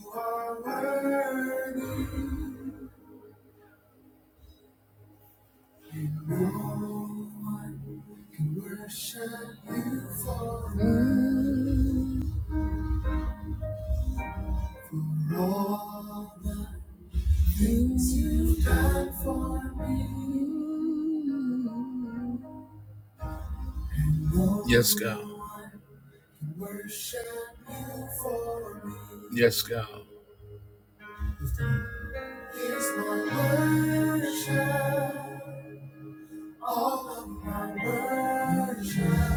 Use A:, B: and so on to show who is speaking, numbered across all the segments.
A: You are worthy. Worship you forever. All the things you've done for me. Yes, God. Worship you for me. Yes, God. Here's my worship. All of my worship.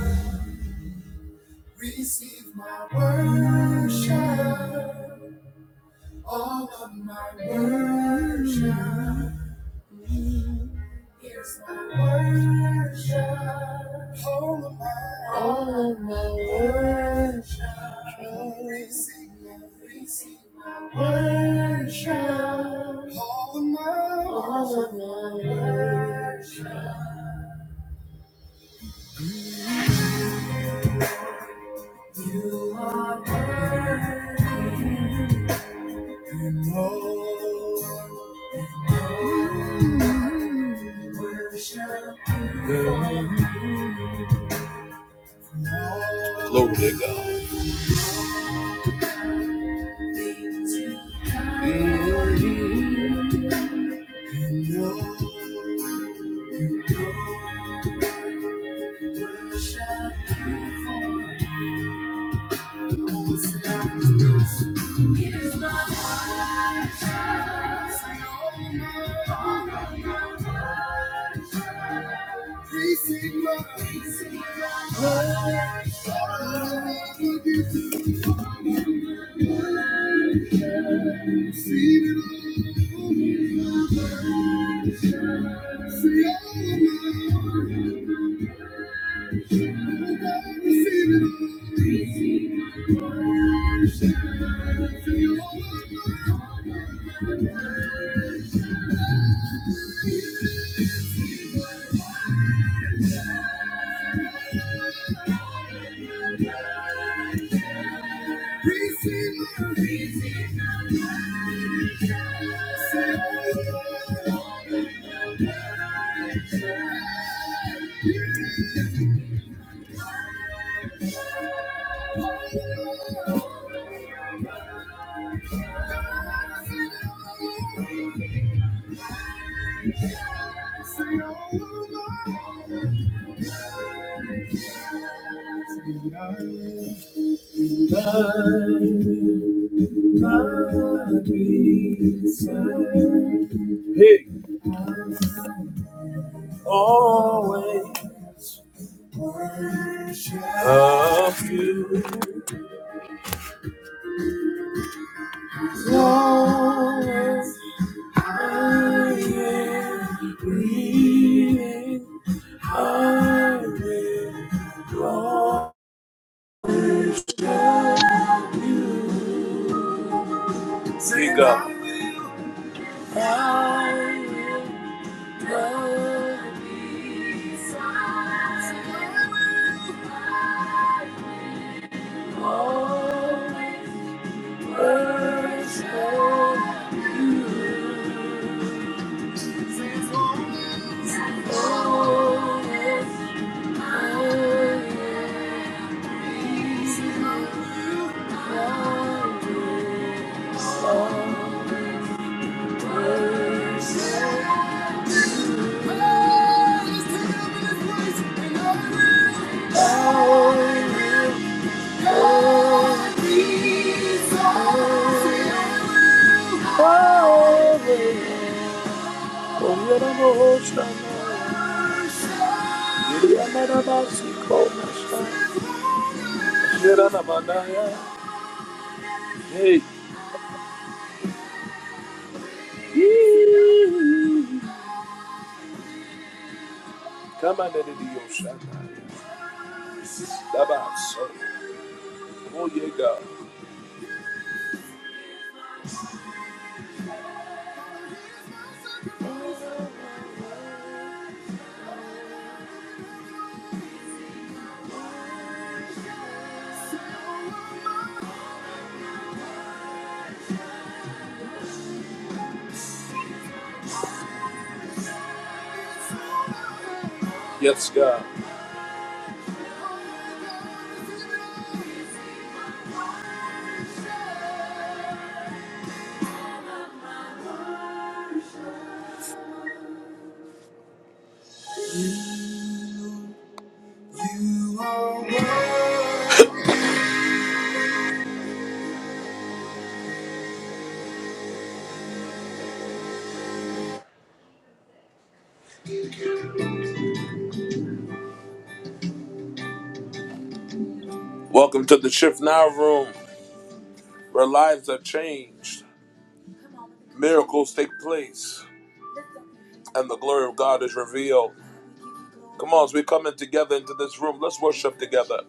A: Receive my worship. All of my worship is my worship. All of my, all of my worship. Receive my, receive my worship. All of my, all of my worship. You are worthy, and Lord. Glory to God. Receive my, receive my, Hey, always worship of you. Always I am breathing. I will worship you. Sing up. Thank you. Hey, come on, let it be your shine. That's so. Oh, yeah, God. Yes, God. Welcome to the Shift Now Room, where lives are changed. Miracles take place and the glory of God is revealed. Come on, as we come in together into this room, let's worship together.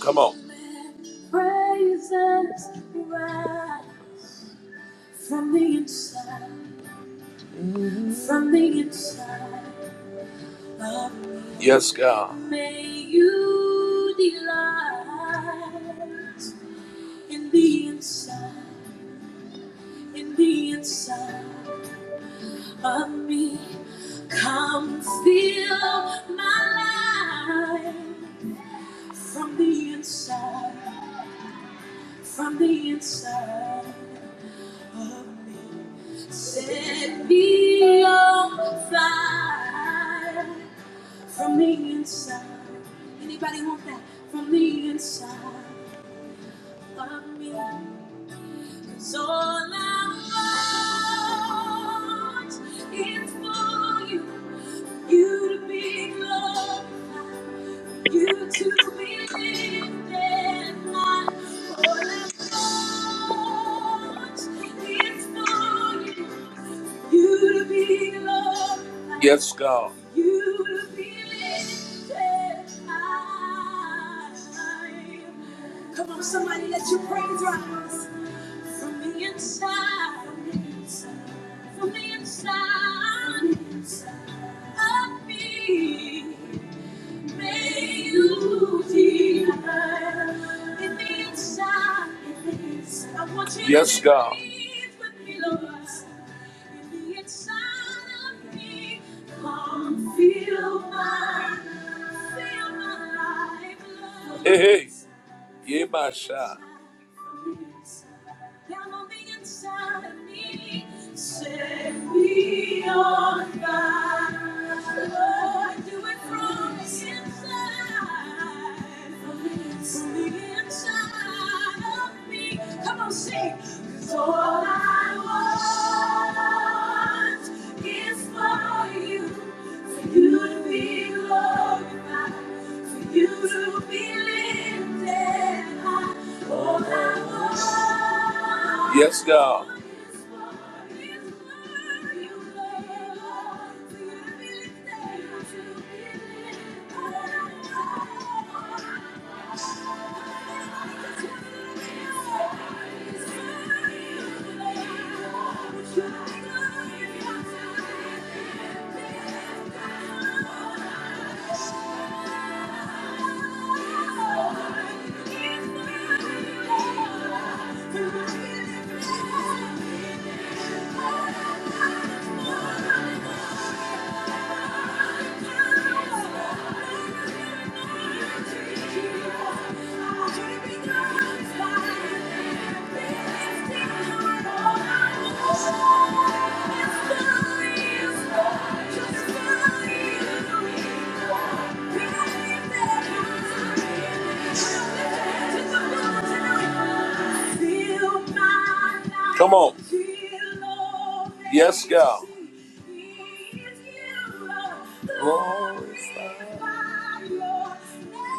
A: Come on. Praises rise from the inside, from the inside of me. Yes, God. May you delight in the inside, in the inside of me. Come fill my life. From the inside, from the inside of me, set me on fire. From the inside, anybody want that? From the inside of me, 'Cause all I want is for you, you to be glorified. You to be lifted high, all I want is for you. You to be glorified. Yes, God. You to be lifted high. Come on, somebody, let your praise rise from the inside, from the inside, from the inside of me. Yes, God. Hey, hey, yeah, down on the inside of me. Set me on fire. Lord, do it from the inside. From the inside of me. Come on, sing. 'Cause all I want is for you. For you to be glorified. For you to be lifted. Yes, God. Thank you. Come on. Yes, God.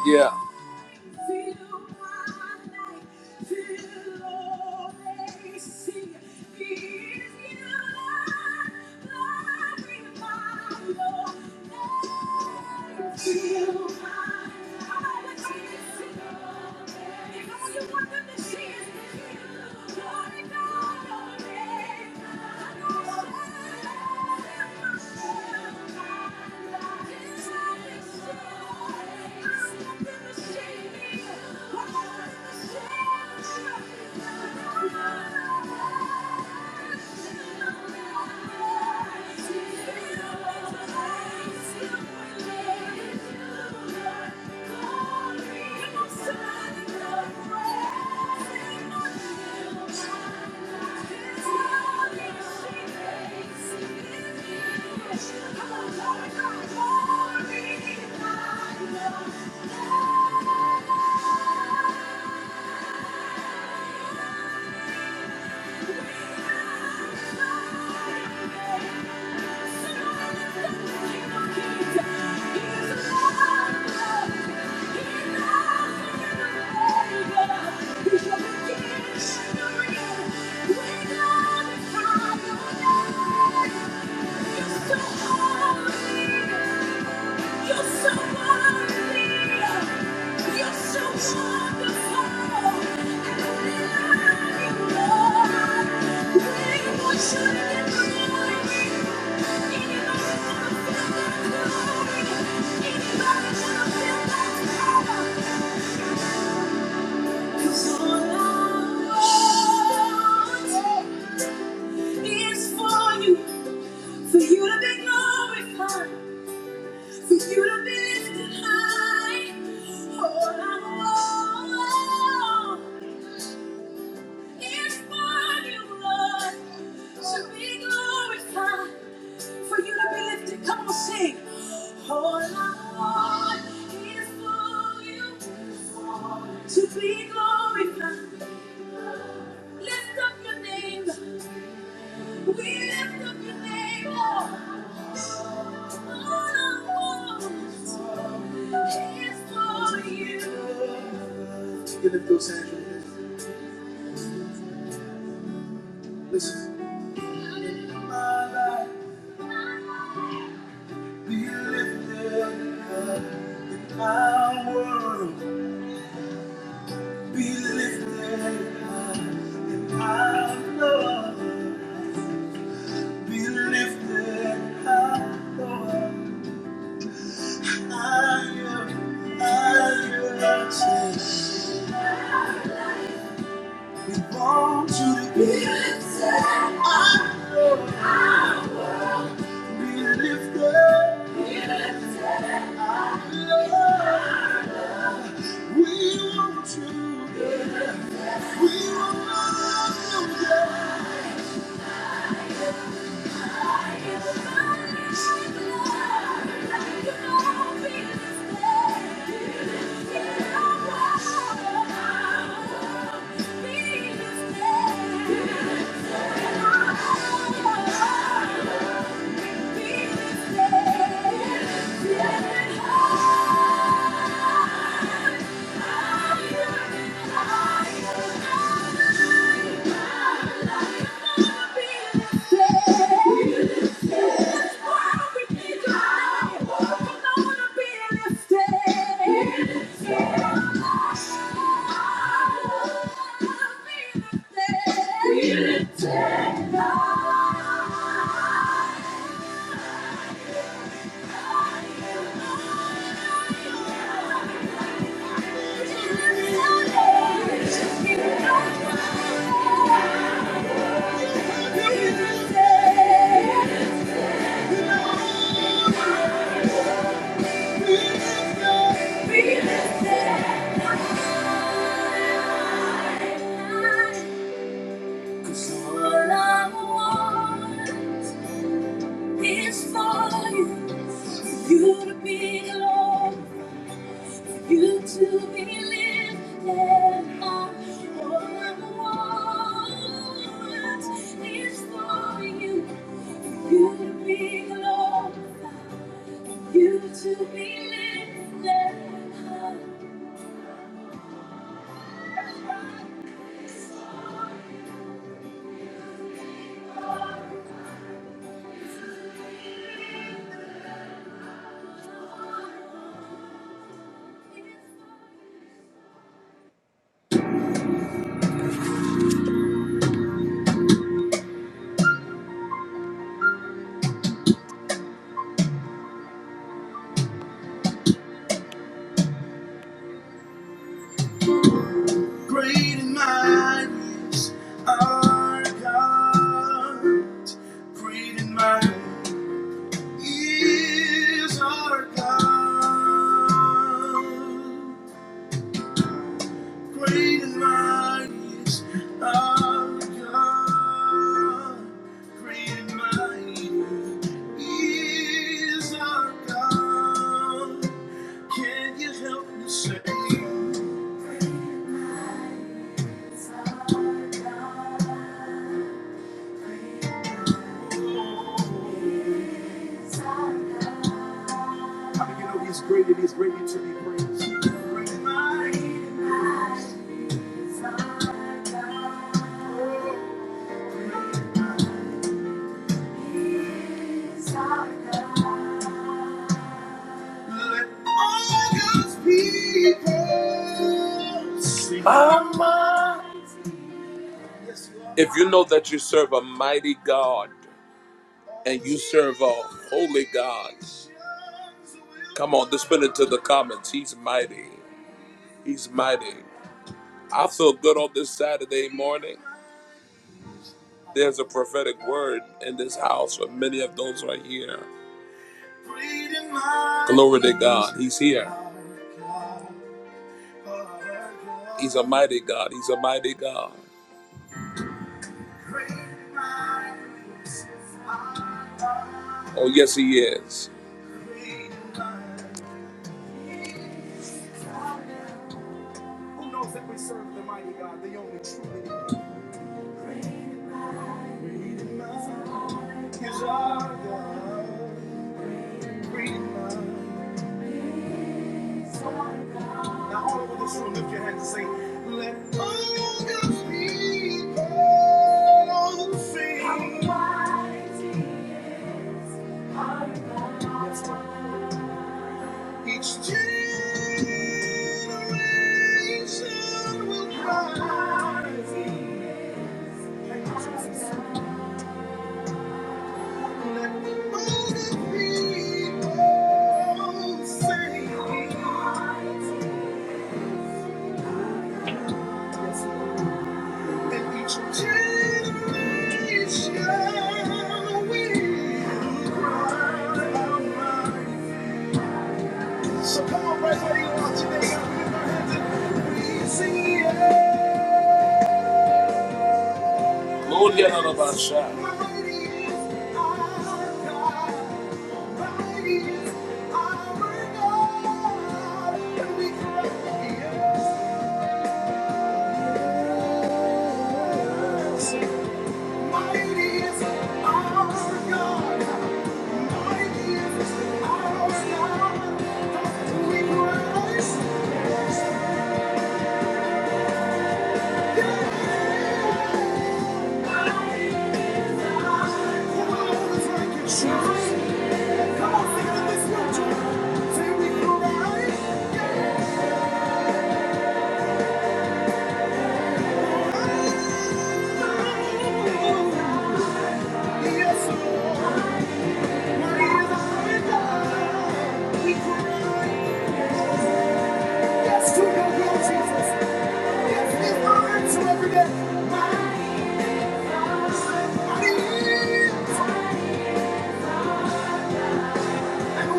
A: Yeah. Thank you. Thank you. Thank you gonna for you, be Lord, to be Glorified. for you to be lifted. Come on, sing. All I want is for you to be glorified. Lift up your name. We lift up your name. Oh, all I want is for you. You lift those hands. right there. Listen. My life be lifted up in my world. Be lifted high and high, Lord. Be lifted high, Lord. Higher, higher, Jesus. We want you to be lifted high. Be lifted. Be lifted high, Lord. We want you. We want you. Yeah. Cause all I want It's for you, for you to be Lord, for you to be lifted up. All I want is for you, for you to be Lord, for you to be lifted up. Great and mighty is our God. Great and mighty. He is our God. Great and mighty is our God. Great and mighty is our God. Can you help me say? Praise Let all God's people sing. Mama. If you know that you serve a mighty God and you serve a holy God, come on, just put it to the comments. He's mighty. He's mighty. I feel good on this Saturday morning. There's a prophetic word in this house for many of those right here. Glory to God. He's here. He's a mighty God. He's a mighty God. Oh, yes, He is. Who knows that we serve the mighty God, the only true God? Now, all over this room, lift your hands and say, Let all God's people Each generation will rise. All the people say, and each generation will rise. So come on, right where you are today, and lift your hands and we sing. Lord, yeah, and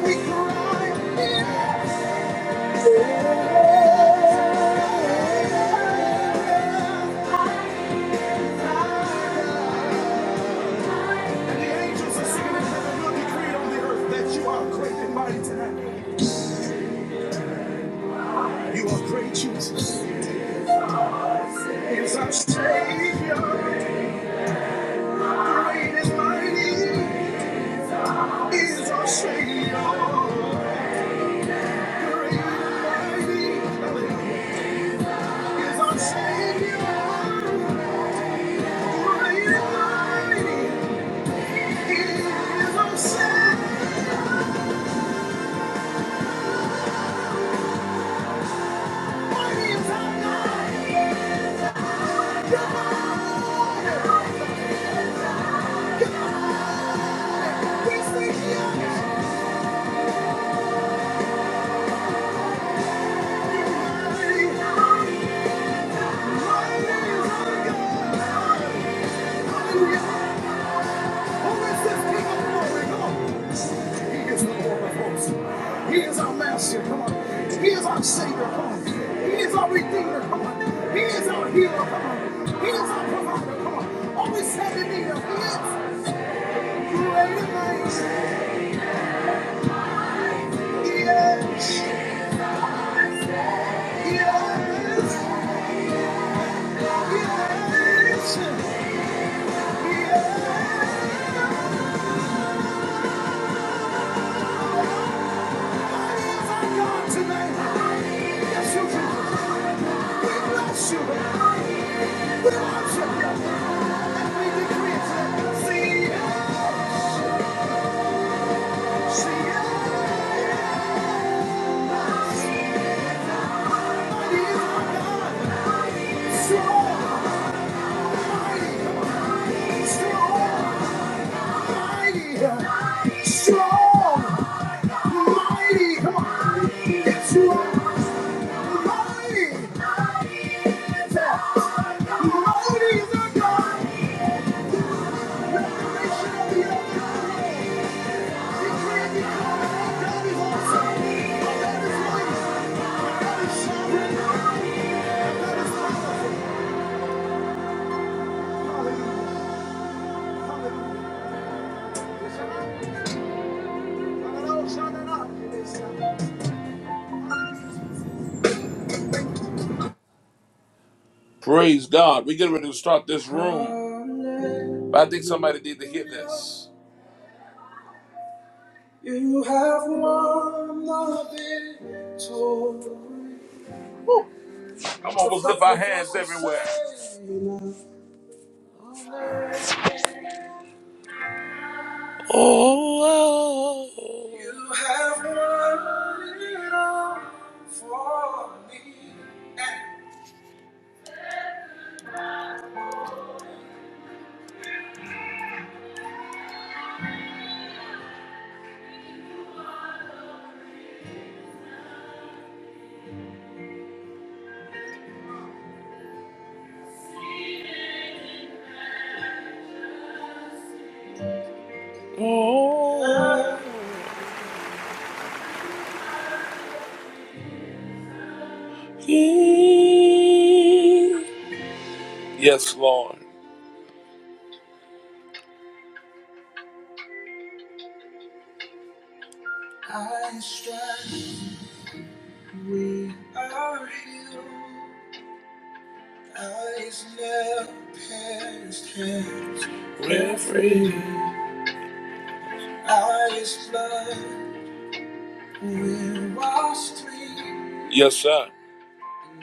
A: we cry. The angels are singing and will decree on the earth that you are great and mighty You are great, Jesus. He Is our Savior. Great is mighty. He Is our Savior. Great and mighty. He Is our Savior. Great and mighty. He Is our Savior. We sing yes. mighty. Mighty is our God. Hallelujah. Who is this King of glory? Come on. He is the Lord of hosts. He is our master. Come on. He is our savior. Come on. He is our redeemer. Come on. He is our healer. Come on. He is our provider. Come on. always we stand need of is great things. He is. He is. He is. He is. He is our God today. We bless you. Jesus. We bless you. Mighty is our God, revelation of the earth. Praise God. We're getting ready to start this room. But I think somebody need to hear this. You have won the victory. Come on, let's lift our hands everywhere. Oh, oh. you have won it for me. Yes, Lord. I strive, we are healed. Eyes never past hands. We're free. Eyes blood, we're washed clean. Yes, sir.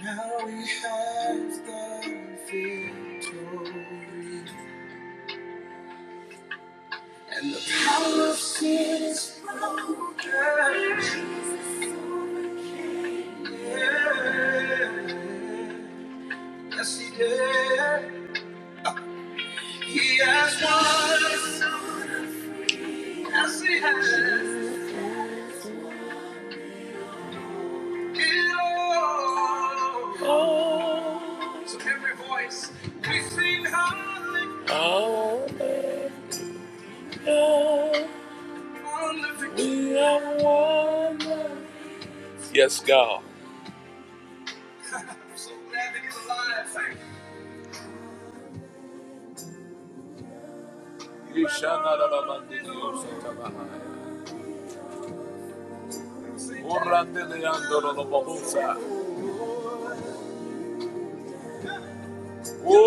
A: Now we have the victory. Yes, he did. He has won. So every voice we sing hallelujah. Oh, we are one. Yes, God. so glad that he's alive. Thank you. Yeshanarabandidiyosakabahaya. Orandeleandorolobohosa. Oh,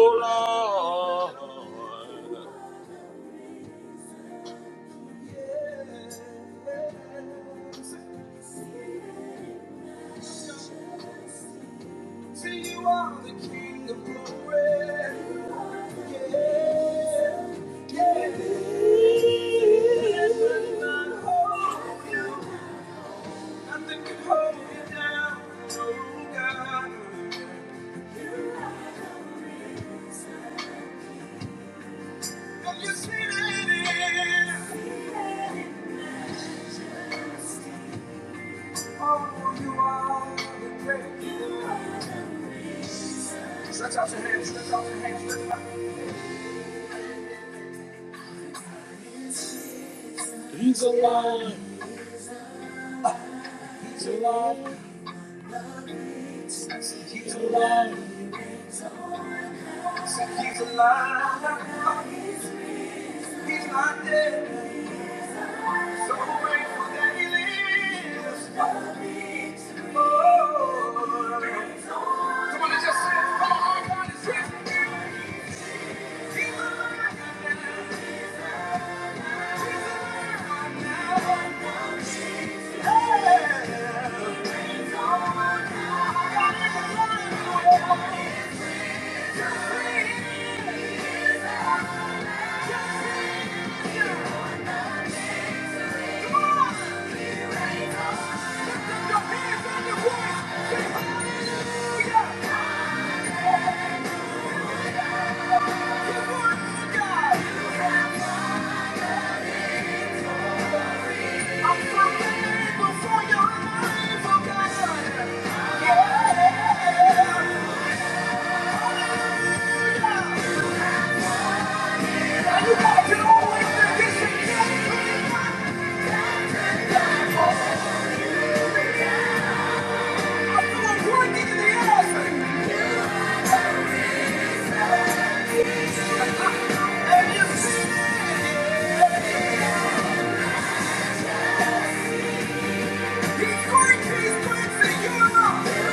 A: Lord. To you are the King of glory. Yeah, yeah. There's none holding you. Nothing can hold you down. Oh God, and you see it Oh, you are the great King. Stretch out your hands. Stretch out your hands. He's alive. He's alive. He's alive. He's not dead. So grateful that he lives. God needs more. just say, "Come on, God is rich." He's a good God. I'm so thankful for your life, oh God. And you gotta get on with it. This I'm doing in the ass. He's working, he's cleansing you. on.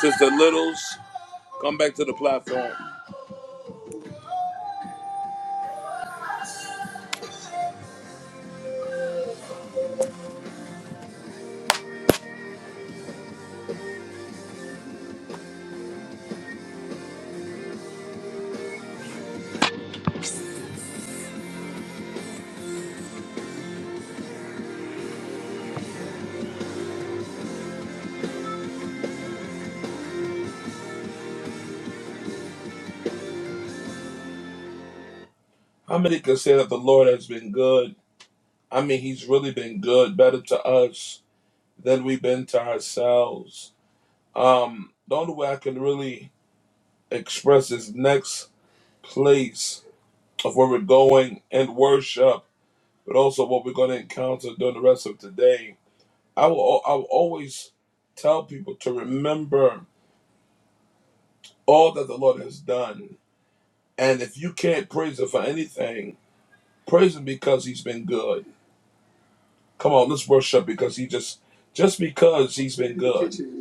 A: Sister Littles, come back to the platform. How many can say that the Lord has been good? I mean, He's really been good, better to us than we've been to ourselves. Um, the only way I can really express this next place of where we're going and worship, but also what we're going to encounter during the rest of today. I will. I will always tell people to remember all that the Lord has done And if you can't praise him for anything, praise him because he's been good. Come on, let's worship because he just just because he's been good.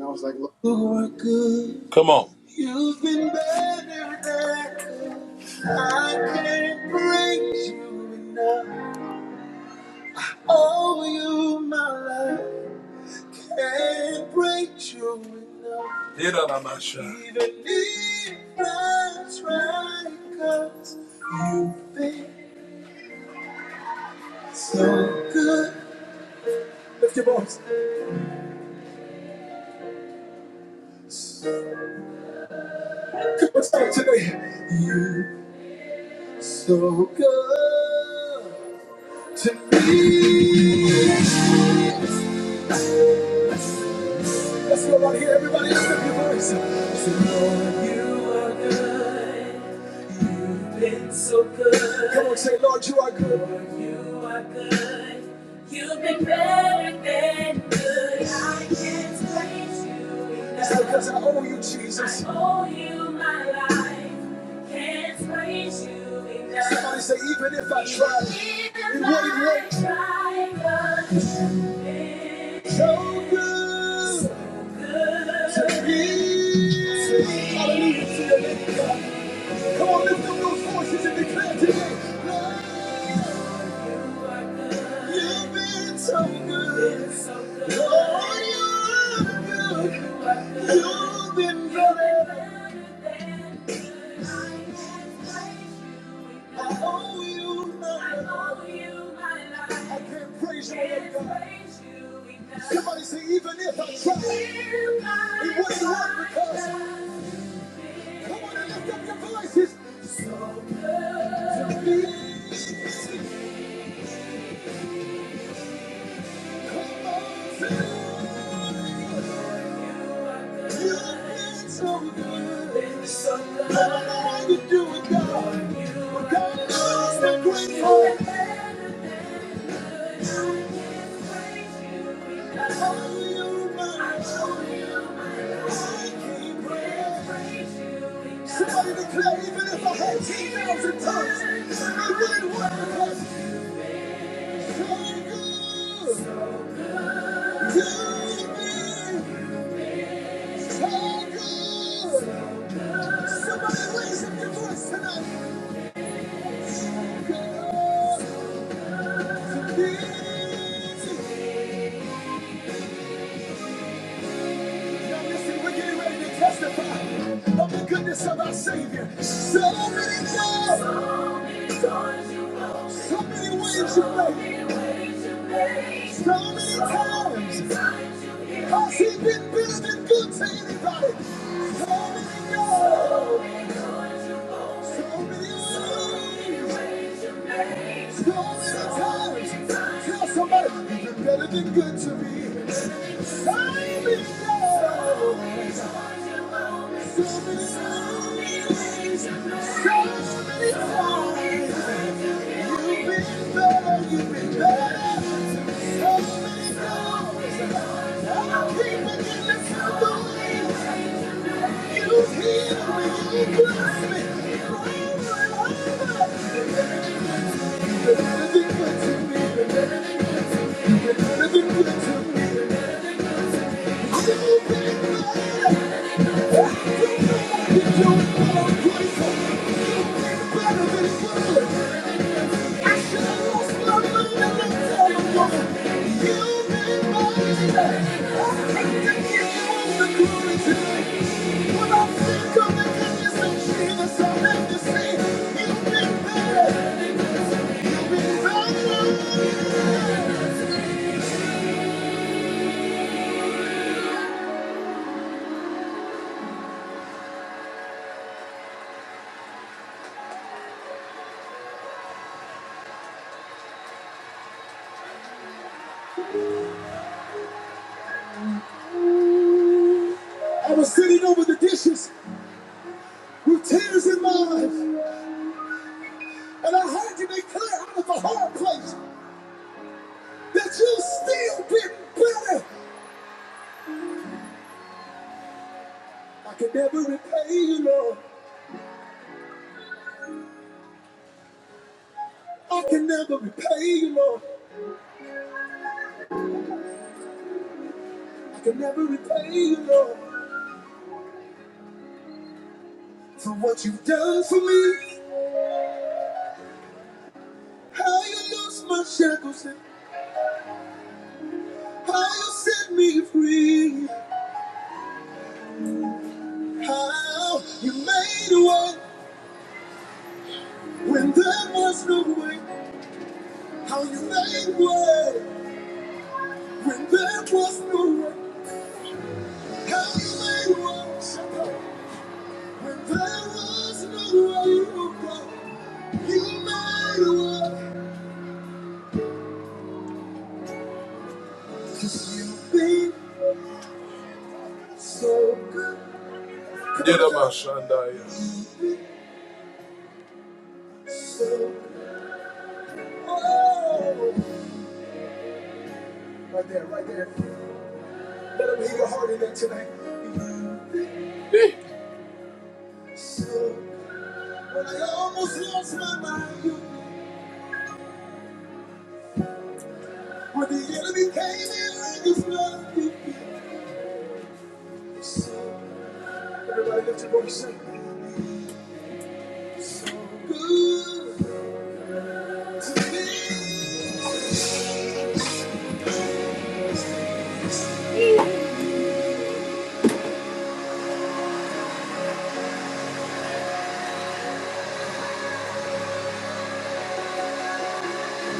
A: Come on. Did I, my shot? Even if I try, 'cause it's so good. Come on, start today. So good. To me, that's what I want to hear. Everybody, lift up your voice. Say, Lord, come on, say, Lord, you are good. Lord, you are good. You've been better than good. I can't praise you enough. It's because I owe you, Jesus. I owe you my life. Can't praise you enough. Somebody say, even if I tried, it wouldn't work. if So good. Come on, lift up those voices and declare today. You've been so good. Lord, you're good. You've been better. than I owe you nothing. I can't praise you enough. Somebody say, even if I try, it wouldn't work because. Come on and lift up your voices. Come on, say, Somebody declare, even if I had 10,000 tongues, it wouldn't work because you're good to me. So good. Somebody raise up your voice tonight. God, indeed. Now listen, we're getting ready to testify of the goodness of our Savior. So many times, so many ways you made, so many times has He been better than good to anybody. So many times, so many ways. Tell somebody you're better than good to me. Sign me up. So many times, so many times. You've been better, you've been better to me. So many times. I keep forgetting to tell the something. You healed me, you blessed me. Over and over. I was sitting over the dishes with tears in my eyes. And I heard you make clear out of a hard place that you still get better. I can never repay you, Lord. I can never repay you, Lord. I can never repay you, Lord, for what you've done for me. How you lost my shackles and how you set me free. How you made a way when there was no way. How you made a way when there was no way. How you made a way. There was no way so So Oh. Right there, right there. Let him hear your heart in there tonight. Hey. So when I almost lost my mind, when the enemy came in like a flood, so everybody lift your voice. So good to me.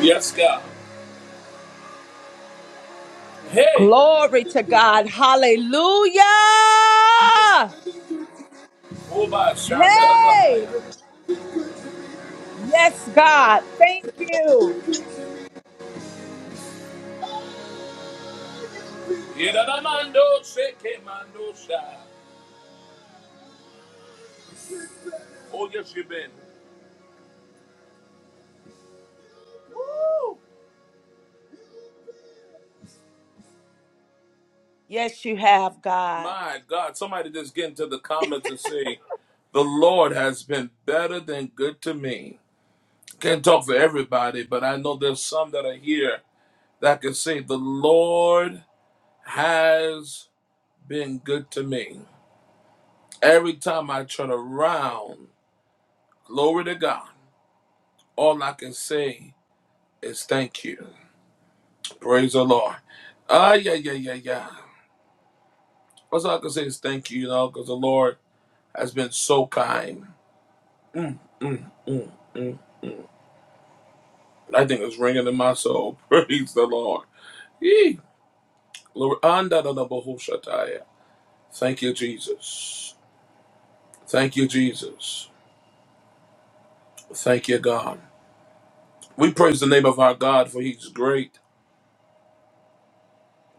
A: Yes, God. Hey.
B: Glory to God. Hallelujah.
A: Oba Shanda da
B: Hey.
A: Bahaya.
B: Yes, God. Thank you.
A: Yedadamando Seke Mando Sha. Oh, yes, you've been.
B: Yes, you have, God.
A: My God, somebody just get into the comments and say, The Lord has been better than good to me. Can't talk for everybody, but I know there's some that are here that can say, The Lord has been good to me. Every time I turn around, glory to God, all I can say is thank you. Praise the Lord. Ah, yeah, yeah, yeah, yeah. That's all I can say is thank you, you know, because the Lord has been so kind. Mm, mm, mm. I think it's ringing in my soul. Praise the Lord. Yee. Lord, anda da da bohu Thank you, Jesus. Thank you, Jesus. Thank you, God. We praise the name of our God, for he's great.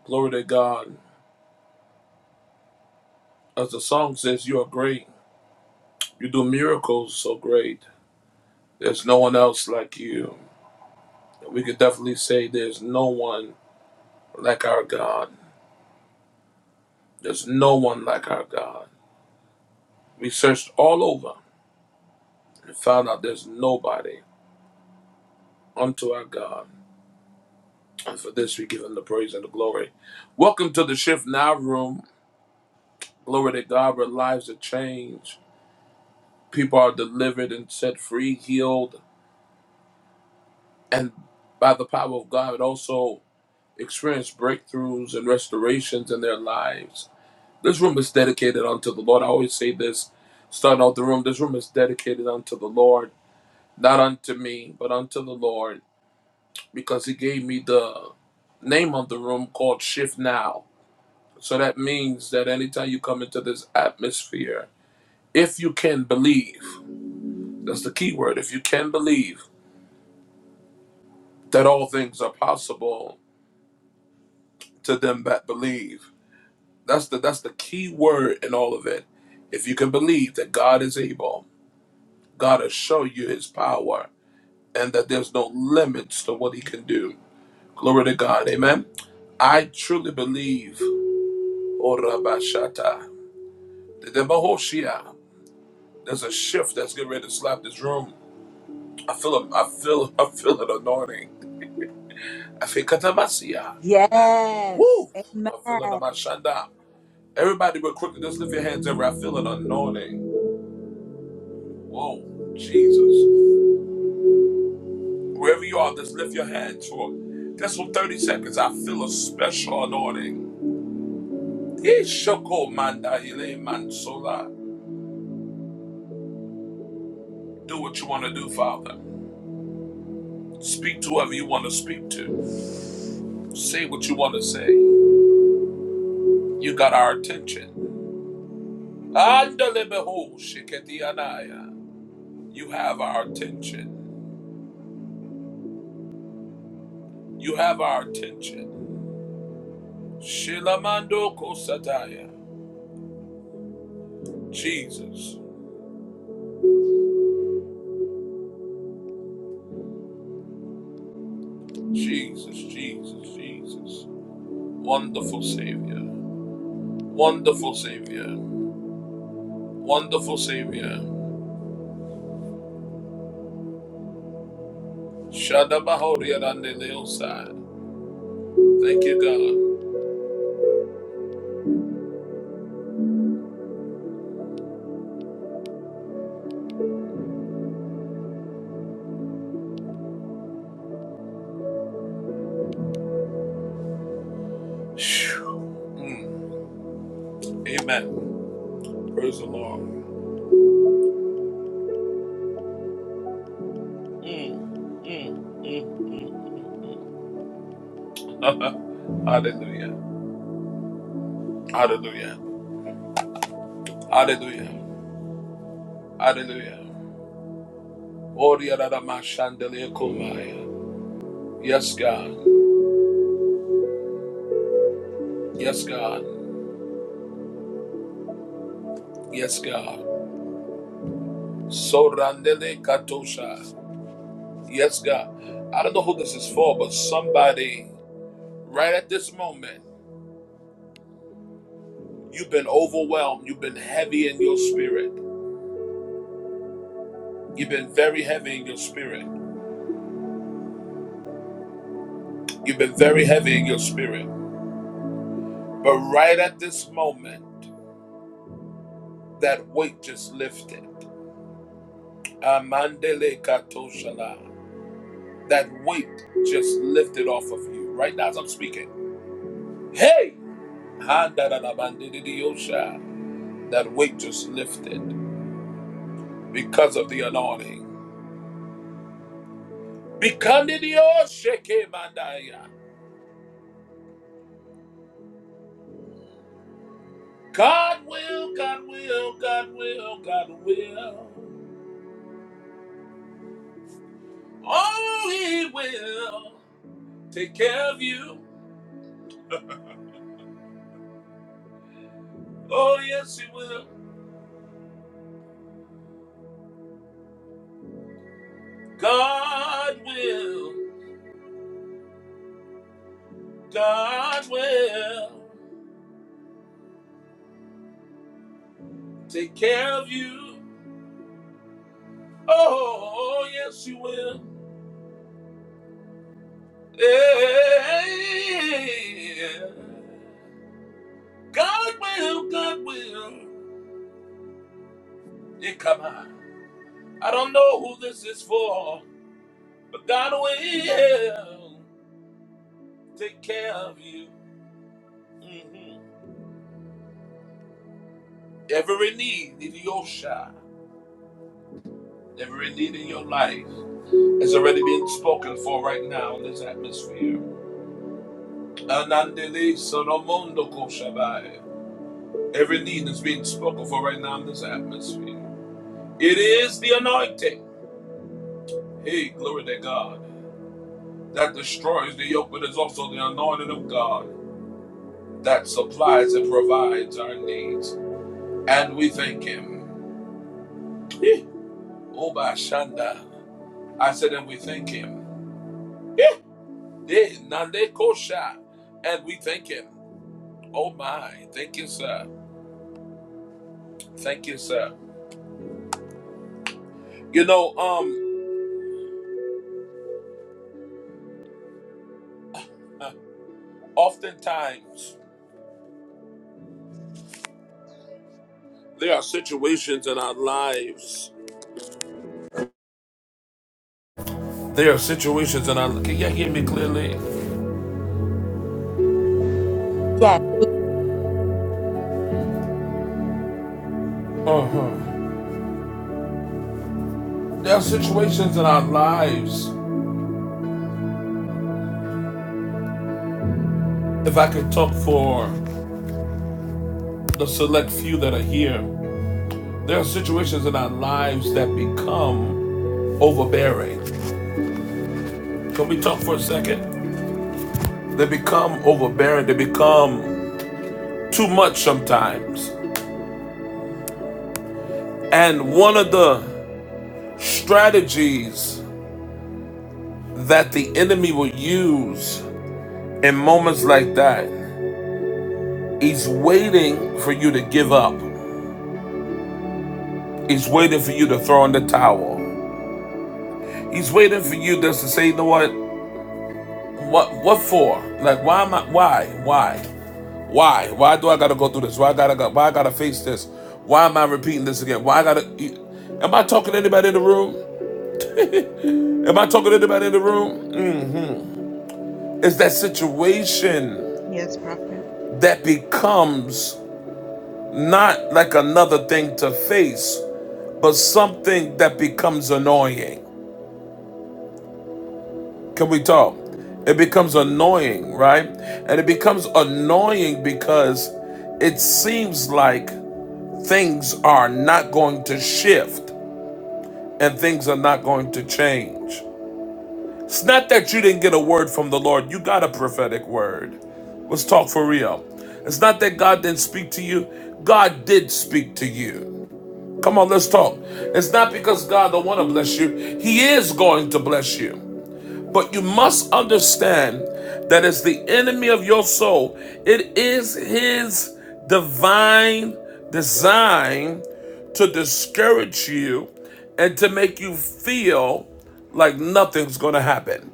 A: Glory to God. As the song says, you are great. You do miracles so great. There's no one else like you. We could definitely say there's no one like our God. There's no one like our God. We searched all over and found out there's nobody unto our God. And for this, we give him the praise and the glory. Welcome to the Shift Now Room. Glory to God, where lives are changed. People are delivered and set free, healed, and by the power of God, also experience breakthroughs and restorations in their lives. This room is dedicated unto the Lord. I always say this, starting out the room, this room is dedicated unto the Lord not unto me, but unto the Lord. because he gave me the name of the room called Shift Now. So that means that anytime you come into this atmosphere, if you can believe, that's the key word, if you can believe that all things are possible to them that believe. That's the that's the key word in all of it. If you can believe that God is able, God will show you his power and that there's no limits to what he can do. Glory to God. Amen. I truly believe. Oh, Rabba The Mahoshia. There's a shift that's getting ready to slap this room. I feel a, I feel I feel an anointing. I feel katamasia.
B: Yes.
A: Woo! I feel an
B: Amen.
A: amashanda. Everybody but quickly just lift your hands ever. I feel an anointing. Whoa, Jesus. Wherever you are, just lift your hands for just for 30 seconds. I feel a special anointing. Ishoko manda ile mansola. Do what you want to do, Father. Speak to whoever you want to speak to. Say what you want to say. You got our attention. Andalebeho anaya. You have our attention. You have our attention. Shilamando kosataya. Jesus, Jesus, Jesus, Jesus. Wonderful Savior. Wonderful Savior. Wonderful Savior. Shadabahoriadandeleosai. Thank you, God. Phew. Mm. Amen. Praise the Lord. Hallelujah. Hallelujah. Hallelujah. Hallelujah. Oriaramashandelekomaya. Yes, God. Yes, God. Yes, God. Sorandele katosha. Yes, God. I don't know who this is for, but somebody right at this moment, you've been overwhelmed. You've been heavy in your spirit. You've been very heavy in your spirit. You've been very heavy in your spirit. But right at this moment, that weight just lifted. Amandele katoshala. That weight just lifted off of you right now as I'm speaking. Hey! Ha-da-da-da-ba-di-di-di-osha. That weight just lifted because of the anointing. Bikandidio-sheke-mandaya. God will, God will, God will, God will. Oh, He will take care of you. Oh, yes, He will. God will, God will take care of you. Oh, yes, you will. Yeah. God will, God will. Yeah, come on. I don't know who this is for, but God will take care of you. hmm Every need in your shop, every need in your life has already been spoken for right now in this atmosphere. Anandele sonomondo koshabai. Every need is being spoken for right now in this atmosphere. It is the anointing. Hey, glory to God. That destroys the yoke, but it's also the anointing of God that supplies and provides our needs. And we thank Him. Oba Shanda. I said, and we thank Him. Eh, de nande kosha. And we thank Him. Oh my. Thank you, sir. Thank you, sir. You know, um, oftentimes there are situations in our lives. There are situations in our. Can you hear me clearly?
B: Yes.
A: Uh huh. There are situations in our lives, if I could talk for the select few that are here, there are situations in our lives that become overbearing. Can we talk for a second? They become overbearing, they become too much sometimes. And one of the strategies that the enemy will use in moments like that is waiting for you to give up. He's waiting for you to throw in the towel. He's waiting for you just to say, you know what? What what for? Like why am I why? Why? Why? Why do I gotta go through this? Why I gotta why I gotta face this? Why am I repeating this again? Why I gotta Am I talking to anybody in the room? Am I talking to anybody in the room? It's that situation
C: Yes, prophet.
A: that becomes not like another thing to face, but something that becomes annoying. Can we talk? It becomes annoying, right? And it becomes annoying because it seems like things are not going to shift and things are not going to change. It's not that you didn't get a word from the Lord, you got a prophetic word. Let's talk for real. It's not that God didn't speak to you, God did speak to you. Come on, let's talk. It's not because God don't want to bless you, He is going to bless you. But you must understand that as the enemy of your soul, it is his divine design to discourage you and to make you feel like nothing's going to happen.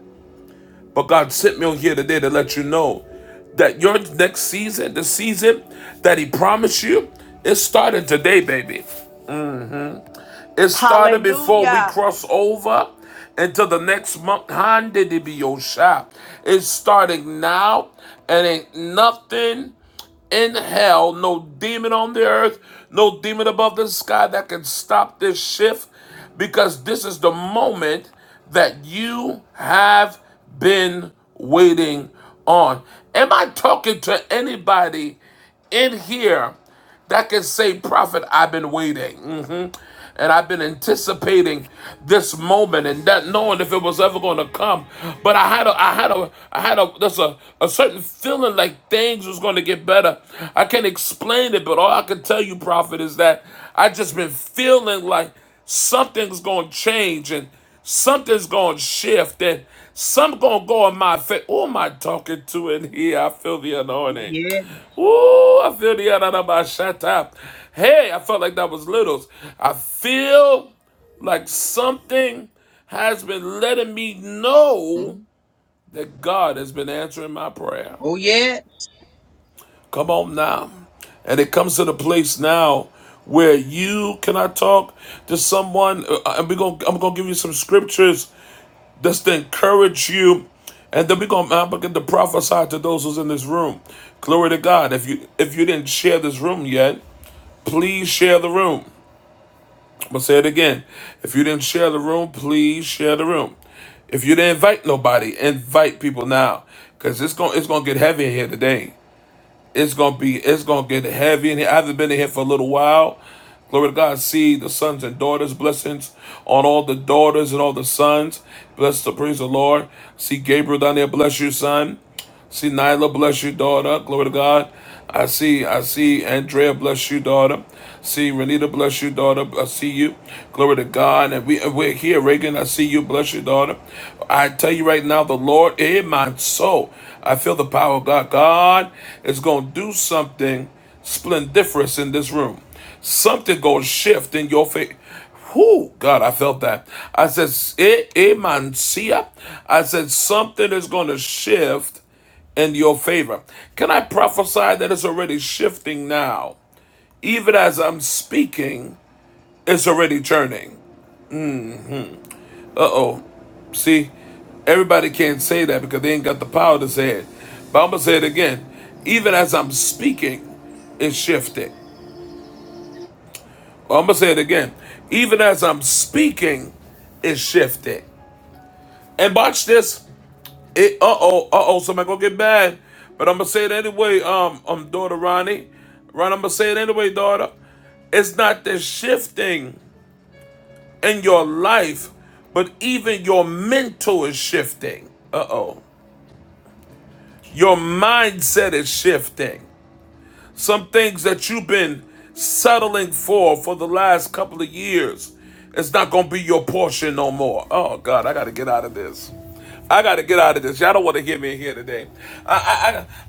A: But God sent me on here today to let you know that your next season, the season that He promised you, it's starting today, baby. It started before we
B: Hallelujah.
A: cross over into the next month. Honda to be your shop. It's starting now, and ain't nothing in hell, no demon on the earth, no demon above the sky that can stop this shift because this is the moment that you have been waiting on. Am I talking to anybody in here that can say, Prophet, I've been waiting. Mhm. And I've been anticipating this moment and not knowing if it was ever going to come. But I had a, I had a, I had a, there's a, a certain feeling like things was going to get better. I can't explain it, but all I can tell you, Prophet, is that I just been feeling like something's going to change and something's going to shift and something's going to go in my face. Who am I talking to in here? I feel the
D: Oh
A: anointing.
D: yeah.
A: Ooh, I feel the ananabashata. Hey, I felt like that was littles. I feel like something has been letting me know
D: Mm.
A: that God has been answering my prayer.
D: Oh yeah.
A: Come on now. And it comes to the place now where you can I talk to someone Uh, and we going I'm going to give you some scriptures that's to encourage you. And then we're gonna begin to prophesy to those who's in this room. Glory to God. If you if you didn't share this room yet, please share the room. I'm gonna say it again. If you didn't share the room, please share the room. If you didn't invite nobody, invite people now. Cause it's gonna it's gonna get heavy in here today. It's gonna be it's gonna get heavy in here. I haven't been in here for a little while. Glory to God. See the sons and daughters, blessings on all the daughters and all the sons. Bless the praise of the Lord. See Gabriel down there, bless you, son. See Nyla, bless you, daughter. Glory to God. I see, I see Andrea, bless you, daughter. See Renita, bless you, daughter. I see you. Glory to God. And we, we're here, Reagan. I see you, bless you, daughter. I tell you right now, the Lord in my soul. I feel the power of God. God is going to do something splendiferous in this room. Something going to shift in your faith. Whoo, God, I felt that. I said, "Eh, eh, see ya." I said, something is going to shift in your favor. Can I prophesy that it's already shifting now? Even as I'm speaking, it's already turning. Uh oh. See, everybody can't say that because they ain't got the power to say it. But I'm going to say it again. Even as I'm speaking, it's shifting. I'm going to say it again. Even as I'm speaking, it's shifting. And watch this. It, uh oh, uh oh, somebody gonna get bad. But I'm gonna say it anyway, um, um, daughter Ronnie. Ron, I'm gonna say it anyway, daughter. It's not the shifting in your life, but even your mental is shifting. Uh oh. Your mindset is shifting. some things that you've been settling for for the last couple of years it's not gonna be your portion no more oh god i gotta get out of this i gotta get out of this y'all don't want to hear me in here today i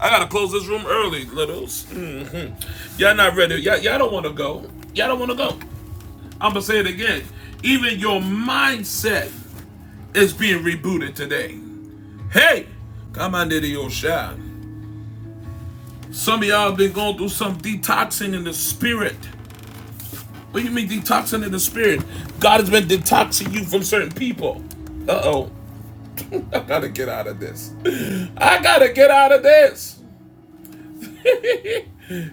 A: i i, I gotta close this room early littles Mhm. y'all not ready y'all, y'all don't want to go y'all don't want to go i'm gonna say it again even your mindset is being rebooted today hey come on to your shine some of y'all been going through some detoxing in the spirit What do you mean detoxing in the spirit? God has been detoxing you from certain people. Uh oh. I gotta get out of this. I gotta get out of this.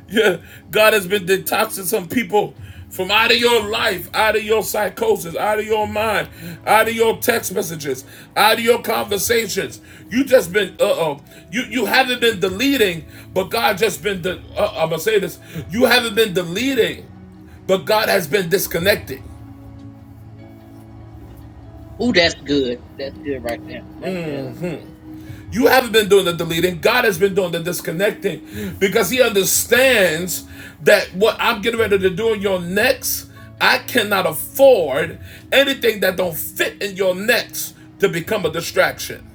A: Yeah, God has been detoxing some people from out of your life, out of your psychosis, out of your mind, out of your text messages, out of your conversations. You just been uh oh. You you haven't been deleting, but God just been. De- uh, I'm gonna say this. You haven't been deleting, but God has been disconnecting.
D: Oh, that's good. That's good right there. Right there.
A: You haven't been doing the deleting. God has been doing the disconnecting because He understands that what I'm getting ready to do in your next, I cannot afford anything that don't fit in your next to become a distraction.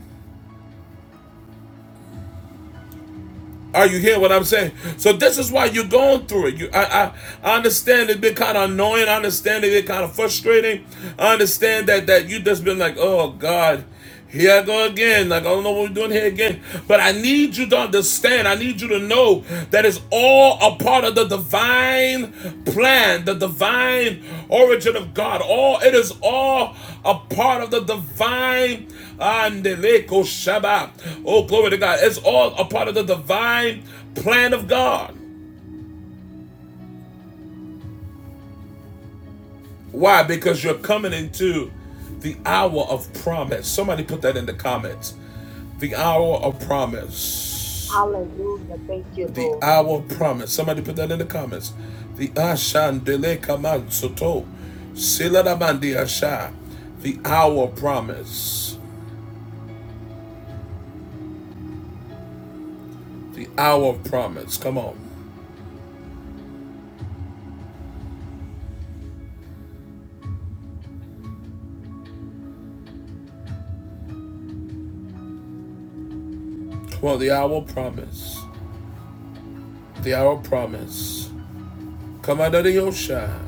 A: Are you hearing what I'm saying? So this is why you're going through it. You, I, I, I understand it has been kind of annoying. I understand it has been kind of frustrating. I understand that that you just been like, oh God, here I go again. Like I don't know what we're doing here again. But I need you to understand. I need you to know That is all a part of the divine plan, the divine origin of God. All it is all a part of the divine Oh, glory to God. It's all a part of the divine plan of God. Why? Because you're coming into the hour of promise. Somebody put that in the comments. The hour of promise.
B: Hallelujah. Thank you,
A: The
B: Lord.
A: hour promise. Somebody put that in the comments. The Ashandele Kaman Soto. Siladamandi Asha. The hour promise. The hour promise. Come on. Come on, the hour promise. The hour promise. Come on, of the Yosha.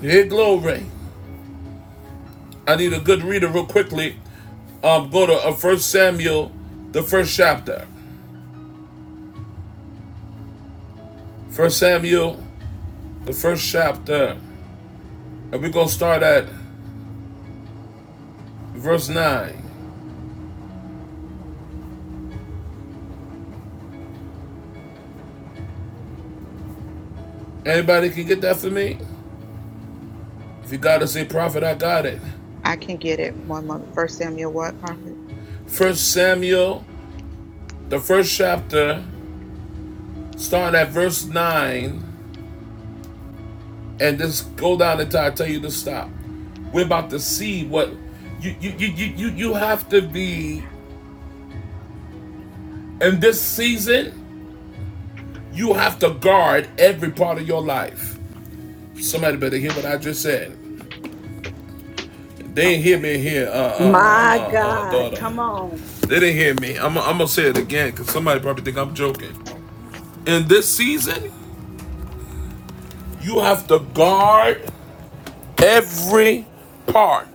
A: Hey, glory. I need a good reader real quickly. Um, go to uh, 1 Samuel, the first chapter. 1 Samuel, the first chapter. And we're going to start at verse 9. Anybody can get that for me? If you gotta say prophet, I got it.
C: I can get it. One month. First Samuel what, prophet?
A: First Samuel, the first chapter, starting at verse 9, and just go down until I tell you to stop. We're about to see what you you you you you, you have to be in this season, you have to guard every part of your life. Somebody better hear what I just said. They didn't hear
C: Okay.
A: me here, uh, uh,
C: hmm
A: uh,
B: My
A: uh, uh,
B: God.
A: daughter.
B: Come on.
A: They didn't hear me. I'm, I'm gonna say it again because somebody probably think I'm joking. in this season, you have to guard every part.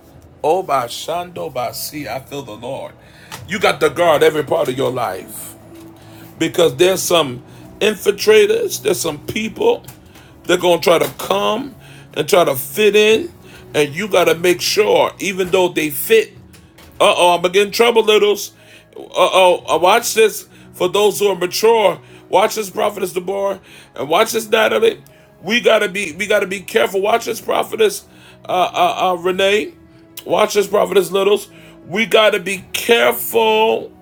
A: Oh, by Shando, by sea, I feel the Lord. You got to guard every part of your life because there's some infiltrators, there's some people that are going to try to come and try to fit in. And you got to make sure, even though they fit, Uh oh, I'm gonna get in trouble, Littles. Uh oh, uh, watch this for those who are mature. Watch this, prophetess Deborah, and watch this, Natalie. We gotta be, we gotta be careful. Watch this, prophetess uh, uh, uh, Renee. Watch this, prophetess Littles. We gotta be careful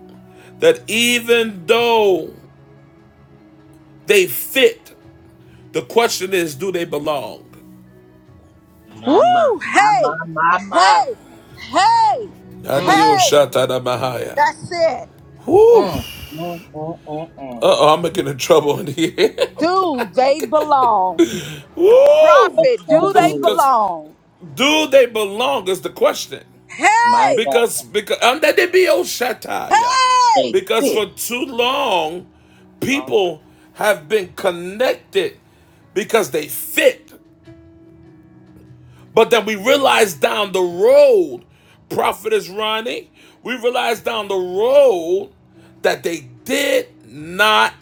A: that even though they fit, the question is, do they belong?
B: Woo.
D: My my my my
B: Hey.
D: my my.
B: Hey. Hey.
D: Mm
B: Hey. That's it.
A: Whoo!
D: mm mm mm mm.
A: Uh
D: mm.
A: oh, I'm gonna trouble in here.
B: Do they belong?
A: Woo!
D: That's
B: Prophet,
D: so
B: do they
A: Cause,
D: good.
A: cause,
B: belong?
A: do they belong is the question.
D: My
B: Hey.
D: God,
A: Because, because, and that they be
B: Hey!
A: Oshataya.
D: they
A: Because
D: fit.
A: for too long,
D: My,
A: people have been connected because they fit. But then we realize down the road, Prophetess Ronnie, we realize down the road that they did not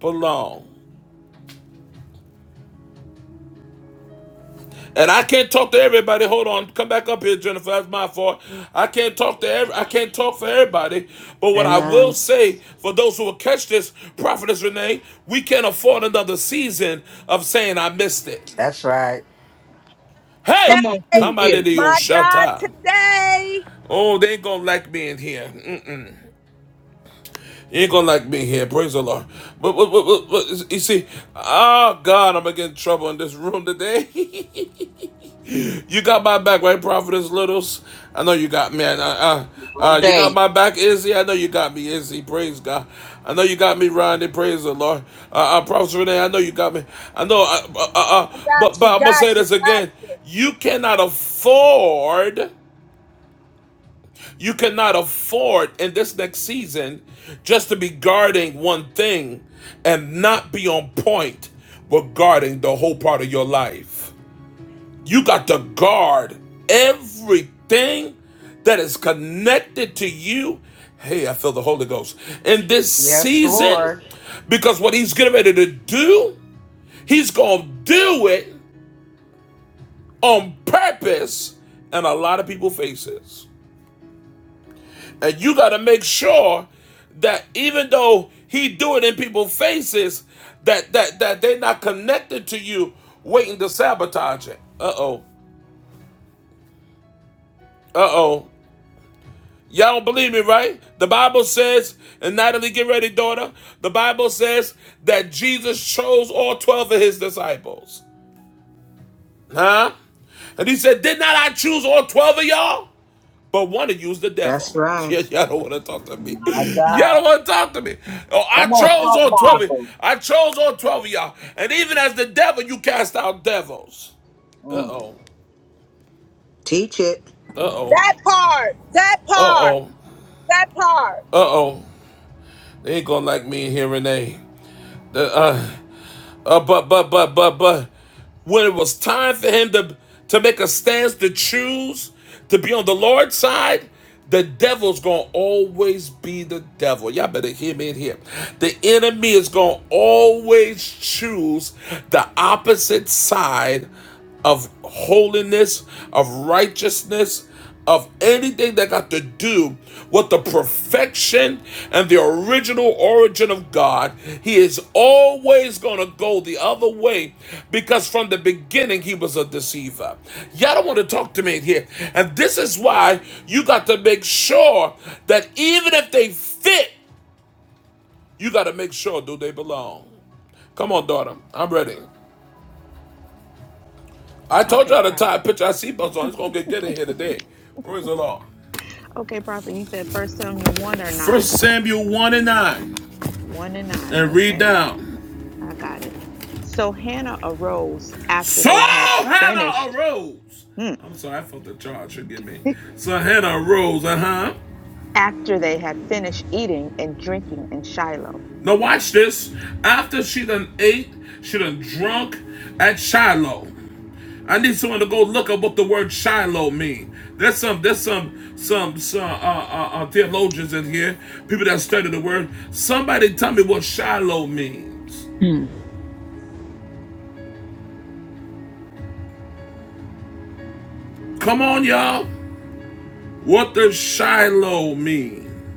A: belong. And I can't talk to everybody. Hold on, come back up here, Jennifer. That's my fault. I can't talk to every. I can't talk for everybody. But what
E: And
A: I will
E: um,
A: say for those who will catch this, Prophetess Renee, we can't afford another season of saying I missed it.
E: that's right.
A: Hey,
D: come on, sit
A: come
B: Today,
A: out
D: here
A: of the old
B: my
A: shut
B: God,
A: up.
B: today.
A: Oh, they ain't gonna like me in here. Mm-mm. You ain't gonna like me here. Praise the Lord. But, but, but, but, but you see, oh God, I'm gonna get in trouble in this room today. You got my back, right, Prophetess Littles? I know you got me. and, Uh, uh,
D: all
A: uh, you got
D: day.
A: my back, Izzy? I know you got me, Izzy. Praise God. I know you got me, Ronnie. Praise the Lord. Uh, uh, Prophetess Renee, I know you got me. I know, uh, uh, uh, uh,
B: I got
A: but,
B: you,
A: but I'm going to
B: got
A: say
B: you,
A: this
B: got
A: again.
B: you.
A: You cannot afford, you cannot afford in this next season just to be guarding one thing and not be on point regarding the whole part of your life. You got to guard everything that is connected to you. Hey, I feel the Holy Ghost in this
E: Yes,
A: season
E: Lord.
A: because what he's getting ready to do, he's going to do it on purpose in a lot of people's faces. And you got to make sure that even though he do it in people's faces, that that that they're not connected to you waiting to sabotage it. Uh-oh. Uh-oh. Y'all don't believe me, right? The Bible says, and Natalie, get ready, daughter. The Bible says that Jesus chose all 12 of his disciples. Huh? And he said, Did not I choose all 12 of y'all? But one of you is the
E: That's
A: devil.
E: right.
A: Yeah, y'all don't want to talk to me.
D: My God,
A: Y'all don't want to talk to me. Oh, I
D: come on,
A: chose
D: talk
A: all 12 of
D: Bible.
A: I chose all 12 of y'all. And even as the devil, you cast out devils. Uh
D: Mm.
A: oh.
E: Teach it.
A: Uh oh.
B: That part, that
A: Uh
B: part,
A: oh.
B: that
A: Uh
B: part.
A: oh. They ain't gonna like me in here, Renee. The, uh, Uh, but but but but but when it was time for him to to make a stance to choose to be on the Lord's side, the devil's gonna always be the devil. Y'all better hear me in here. The enemy is gonna always choose the opposite side of holiness, of righteousness, of anything that got to do with the perfection and the original origin of God, He is always going to go the other way because from the beginning He was a deceiver. Y'all don't want to talk to me here. And this is why you got to make sure that even if they fit, you got to make sure do they belong. Come on, daughter. I'm ready. I told
C: Okay,
A: y'all to tie a
C: prophet.
A: picture of seatbelts on. It's going to get good in here today. Praise the Lord.
C: Okay, prophet. You said First Samuel one or nine?
A: First Samuel 1 and 9.
C: One and nine.
A: And read
C: Okay,
A: down.
C: I got it. So Hannah arose after
A: So
C: they had
A: Hannah
C: finished.
A: arose.
C: hmm,
A: I'm sorry, I felt the charge. Forgive me. So Hannah arose, uh huh.
C: After they had finished eating and drinking in Shiloh.
A: Now watch this. After she done ate, she done drunk at Shiloh. I need someone to go look up what the word Shiloh means. There's some, there's some, some, some uh, uh, uh, theologians in here, people that study the word. Somebody tell me what Shiloh means.
C: Hmm.
A: Come on, y'all. What does Shiloh mean?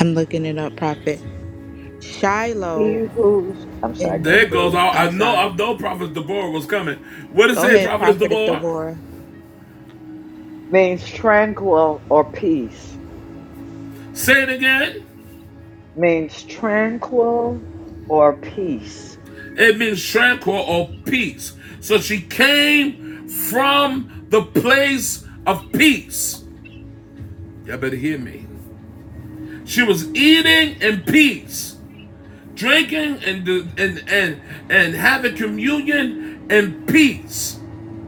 C: I'm looking it up, Prophet. Shiloh
F: He who's, I'm sorry,
C: in
F: go
A: There
F: ahead,
A: it goes.
C: Hebrew.
A: I,
C: I'm
A: know
C: sorry.
A: I know Prophet Deborah was coming. What does
C: Go
A: it say,
C: ahead,
A: Prophet
C: Prophetess
A: Deborah?
C: Devorah.
F: means tranquil or peace,
A: Say it again.
F: means tranquil or peace.
A: It means tranquil or peace. So she came from the place of peace. Y'all better hear me. She was eating in peace, drinking and and and and having communion in peace.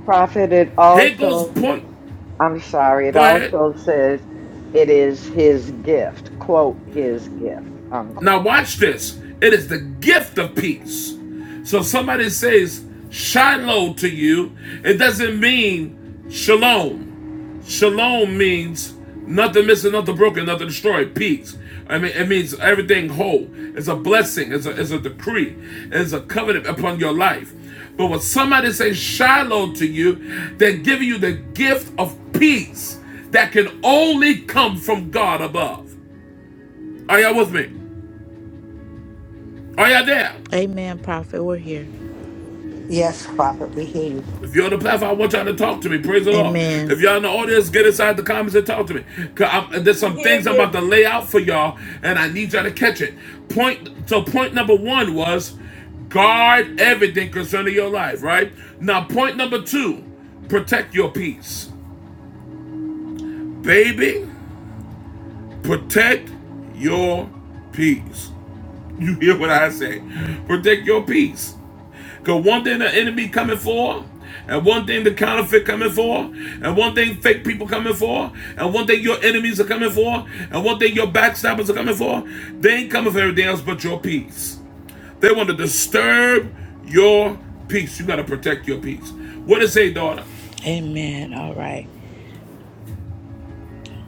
F: Prophet, it
A: Here goes
F: also,
A: point.
F: I'm sorry, it
A: Go ahead.
F: also says it is his gift, quote, his gift,
A: Now
F: unquote.
A: watch this. It is the gift of peace. So somebody says Shiloh to you, it doesn't mean shalom. Shalom means nothing missing, nothing broken, nothing destroyed. Peace. I mean, it means everything whole. It's a blessing. It's a, it's a decree. It's a covenant upon your life. But when somebody says Shiloh to you, they're giving you the gift of peace that can only come from God above. Are y'all with me? Are y'all there?
C: Amen, Prophet. We're here.
E: Yes, Prophet, we hear you.
A: If you're on the platform, I want y'all to talk to me. Praise the Lord.
C: Amen.
A: If y'all in the audience, get inside the comments and talk to me. 'Cause I'm- there's
B: We
A: some
B: hear
A: things I'm about
B: you.
A: to lay out for y'all, and I need y'all to catch it. Point. So point number one was guard everything concerning your life. Right now, point number two, protect your peace, baby. Protect your peace. You hear what I say? Protect your peace. Because one thing the enemy coming for, and one thing the counterfeit coming for, and one thing fake people coming for, and one thing your enemies are coming for, and one thing your backstabbers are coming for, they ain't coming for everything else but your peace. They want to disturb your peace. You got to protect your peace. What it say, daughter?
C: Amen. All right.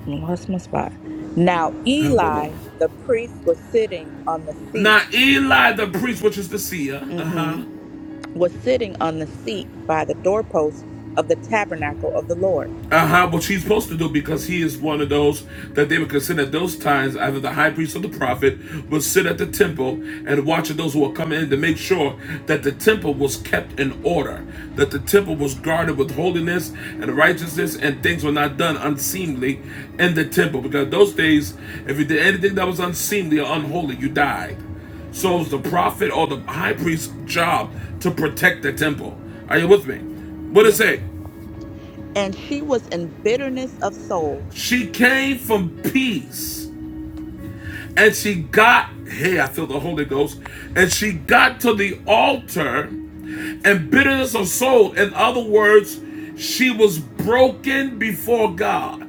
C: I lost my spot. Now,
A: Help her, Lord.
C: Eli, the priest, was sitting on the seat,
A: Now Eli the priest, which is the seer,
C: hmm
A: uh-huh.
C: was sitting on the seat by the doorpost of the tabernacle of the Lord.
A: Uh huh. What she's supposed to do because he is one of those that they would consider at those times either the high priest or the prophet would sit at the temple and watch those who were coming in to make sure that the temple was kept in order, that the temple was guarded with holiness and righteousness, and things were not done unseemly in the temple. Because those days, if you did anything that was unseemly or unholy, you died. So it was the
C: Mm,
A: prophet or the high priest's job to protect the temple. Are you with me? What does it
C: Yes.
A: say?
C: And she was in bitterness of soul.
A: She came from peace and she got, hey, I feel the Holy Ghost, and she got to the altar and bitterness of soul. In other words, she was broken before God.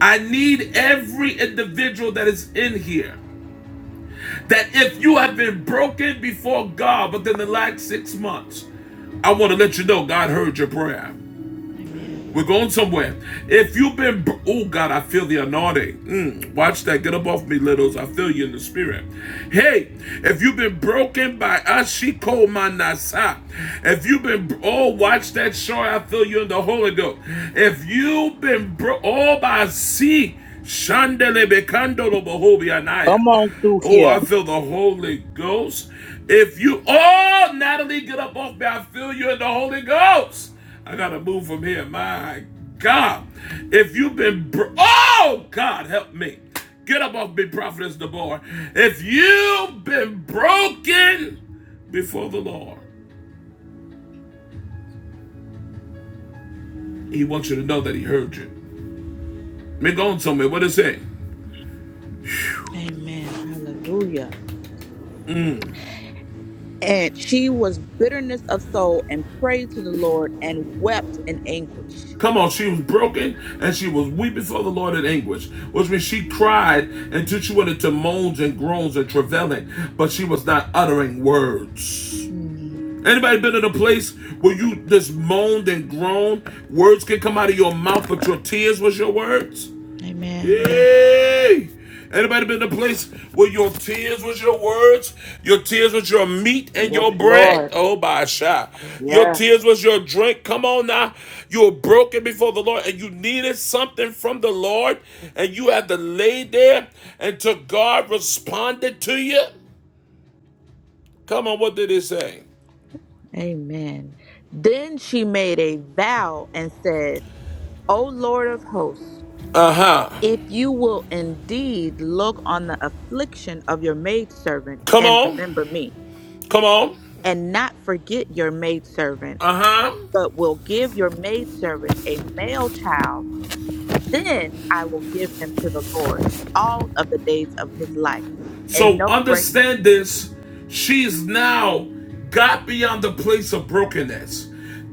A: I need every individual that is in here that if you have been broken before God within the last six months, I want to let you know God heard your prayer.
C: Amen.
A: We're going somewhere. If you've been, oh God, I feel the anointing. Mm, watch that. Get up off me, littles. I feel you in the spirit. Hey, if you've been broken by Ashiko Manasa, if you've been, oh, watch that show. I feel you in the Holy Ghost. If you've been, bro- oh, by sea, Shandele Bekandolo Bohobi Anaya.
D: Come on through
A: Oh,
D: here.
A: I feel the Holy Ghost. If you, oh, Natalie, get up off me. I feel you in the Holy Ghost. I got to move from here. My God. If you've been, br- oh, God, help me. Get up off me, Prophetess Deborah. If you've been broken before the Lord, He wants you to know that He heard you. Me go on, tell me what it say.
C: Amen. Hallelujah. And she was bitterness of soul and prayed to the Lord and wept in anguish.
A: Come on, she was broken and she was weeping for the Lord in anguish, which means she cried until she went into moans and groans and travailing, but she was not uttering words.
C: Hmm.
A: Anybody been in a place where you just moaned and groaned? Words can come out of your mouth, but your tears was your words?
C: Amen. Yes.
A: Hey! Anybody been in a place where your tears was your words, your tears was your meat and
F: Yes,
A: your bread?
F: Lord.
A: Oh my shot. Your
F: Yes.
A: tears was your drink. Come on now. You were broken before the Lord and you needed something from the Lord and you had to lay there until God responded to you. Come on, what did it say?
C: Amen. Then she made a vow and said, O Lord of hosts,
A: Uh-huh.
C: if you will indeed look on the affliction of your maidservant
A: Come
C: and
A: on.
C: remember me,
A: Come on.
C: and not forget your maidservant,
A: Uh-huh.
C: but will give your maidservant a male child Then I will give him to the Lord all of the days of his life,
A: So
C: and no razor,
A: understand this. She's now got beyond the place of brokenness,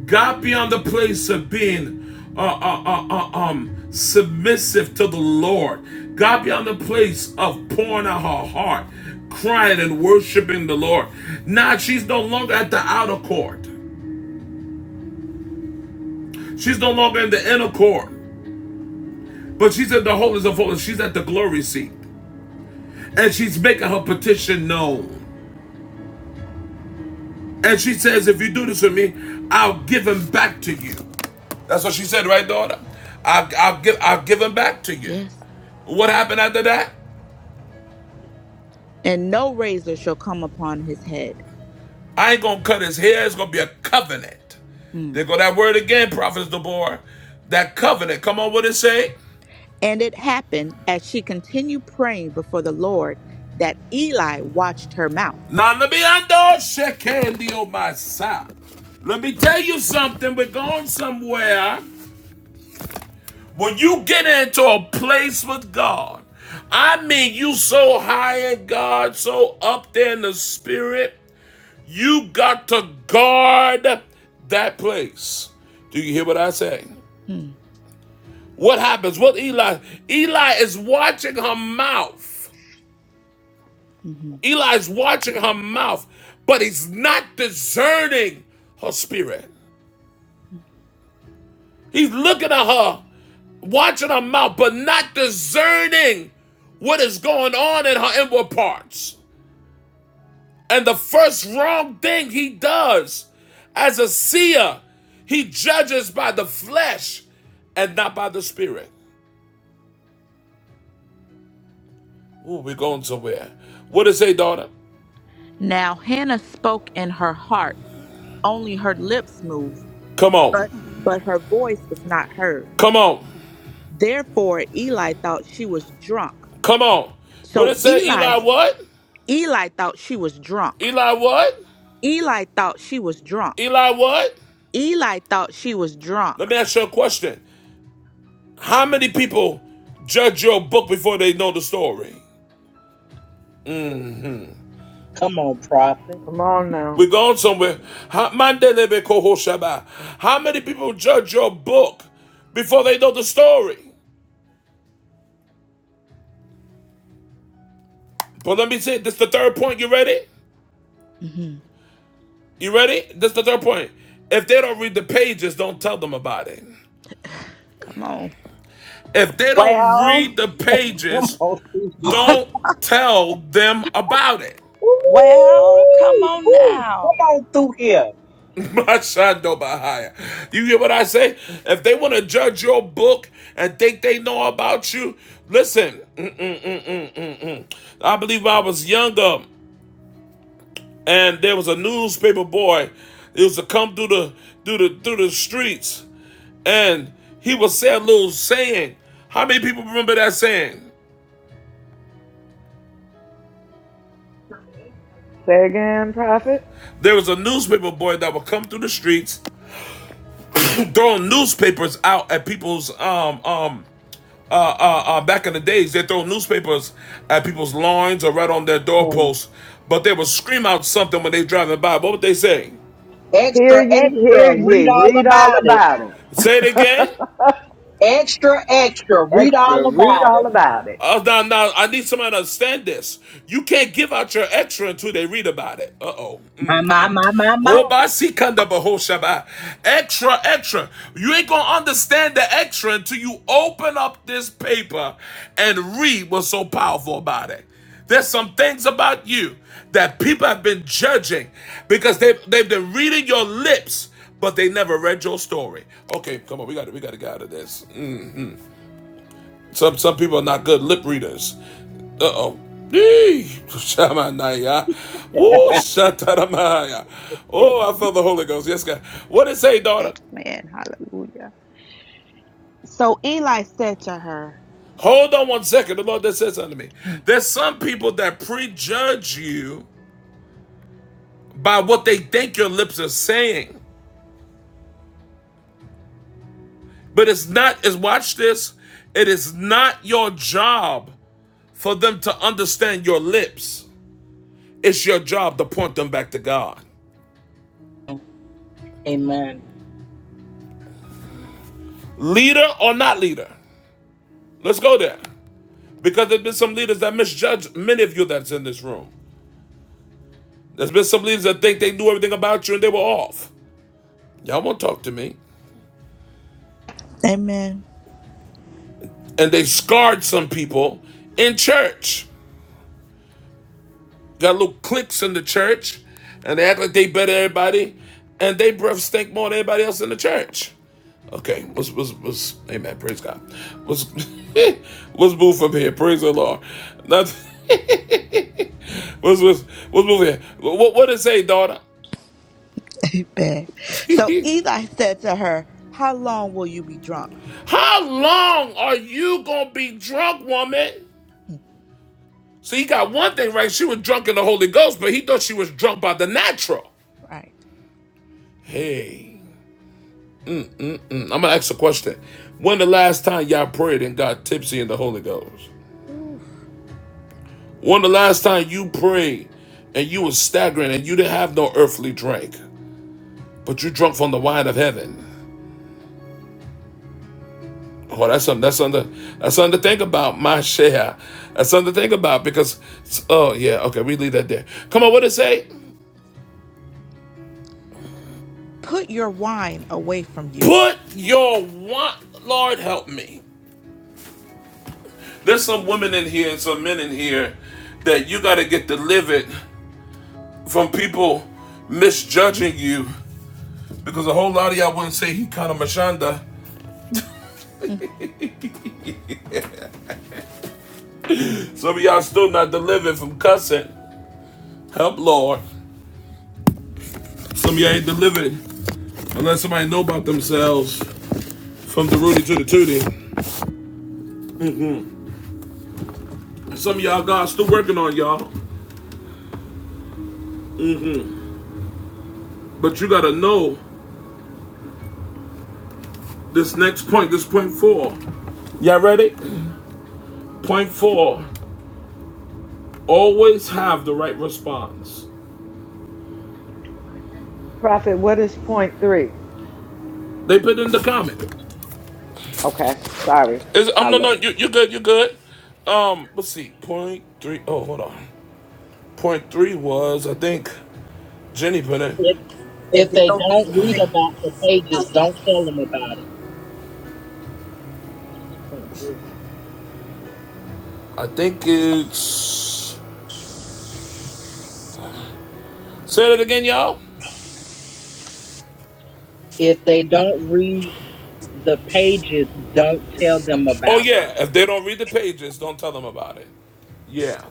A: got beyond the place of being uh, uh, uh, uh, um, submissive to the Lord, got beyond the place of pouring out her heart, crying and worshiping the Lord. Now she's no longer at the outer court, she's no longer in the inner court, but she's in the holies of holies. She's at the glory seat, and she's making her petition known. And she says, If you do this with me, I'll give him back to you. That's what she said, right, daughter? I'll, I'll, give, I'll give him back to you.
C: Yes.
A: What happened after that?
C: and no razor shall come upon his head.
A: I ain't gonna cut his hair. It's gonna be a covenant.
C: Mm.
A: There go that word again, Prophet Deborah. That covenant. Come on, what it say?
C: And it happened as she continued praying before the Lord that Eli watched her mouth.
A: Now let me undo shake handy on my side. Let me tell you something. We're going somewhere. When you get into a place with God, I mean you so high in God, so up there in the spirit, you got to guard that place. Do you hear what I say?
C: Mm.
A: What happens? What Eli? Eli is watching her mouth.
C: hmm
A: Eli is watching her mouth, but he's not discerning her spirit.
C: Mhm.
A: He's looking at her, watching her mouth, but not discerning what is going on in her inward parts. And the first wrong thing he does as a seer, he judges by the flesh and not by the spirit. Ooh, we're going somewhere. What did it say, daughter?
C: Now Hannah spoke in her heart, only her lips moved,
A: Come
C: but
A: on.
C: but her voice was not heard.
A: Come on.
C: Therefore Eli thought she was drunk.
A: Come on. What
C: So
A: did it say,
C: Eli
A: Eli? What?
C: Eli thought she was drunk.
A: Eli, what?
C: Eli thought she was drunk.
A: Eli, what?
C: Eli thought she was drunk.
A: Let me ask you a question. How many people judge your book before they know the story?
D: Come on, prophet.
F: Come on now.
A: We're going somewhere. How How many people judge your book before they know the story? But let me say, this is the third point. You ready?
C: hmm
A: You ready? This is the third point. If they don't read the pages, don't tell them about it.
C: Come on.
A: If they don't
B: Well,
A: read the
D: Come
A: pages,
D: on through here.
A: don't tell them about it.
B: well, come
D: Ooh,
B: on
D: ooh.
B: now.
D: Come on through here.
A: My son You hear what I say? If they want to judge your book and think they know about you, listen. mm, mm, mm, mm, mm, mm. I believe I was younger, and there was a newspaper boy. It was to come through the through the through the streets, and he would say a little saying. How many people remember that saying?
F: Say again, prophet.
A: There was a newspaper boy that would come through the streets, throwing newspapers out at people's um um Uh, uh, uh, back in the days, they throw newspapers at people's lawns or right on their
D: Mm.
A: doorposts, but they would scream out something when they driving by. What would they say?
F: Hear
D: Extra,
F: ye,
D: extra.
F: hear
D: Read
F: ye.
D: all
F: Read all
D: about it.
F: about
A: Say it
F: it.
A: again.
D: Extra, extra. Read
F: Extra,
D: all
F: read
D: about it.
F: all about it.
A: Uh, now, now, I need somebody to understand this. You can't give out your extra until they read about it. Uh oh.
D: My, my, my, my, my.
A: Hobasikanda bahoshaba. Extra, extra. You ain't gonna understand the extra until you open up this paper and read what's so powerful about it. There's some things about you that people have been judging because they've, they've been reading your lips, but they never read your story. Okay, come on, we gotta we gotta get out of this. Some some people are not good lip readers. Uh-oh. Yee! Shamanaya. Woo, shataramaya. Oh, I felt the Holy Ghost. Yes, God. What did it say, daughter?
C: Amen. Hallelujah. So Eli said to her,
A: Hold on one second. The Lord that says unto me.
C: hmm,
A: There's some people that prejudge you by what they think your lips are saying. But it's not, is watch this. It is not your job for them to understand your lips. It's your job to point them back to God.
D: Amen.
A: Leader or not leader. Let's go there. Because there's been some leaders that misjudge many of you that's in this room. There's been some leaders that think they knew everything about you and they were off. Y'all won't talk to me.
C: Amen.
A: And they scarred some people in church. Got little cliques in the church and they act like they better than everybody and they breath stink more than anybody else in the church. Okay, let's, let's, let's, amen, praise God. Let's, let's move from here, praise the Lord. Not, let's, let's, let's move here. What, what did it say, daughter?
C: Amen. So Eli said to her, How long will you be drunk?
A: How long are you gonna be drunk, woman?
C: Mm,
A: So he got one thing right. She was drunk in the Holy Ghost, but he thought she was drunk by the natural.
C: Right.
A: Hey, Mm, I'm gonna ask a question. When the last time y'all prayed and got tipsy in the Holy Ghost?
C: Oof.
A: When the last time you prayed and you was staggering and you didn't have no earthly drink, but you drunk from the wine of heaven? Oh, that's something. That's something. That's something to think about. My share. That's something to think about because. Oh yeah. Okay, we leave that there. Come on. What did it say?
C: Put your wine away from you.
A: Put your want, Lord help me. There's some women in here and some men in here that you got to get delivered from people misjudging you because a whole lot of y'all wouldn't say he kind of mashanda.
C: Mm.
A: Some of y'all still not delivered from cussing. Help, Lord. Some of y'all ain't delivered unless somebody know about themselves from the Rudy to the Tootie. Some of y'all God's still working on y'all, but you got to know this next point, this point four. Y'all ready? Point four. Always have the right response.
F: Prophet, what is point three?
A: They put in the comment.
F: Okay, sorry.
A: Is I'm
F: I
A: no no
F: looked.
A: you you good you good. Um let's see Point three. Oh hold on point three was I think Jenny put it.
D: If
G: If
D: if
G: they
D: they
G: don't read
D: don't
G: the
D: read
G: same
D: about the pages, don't tell them about it. Can't do it.
A: I think it's say it again y'all.
D: If they don't read the pages, don't tell them
A: Oh
D: about it.
A: yeah, if they don't read the pages, don't tell them about it. Yeah,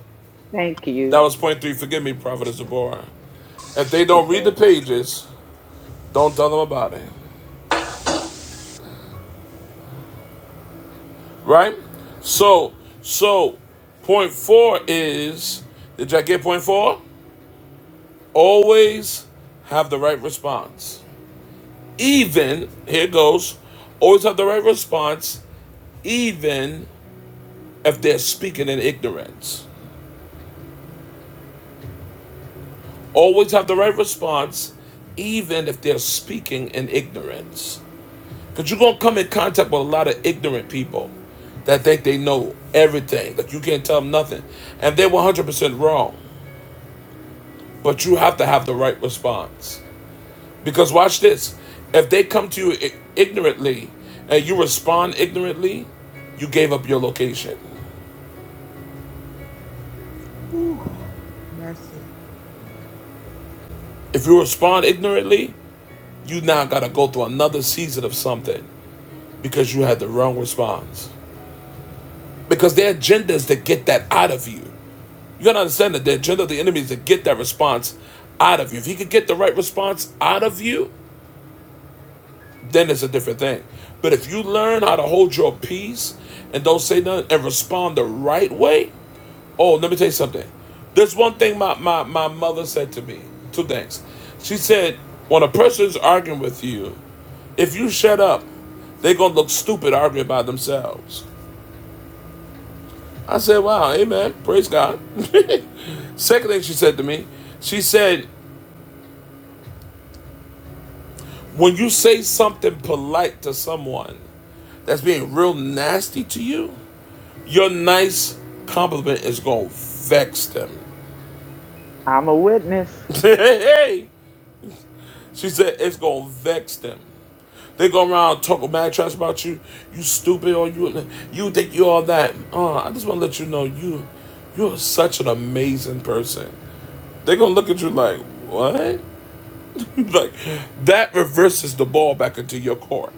F: Thank
A: that
F: you.
A: was point three. Forgive me, Prophet Zabora. If they don't
F: Just
A: read the
F: that.
A: pages, don't tell them about it. right? So, so point four is did you get point four? Always have the right response. Even here it goes, always have the right response, even if they're speaking in ignorance. Always have the right response, even if they're speaking in ignorance. Because you're gonna come in contact with a lot of ignorant people that think they know everything. Like you can't tell them nothing. And they're 100% wrong. But you have to have the right response. Because watch this. If they come to you ignorantly and you respond ignorantly, you gave up your location.
C: Ooh. Mercy.
A: If you respond ignorantly, you now got to go through another season of something because you had the wrong response. Because their agenda is to get that out of you. You gotta understand that the agenda of the enemy is to get that response out of you. If he could get the right response out of you, then it's a different thing. But if you learn how to hold your peace and don't say nothing and respond the right way, oh, let me tell you something. There's one thing my, my, my mother said to me. Two things. She said, when a person's arguing with you, if you shut up, they're going to look stupid arguing by themselves. I said, wow, amen. Praise God. Second thing she said to me, she said, when you say something polite to someone that's being real nasty to you, Your nice compliment is gonna vex them.
F: I'm a witness.
A: hey, she said it's gonna vex them. They go around talking mad trash about you. You stupid, or you you think you all that. Uh, I just want to let you know you you're such an amazing person. They're gonna look at you like what? like that reverses the ball back into your court.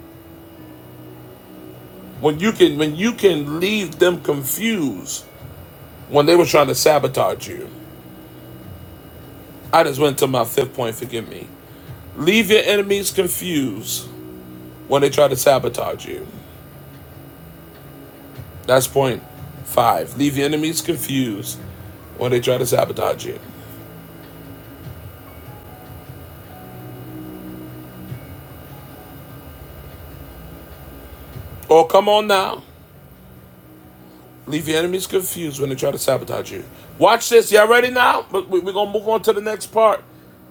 A: When you can when you can leave them confused when they were trying to sabotage you. I just went to my fifth point. Forgive me. Leave your enemies confused when they try to sabotage you. That's point five. Leave your enemies confused when they try to sabotage you. Oh, come on now. Leave your enemies confused when they try to sabotage you. Watch this. Y'all ready now? But we- are going to move on to the next part.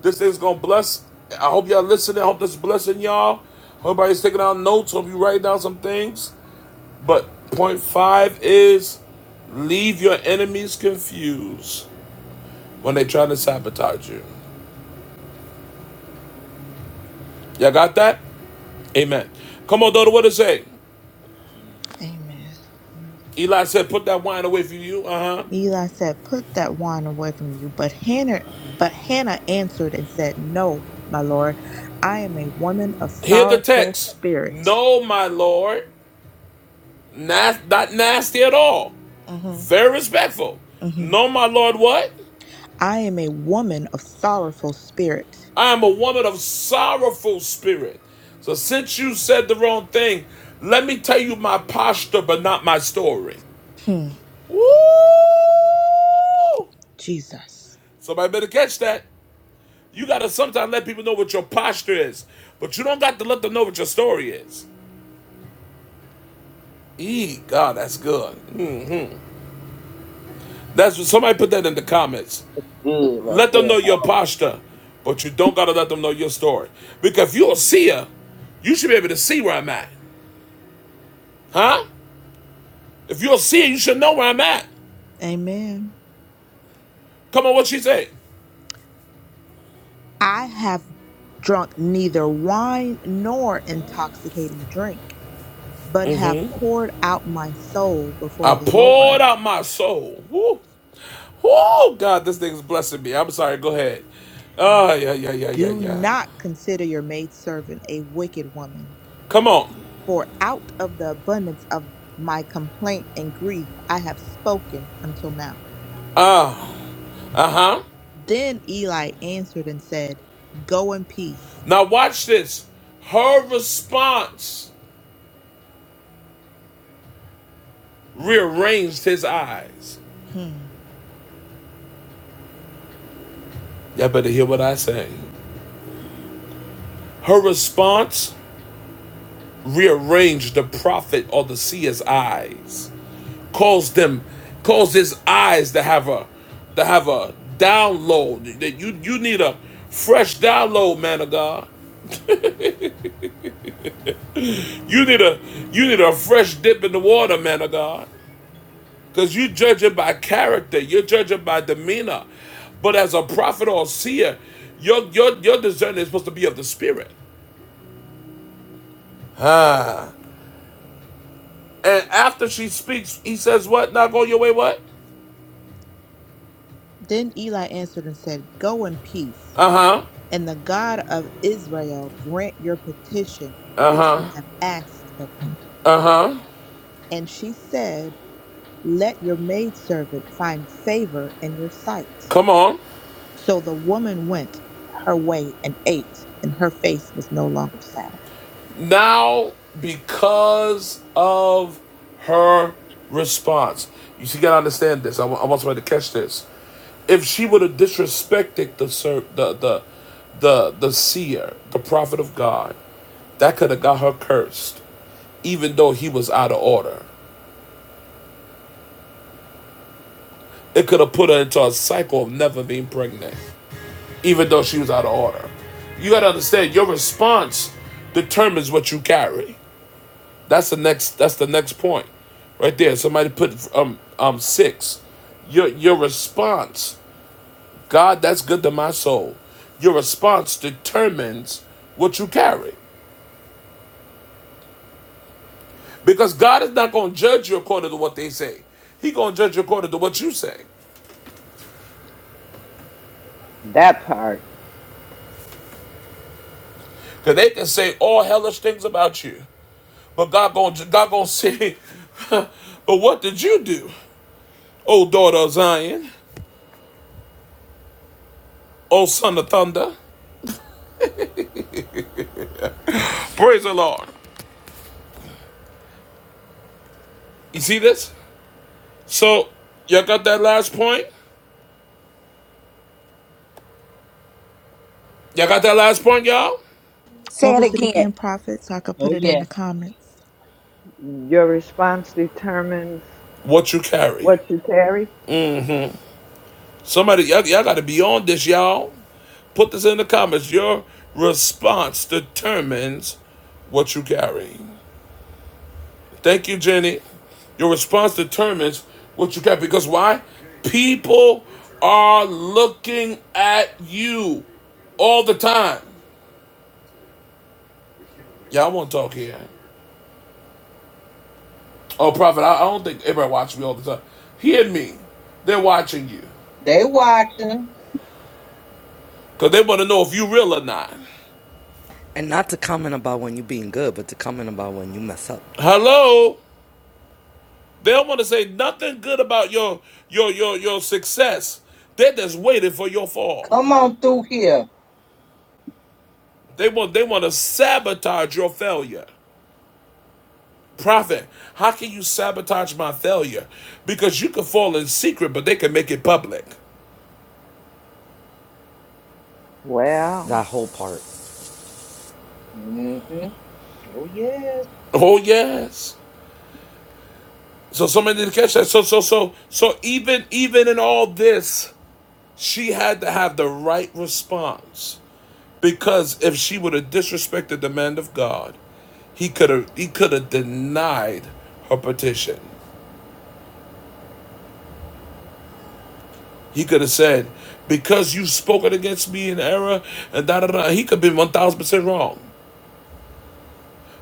A: This is going to bless. I hope y'all listening. I hope this is blessing y'all. Hope everybody's taking out notes. Hope you write down some things. But point five is leave your enemies confused when they try to sabotage you. Y'all got that? Amen. Come on, daughter, what does it say?
C: Amen.
A: Eli said, Put that wine away from you. Uh huh.
C: Eli said, Put that wine away from you. But Hannah, but Hannah answered and said, No, my lord, I am a woman of
A: Hear the
C: sorrowful
A: text.
C: spirit.
A: No, my Lord, nas- not nasty at all.
C: hmm
A: Very respectful.
C: hmm
A: No, my Lord, what?
C: I am a woman of sorrowful spirit.
A: I am a woman of sorrowful spirit. So since you said the wrong thing, let me tell you my posture, but not my story.
C: Hmm,
A: Woo!
C: Jesus.
A: Somebody better catch that. You gotta sometimes let people know what your posture is, but you don't got to let them know what your story is. Eee, God, that's good. That's what somebody put that in the comments.
D: Good right
A: Let them
D: there.
A: know your posture, but you don't gotta let them know your story. Because if you're a seer, you should be able to see where I'm at. Huh? If you're a seer, you should know where I'm at.
C: Amen.
A: Come on, what she say?
C: I have drunk neither wine nor intoxicating drink, but have poured out my soul
A: I
C: before the
A: poured
C: Lord.
A: out my soul. Woo. Oh God, this thing's blessing me. I'm sorry, go ahead. Oh yeah, yeah, yeah, yeah,
C: Do
A: yeah.
C: not consider your maidservant a wicked woman
A: Come on.
C: For out of the abundance of my complaint and grief I have spoken until now.
A: Ah, uh huh.
C: Then Eli answered and said, Go in peace.
A: Now, watch this. Her response rearranged his eyes.
C: Hmm.
A: Y'all better hear what I say. Her response rearranged the prophet or the seer's eyes, caused them, caused his eyes to have a, to have a download. That you you need a fresh download, man of God. You need a you need a fresh dip in the water, man of God. Because you judge it by character, you judge it by demeanor. But as a prophet or a seer, your, your, your discernment is supposed to be of the spirit. Ah. And after she speaks, he says, What? Now go your way, what?
C: Then Eli answered and said, Go in peace,
A: Uh huh.
C: and the God of Israel grant your petition
A: Uh
C: which you
A: huh.
C: have asked of him.
A: Uh huh.
C: And she said, Let your maidservant find favor in your sight.
A: Come on.
C: So the woman went her way and ate, and her face was no longer sad.
A: Now, because of her response, you see, you gotta understand this. I wa- I want somebody to catch this. If she would have disrespected the the the the the seer, the prophet of God, that could have got her cursed, even though he was out of order. It could have put her into a cycle of never being pregnant, even though she was out of order. You gotta understand, your response determines what you carry. That's the next. That's the next point, right there. Somebody put um um six. Your your response, God, that's good to my soul. Your response determines what you carry, because God is not going to judge you according to what they say. He going to judge you according to what you say.
F: That part.
A: Because they can say all hellish things about you, but God going to God going to say, but what did you do, O daughter of Zion, O son of thunder? Praise the Lord. You see this? So, y'all got that last point? Y'all got that last point, y'all?
C: What
B: Say it
C: was it
B: again.
C: again, Prophet? So I could put
D: Oh
C: it in
D: yeah,
C: the comments.
F: Your response determines
A: What you carry?
F: what you carry.
A: Somebody, y'all, y'all got to be on this, y'all. Put this in the comments. Your response determines what you carry. Thank you, Jenny. Your response determines what you carry. Because why? People are looking at you all the time. Y'all won't talk here. Oh, Prophet, I, I don't think everybody watches me all the time. Hear me. They're watching you.
D: they watching.
A: Because they want to know if you real or not.
H: And not to comment about when you are being good, but to comment about when you mess up.
A: Hello? They don't want to say nothing good about your your your your success. They're just waiting for your fall.
D: Come on through here.
A: They want they want to sabotage your failure. Prophet, how can you sabotage my failure? Because you can fall in secret, but they can make it public.
F: Well,
H: That whole part.
D: hmm Oh yes.
A: Oh yes. So somebody didn't catch that. So so so so even even in all this, she had to have the right response. Because if she would have disrespected the man of God, he could have he could have denied her petition. He could have said, "Because you've spoken against me in error," and da da da. He could be one thousand percent wrong.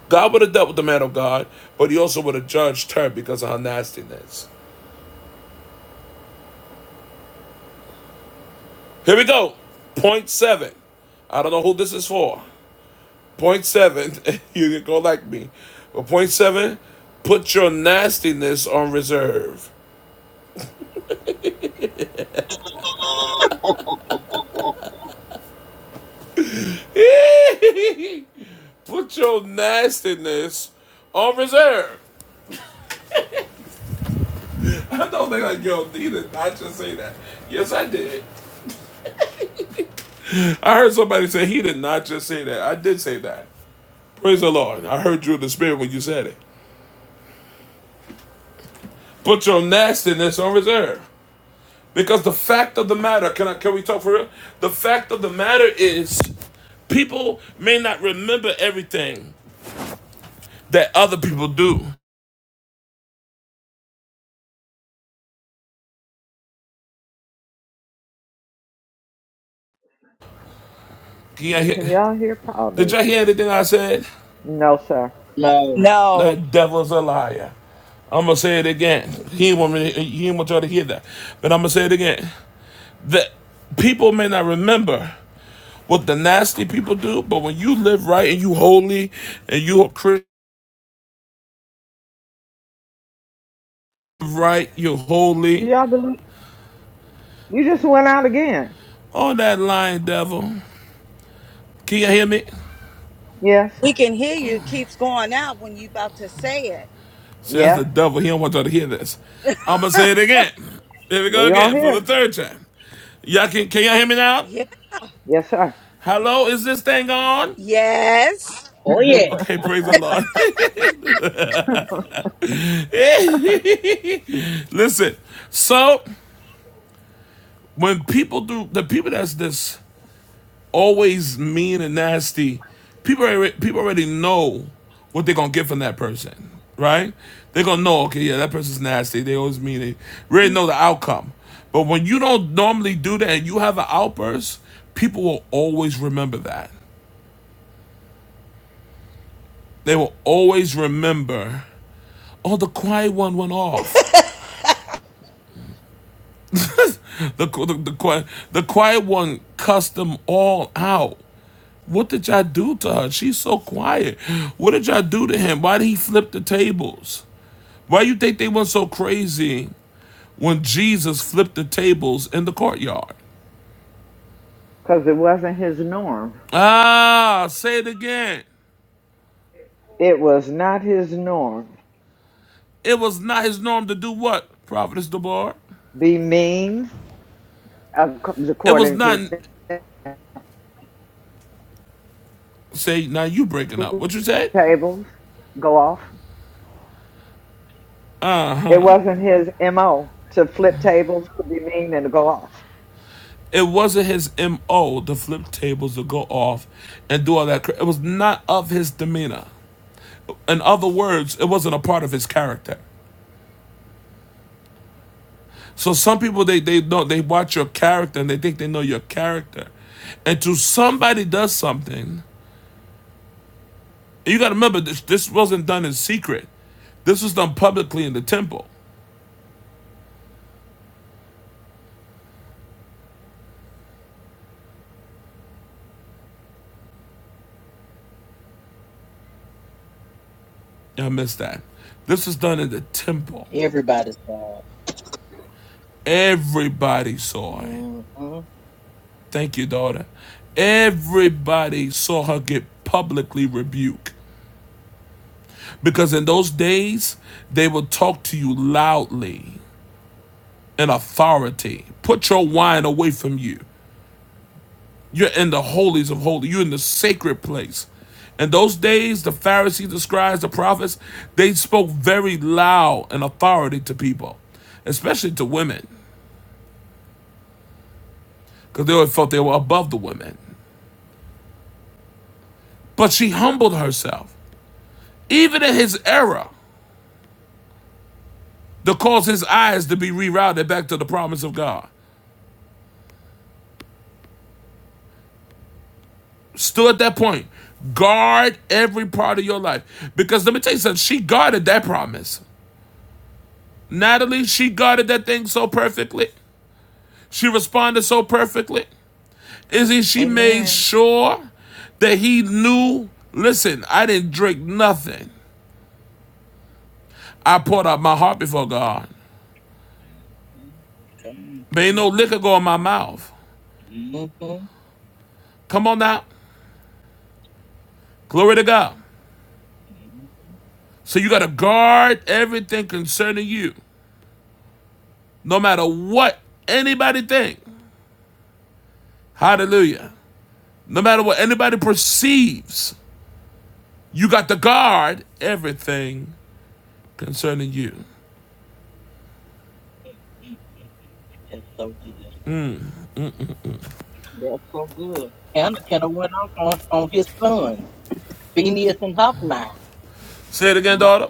A: God would have dealt with the man of God, but he also would have judged her because of her nastiness. Here we go. Point seven. I don't know who this is for. Point seven. you can go like me, but point seven. Put your nastiness on reserve. Put your nastiness on reserve. I don't think I yo, he did not just say that. Yes, I did. I heard somebody say he did not just say that. I did say that. Praise the Lord. I heard you in the spirit when you said it. Put your nastiness on reserve. Because the fact of the matter, can I can we talk for real? The fact of the matter is people may not remember everything that other people do. Can y'all
F: can
A: hear-
F: y'all hear? Pa- Oh, there
A: Did
F: you
A: y'all
F: go.
A: hear anything I said?
F: No, sir.
D: No.
B: No,
A: That devil's a liar. I'm gonna say it again. He didn't want me. To, he didn't want y'all to hear that, but I'm gonna say it again. That people may not remember what the nasty people do, but when you live right and you holy and you a Christian right, you
F: Do
A: holy.
F: y'all believe? You just went out again.
A: Oh, that lying devil. Can you hear me?
F: Yes.
B: we can hear you. It keeps going out when you about to say it.
A: See, that's the
F: Yep.
A: devil. He don't want y'all to hear this. I'm gonna say it again. Here we go
F: We don't
A: again for
F: hear.
A: the
F: it.
A: third time. Y'all can can y'all hear me now?
B: Yeah.
F: Yes, sir.
A: Hello, is this thing on?
B: Yes.
D: Oh yeah.
A: Okay, praise the Lord. Listen, so when people do the people that's this always mean and nasty people already, people already know what they're gonna get from that person right they're gonna know okay yeah that person's nasty they always mean it. they already know the outcome but when you don't normally do that and you have an outburst people will always remember that they will always remember oh the quiet one went off the, the, the, the, quiet, the quiet one cussed them all out What did y'all do to her? She's so quiet. What did y'all do to him? Why did he flip the tables? Why you think they went so crazy when Jesus flipped the tables in the courtyard?
F: Because it wasn't his norm.
A: Ah, say it again.
F: It was not his norm.
A: It was not his norm to do what? Prophetess Deborah?
F: Be mean, ac-
A: It was
F: according
A: not.
F: to
A: Say now you breaking up. What you said?
F: tables. Go off.
A: Uh
F: It
A: huh.
F: wasn't his MO to flip tables, to be mean, and to go off.
A: It wasn't his M.O. to flip tables to go off and do all that. It was not of his demeanor. In other words, it wasn't a part of his character. So some people they they know they watch your character and they think they know your character. And to somebody does something, you got to remember this this wasn't done in secret. This was done publicly in the temple. I missed that. This was done in the temple.
D: Everybody's bad.
A: Everybody saw it.
D: hmm
A: Thank you, daughter. Everybody saw her get publicly rebuked. Because in those days, they would talk to you loudly in authority. Put your wine away from you. You're in the holies of holies. You're in the sacred place. In those days, the Pharisees, the scribes, the prophets, they spoke very loud and authority to people, especially to women, because they always felt they were above the women. But she humbled herself, even in his era, to cause his eyes to be rerouted back to the promise of God. Still at that point, guard every part of your life. Because let me tell you something, she guarded that promise. Natalie, she guarded that thing so perfectly. She responded so perfectly. Izzy, she made
C: Amen.
A: sure that he knew. Listen, I didn't drink nothing. I poured out my heart before God. There ain't no liquor go in my mouth.
D: hmm
A: Come on now. Glory to God. So you got to guard everything concerning you, no matter what anybody think. Hallelujah. No matter what anybody perceives, you got to guard everything concerning you.
D: That's so good. That's so good. Hannah could have went off on, on his son, Phineas and Hophni.
A: Say it again,
D: My,
A: daughter.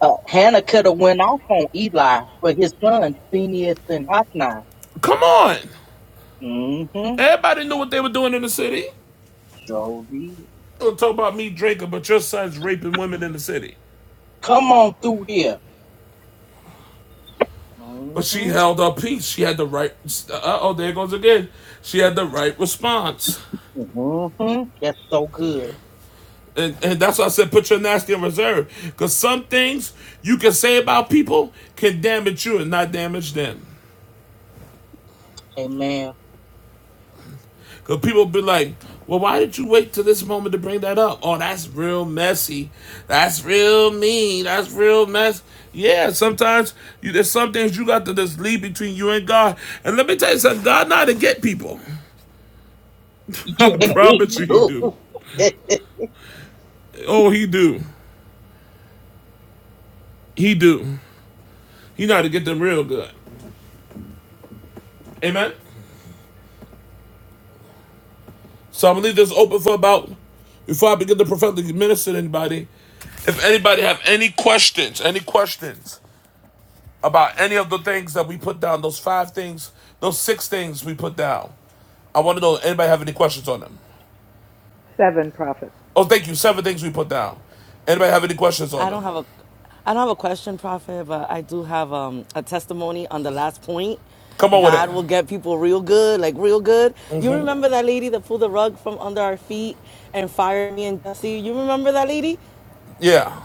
D: uh, Hannah could have went off on Eli for his son, Phineas and Hophni.
A: Come on.
D: Mm-hmm.
A: Everybody knew what they were doing in the city.
D: So did.
A: Don't talk about me, Draker, but your son's raping women in the city.
D: Come on through here.
A: But she
D: Mm-hmm.
A: held her peace. She had the right. Uh oh, there it goes again. She had the right response.
D: Mm-hmm. That's so good.
A: And, and that's why I said put your nasty in reserve. Because some things you can say about people can damage you and not damage them.
D: Amen.
A: Because people be like, well, why did you wait till this moment to bring that up? Oh, that's real messy. That's real mean. That's real mess. Yeah, sometimes you, there's some things you got to just leave between you and God. And let me tell you something, God not to get people. I
D: Yeah.
A: promise you he do. Oh, he do. He do. He not to get them real good. Amen? So I'm going to leave this open for about, before I begin to prophetically minister to anybody, if anybody have any questions, any questions, about any of the things that we put down, those five things, those six things we put down. I want to know anybody have any questions on them.
F: Seven prophet.
A: Oh, thank you. Seven things we put down. Anybody have any questions on
H: I don't
A: them?
H: have a I don't have a question, Prophet, but I do have um, a testimony on the last point.
A: Come on with it.
H: God will get people real good, like real good. You remember that lady that pulled the rug from under our feet and fired me and Jesse? You remember that lady?
A: Yeah.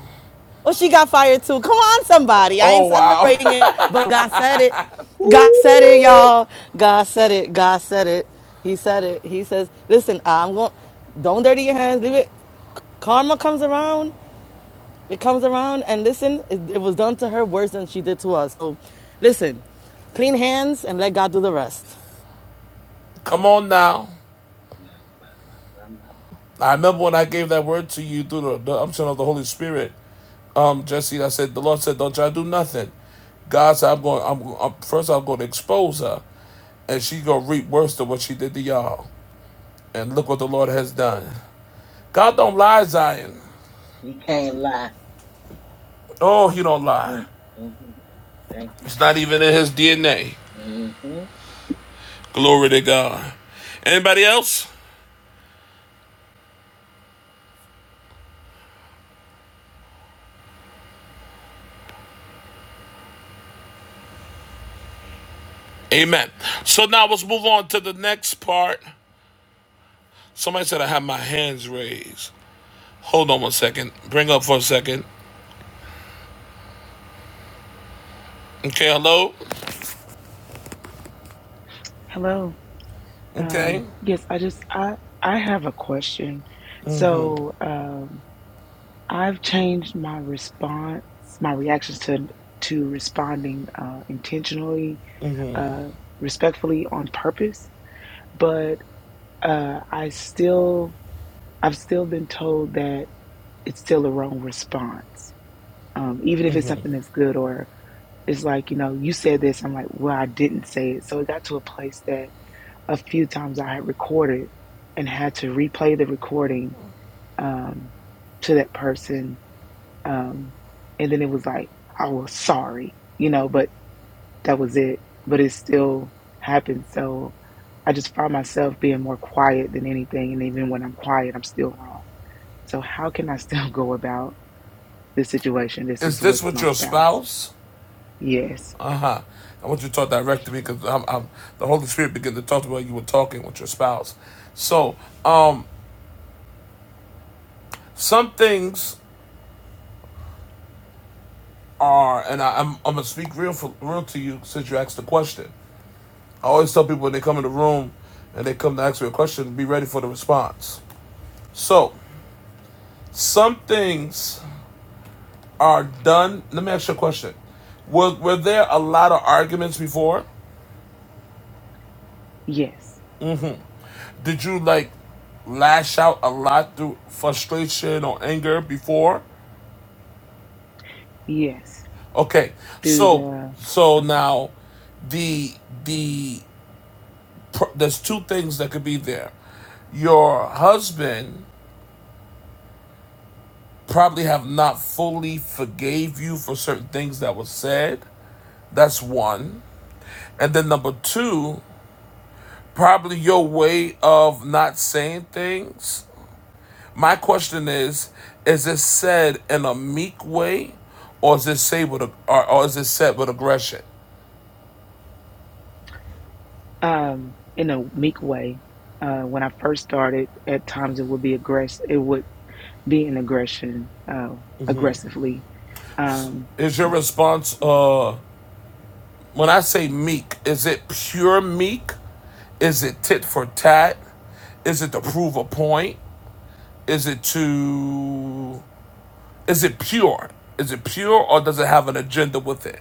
H: Oh, she got fired too. Come on, somebody. I ain't
A: Oh wow.
H: celebrating it, but God said it. God said it,
D: Ooh.
H: y'all. God said it. God said it. He said it. He says, listen, I'm going, don't dirty your hands. Leave it. Karma comes around. It comes around. And listen, it, it was done to her worse than she did to us. So listen, clean hands and let God do the rest.
A: Come on now. I remember when I gave that word to you through the, the umption of the Holy Spirit, um, Jesse. I said the Lord said, "Don't try to do nothing." God said, "I'm going. I'm, I'm first. I'm going to expose her, and she gonna reap worse than what she did to y'all." And look what the Lord has done. God don't lie, Zion.
D: He can't lie.
A: Oh, he don't lie.
D: Mm-hmm. Mm-hmm. Thank you.
A: It's not even in his DNA.
D: Mm-hmm.
A: Glory to God. Anybody else? Amen. So now let's move on to the next part. Somebody said I have my hands raised. Hold on one second. Bring up for a second. Okay, hello?
I: Hello.
A: Okay.
I: Um, yes, I just I I have a question. So um, I've changed my response, my reactions to to responding uh, intentionally, uh, respectfully on purpose. But uh, I still I've still been told that it's still the wrong response, um, even if it's something that's good or it's like you know you said this. I'm like, well, I didn't say it. So it got to a place that a few times I had recorded and had to replay the recording um, to that person. Um, and then it was like, I was sorry, you know, but that was it. But it still happened. So I just find myself being more quiet than anything. And even when I'm quiet, I'm still wrong. So how can I still go about this situation? This
A: Is
I: is
A: this
I: with
A: with
I: my
A: your
I: spouse.
A: spouse?
I: Yes,
A: Uh huh. I want you to talk direct to me because I'm, I'm, the Holy Spirit began to talk to me while you were talking with your spouse. So, um, some things are, and I, I'm, I'm going to speak real, for, real to you since you asked the question. I always tell people when they come in the room and they come to ask me a question, be ready for the response. So, some things are done. Let me ask you a question. Were, were there a lot of arguments before?
I: yes,
A: Did you like lash out a lot through frustration or anger before?
I: yes.
A: Okay.
I: Through
A: So,
I: the,
A: so now the the pr- there's two things that could be there. Your husband probably have not fully forgave you for certain things that were said. That's one. And then number two, probably your way of not saying things. My question is, is it said in a meek way or is it said with a, or, or is it said with aggression?
I: um, in a meek way. Uh, when I first started, at times it would be aggress. It would be an aggression, uh, aggressively. Um,
A: Is your response uh when I say meek, is it pure meek? Is it tit for tat? Is it to prove a point? Is it to Is it pure? Is it pure or does it have an agenda with it?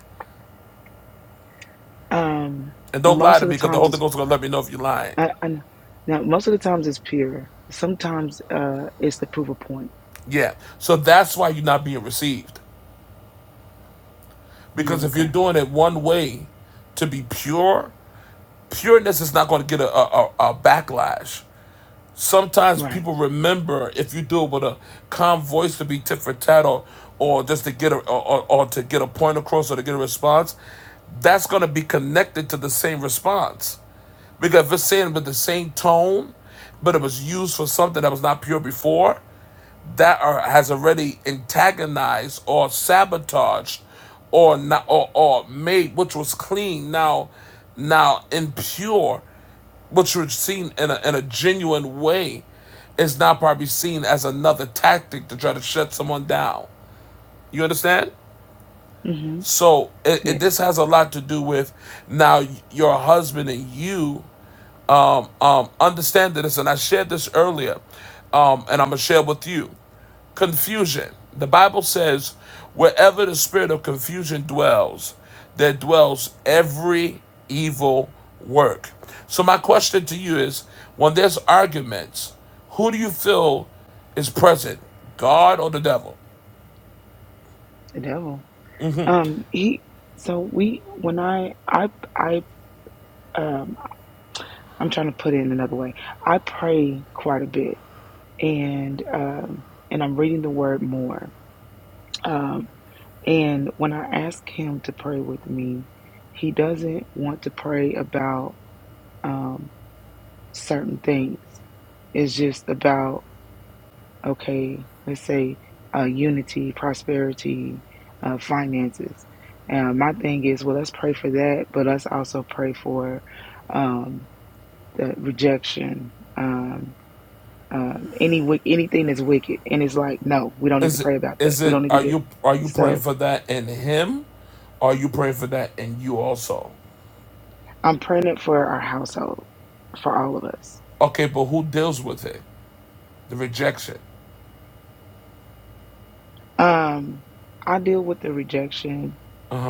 I: um,
A: And don't lie
I: most
A: to
I: of the
A: me because the
I: times
A: Holy
I: it's
A: Ghost is going to let me know if you're lying.
I: I, I, now. Most of the times it's pure. Sometimes uh, it's to prove a point.
A: Yeah. So that's why you're not being received.
I: Mm,
A: Because if you're
I: okay,
A: doing it one way to be pure, pureness is not going to get a, a, a backlash. Sometimes
I: right.
A: people remember if you do it with a calm voice to be tit for tat or, or just to get a, or, or to get a point across or to get a response, that's going to be connected to the same response. Because if it's saying with the same tone, but it was used for something that was not pure before, that are, has already antagonized or sabotaged or not or, or made which was clean now now impure, which was seen in a, in a genuine way, is now probably seen as another tactic to try to shut someone down. You understand?
I: hmm
A: So it, it, this
I: Yes,
A: has a lot to do with now your husband and you um, um, understand this, and I shared this earlier, um, and I'm going to share with you. Confusion. The Bible says, wherever the spirit of confusion dwells, there dwells every evil work. So, my question to you is when there's arguments, who do you feel is present, God or the devil?
I: the devil. Um, he. So we. When I. I. I. Um, I'm trying to put it in another way. I pray quite a bit and um, and I'm reading the word more. Um, and when I ask him to pray with me, he doesn't want to pray about um, certain things. It's just about okay, let's say uh, unity, prosperity, uh, finances. And my thing is, well, let's pray for that, but let's also pray for um, the rejection. um, um, any wi- anything that's wicked, and it's like, no, we don't need to
A: Is it,
I: pray about that.
A: is
I: We
A: it
I: don't need to
A: are
I: do.
A: you are you praying
I: So
A: for that in him? Or are you praying for that in you also?
I: I'm praying it for our household, for all of us.
A: Okay, but who deals with it? the rejection.
I: Um, I deal with the rejection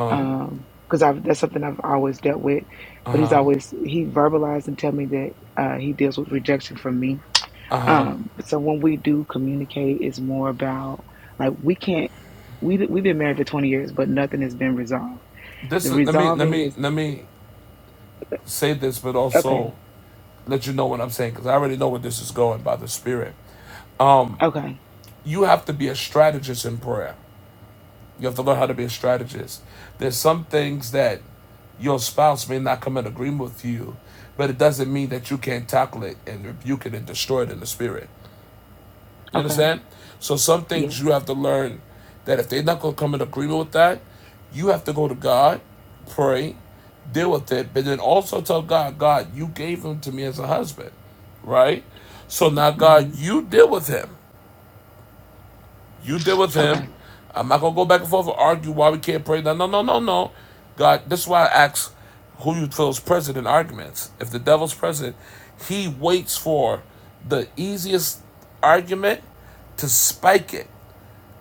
I: um, because I've that's something I've always dealt with, but he's always he verbalized and tell me that uh, he deals with rejection from me. Um, so when we do communicate, it's more about like we can't. We, we've been married for 20 years, but nothing has been resolved.
A: This
I: The
A: is, let me let
I: resolving
A: me
I: is
A: let me say this, but also
I: okay,
A: let you know what I'm saying because I already know where this is going by the Spirit.
I: okay,
A: You have to be a strategist in prayer. You have to learn how to be a strategist. There's some things that your spouse may not come in agreement with you, but it doesn't mean that you can't tackle it and rebuke it and destroy it in the spirit. You
I: okay
A: understand? So some
I: Yes.
A: things you have to learn that if they're not going to come in agreement with that, you have to go to God, pray, deal with it, but then also tell God, God, you gave him to me as a husband, right? So now, God,
I: hmm
A: you deal with him. You deal with him.
I: Okay.
A: I'm not gonna go back and forth and argue why we can't pray. No, no, no, no, no. God, this is why I ask who you feel is present in arguments. If the devil's present, he waits for the easiest argument to spike it.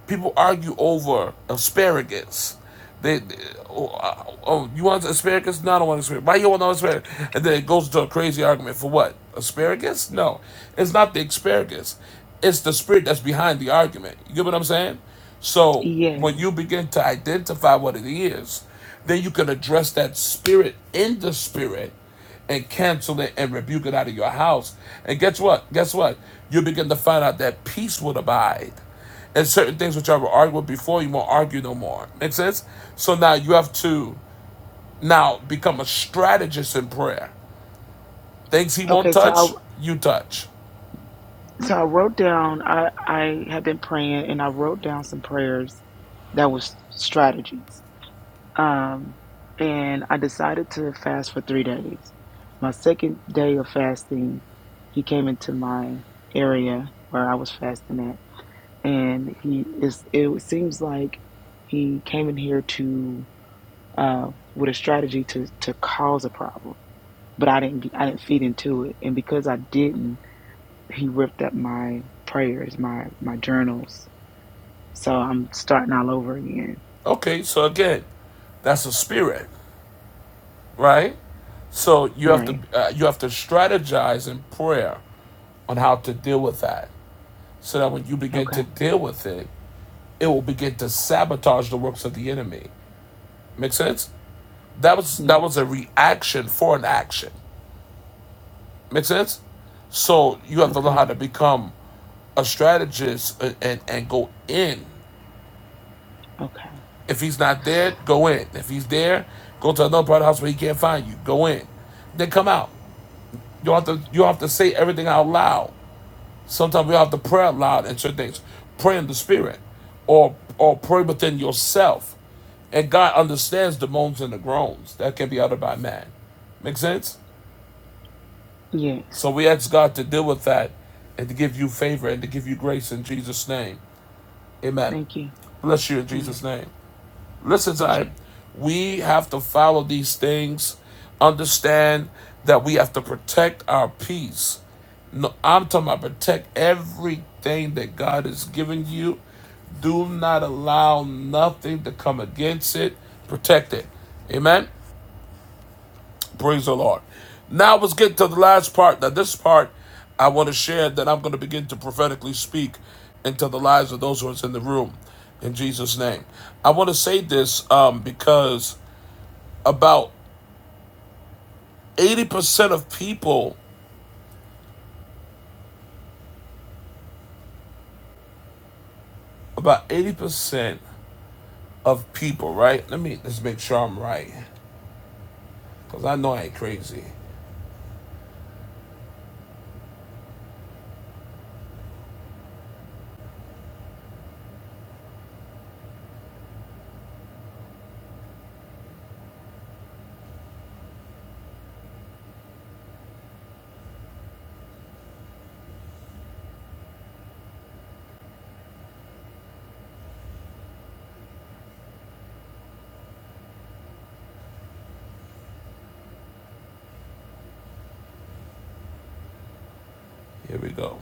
A: People argue over asparagus. They, they- oh, uh, oh, you want asparagus? No, I don't want asparagus. Why you want no asparagus? And then it goes to a crazy argument for what? Asparagus? No, it's not the asparagus. It's the spirit that's behind the argument. You get what I'm saying? So
I: Yes.
A: when you begin to identify what it is, then you can address that spirit in the spirit and cancel it and rebuke it out of your house. And guess what? Guess what? You begin to find out that peace would abide. And certain things which I will argued before, you won't argue no more. Make sense? So now you have to now become a strategist in prayer. Things he won't
I: Okay. So
A: touch,
I: I
A: you touch.
I: so I wrote down. I I have been praying, and I wrote down some prayers that was strategies. Um, and I decided to fast for three days. My second day of fasting, he came into my area where I was fasting at, and he is. It seems like he came in here to uh, with a strategy to to cause a problem but I didn't I didn't feed into it, and because I didn't, he ripped up my prayers, my my journals. So I'm starting all over again.
A: Okay, so again, that's a spirit, right? So you have to
I: Right.
A: uh, you have to strategize in prayer on how to deal with that, so that when you begin
I: Okay.
A: to deal with it, it will begin to sabotage the works of the enemy. Make sense? That was that was
I: Yes.
A: a reaction for an action. Make sense? So you have to learn
I: Okay.
A: how to become a strategist and, and, and go in.
I: Okay.
A: If he's not there, go in. If he's there, go to another part of the house where he can't find you. Go in. Then come out. You don't have to you don't have to say everything out loud. Sometimes you have to pray out loud and certain things. Pray in the spirit. Or or pray within yourself. And God understands the moans and the groans that can be uttered by man. Make sense?
I: Yes.
A: So we ask God to deal with that and to give you favor and to give you grace in Jesus' name. Amen.
I: Thank you.
A: Bless you in
I: Mm.
A: Jesus' name. Listen,
I: Thank
A: Zion,
I: you.
A: we have to follow these things, understand that we have to protect our peace. No, I'm talking about protect everything that God has given you. Do not allow nothing to come against it. Protect it. Amen. Praise the Lord. Now let's get to the last part. Now, this part I want to share that I'm going to begin to prophetically speak into the lives of those who are in the room in Jesus' name. I want to say this um, because about 80% of people, about 80% of people, right? Let me just make sure I'm right because I know I ain't crazy. Here we go.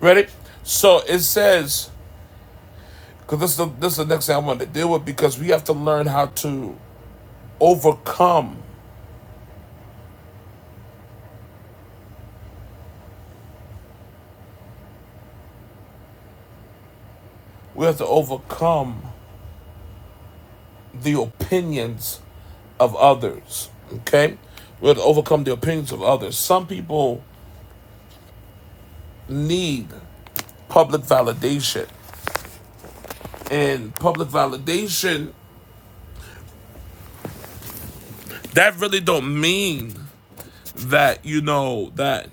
A: Ready? So it says, because this, the- this is the next thing I want to deal with because we have to learn how to overcome We have to overcome the opinions of others. Okay? We have to overcome the opinions of others. Some people need public validation. And public validation, that really don't mean that, you know, that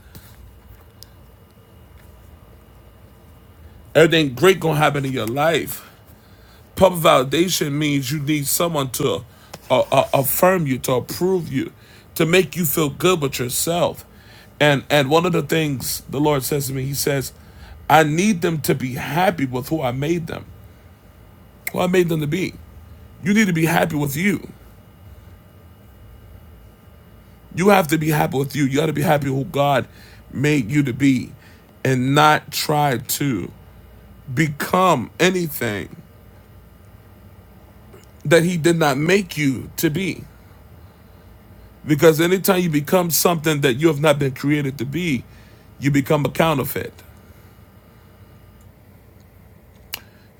A: everything great gonna happen in your life. Public validation means you need someone to uh, uh, affirm you, to approve you, to make you feel good with yourself. And and one of the things the Lord says to me, He says, I need them to be happy with who I made them, who I made them to be. You need to be happy with you. You have to be happy with you. You got to be happy with who God made you to be, and not try to become anything that He did not make you to be. Because anytime you become something that you have not been created to be, you become a counterfeit.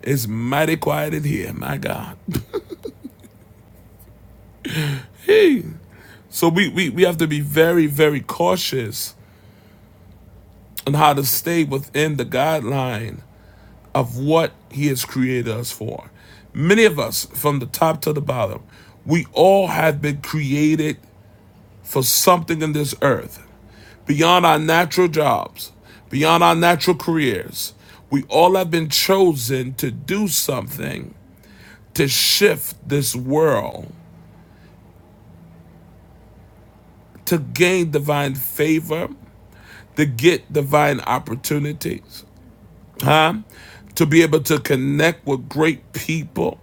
A: It's mighty quiet in here, my God. so we, we, we have to be very, very cautious on how to stay within the guideline of what He has created us for. Many of us, from the top to the bottom, we all have been created for something in this earth. beyond our natural jobs, beyond our natural careers. We all have been chosen to do something to shift this world, to gain divine favor, to get divine opportunities, huh? To be able to connect with great people,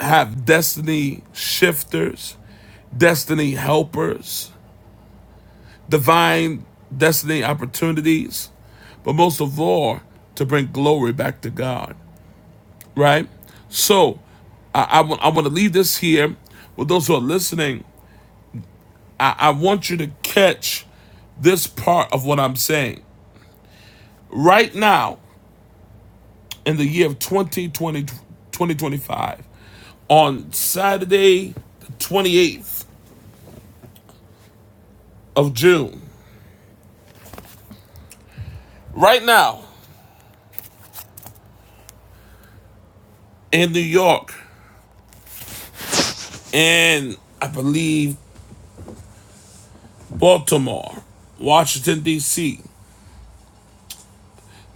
A: have destiny shifters, destiny helpers, divine destiny opportunities, but most of all, to bring glory back to God. right? So I, I w- I want to leave this here with those who are listening. I, I want you to catch this part of what I'm saying right now in the year of 2020 2025 on Saturday the 28th of June. Right now in New York and I believe Baltimore, Washington D.C.,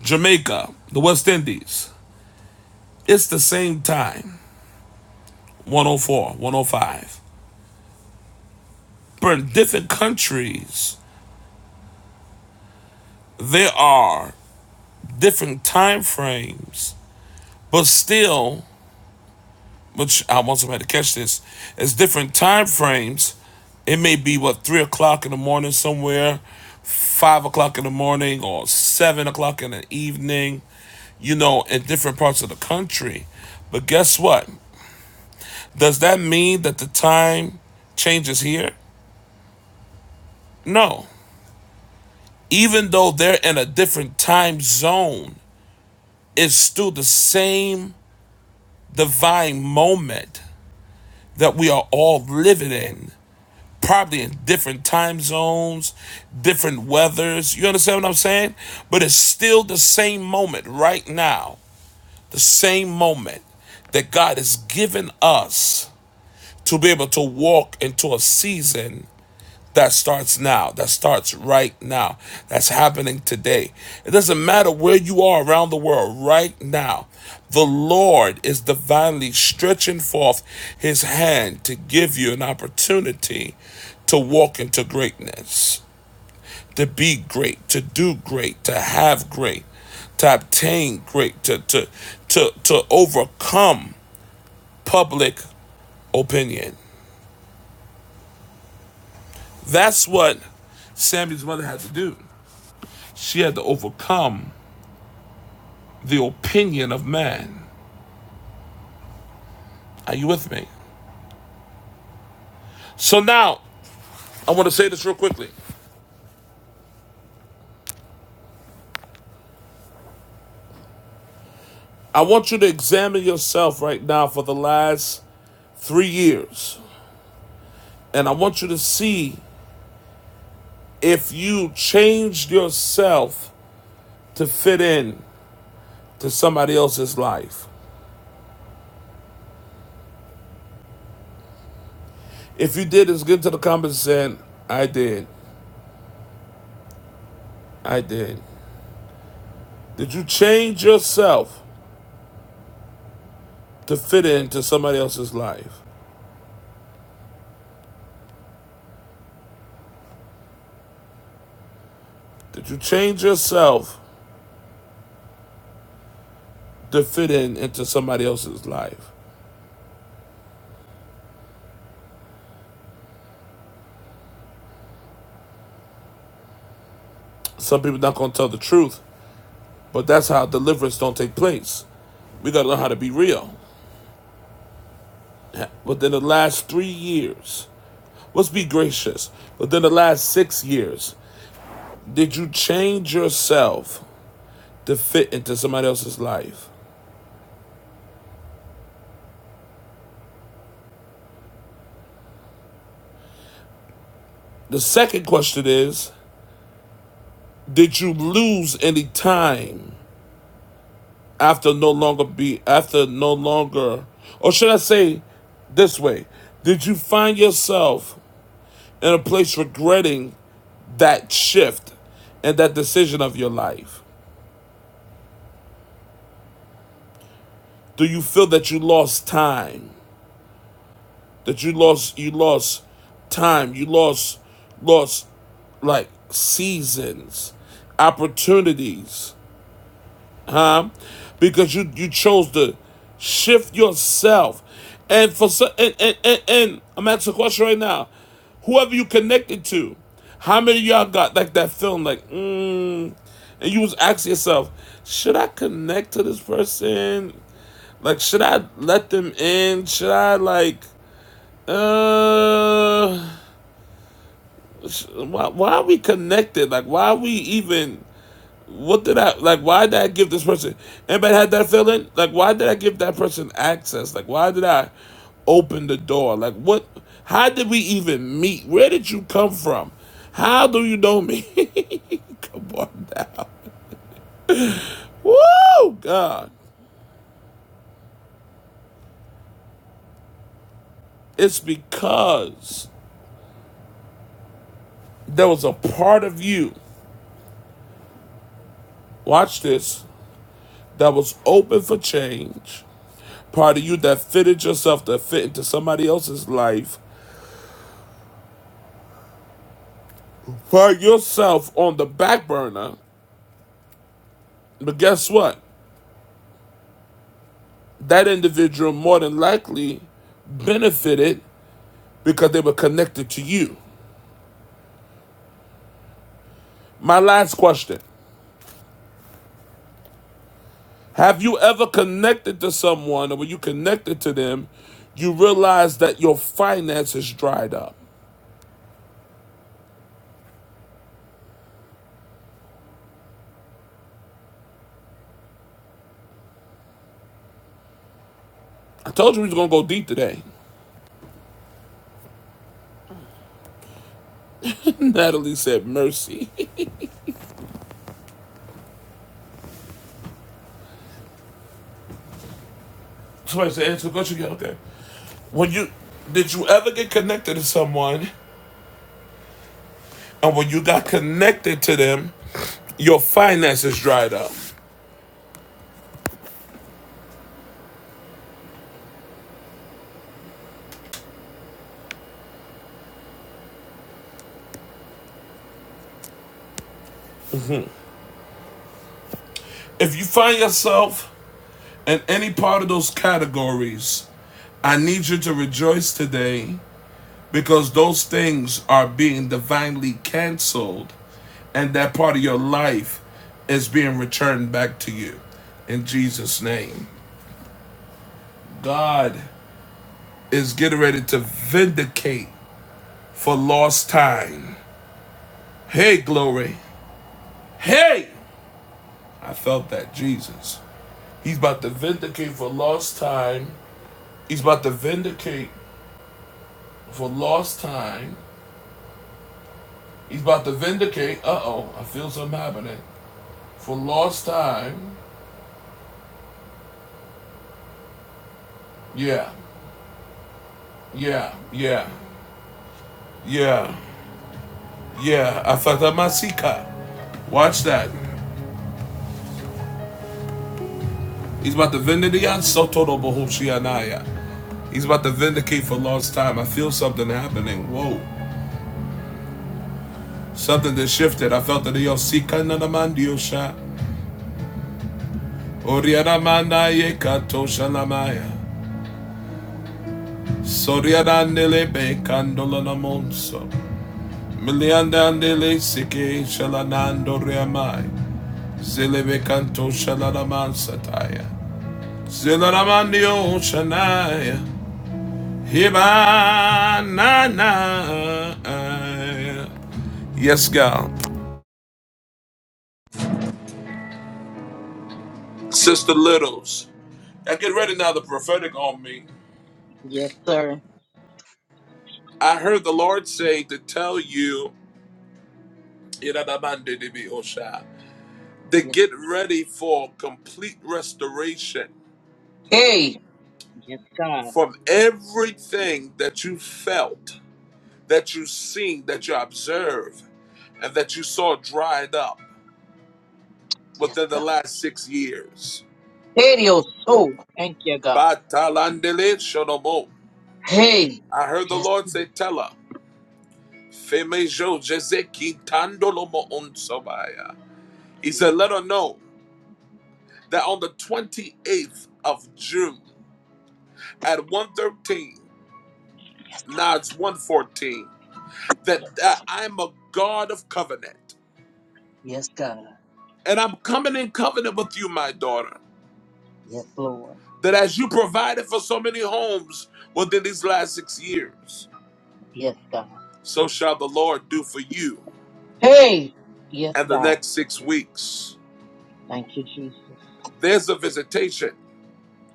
A: Jamaica, the West Indies. It's the same time, one o four one o five. for different countries, there are different time frames, but still, which I want somebody to catch this, it's different time frames. It may be what three o'clock in the morning somewhere, five o'clock in the morning, or seven o'clock in the evening. You know, in different parts of the country. But guess what? Does that mean that the time changes here? No. Even though they're in a different time zone, it's still the same divine moment that we are all living in, probably in different time zones, different weathers. You understand what I'm saying? But it's still the same moment right now, the same moment that God has given us to be able to walk into a season that starts now. That starts right now. That's happening today. It doesn't matter where you are around the world right now. The Lord is divinely stretching forth his hand to give you an opportunity to walk into greatness, to be great, to do great, to have great, to obtain great, to to to, to overcome public opinion. That's what Sammy's mother had to do. She had to overcome the opinion of man. Are you with me? So now, I want to say this real quickly. I want you to examine yourself right now for the last three years. And I want you to see if you changed yourself to fit in to somebody else's life. If you did, it's good to the comments saying, I did. I did. Did you change yourself to fit into somebody else's life? Did you change yourself to fit in into somebody else's life? Some people not gonna tell the truth, but that's how deliverance don't take place. We gotta learn how to be real. Within the last three years, let's be gracious. Within the last six years, did you change yourself to fit into somebody else's life? The second question is, did you lose any time after no longer be after no longer or should I say this way, did you find yourself in a place regretting that shift and that decision of your life? Do you feel that you lost time? That you lost you lost time, you lost lost like seasons, opportunities huh? Because you you chose to shift yourself, and for so- and and, and, and I'm asking a question right now, whoever you connected to, how many of y'all got like that feeling like, mm, and you was asking yourself, should I connect to this person? Like, should I let them in? Should I like? Uh, why, why are we connected? Like, why are we even? What did I like? Why did I give this person? Anybody had that feeling? Like, why did I give that person access? Like, why did I open the door? Like, what? How did we even meet? Where did you come from? How do you know me? come on now. Woo, God. It's because there was a part of you, watch this, that was open for change, part of you that fitted yourself to fit into somebody else's life, put yourself on the back burner But guess what? That individual more than likely benefited because they were connected to you. My last question Have you ever connected to someone, or when you connected to them, you realized that your finances dried up? I told you we was gonna go deep today. Natalie said mercy. Somebody said answer the question again. Okay. When you did you ever get connected to someone, and when you got connected to them, your finances dried up? If you find yourself in any part of those categories, I need you to rejoice today because those things are being divinely canceled and that part of your life is being returned back to you in Jesus' name. God is getting ready to vindicate for lost time. Hey, glory. Hey! I felt that, Jesus. He's about to vindicate for lost time. He's about to vindicate for lost time. He's about to vindicate. Uh oh, I feel something happening. For lost time. Yeah, yeah, yeah, yeah, yeah. Afata Masika. Watch that. He's about to vindicate. Soto no bohoshianaya. He's about to vindicate for lost time. I feel something happening. Whoa. Something that shifted. I felt that the Yosika Nanamandiosha. Oriana Manaye Katosha Lamaya. Soriana Nilebe Candola Namonso. Miliandandele sike shalanando reamai. Zelebe kanto shalalaman sataya. Zelalamandio shanaya. Hibanana. Yes, God. Sister Littles, I get ready now, the prophetic on me.
D: Yes, sir.
A: I heard the Lord say to tell you, to
D: Yes.
A: get ready for complete restoration
D: Hey. Yes, God.
A: from everything that you felt that you see, that you observe, and that you saw dried up
D: Yes,
A: within the
D: God.
A: last six years.
D: Hey, your soul. Thank you, God.
A: Batalandele shonomo.
D: Hey.
A: I heard the
D: Yes.
A: Lord say, Tell her, Femejo jezeki tandolomo onsobaya." He said, Let her know that on the 28th of June at 113, now it's 114, that, that I'm a God of covenant.
D: Yes, God.
A: And I'm coming in covenant with you, my daughter.
D: Yes, Lord.
A: that as you provided for so many homes within these last six years,
D: Yes, God.
A: so shall the Lord do for you
D: Hey. Yes,
A: and the
D: God.
A: next six weeks.
D: Thank you, Jesus.
A: There's a visitation.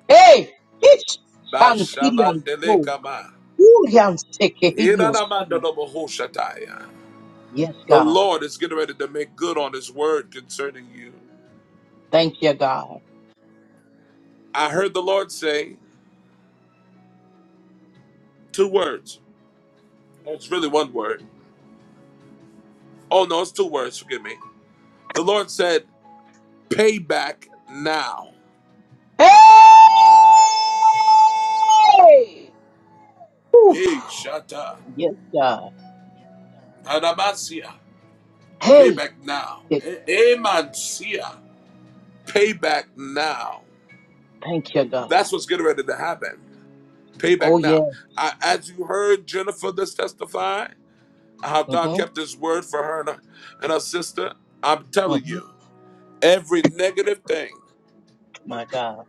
D: Hey. It's Shantirian soul.
A: Bashalandelekama.
D: Urian seke your soul.
A: Iranamandalobahoshataya.
D: Yes,
A: The
D: God.
A: Lord is getting ready to make good on his word concerning you.
D: Thank you, God.
A: I heard the Lord say two words. Oh, It's really one word. Oh, no, it's two words. Forgive me. The Lord said, pay back now.
D: Hey.
A: Hey, Shata.
D: Yes, God.
A: Adamasia.
D: Hey.
A: Payback now.
D: Thank
A: Eh, Emancia. Payback now.
D: you, God.
A: That's what's getting ready to happen.
D: Oh,
A: Payback
D: yeah.
A: now. I, as you heard Jennifer this testify, how God
D: Mm-hmm.
A: kept his word for her and, her and her sister, I'm telling
D: Mm-hmm.
A: you, every negative thing
D: my God.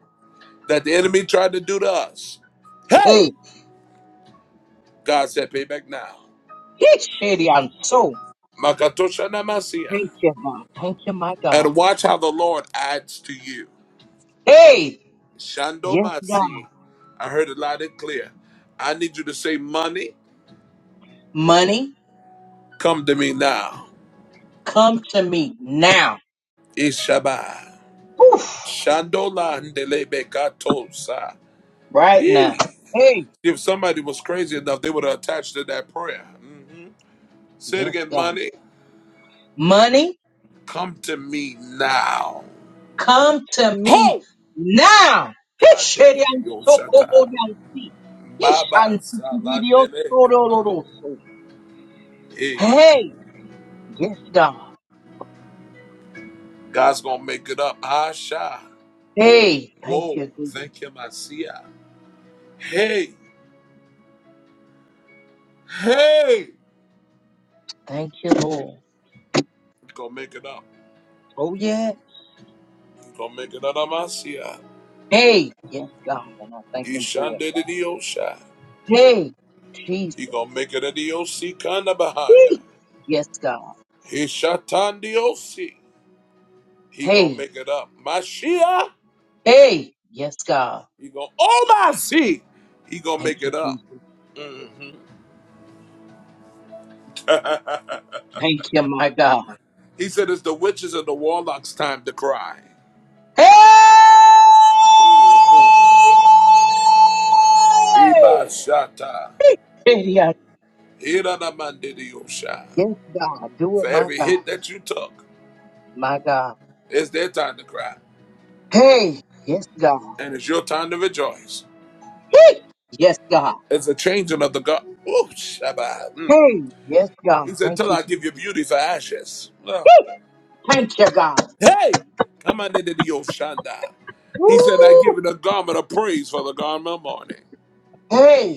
A: that the enemy tried to do to us, hey,
D: Hey,
A: God said, payback now.
D: it's shady. I'm so
A: Makatosha namasia.
D: grateful, God. Thank you, my God.
A: And watch how the Lord adds to you.
D: Hey,
A: Shando
D: yes, God.
A: Masi. I heard it loud and clear. I need you to say money.
D: Money,
A: Come to me now.
D: come to me now.
A: Ishaba.
D: Oof,
A: Shandola ndelebekatosa.
D: right now.
A: Yee.
D: Hey,
A: If somebody was crazy enough, they would have attached to that prayer. hmm Say it
D: yes,
A: again,
D: God.
A: money.
D: Money,
A: Come to me now.
D: come to me now. It's
A: Kande
D: shady.
A: de
D: I'm so cold.
A: biyoshata.
D: I'm sick. It's
A: Baba
D: shanty to get your soul, Lord,
A: salandelekama.
D: oh, so.
A: Hey,
D: Hey, yes, God.
A: God's gonna make it up. Asha.
D: Hey, thank
A: Whoa.
D: you, God.
A: Thank you, Messiah. Hey. Hey,
D: Thank you, Lord.
A: he gonna make it up.
D: Oh, yeah.
A: He gonna make it out of Masia.
D: Hey, yes, God, and I thank
A: He
D: Him for it.
A: shanded the Osha.
D: Hey, Jesus.
A: He gonna make it at the OC Kanabahaya.
D: Hey, yes, God.
A: He shatan the OC. He gonna
D: Hey,
A: make it up. Mashia.
D: hey, yes, God.
A: He gonna oh my see. He gonna
D: Thank
A: make
D: you,
A: it up.
D: Jesus. Thank you, my God.
A: he said it's the witches and the warlocks time to cry.
D: Hey!
A: Mm-hmm. Iba shata.
D: Hey, yeah.
A: Ira na mande the
D: Yes, God. Do
A: For
D: it, my
A: every
D: God.
A: hit that you took,
D: My God.
A: it's their time to cry.
D: Hey, yes, God.
A: and it's your time to rejoice.
D: Hey, yes, God.
A: It's a changing of the God. Ooh, Shabbat. Mm.
D: Hey, yes, God.
A: He said,
D: Thank
A: Till
D: you,
A: I give
D: Jesus.
A: you beauty for ashes. Well,
D: Thank you, God.
A: hey, come on into the Oshanda. He said, I give
D: Woo!
A: you the garment of praise for the garment of mourning.
D: Hey,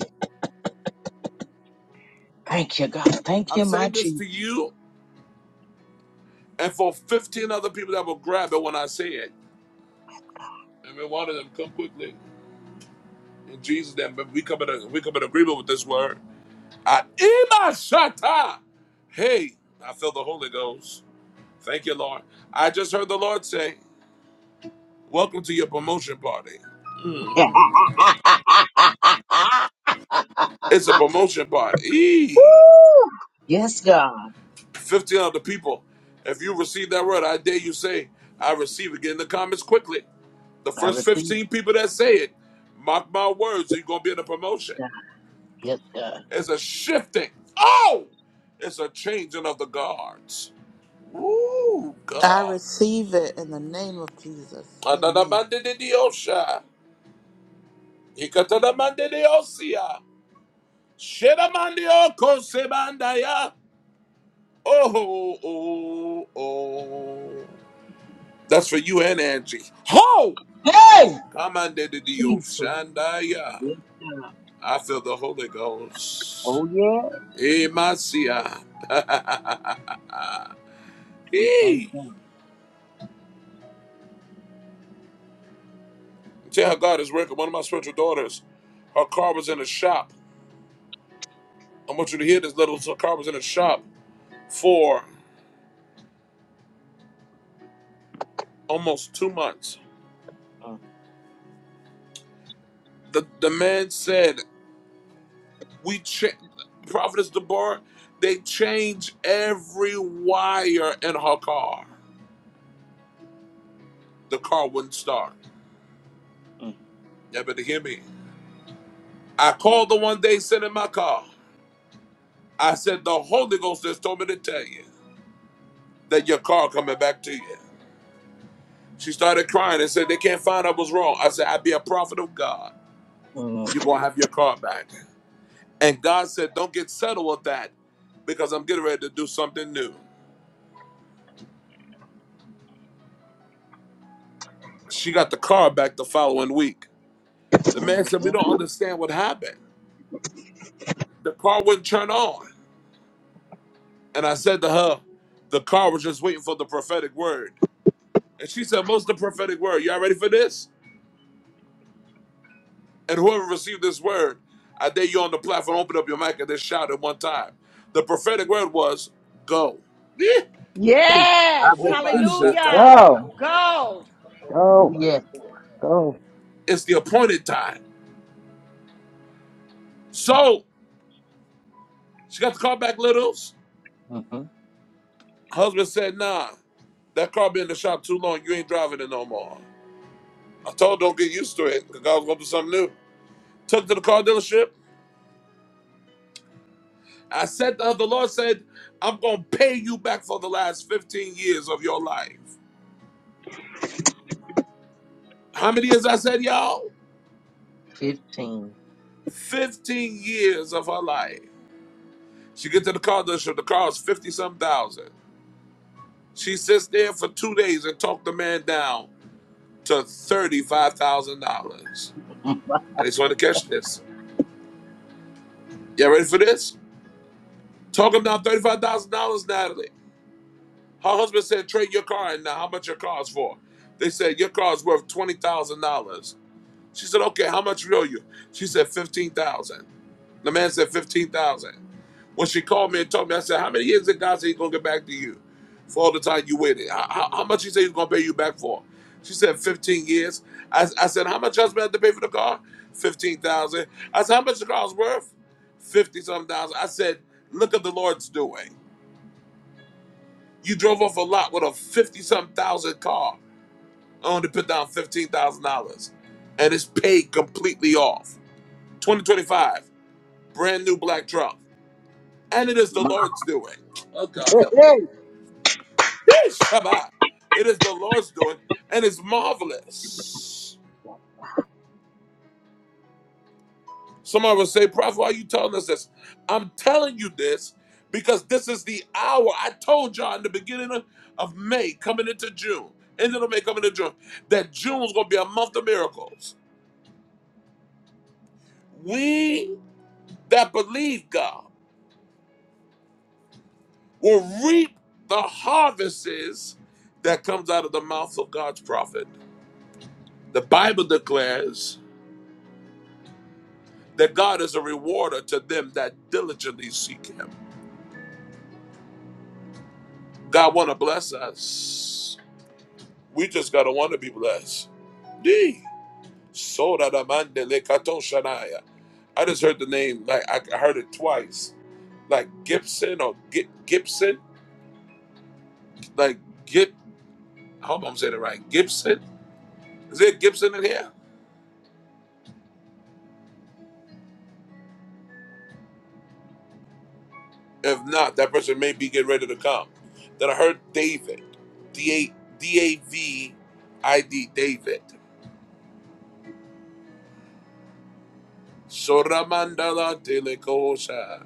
D: thank you, God. Thank
A: I'm
D: you, my
A: saying this to
D: Jesus.
A: you and for 15 other people that will grab it when I say it. Every one of them, come quickly. In Jesus' name, but we come in, a, we come in agreement with this word. Ah, Ima Shata. Hey, I feel the Holy Ghost. Thank you, Lord. I just heard the Lord say, Welcome to your promotion party. It's a promotion party. Eee.
D: Woo! Yes, God.
A: 15 other people. If you receive that word, I dare you say, I receive it. Get in the comments quickly. The
D: I
A: first
D: receive it.
A: 15 people that say it, mark my words, you're going to be in a promotion.
D: God. Yes, God.
A: It's a shifting. Oh! It's a changing of the guards. Ooh,
C: I
A: God.
C: receive it in the name of Jesus. Amen.
A: Adadamandidiosha. Ikatadamandidiosea. Shedamandiokosebandaya. Oh, oh, oh. That's for you and Angie. Ho!
D: Hey!
A: Come on, Dede Dio
D: Jesus.
A: Shandaya.
D: Yes, God.
A: I feel the Holy Ghost.
D: Oh, yeah.
A: Emasia.
D: We thank
A: Hey.
D: Him.
A: Tell her God is working. One of my spiritual daughters, her car was in a shop. I want you to hear this little. Her car was in a shop for almost two months.
D: Mm,
A: The, the man said, we cha- Prophetess Deborah, they changed every wire in her car. The car wouldn't start. You better hear me. I called the one day sitting in my car. I said, the Holy Ghost has told me to tell you that your car coming back to you. She started crying and said, they can't find out what's wrong. I said, I be a prophet of God.
D: mm, mm,
A: You're going to have your car back. And God said, don't get settled with that because I'm getting ready to do something new. She got the car back the following week. The man
D: mm,
A: said, We
D: mm.
A: don't understand what happened. The car wouldn't turn on. And I said to her, The car was just waiting for the prophetic word. And she said, What's the prophetic word? Y'all ready for this? And whoever received this word, I dare you on the platform, open up your mic and just shout at one time. The prophetic word was, Go. Yeah.
D: Hey, I
B: Yes.
A: Oh, by
D: receive it.
A: Shatai.
B: Hallelujah.
F: Go,
B: Go.
D: Oh,
F: go,
D: yeah.
F: go.
A: It's the appointed time. So she got the car back, littles.
D: hmm
A: Husband said, Nah, that car been in the shop too long. You ain't driving it no more. I told her, don't get used to it. God's gonna do something new. Took to the car dealership. I said to her, the Lord said, I'm gonna pay you back for the last 15 years of your life. How many years I said, y'all?
D: 15.
A: 15 years of her life. She get to the car dealership, the car is 50 some thousand. She sits there for two days and talked the man down to $35,000.
D: Mm,
A: I just want to catch this. Y'all ready for this? Talk him down $35,000, Natalie. Her husband said, trade your car in now. How much your car's for? They said, your car's worth $20,000. She said, okay, how much we owe you? She said, 15000 The man said, 15000 When she called me and told me, I said, how many years did God say he's going to get back to you for all the time you waited? How, how, how much he said he's going to pay you back for? She said, 15 years. I, I said, how much husband had to pay for the car? 15000 I said, how much the car's worth? 50 something thousand. I said, look at the Lord's doing. You drove off a lot with a fifty something thousand car. I only put down fifteen thousand dollars, and it's paid completely off. Twenty twenty five, brand new black truck, and it is the
D: my-
A: Lord's doing. Oh God, help me!
D: Hey!
A: Whee, Shabbat. It is the Lord's doing, and it's marvelous. Somebody will say, "Prophet, why are you telling us this?" I'm telling you this because this is the hour. I told y'all in the beginning of of May, coming into June, end of May, coming into June, that June's going to be a month of miracles. we that believe God will reap the harvests that comes out of the mouth of God's prophet. The Bible declares that God is a rewarder to them that diligently seek him. God want to bless us. We just got to want to be blessed. D. Soda da mandele kato shanaya. I just heard the name, like I I heard it twice. Like Gibson or Gi- Gibson? Like Gib, I hope I'm saying it right. Gibson? Is there Gibson in here? If not, that person may be getting ready to come. Then I heard David, D A D A V I D David. Soramandala Delekosa.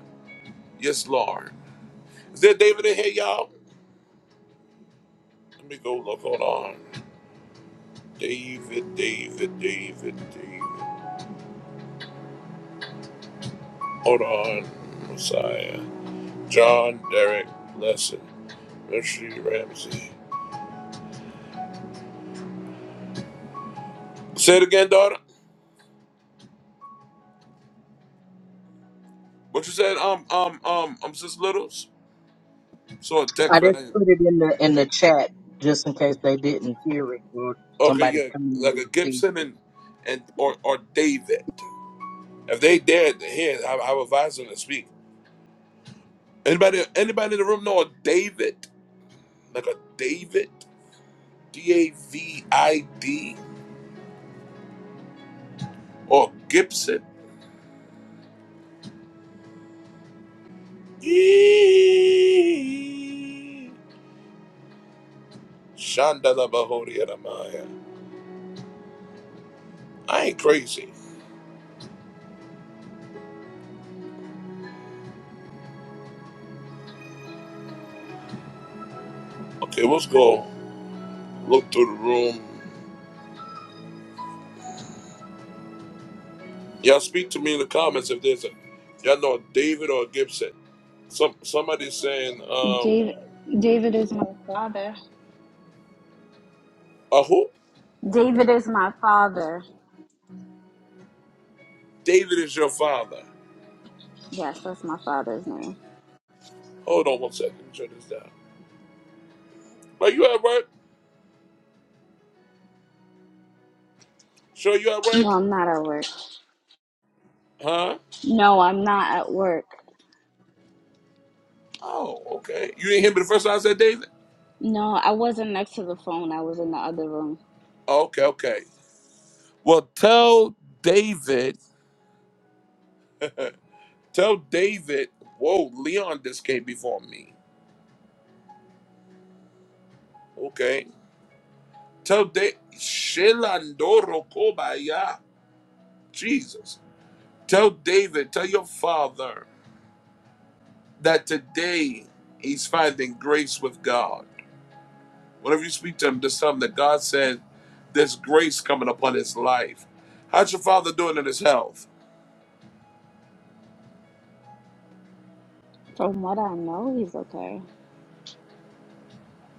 A: Yes, Lord. Is there David in here, y'all? Let me go look. Hold on. David, David, David, David. Hold on. Messiah. John Derek Lesson. Mercy Ramsey. Say it again, daughter. What you said? Um, um, um, um, sis Littles. So a
D: I
A: text,
D: just
A: right?
D: put it in the in the chat just in case they didn't hear it or
A: Okay,
D: somebody's
A: yeah,
D: coming and
A: like
D: they'll
A: a
D: see.
A: Gibson and and or or David. If they dared to hear, I, I would advise them to speak. Anybody anybody in the room know a David? Like a David? D A V I D or Gibson? Eee. Shandala Bahori Adamaya. I ain't crazy. Okay, let's go look through the room. Y'all speak to me in the comments if there's a y'all know a David or a Gibson. Some somebody's saying um
J: David, David is my father.
A: Aho,
J: David is my father.
A: David is your father.
J: Yes, that's my father's name.
A: Hold on one second. Let me turn this down. Are you at work? Sure, you at
J: No,
A: work?
J: I'm not at work.
A: Huh?
J: No, I'm not at work.
A: Oh, okay. You didn't hear me the first time I said David?
J: No, I wasn't next to the phone. I was in the other room.
A: Okay, okay. Well, tell David, tell David, whoa, Leon just came before me. Okay. Tell David, Shelandoro Kobaya, Jesus. Tell David, tell your father that today he's finding grace with God. Whenever you speak to him, just something that God said there's grace coming upon his life. How's your father doing in his health?
J: From what I know, he's okay.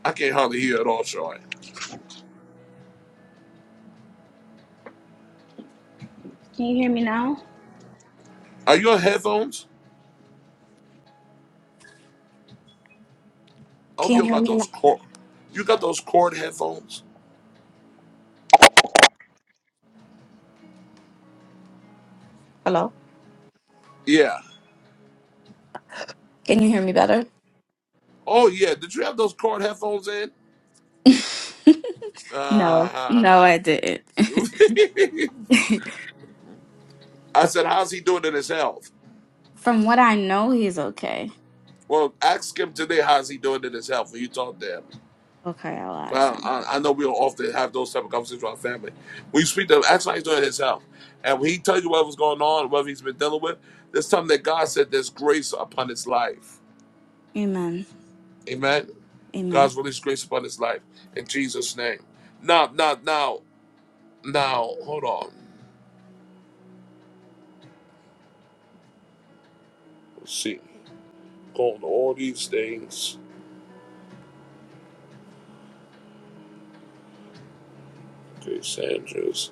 A: I can't hardly hear at all, Sean.
J: Can you hear me now?
A: Are your headphones? I hope you
J: Can
A: don't
J: you hear
A: got
J: me
A: those
J: now?
A: cord. You got those cord headphones?
J: Hello?
A: Yeah.
J: Can you hear me better?
A: Oh yeah. Did you have those cord headphones in?
J: No.
A: Uh huh.
J: No, I didn't.
A: I said, how's he doing in his health?
J: From what I know, he's okay.
A: Well, ask him today how's he doing in his health when you talk to him.
J: okay, I'll ask
A: I,
J: him.
A: I I know we don't often have those type of conversations with our family. When you speak to him, ask him how he's doing himself, And when he tells you whatever's going on, whatever he's been dealing with, there's something that God said there's grace upon his life.
J: Amen.
A: Amen.
J: Amen.
A: God's released grace upon his life in Jesus' name. Now, now, now, now, hold on. Let's see. Going to all these things. Okay, Sanders,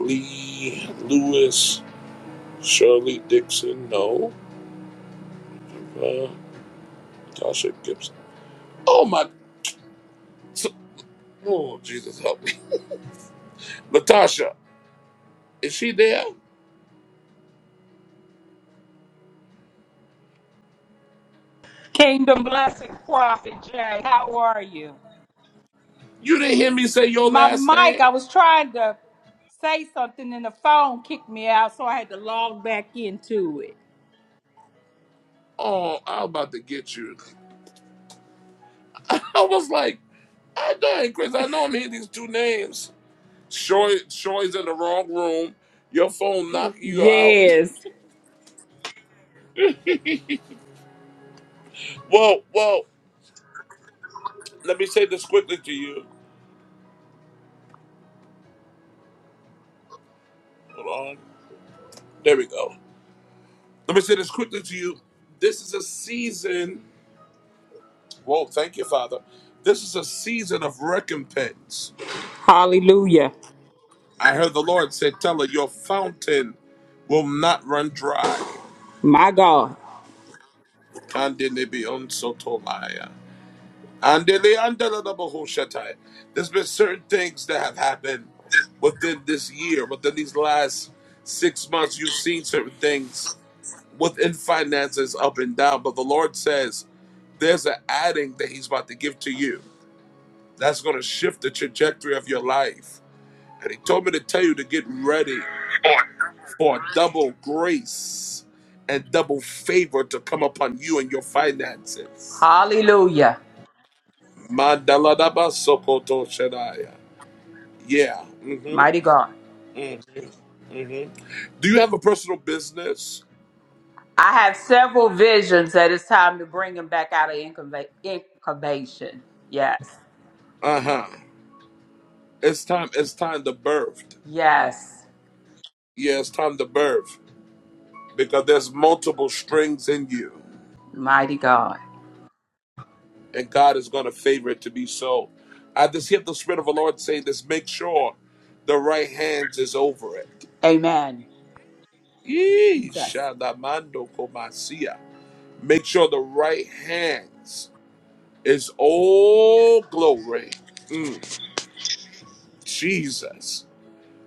A: Lee, Lewis, Shirley Dixon, no. Uh, Tasha Gibson. Oh my, so, oh Jesus help me. Latasha, is she there?
K: Kingdom blessings, Prophet Jay. How are you?
A: You didn't hear me say your
K: My
A: last
K: mic,
A: name?
K: I was trying to say something and the phone kicked me out, so I had to log back into it.
A: Oh, I'm about to get you. I was like, I dang, Chris, I know I'm hearing these two names. Shoy, Shoy's in the wrong room. Your phone knocking you out.
K: Yes.
A: whoa, whoa. Let me say this quickly to you. Hold on. There we go. Let me say this quickly to you. This is a season. Whoa, thank you, Father. This is a season of recompense.
K: Hallelujah.
A: I heard the Lord say, Tell her, your fountain will not run dry.
K: My God.
A: Kandelebionsotolaya. Andele- andelelebehoshatai. There's been certain things that have happened within this year, within these last six months. You've seen certain things within finances up and down, but the Lord says there's an adding that He's about to give to you that's going to shift the trajectory of your life. And He told me to tell you to get ready for double grace and double favor to come upon you and your finances.
K: Hallelujah.
A: Mandaladaba Sokoto Shedaya. Yeah.
K: Mighty God.
A: Do you have a personal business?
K: I have several visions that it's time to bring him back out of incuba- incubation. Yes.
A: Uh-huh. It's time, it's time to birth.
K: Yes.
A: Yeah, it's time to birth. Because there's multiple strings in you.
K: Mighty God.
A: And God is gonna favor it to be so. I just hear the Spirit of the Lord saying this, make sure the right hands is over it.
K: Amen.
A: Yee,
K: Jesus.
A: Shadamando Komasia. Make sure the right hands is all glory. Mm, Jesus.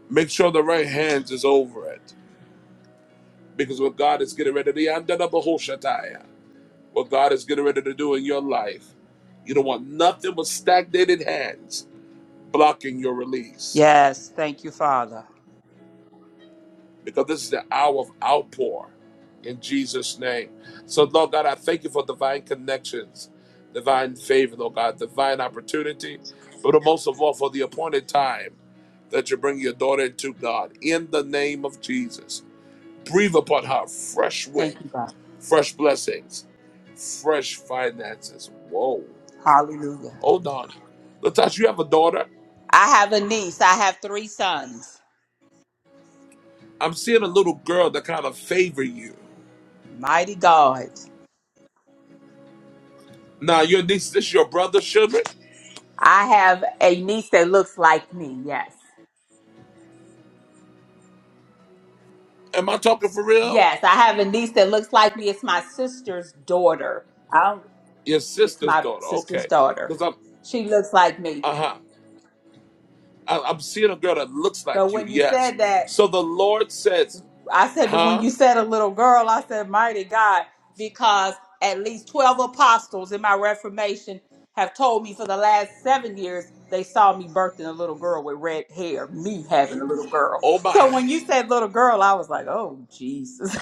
A: Make sure the right hands is over it. Because what God is getting ready to do, I'm done up a whole shataya. what God is getting ready to do in your life, you don't want nothing but stagnated hands blocking your release.
K: Yes. Thank you, Father.
A: because this is the hour of outpour in Jesus' name. So, Lord God, I thank you for divine connections, divine favor, Lord God, divine opportunity, but most of all for the appointed time that you bring your daughter into God in the name of Jesus. Breathe upon her fresh wind,
K: Thank you, God.
A: fresh blessings, fresh finances. Whoa.
K: Hallelujah.
A: Hold on. Latasha, you have a daughter?
K: I have a niece. I have three sons.
A: I'm seeing a little girl that kind of favor you.
K: Mighty God.
A: Now, your niece, this your brother's children?
K: I have a niece that looks like me. Yes.
A: Am I talking for real?
K: Yes, I have a niece that looks like me. It's my sister's daughter. I don't,
A: Your
K: it's
A: sister's
K: my
A: daughter.
K: sister's
A: Okay.
K: daughter.
A: Because I'm,
K: She looks like me.
A: uh huh. I'm seeing a girl that looks
K: But
A: like you.
K: when you
A: Yes.
K: said that,
A: So the Lord says,
K: I said, but when
A: huh?
K: you said a little girl, I said, mighty God, because at least 12 apostles in my Reformation have told me for the last seven years they saw me birthing a little girl with red hair, me having a little girl.
A: Oh
K: So
A: my.
K: when you said little girl, I was like, oh, Jesus.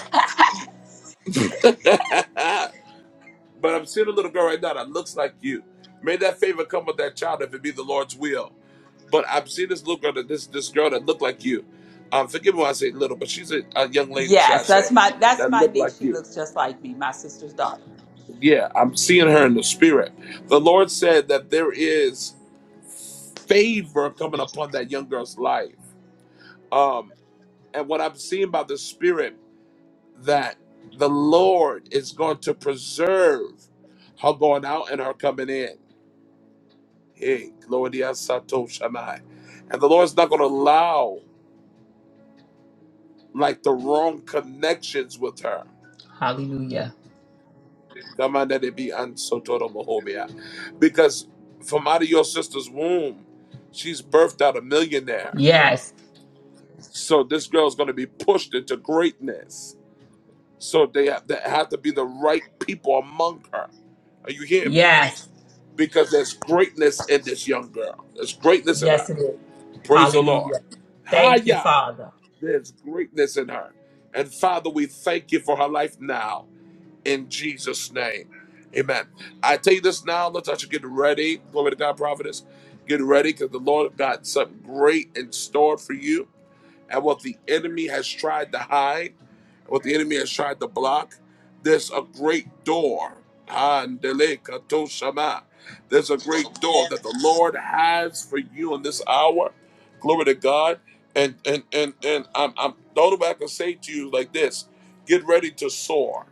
A: but I'm seeing a little girl right now that looks like you. May that favor come with that child if it be the Lord's will. But I'm seeing this little girl, that, this this girl that looked like you. Um, forgive me when I say little, but she's a, a young lady, should I
K: yes, that's
A: say,
K: my that's
A: that
K: my
A: looked
K: niece.
A: like
K: She
A: you.
K: looks just like me, my sister's daughter.
A: Yeah, I'm seeing her in the spirit. The Lord said that there is. favor coming upon that young girl's life. Um, and what I'm seeing by the Spirit that the Lord is going to preserve her going out and her coming in. Hey, Gloria Sato Shanai. And the Lord's not going to allow like the wrong connections with her.
K: Hallelujah.
A: Come on, that it be unsotoro mohobia. Because from out of your sister's womb, she's birthed out a millionaire.
K: Yes,
A: So this girl's going to be pushed into greatness So they have, they have to be the right people among her. Are you hearing me?
K: yes,
A: Because there's greatness in this young girl. There's greatness in her.
K: yes, it is.
A: Praise the
K: Hallelujah.
A: Lord.
K: Thank you,
A: Hiya.
K: Father.
A: There's greatness in her. And Father, we thank you for her life now in Jesus' name. Amen. I tell you this now, Let's Latasha, get ready. Glory to God, prophetess. Get ready because the Lord got something great in store for you. And what the enemy has tried to hide what the enemy has tried to block, there's a great door. Handele katoshama. There's a great door that the Lord has for you in this hour. Glory to God. And and and and I'm I'm the only way I can say to you like this: get ready to soar.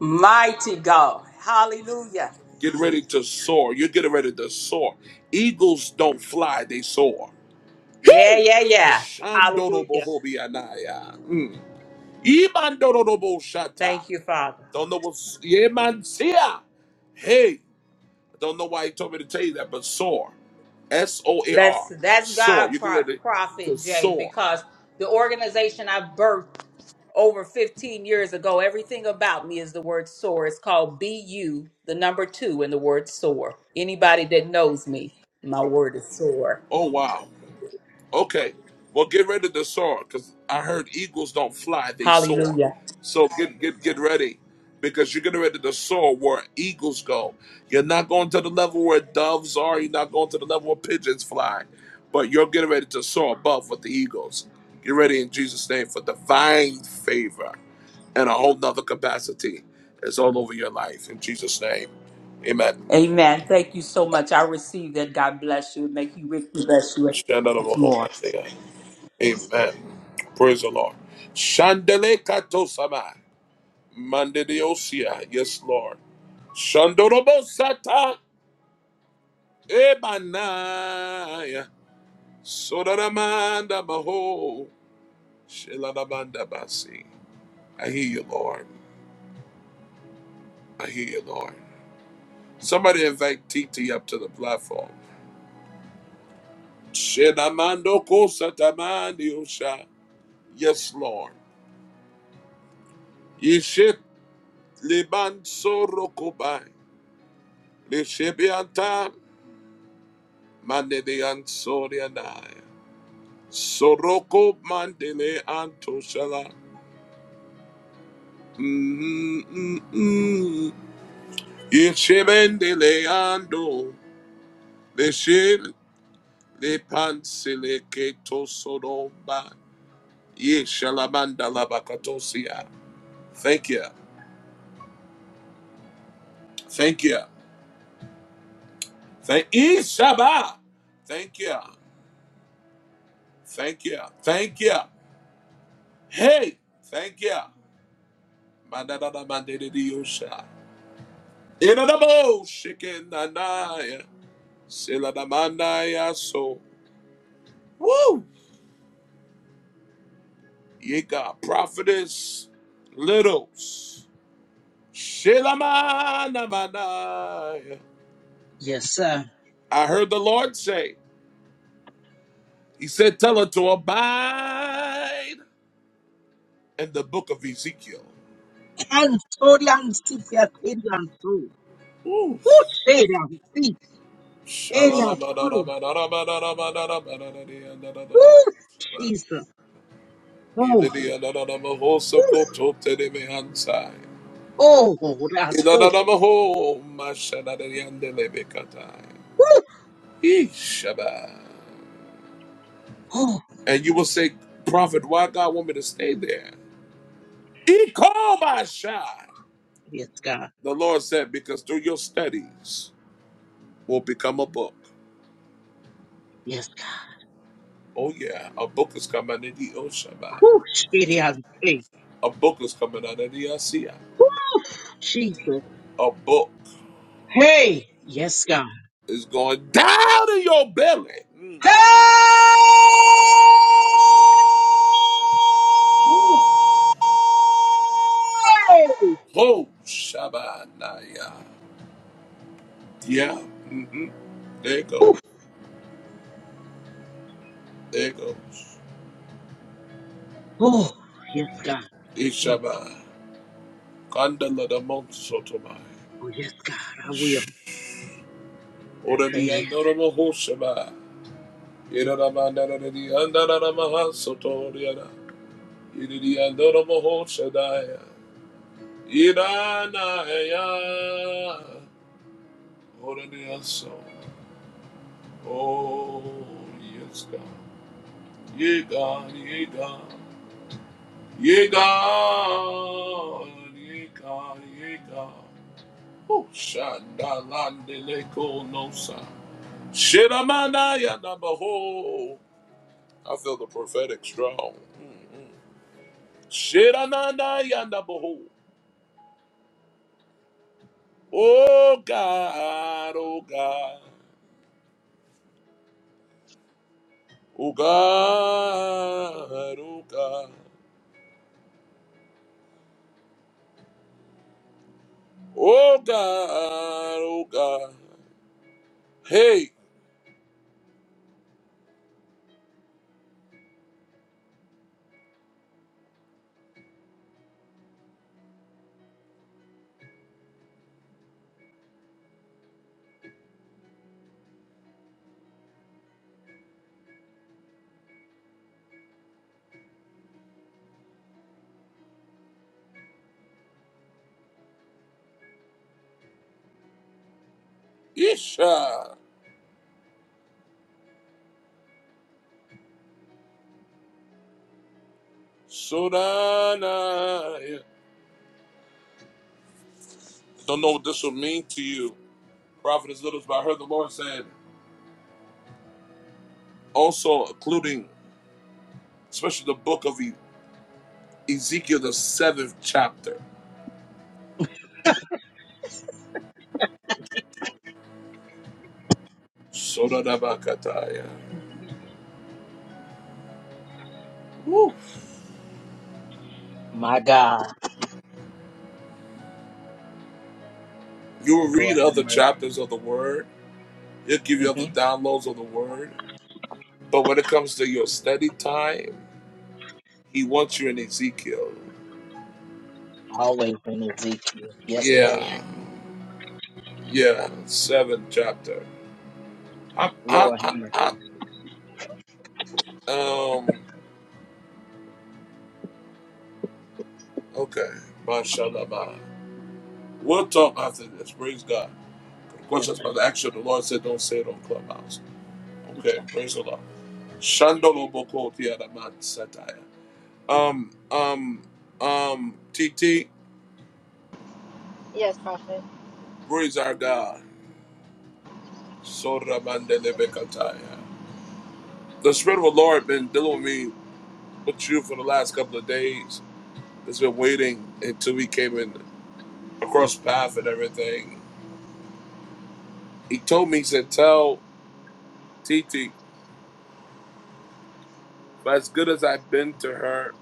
K: Mighty God. Hallelujah.
A: Get ready to soar. You're getting ready to soar. Eagles don't fly, they soar.
K: Yeah,
A: Hey!
K: yeah, yeah.
A: Shandoro
K: Hallelujah.
A: bohobi anaya. Mm. Imandoro
K: Thank you, Father.
A: Don't know what's yeah, man. See ya. Hey, I don't know why he told me to tell you that, but soar, S O A R,
K: That's that's
A: soar.
K: God,
A: You get
K: Pro-
A: ready to
K: Prophet Jay,
A: soar.
K: because the organization I birthed over 15 years ago, everything about me is the word soar. It's called BU, the number two, and the word soar. Anybody that knows me, my word is soar.
A: Oh wow. Okay. Well, get ready to soar, cause I heard eagles don't fly; they soar.
K: Hallelujah.
A: So get get get ready, because you're getting ready to soar where eagles go. You're not going to the level where doves are. You're not going to the level where pigeons fly, but you're getting ready to soar above with the eagles. Get ready in Jesus' name for divine favor. and a whole nother capacity is all over your life. In Jesus' name, amen.
K: Amen. Thank you so much. I receive that. God bless you. Make you rich. Bless you.
A: Stand out of a
K: That's
A: hope.
K: more.
A: Amen. Praise the Lord. Shandele katosama. Mandeliosia. Yes, Lord. Shandorobosata. Ebanaya. Sodaramanda maho. Sheladamanda basi. I hear you, Lord. I hear you, Lord. Somebody invite TT up to the platform. Shenamando kosa tamani osha. Yes, Lord. Yeshit liban soro kobai. Lishebianta mandele ansorianai. Soroko mandele antoshala. Mm, mm, mm. Yeshibendele ando. Lishil lipansile keto soromba. Yeshalamanda labakatosia. Thank you. Thank you. Thank Ishaba. Thank you. Thank you. Thank you. Hey, thank you. Manadadamandedidiyosha. Inadabo shikinanaya. Siladamandaya so. Woo! Yika prophetess littles. Shilamamanaya.
D: Yes, sir.
A: I heard the Lord say, He said, Tell her to abide in the book of Ezekiel.
D: And so I'm sick, yes, it is so.
A: Ooh.
D: Who Torian Sipia
A: And you
D: Terian Su. Woo! so. Ooh, Jesus. Oh, ooh, oh, oh, that's so. Ooh, Oh,
A: will say, Prophet, why God want me to stay there? He called my shot.
D: yes, God.
A: The Lord said, because through your studies will become a book.
D: Yes, God.
A: Oh yeah, a book is coming in the Oshaba.
D: Ooh, Shitty, I say.
A: A book is coming out of the Asiya.
D: Ooh, Jesus.
A: A book.
D: Hey, yes, God.
A: is going down in your belly.
D: Hey!
A: Woo. Oh, Shabbanaya. Yeah. Mm-hmm. There it goes.
D: Ooh,
A: There it goes.
D: Oh, yes, God. Mm.
A: Ishaba. Kandala da Monsotomai.
D: Oh, yes, God. I will I say
A: Orabi
D: it.
A: Andorama Hoshaba. Irama Naradi Andarama Sotoriana. Iridi Andorama Hoshadaya. Iranaya. Orabi Anso. Oh, yes, God. Ye God, ye God. Ye God, ye God, ye God. Oh, Shandalandeleko nosa. Shiramanaya nabaho. I feel the prophetic strong. Shirananaya nabaho. Oh God, oh God. Oh God, oh God. Oh God, oh God. Hey, Isha. Sodanaya. Don't know what this will mean to you, prophetess Littles, but I heard the Lord saying, also including, especially the book of E- Ezekiel, the seventh chapter. Sodadabakataya. Woo.
D: My God.
A: You will
D: Lord
A: read other
D: have
A: chapters of the Word. He'll give you
D: mercy.
A: other
D: hmm
A: downloads of the Word. But when it comes to your study time, He wants you in Ezekiel.
D: Always in Ezekiel. Yes, sir.
A: Yeah, yeah, seventh chapter. I, I,
D: Lord have mercy.
A: I, I, um, okay. Mashallah. We'll talk after this. Praise God.
D: Yes,
A: Questions about the action. The Lord said, don't say it on Clubhouse. Okay, praise the Lord. Shandolo boko ti adaman satire. Um, um, um, TT,
L: Yes, Prophet.
A: praise our God. Sora mandelebe kataya. The Spirit of the Lord been dealing with me with you for the last couple of days. It's been waiting until we came in across path and everything. He told me, he said, tell TT, but as good as I've been to her,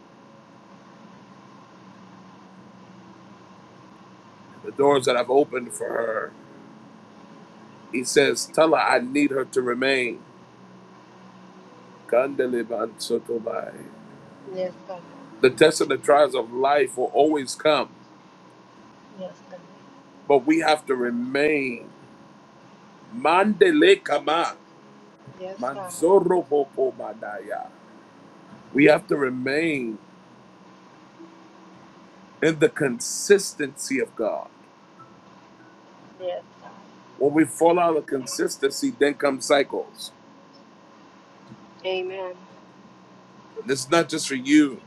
A: the doors that I've opened for her. He says, Tell her I need her to remain. Kandeliban sotobai.
L: Yes, God.
A: The tests and the trials of life will always come,
L: Yes, God.
A: but we have to remain. Mandele kama.
L: Yes, God.
A: Manzoro popo mandaya. We have to remain in the consistency of God.
L: Yes.
A: When we fall out of consistency, then come cycles.
L: Amen.
A: And it's not just for you,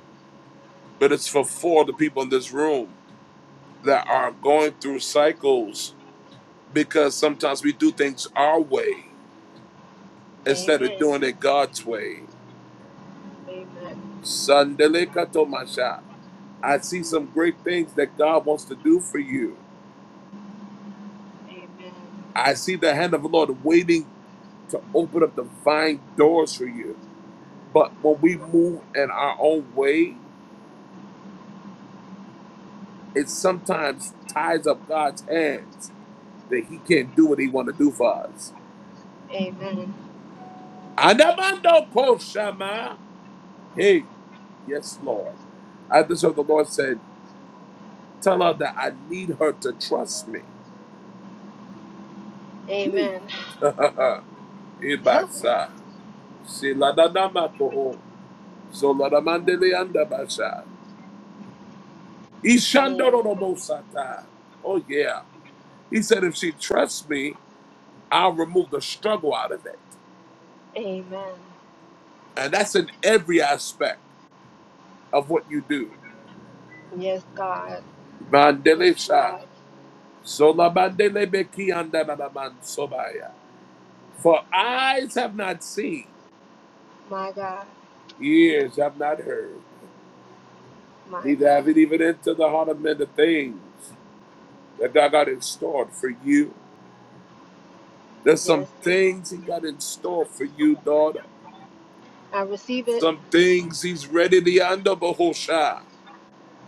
A: but it's for four of the people in this room that are going through cycles because sometimes we do things our way instead of
L: Amen.
A: doing it God's way.
L: Amen.
A: Sandele katomasha. I see some great things that God wants to do for you. I see the hand of the Lord waiting to open up divine doors for you. But when we move in our own way, it sometimes ties up God's hands that He can't do what He want to do for us.
L: Amen. Amen.
A: Anamando koshama. Hey, yes, Lord. I just heard the Lord said. Tell her that I need her to trust me.
L: Amen.
A: Ibasa. Siladadamakoho. Zoladamandeleandabasha.
L: Amen.
A: Ishandoromosata. Oh, yeah. He said, if she trusts me, I'll remove the struggle out of it.
L: Amen.
A: And that's in every aspect of what you do.
L: Yes, God. Yes,
A: Mandelesha.
L: God.
A: Zolabandelebeki andadadamansobaya. For eyes have not seen,
L: My God.
A: ears have not heard.
L: My
A: Need to have
L: God.
A: it even into the heart of men the things that God got in store for you. There's some
L: Yes.
A: things He got in store for you, daughter.
L: I receive it.
A: Some things He's ready to under Bahosha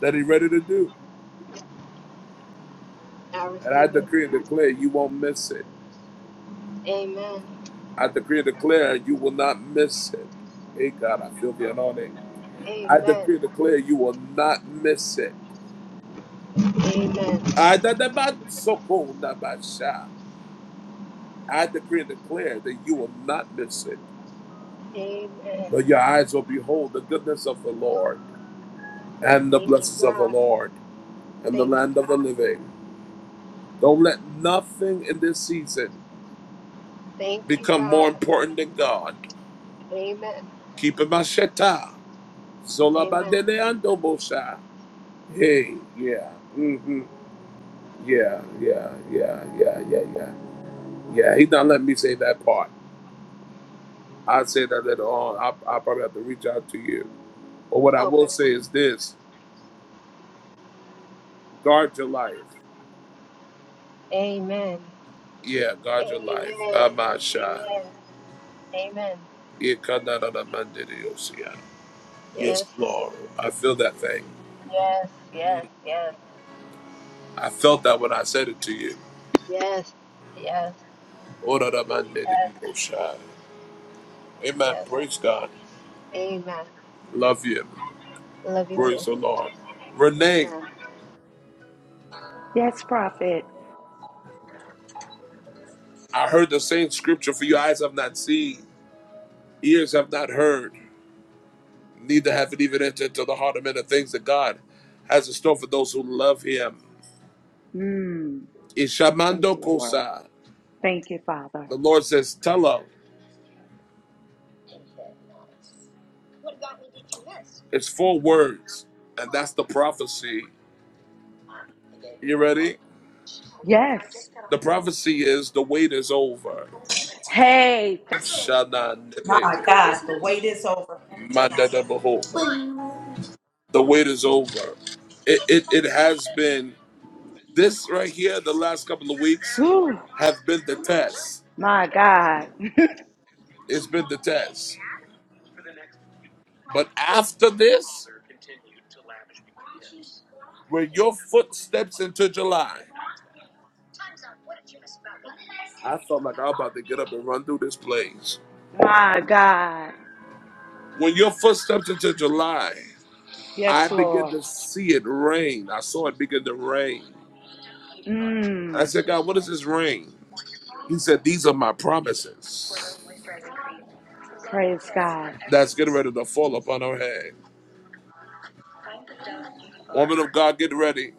A: that He's ready to do.
L: I
A: And I
L: receive it.
A: decree and declare you won't miss it.
L: Amen.
A: I decree and declare you will not miss it. Hey God, I feel the anointing. I
L: Amen.
A: decree and declare you will not miss it.
L: Amen.
A: I da- ba- so- na- ba- sha. I decree and declare that you will not miss it.
L: Amen.
A: But your eyes will behold the goodness of the Lord and the
L: Thank you,
A: blessings of the
L: God.
A: Lord and the
L: Thank you,
A: land of the
L: God.
A: living. Don't let nothing in this season
L: Thank you,
A: become more
L: God.
A: important than God.
L: Amen.
A: Keep it macheta. Zola
L: Amen.
A: bandele ando bosha. Hey, yeah. Mm-hmm. Yeah, yeah, yeah, yeah, yeah, yeah. Yeah, he not let me say that part. I will say that later on. I, I probably have to reach out to you. But what I will
L: Okay.
A: say is this guard your life.
L: Amen.
A: Yeah, guard your life.
L: Amen.
A: I'm not shy.
L: Amen. Amen.
A: Ikanaramandiriosia. Yes,
L: Yes.
A: Lord. I feel that thing.
L: Yes. Yes.
A: Mm.
L: Yes.
A: I felt that when I said it to you.
L: Yes. Yes. Yes.
A: Oraramandiriosia. Amen.
L: Yes.
A: Praise God.
L: Amen.
A: Love you.
L: Love you too.
A: Praise the Lord. Renee,
L: Amen.
B: Yes, prophet.
A: I heard the same scripture for you. Eyes have not seen, ears have not heard, neither have it even entered into the heart of men the things that God has in store for those who love him.
B: Mm, thank
A: Ishamando
B: you, Lord.
A: kosa.
B: Thank you, Father.
A: The Lord says, tell her. It's four words, and that's the prophecy. You ready?
B: Yes.
A: The prophecy is the wait is over.
B: Hey.
A: Shana nene,
B: My God, the wait is over. Thank you,
A: manda
B: God.
A: baho. The wait is over. It, it it has been this right here. The last couple of weeks
B: Whew.
A: have been the test.
B: My God.
A: It's been the test. But after this, when your foot steps into July, I felt like I'm about to get up and run through this place.
B: My God.
A: When your foot steps into July, I
B: Yes,
A: begin
B: Lord.
A: to see it rain. I saw it begin to rain. I
B: Mm.
A: said, God, what is this ring? He said, These are my promises
B: Praise God.
A: that's getting ready to fall upon her head. Woman of God, get ready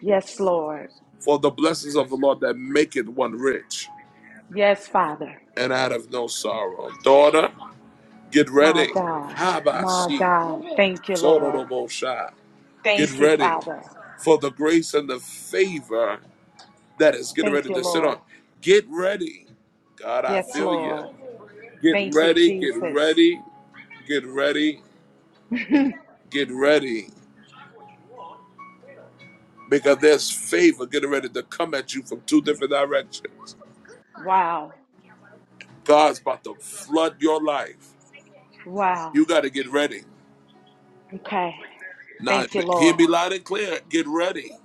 B: Yes, Lord.
A: for the blessings of the Lord that make it one rich
B: Yes, Father.
A: and out of no sorrow. Daughter, get
B: My
A: ready.
B: God. My
A: Habasi,
B: God. Thank you, Lord.
A: Sororobosha. Get
B: Thank you,
A: ready
B: Father.
A: for the grace and the favor that is getting
B: Thank
A: ready
B: you,
A: to sit
B: Lord.
A: on. Get ready. God, I
B: Yes,
A: feel you.
B: Lord.
A: Get
B: Thank you,
A: ready, get
B: Jesus.
A: ready, get ready, get ready. because there's favor getting ready to come at you from two different directions.
B: Wow.
A: God's about to flood your life. You
B: Wow.
A: got to get ready.
B: Okay.
A: Now,
B: Thank you,
A: hear
B: Lord.
A: me loud and clear. Get ready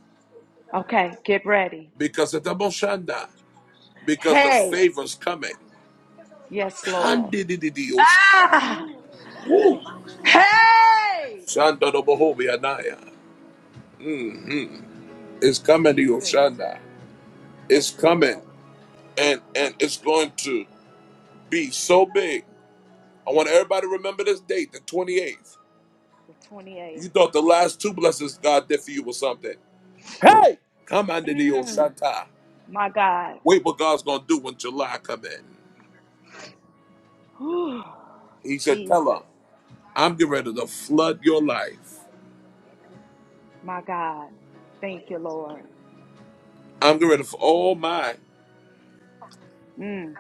B: Okay, get ready.
A: because it's a moshanda, because the
B: Hey,
A: favor's coming.
B: yes, Lord. Ah,
A: Woo.
B: hey,
A: Shanda do bohobi anaya. Mhm. It's
B: Mm,
A: coming to your
B: Jesus.
A: Shanda. It's
B: Yes,
A: coming.
B: Lord.
A: And and it's going to be so big. I want everybody to remember this date, the 28th.
B: The 28th.
A: You thought the last two blessings God did for you was something. Come under the
B: Mm,
A: Oshata.
B: my God.
A: Wait what God's gonna do when July come in.
B: Whew.
A: He said, Tell her,
B: Jesus.
A: I'm getting ready to flood your life.
B: My God. Thank you, Lord.
A: I'm getting ready for all mine.
B: Mm,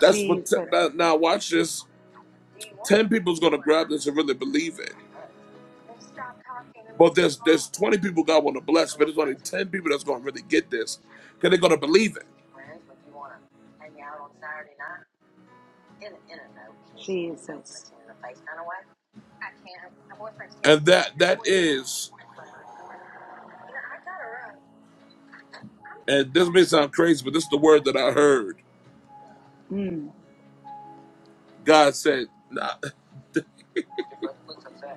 A: That's what t-
B: Jesus.
A: now, now watch this. Ten people's gonna grab this and really believe it. But there's there's 20 people God wanna bless, but there's only 10 people that's gonna really get this. Cause they're gonna believe it.
B: Jesus.
A: And that that is, and this may sound crazy, but this is the word that I heard.
B: Mm.
A: God said, nah,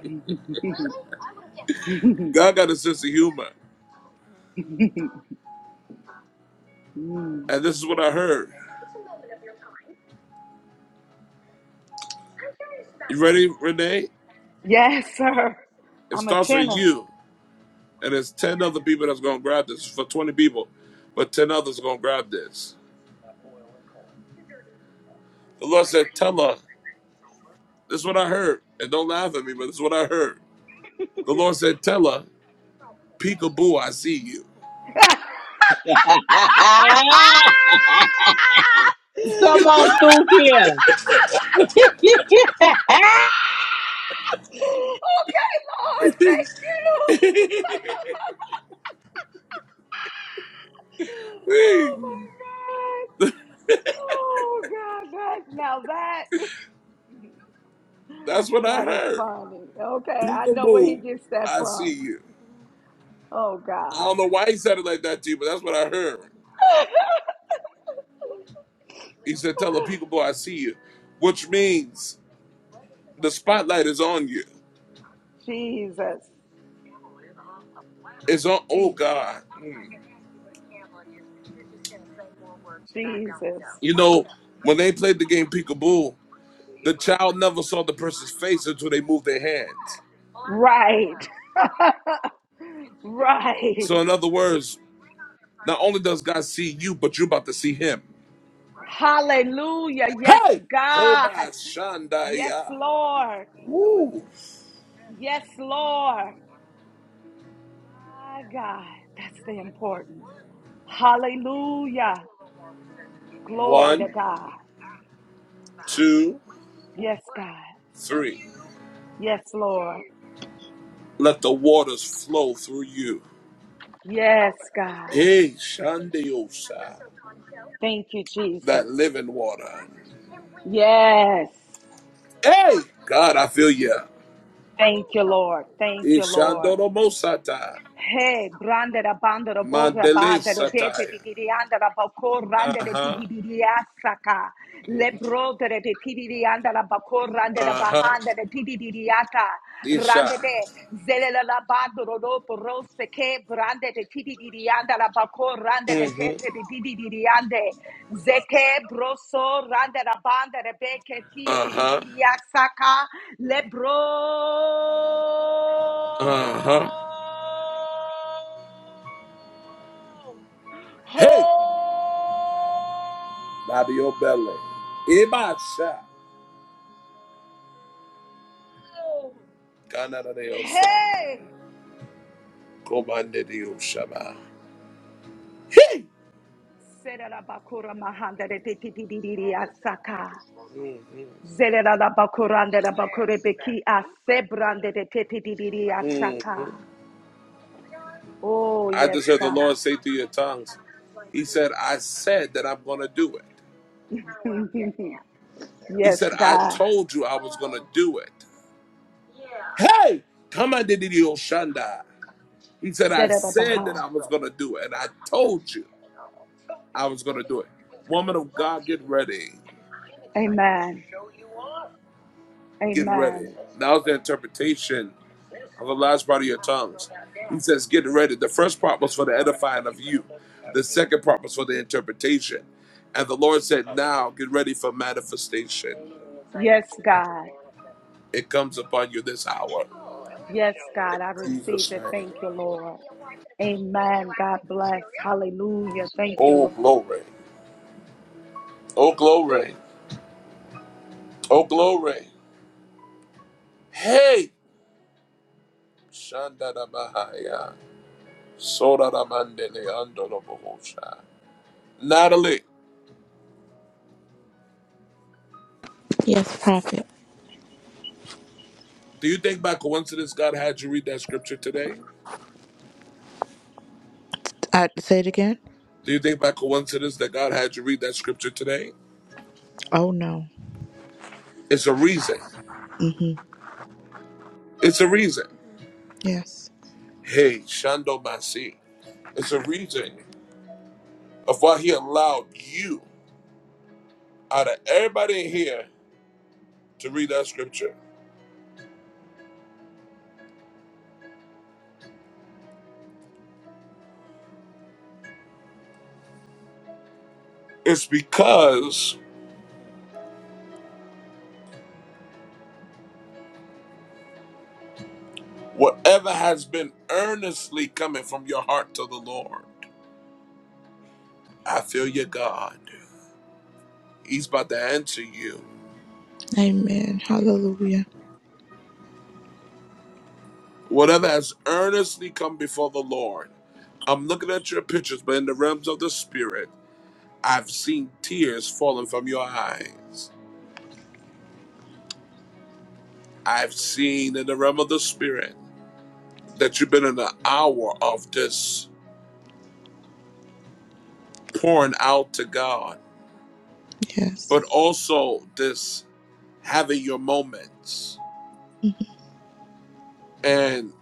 A: God got a sense of humor.
B: Mm.
A: And this is what I heard. You ready, Renee?
B: Yes, sir.
A: It
B: I'm a
A: starts with
B: tenor.
A: you, and it's 10 other people that's going to grab this for 20 people, but 10 others are going to grab this. The Lord said, Tell her, this is what I heard. And don't laugh at me, but this is what I heard. The Lord said, Tell her, peekaboo, I see you.
D: sir.
B: okay,
D: Come on through here.
B: Lord, thank you.
A: Whee!
B: Oh my God. Oh God, that now that
A: That's what I
B: that is
A: heard.
B: funny. Okay, I know where he
A: Peekaboo,
B: gets that
A: I see
B: from.
A: you.
B: Oh
A: I
B: God.
A: don't know why he said it like that to you, but that's what I heard. He said, Tell her, peekaboo, I see you, which means the spotlight is on you.
B: Jesus.
A: It's on, oh
B: Jesus.
A: God. Mm.
B: Jesus.
A: You know, when they played the game peekaboo, the child never saw the person's face until they moved their hands.
B: Right. right.
A: So, in other words, not only does God see you, but you're about to see Him.
B: Hallelujah. Yes,
A: Hey,
B: God.
A: Koba
B: Yes,
A: Shandaya.
B: Lord.
A: Ooh.
B: Yes, Lord. Ah, God. That's the importance. Hallelujah. Glory to
A: One,
B: God.
A: two,
B: Yes, God.
A: three.
B: Yes, Lord.
A: Let the waters flow through you.
B: Yes, God.
A: Hey, Shandiosa,
B: Thank you,
A: that
B: Jesus.
A: living water.
B: Yes.
A: Hey, God, I feel you.
B: Thank you, Lord. Thank you, Lord.
A: Ishandoromosata,
B: Hey, brande da bando da bota
A: Mandele
B: banda da dete di
A: Sataya.
B: di di anda da bacor rande de ti
A: Uh
B: di di di asaka.
A: huh.
B: Le brote de ti di di anda la bacor rande da
A: Uh huh.
B: bahanda de ti di di di ata.
A: This
B: Rande
A: shot.
B: de zele la la bando do do rosse che brande de Dirianda la bako rande
A: Mm
B: de tete
A: hmm.
B: di di di di diande. Zeke broso rande la bande rebeke ti
A: Uh
B: ti di
A: huh.
B: di di asaka le bro.
A: Uh huh.
B: Oh,
A: Hey, out of your belly. Ibasha. Canada de Osa.
B: hey,
A: Comande de
B: glory to God.
A: Oshaba. Hey!
B: Serarabakura mahanda de ti ti di di di asaka.
A: Mm-hmm.
B: Zerera la bakurande la bakurebeki asebrande de tete didiri asaka.
A: Mm-hmm.
B: Oh,
A: I
B: yes,
A: just heard the
B: God.
A: Lord say through your tongues, He said, I said that I'm going to do it. He
B: yes,
A: said, I
B: God.
A: told you I was going to do it. Hey! Come on, Didi Oshanda. He said, I
B: Zerera
A: said
B: baha.
A: that I was going to do it, and I told you. I was going to do it. Woman of God, get ready.
B: Amen.
A: Get ready.
B: Amen.
A: Now's the interpretation of the last part of your tongues. He says, Get ready. The first part was for the edifying of you, the second part was for the interpretation. And the Lord said, Now get ready for manifestation.
B: Yes, God.
A: It comes upon you this hour.
B: Yes, God. I receive
A: Jesus'
B: it.
A: name.
B: Thank you, Lord. Amen. God bless. Hallelujah. Thank you,
A: Oh,
B: Lord.
A: glory. Oh, glory. Oh, glory. Hey! Shandadabahaya. Sodaramandele andolobohosha. Natalie.
C: Yes, Prophet.
A: Do you think by coincidence God had you read that scripture today?
C: I say it again.
A: Do you think by coincidence that God had you read that scripture today?
C: Oh no.
A: It's a reason.
C: Mhm.
A: It's a reason.
C: Yes.
A: Hey, Shando Masi. It's a reason of why he allowed you out of everybody in here to read that scripture. It's because whatever has been earnestly coming from your heart to the Lord, I feel you, God. He's about to answer you.
C: Amen. Hallelujah.
A: Whatever has earnestly come before the Lord. I'm looking at your pictures, but in the realms of the spirit, I've seen tears falling from your eyes. I've seen in the realm of the spirit that you've been in an hour of this pouring out to God,
C: Yes.
A: but also this having your moments and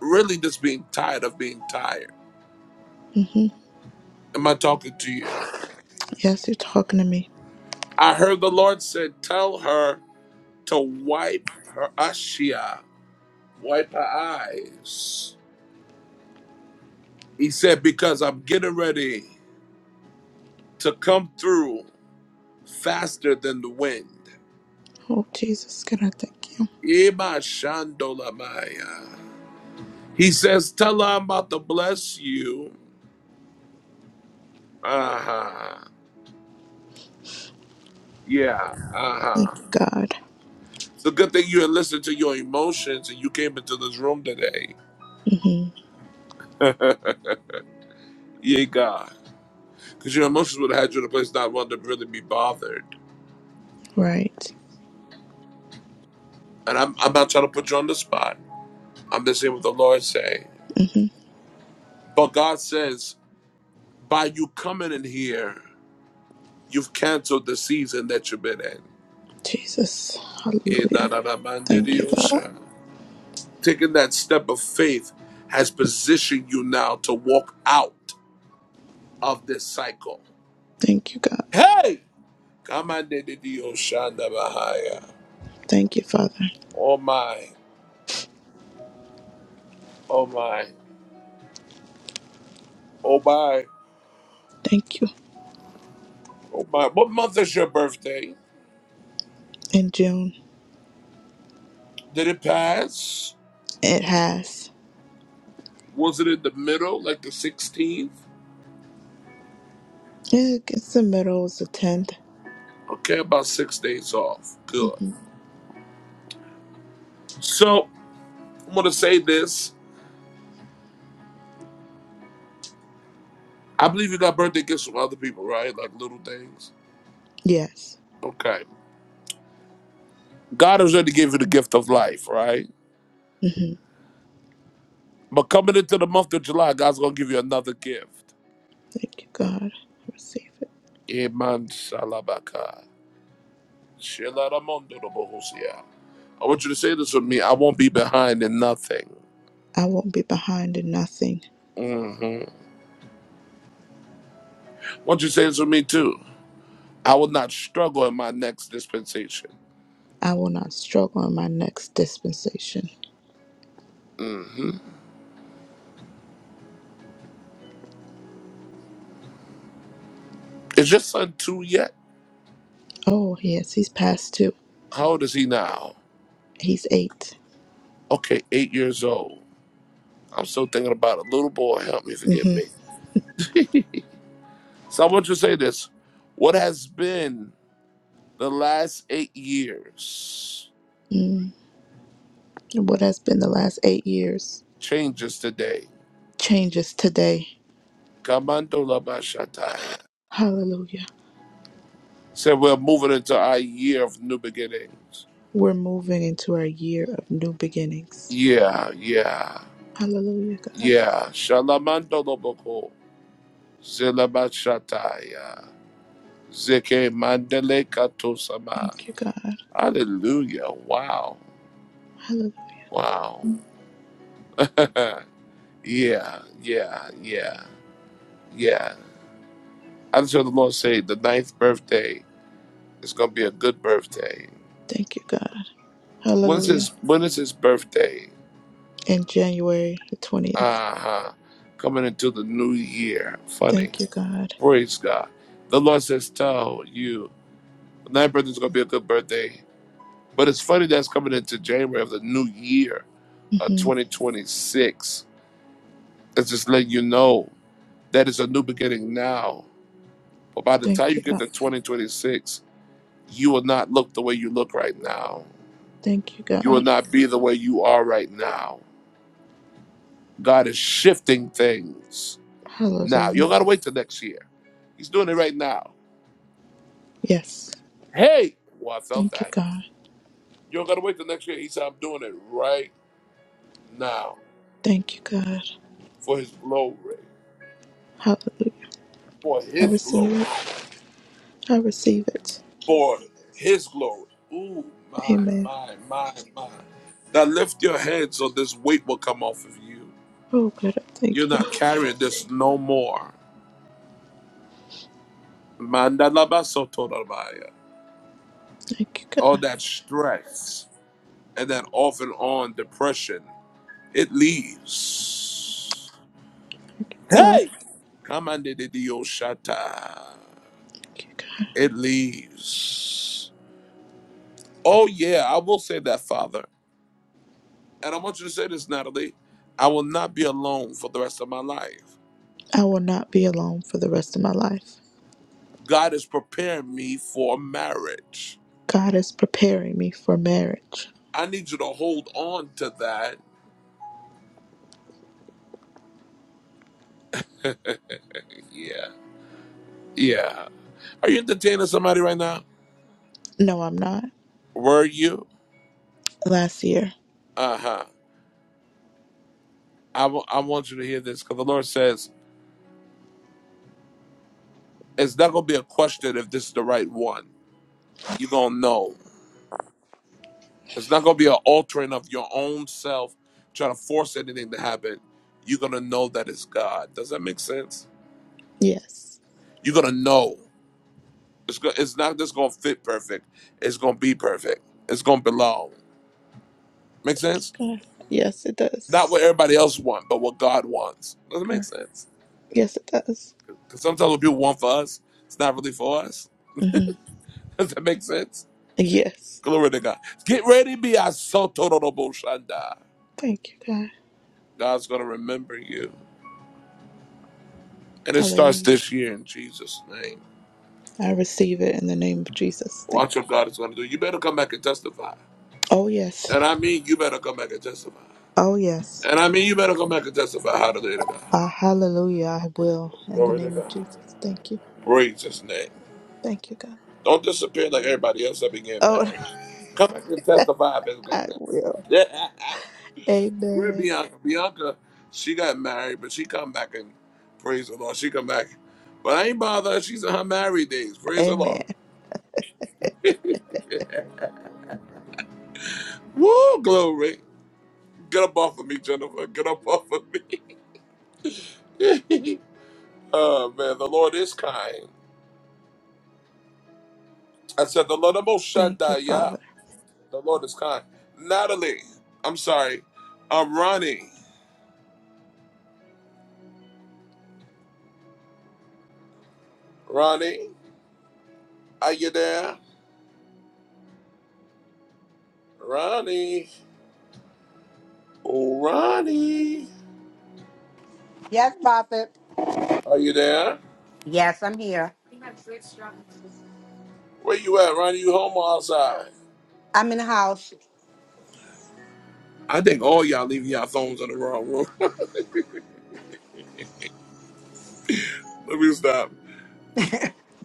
A: really just being tired of being tired.
C: Mhm.
A: Am I talking to you?
C: Yes, you're talking to me.
A: I heard the Lord said, Tell her to wipe her ashia Wipe her eyes. He said, Because I'm getting ready to come through faster than the wind.
C: Oh Jesus, can I thank you,
A: Ema shandolamaya. He says, Tell her I'm about to bless you. Uh huh. Yeah. Uh huh.
C: God.
A: It's a good thing you had listened to your emotions and you came into this room today.
C: Mhm.
A: Yay, God. Because your emotions would have had you in a place not wanting to really be bothered.
C: Right.
A: And I'm, I'm not trying to put you on the spot. I'm just saying what the Lord say.
C: Mhm.
A: But God says, By you coming in here, you've canceled the season that you've been in.
C: Jesus.
A: Eh, da,
C: Hallelujah.
A: da, da, man, di,
C: Thank
A: di,
C: you,
A: oh,
C: God.
A: sha. Taking that step of faith has positioned you now to walk out of this cycle.
C: Thank you, God.
A: Hey! Come on, di, di, di, oh, sha, da, bahaya.
C: Thank you, Father.
A: Oh my, oh my, oh my,
C: Thank you.
A: oh my. What month is your birthday?
C: In June,
A: Did it pass?
C: it has.
A: Was it in the middle, like the 16th?
C: Yeah, it's the middle, it's the 10th.
A: Okay, about six days off. Good.
C: hmm
A: So I'm gonna say this. I believe you got birthday gifts from other people, right? Like little things.
C: Yes.
A: Okay. God has already gave you the gift of life, right?
C: hmm
A: But coming into the month of July, God's gonna give you another gift.
C: Thank you, God. I receive it.
A: Iman salabaka. Shelaramondo robohosia. I want you to say this with me. I won't be behind in nothing.
C: I won't be behind in nothing.
A: hmm I want you to say this with me too. I will not struggle in my next dispensation.
C: I will not struggle in my next dispensation.
A: hmm Is your son two yet?
C: Oh, yes, he's past two.
A: How old is he now?
C: He's 8
A: Okay, eight years old. I'm still thinking about a little boy. Help me, forgive me.
C: Mm-hmm.
A: So I want you to say this. What has been the last eight years
C: Mm. What has been the last eight years
A: changes today.
C: changes today.
A: Kamandola Bashataya.
C: Hallelujah.
A: Said we're moving into our year of new beginnings.
C: We're moving into our year of new beginnings.
A: Yeah, yeah,
C: Hallelujah, God.
A: yeah. Shalamandolo Boko. Zilabashataya. Zeke Mandele Katosama.
C: Thank you, God.
A: Hallelujah. Wow.
C: Hallelujah.
A: Wow. yeah, yeah, yeah, yeah. I just heard the Lord say the ninth birthday. It's gonna be a good birthday.
C: Thank you, God.
A: When's
C: Hallelujah.
A: his when is his birthday?
C: In January the 20th.
A: Uh-huh. Coming into the new year. Funny.
C: Thank you, God.
A: Praise God. The Lord says tell you. That birthday's gonna be a good birthday. But it's funny that's coming into January of the new year of
C: hmm
A: 2026. It's just letting you know that it's a new beginning now. But by the time
C: Thank
A: you
C: you,
A: get
C: God.
A: to 2026, you will not look the way you look right now.
C: Thank you,
A: You will
C: God.
A: not be the way you are right now God is shifting things now. You
C: Hallelujah.
A: don't gotta wait till next year. He's doing it right now.
C: Yes.
A: Hey, well, I felt
C: Thank you,
A: that.
C: God.
A: You don't gotta wait till next year. He said, I'm doing it right now
C: Thank you, God.
A: for his glory,
C: Hallelujah.
A: for
C: I
A: his
C: receive
A: glory,
C: it. I receive it.
A: for his glory. Ooh, my,
C: Amen.
A: my, my, my. Now lift your head so this weight will come off of you.
C: Oh, God, I
A: You're
C: thank you.
A: not carrying this no more. Mandalabasotorabaya.
C: Thank you, God.
A: All that stress and that off and on depression. It leaves.
C: Thank you, God.
A: Hey! Commanded the Oshata.
C: Thank you, God.
A: It leaves. Oh, yeah, I will say that, Father. And I want you to say this, Natalie. I will not be alone for the rest of my life.
C: I will not be alone for the rest of my life.
A: God is preparing me for marriage.
C: God is preparing me for marriage.
A: I need you to hold on to that. Yeah. Yeah. Are you entertaining somebody right now?
C: No, I'm not.
A: Were you?
C: Last year.
A: Uh huh. I w- I want you to hear this because the Lord says it's not going to be a question if this is the right one. you're gonna know. It's not gonna be an altering of your own self trying to force anything to happen. You're gonna know that it's God. Does that make sense?
C: Yes.
A: You're gonna know. It's go- it's not just gonna fit perfect. It's gonna be perfect. It's gonna belong. Make sense?
C: God. Yes, it does.
A: Not what everybody else want, but what God wants. Does it
C: Uh,
A: make sense?
C: Yes, it does.
A: Because sometimes what people want for us, it's not really for us.
C: hmm
A: Does that make sense?
C: Yes.
A: Glory to God. Get ready, be a soto robo shanda.
C: Thank you, God.
A: God's gonna remember you. And it starts
C: Hallelujah.
A: this year in Jesus' name.
C: I receive it in the name of Jesus. Thank
A: Watch what
C: you.
A: God is going to do. You better come back and testify.
C: Oh, yes.
A: And I mean, you better come back and testify.
C: Oh, yes.
A: And I mean, you better come back and testify. Hallelujah to
C: Uh,
A: God.
C: hallelujah. I will in the
A: Glory to
C: name of
A: God.
C: Jesus. Thank you.
A: Praise His name.
C: Thank you, God.
A: Don't disappear like everybody else that began
C: Oh,
A: married. Come back and testify of His
C: I will.
A: goodness. Where
C: Amen.
A: Bianca? Bianca, she got married, but she come back and praise the Lord. She come back. But I ain't bother her. She's in her married days. Praise the Lord.
C: Amen.
A: Woo, glory. Get up off of me, Jennifer. Get up off of me. oh man, the Lord is kind. I said the Lord Most
C: Thank you,
A: Shaddai, yeah.
C: Father.
A: The Lord is kind. Natalie, I'm sorry. Um Ronnie. Ronnie, are you there? Ronnie. Oh Ronnie.
E: Yes, Prophet.
A: Are you there?
E: Yes, I'm here.
A: Where you at, Ronnie? You home or outside?
E: I'm in the house.
A: I think all y'all leaving y'all phones in the wrong room. Let me stop.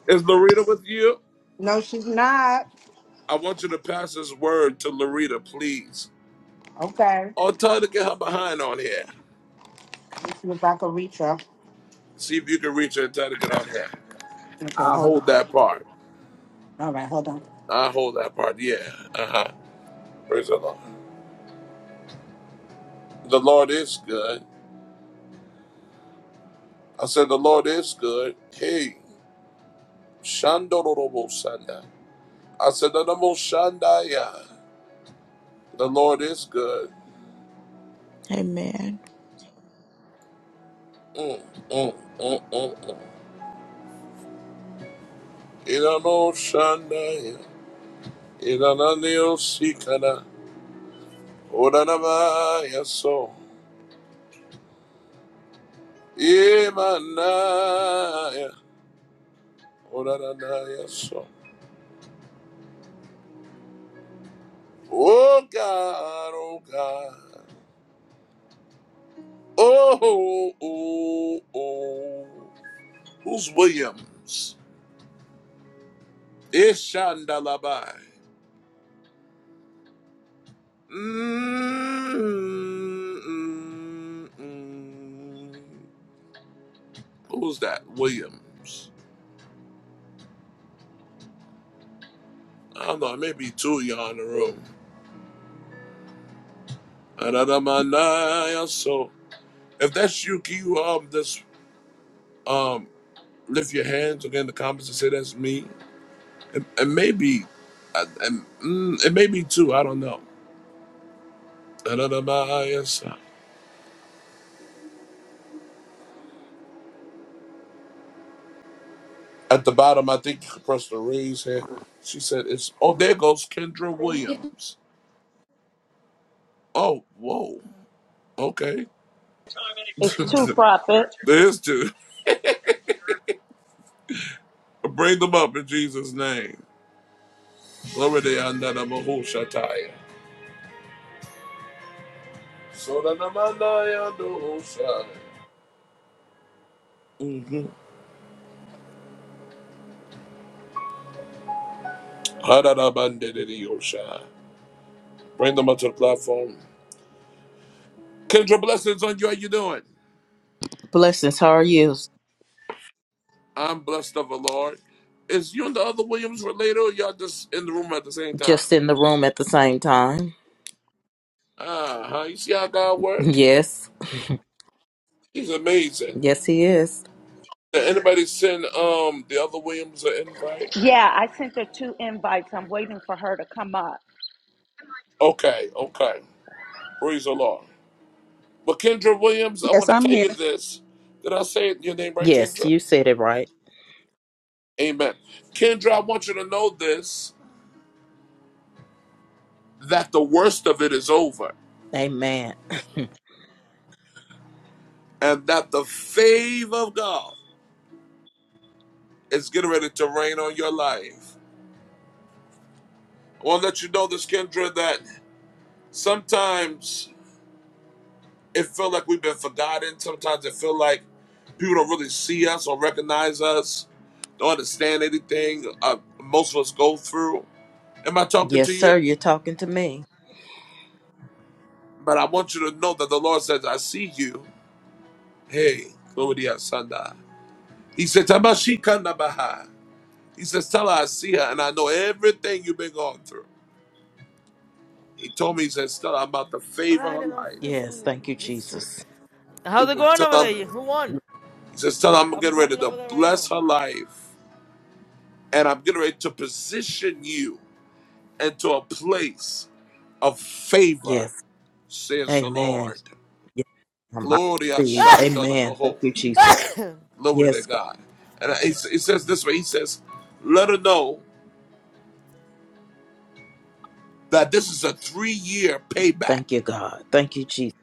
A: Is Loretta with you?
E: No, she's not.
A: I want you to pass this word to Loretta, please.
E: Okay.
A: Or tell her to get her behind on here.
E: Let's see if I can reach her.
A: See if you can reach her and tell her to get on here.
E: Okay,
A: I
E: hold on.
A: hold that part.
E: All right, hold on.
A: I hold that part. Yeah. Uh huh. Praise the Lord. The Lord is good. I said, The Lord is good. Hey, Shandorobo Sanda. I said, The Lord Shandaya. The Lord is good.
C: Amen.
A: Mm, mm, mm, mm, mm. Irano Shandaya. Irananio Sikana. Oranamaya so. Imanaya. Oranamaya so. Oh God, oh God. Oh, oh, oh. Who's Williams? Ishandalabai. Mm-mm-mm. Who's that? Williams. I don't know. Maybe two of y'all in the room. Adadamanaya, So, if that's you, can you um just um lift your hands again in the comments and say that's me? And, and maybe, and, and, mm, it may be two. I don't know. Adadamanaya, so. At the bottom, I think you press the raise hand. She said it's oh there goes Kendra Williams. Oh, whoa. Okay. There's two. Bring them up in Jesus' name. Glory to Yandana Mahushataya. Sodanamandaya Dohoshai. Mhm. Hadadabandedidiyoshai. Bring them up to the platform. Kendra, blessings on you. How you doing?
M: Blessings. How are you?
A: I'm blessed of the Lord. Is you and the other Williams related or y'all just in the room at the same time?
M: Just in the room at the same time.
A: Uh-huh. You see how God work?
M: Yes.
A: He's amazing.
M: Yes, he is.
A: Did anybody send um the other Williams an invite?
B: Yeah, I sent her two invites. I'm waiting for her to come up.
A: Okay, okay. Praise the Lord. But Kendra Williams, I
N: Yes,
A: want to
N: I'm
A: tell you
N: here.
A: this. Did I say your name right,
M: Yes,
A: Kendra?
M: you said it right.
A: Amen. Kendra, I want you to know this that the worst of it is over
M: Amen.
A: and that the favor of God is getting ready to rain on your life. I want to let you know this, Kendra, that sometimes it feel like we've been forgotten. Sometimes it feel like people don't really see us or recognize us, don't understand anything uh, most of us go through. Am I talking
M: Yes,
A: to
M: sir.
A: you?
M: You're talking to me.
A: But I want you to know that the Lord says, I see you. Hey, glory to Sunday. He said, "Tabashikanda baha." He says, tell her I see her and I know everything you've been going through. He told me, he says tell her I'm about to
H: All
A: favor her
H: right, and I'm
A: life.
M: Yes.
H: fixing
M: Thank you,
H: this shit.
M: Jesus.
A: He
H: How's it
A: says
H: going over
A: tell her.
H: there? Who won?
A: He says tell her
H: I'm,
A: I'm
H: I'm
A: getting ready
H: coming
A: to
H: over there right
A: bless
H: now.
A: her life and I'm getting ready to position you. into a place of favor,
M: Yes.
A: says the
M: Amen.
A: Lord.
M: Yes, um, I
A: Gloria
M: receive.
A: Shandana
M: Amen. Thank
A: Behold.
M: you, Jesus.
A: Glory to
M: Yes. God.
A: God. And he, s- he says this way He says, Let her know that this is a three year payback.
M: Thank you, God. Thank you, Jesus.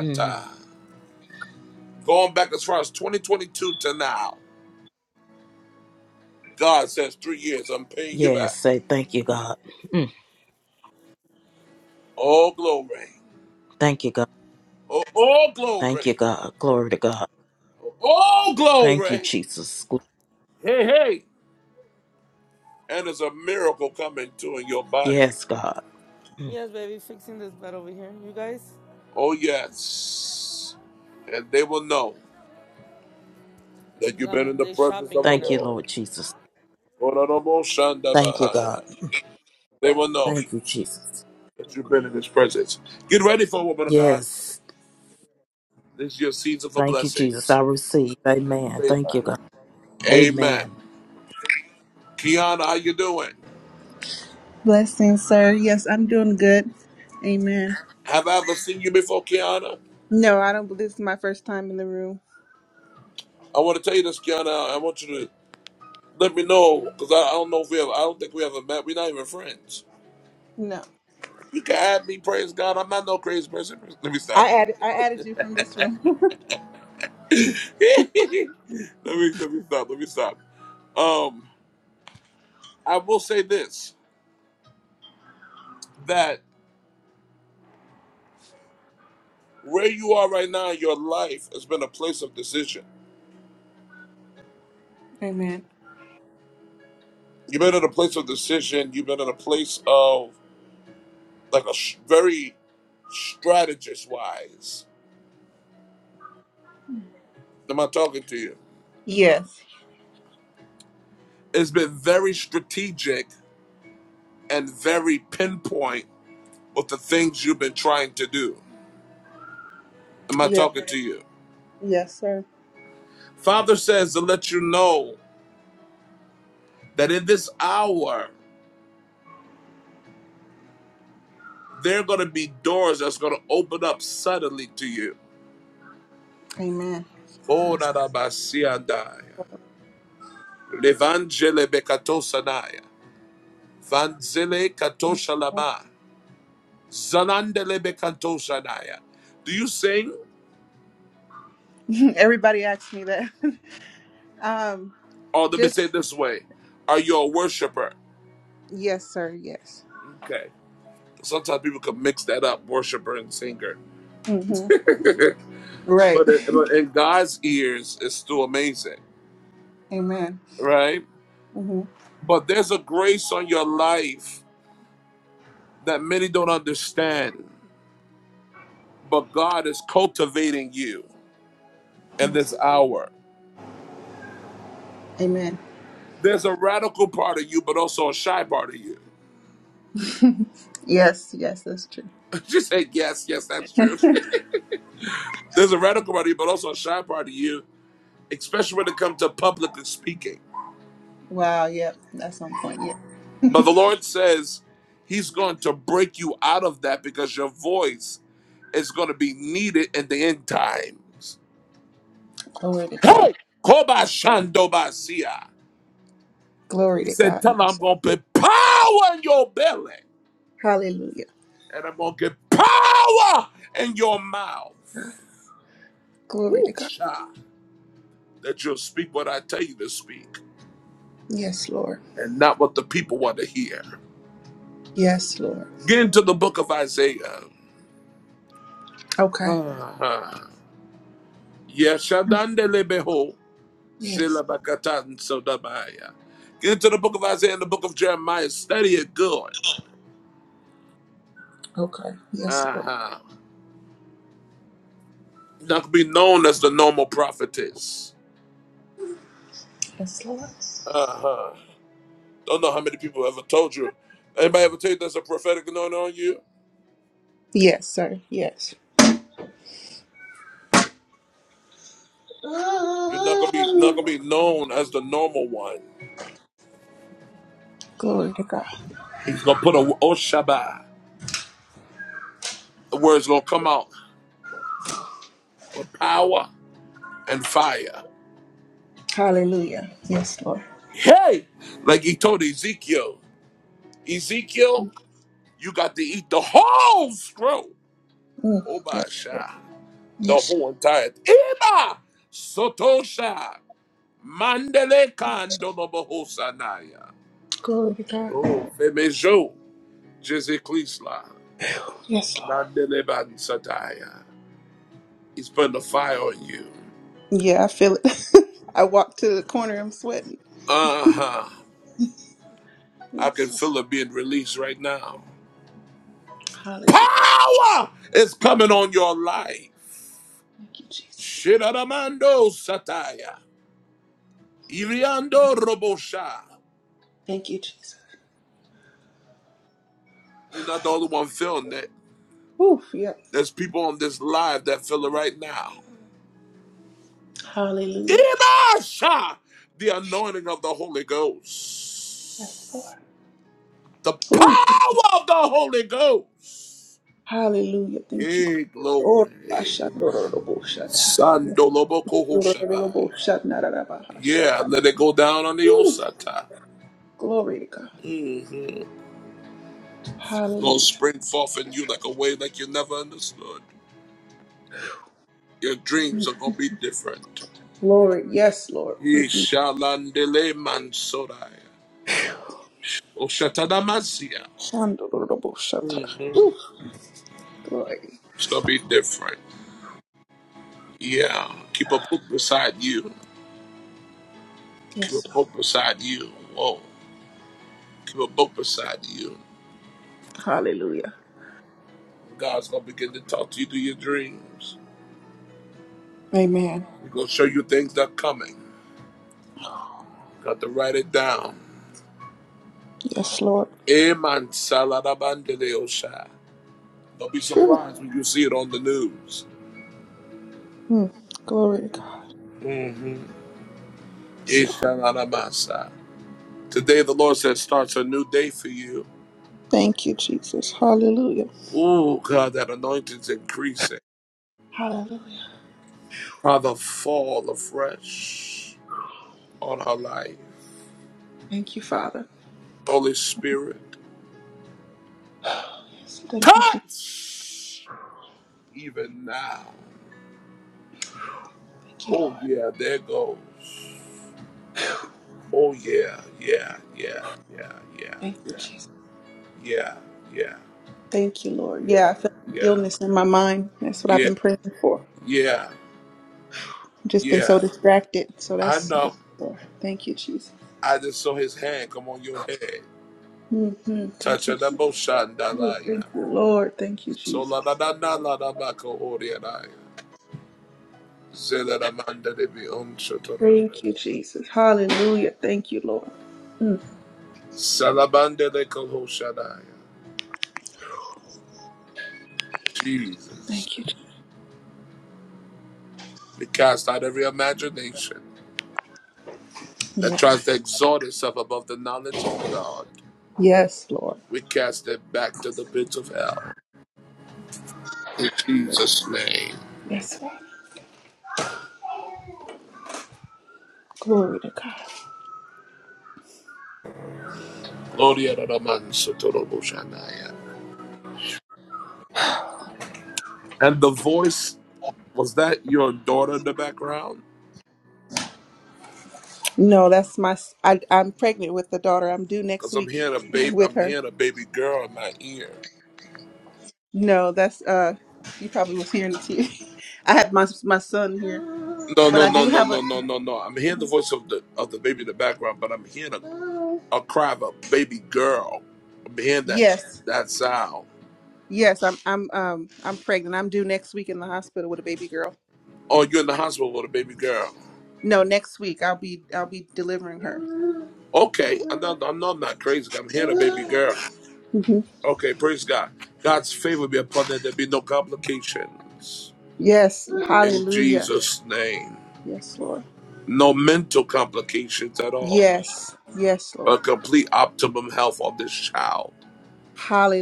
M: Mm.
A: Going back as far as 2022 to now, God says, Three years, I'm paying you
M: Yes.
A: back.
M: Say thank you, God. Mm.
A: All glory.
M: Thank you, God.
A: Oh, all
M: Thank
A: glory.
M: you, God. Glory to God.
A: All
M: Thank you,
A: glory.
M: Jesus. Gl-
A: Hey, hey. And there's a miracle coming too in your body.
M: Yes, God. Mm.
H: yes, baby, fixing this bed over here. You guys?
A: Oh, yes. And they will know that you've been
H: Um,
A: in the
H: they
A: presence
H: shopping
A: of the
H: right
M: Thank you,
H: now.
M: Lord
A: Lord.
M: Jesus. Thank you, God.
A: They will know
M: Thank you, Jesus.
A: that you've been in His presence. Get ready for it, woman of God.
M: Yes.
A: This is your season for
M: Thank you, Jesus. I
A: blessings
M: receive.
A: and
M: Amen. Thank you,
A: favor.
M: God.
A: Amen.
M: Amen.
A: Kiana, how you doing?
N: Blessings, sir. Yes, I'm doing good. Amen.
A: Have I ever seen you before, Kiana?
N: No, I don't believe this is my first time in the room.
A: I want to tell you this, Kiana. I want you to let me know because I, I don't know if we ever. I don't think we ever met. We're not even friends.
N: No.
A: You can add me. Praise God. I'm not no crazy person. Let me stop.
N: I added I added you from this room.
A: let me let me stop. Let me stop. Um, I will say this: that where you are right now in your life has been a place of decision.
N: Amen.
A: You've been in a place of decision. You've been in a place of like a sh- very strategist wise. Am I talking to you?
N: Yes.
A: It's been very strategic and very pinpoint with the things you've been trying to do. Am I
N: Yes.
A: talking to you?
N: Yes, sir.
A: Father says to let you know that in this hour. there are going to be doors that's going to open up suddenly to you.
N: Amen.
A: Oh,
N: Yes.
A: Konarabasiandaya, Levangele bekatosanaya, Vanzele katoshalama, Zalandele bekatosanaya. Do you sing?
N: Everybody asks me that. um
A: Or let me
N: just
A: say it this way. Are you a worshiper?
N: yes, sir. Yes.
A: Okay. Sometimes people can mix that up, worshiper and singer.
N: Mhm. Right.
A: But, it, but in God's ears, it's still amazing,
N: Amen.
A: right?
N: Mhm.
A: But there's a grace on your life that many don't understand. but God is cultivating you in this
N: Yes.
A: hour.
N: Amen.
A: There's a radical part of you, but also a shy part of you.
N: Yes, yes, that's true.
A: Just say Yes, yes, that's true. There's a radical part of you, but also a shy part of you, especially when it comes to public speaking.
N: Wow, yep. That's on point. Yeah.
A: But the Lord says He's going to break you out of that because your voice is going to be needed in the end times.
N: Glory to God.
A: Hey! Koba Shandobasia.
N: Glory
A: He
N: to
A: said,
N: God.
A: Tell her I'm
N: Yes.
A: going to put power in your belly.
N: Hallelujah.
A: and I'm gonna get power in your mouth.
N: Glory to
A: Woo,
N: God.
A: sha. That you'll speak what I tell you to speak
N: Yes, Lord.
A: and not what the people want to hear.
N: Yes, Lord.
A: Get into the book of Isaiah.
N: Okay.
A: Uh-huh. Yeshandandelebeho,
N: Yes. Lord.
A: zilabakatan sodabaya. Get into the book of Isaiah and the book of Jeremiah. Study it good.
N: Okay. Yes, Lord.
A: Uh-huh. Not be known as the normal prophetess.
N: Yes, Lord.
A: Uh-huh. Don't know how many people ever told you. Anybody ever tell you there's a prophetic anointing on you?
N: Yes, sir. Yes.
A: You're not gonna be not gonna be known as the normal one.
N: Glory to God.
A: He's gonna put a Oshaba. The words gonna come out with power and fire.
N: Hallelujah. Yes, Lord.
A: Hey, like he told Ezekiel, Ezekiel, you got to eat the whole scroll.
N: Mm. Yes, Lord.
A: Obasha, the
N: Yes, Lord.
A: whole entire. Eba sotosha mandele kando
N: Glory to God.
A: Oh, femejo jezeklisla
N: Yes, Lord.
A: landele sataya. He's putting the fire on you.
N: Yeah, I feel it. I walked to the corner. I'm sweating.
A: Uh huh. I can
N: Yes. Lord.
A: feel it being released right now.
N: Hallelujah.
A: Power is coming on your life.
N: Thank you, Jesus.
A: Shiraramando Sataya. Iriando Robosha.
N: Thank you, Jesus.
A: You're not the only one feeling that.
N: Oof. Yep.
A: There's people on this live that feel it right now.
N: Hallelujah.
A: Ibasha. The anointing of the Holy
N: Yes, Lord.
A: Ghost. The
N: Ooh.
A: power of the Holy Ghost.
N: Hallelujah. Thank you.
A: Hey,
N: Lord.
A: glory.
N: Orabashandoroloboshata.
A: Sandoloboko Hoshabaya. Yeah,
N: Yorololoboshanarabahashata.
A: let it go down on the
N: Woo.
A: Osata.
N: Glory to God.
A: Mm-hmm. Gonna
N: Hallelujah.
A: spring forth in you like a way like you never understood. Your dreams are gonna be different.
N: Glory. Yes, Lord. Mm-mm.
A: Yeshalandele mansorai. Oshatadamasia.
N: Shandoroloboshata.
A: Mm-hmm.
N: Woo. Glory.
A: It's gonna be different. Yeah. Keep a book beside you. Keep
N: Yes,
A: a
N: Lord.
A: book beside you. Whoa. Keep a book beside you.
N: Hallelujah.
A: God's gonna begin to talk to you through your dreams.
N: Amen.
A: He's gonna show you things that are coming. You got to write it down.
N: Yes, Lord.
A: Amen. Saladabandelosha. Don't be
N: Phew.
A: surprised when you see it on the news.
N: Mm. Glory to God.
A: Mm-hmm.
N: Yes, Lord.
A: Ishalalabasa. Today the Lord says starts a new day for you.
N: Thank you, Jesus. Hallelujah.
A: Oh God, that anointing's increasing.
N: Hallelujah.
A: Father, fall afresh on her life.
N: Thank you, Father.
A: Holy Spirit,
N: Yes, Thank you, Jesus.
A: touch even now.
N: Thank you, Lord.
A: Oh yeah, there goes. Oh yeah, yeah, yeah, yeah,
N: Thank you,
A: yeah,
N: Jesus.
A: yeah, yeah,
N: Thank you,
A: yeah,
N: Lord. Yeah,
A: yeah,
N: I feel
A: yeah.
N: stillness in my mind. That's what I've
A: Yeah,
N: been praying for.
A: yeah,
N: I've just been so
A: yeah.
N: distracted. So
A: I
N: that's yes,
A: know.
N: Lord. Thank you, Jesus.
A: I just saw his hand come on your head.
N: hmm
A: Touch
N: Thank you,
A: a
N: Jesus.
A: double
N: Ooh,
A: shandalaya.
N: Thank you, Lord. Thank you,
A: So
N: Jesus.
A: la da da da la da baka orianaya. Zela da manda de bi on shotorobo.
N: Thank you, Jesus. Hallelujah. Thank you, Lord. Mm.
A: Salabande de kohoshadaya. Jesus.
N: Thank you, Jesus.
A: We cast out every imagination that
N: Yes.
A: tries to exalt itself above the knowledge of God.
N: Yes, Lord.
A: We cast it back to the pits of hell. In Jesus' name.
N: Yes, Father. Glory to God.
A: Gloria da da man sotorobo shandaya. And the voice was that your daughter in the background?
N: No, that's my. s- I, am pregnant with the daughter. I'm due next
A: Because I'm
N: week
A: hearing a baby.
N: with
A: I'm
N: her.
A: hearing a baby girl in my ear.
N: No, that's uh. You probably was hearing the tears. I had my my son here.
A: No,
N: But
A: no,
N: I
A: no,
N: do
A: no,
N: have a
A: no, no, no, no. I'm hearing the
N: Mhm.
A: voice of the of the baby in the background, but I'm hearing a, a cry of a baby girl. I'm hearing that
N: yes,
A: that sound.
N: yes. I'm I'm um I'm pregnant. I'm due next week in the hospital with a baby girl.
A: Oh, you're in the hospital with a baby girl.
N: No, next week I'll be I'll be delivering her.
A: Okay, I'm not. I'm not, I'm not crazy. I'm hearing a baby girl.
N: hmm
A: Okay, praise God. God's favor be upon that. There be no complications
N: Yes,
A: in
N: Hallelujah.
A: Jesus' name.
N: Yes, Lord.
A: No mental complications at all.
N: Yes, yes, Lord.
A: a complete optimum health on this child.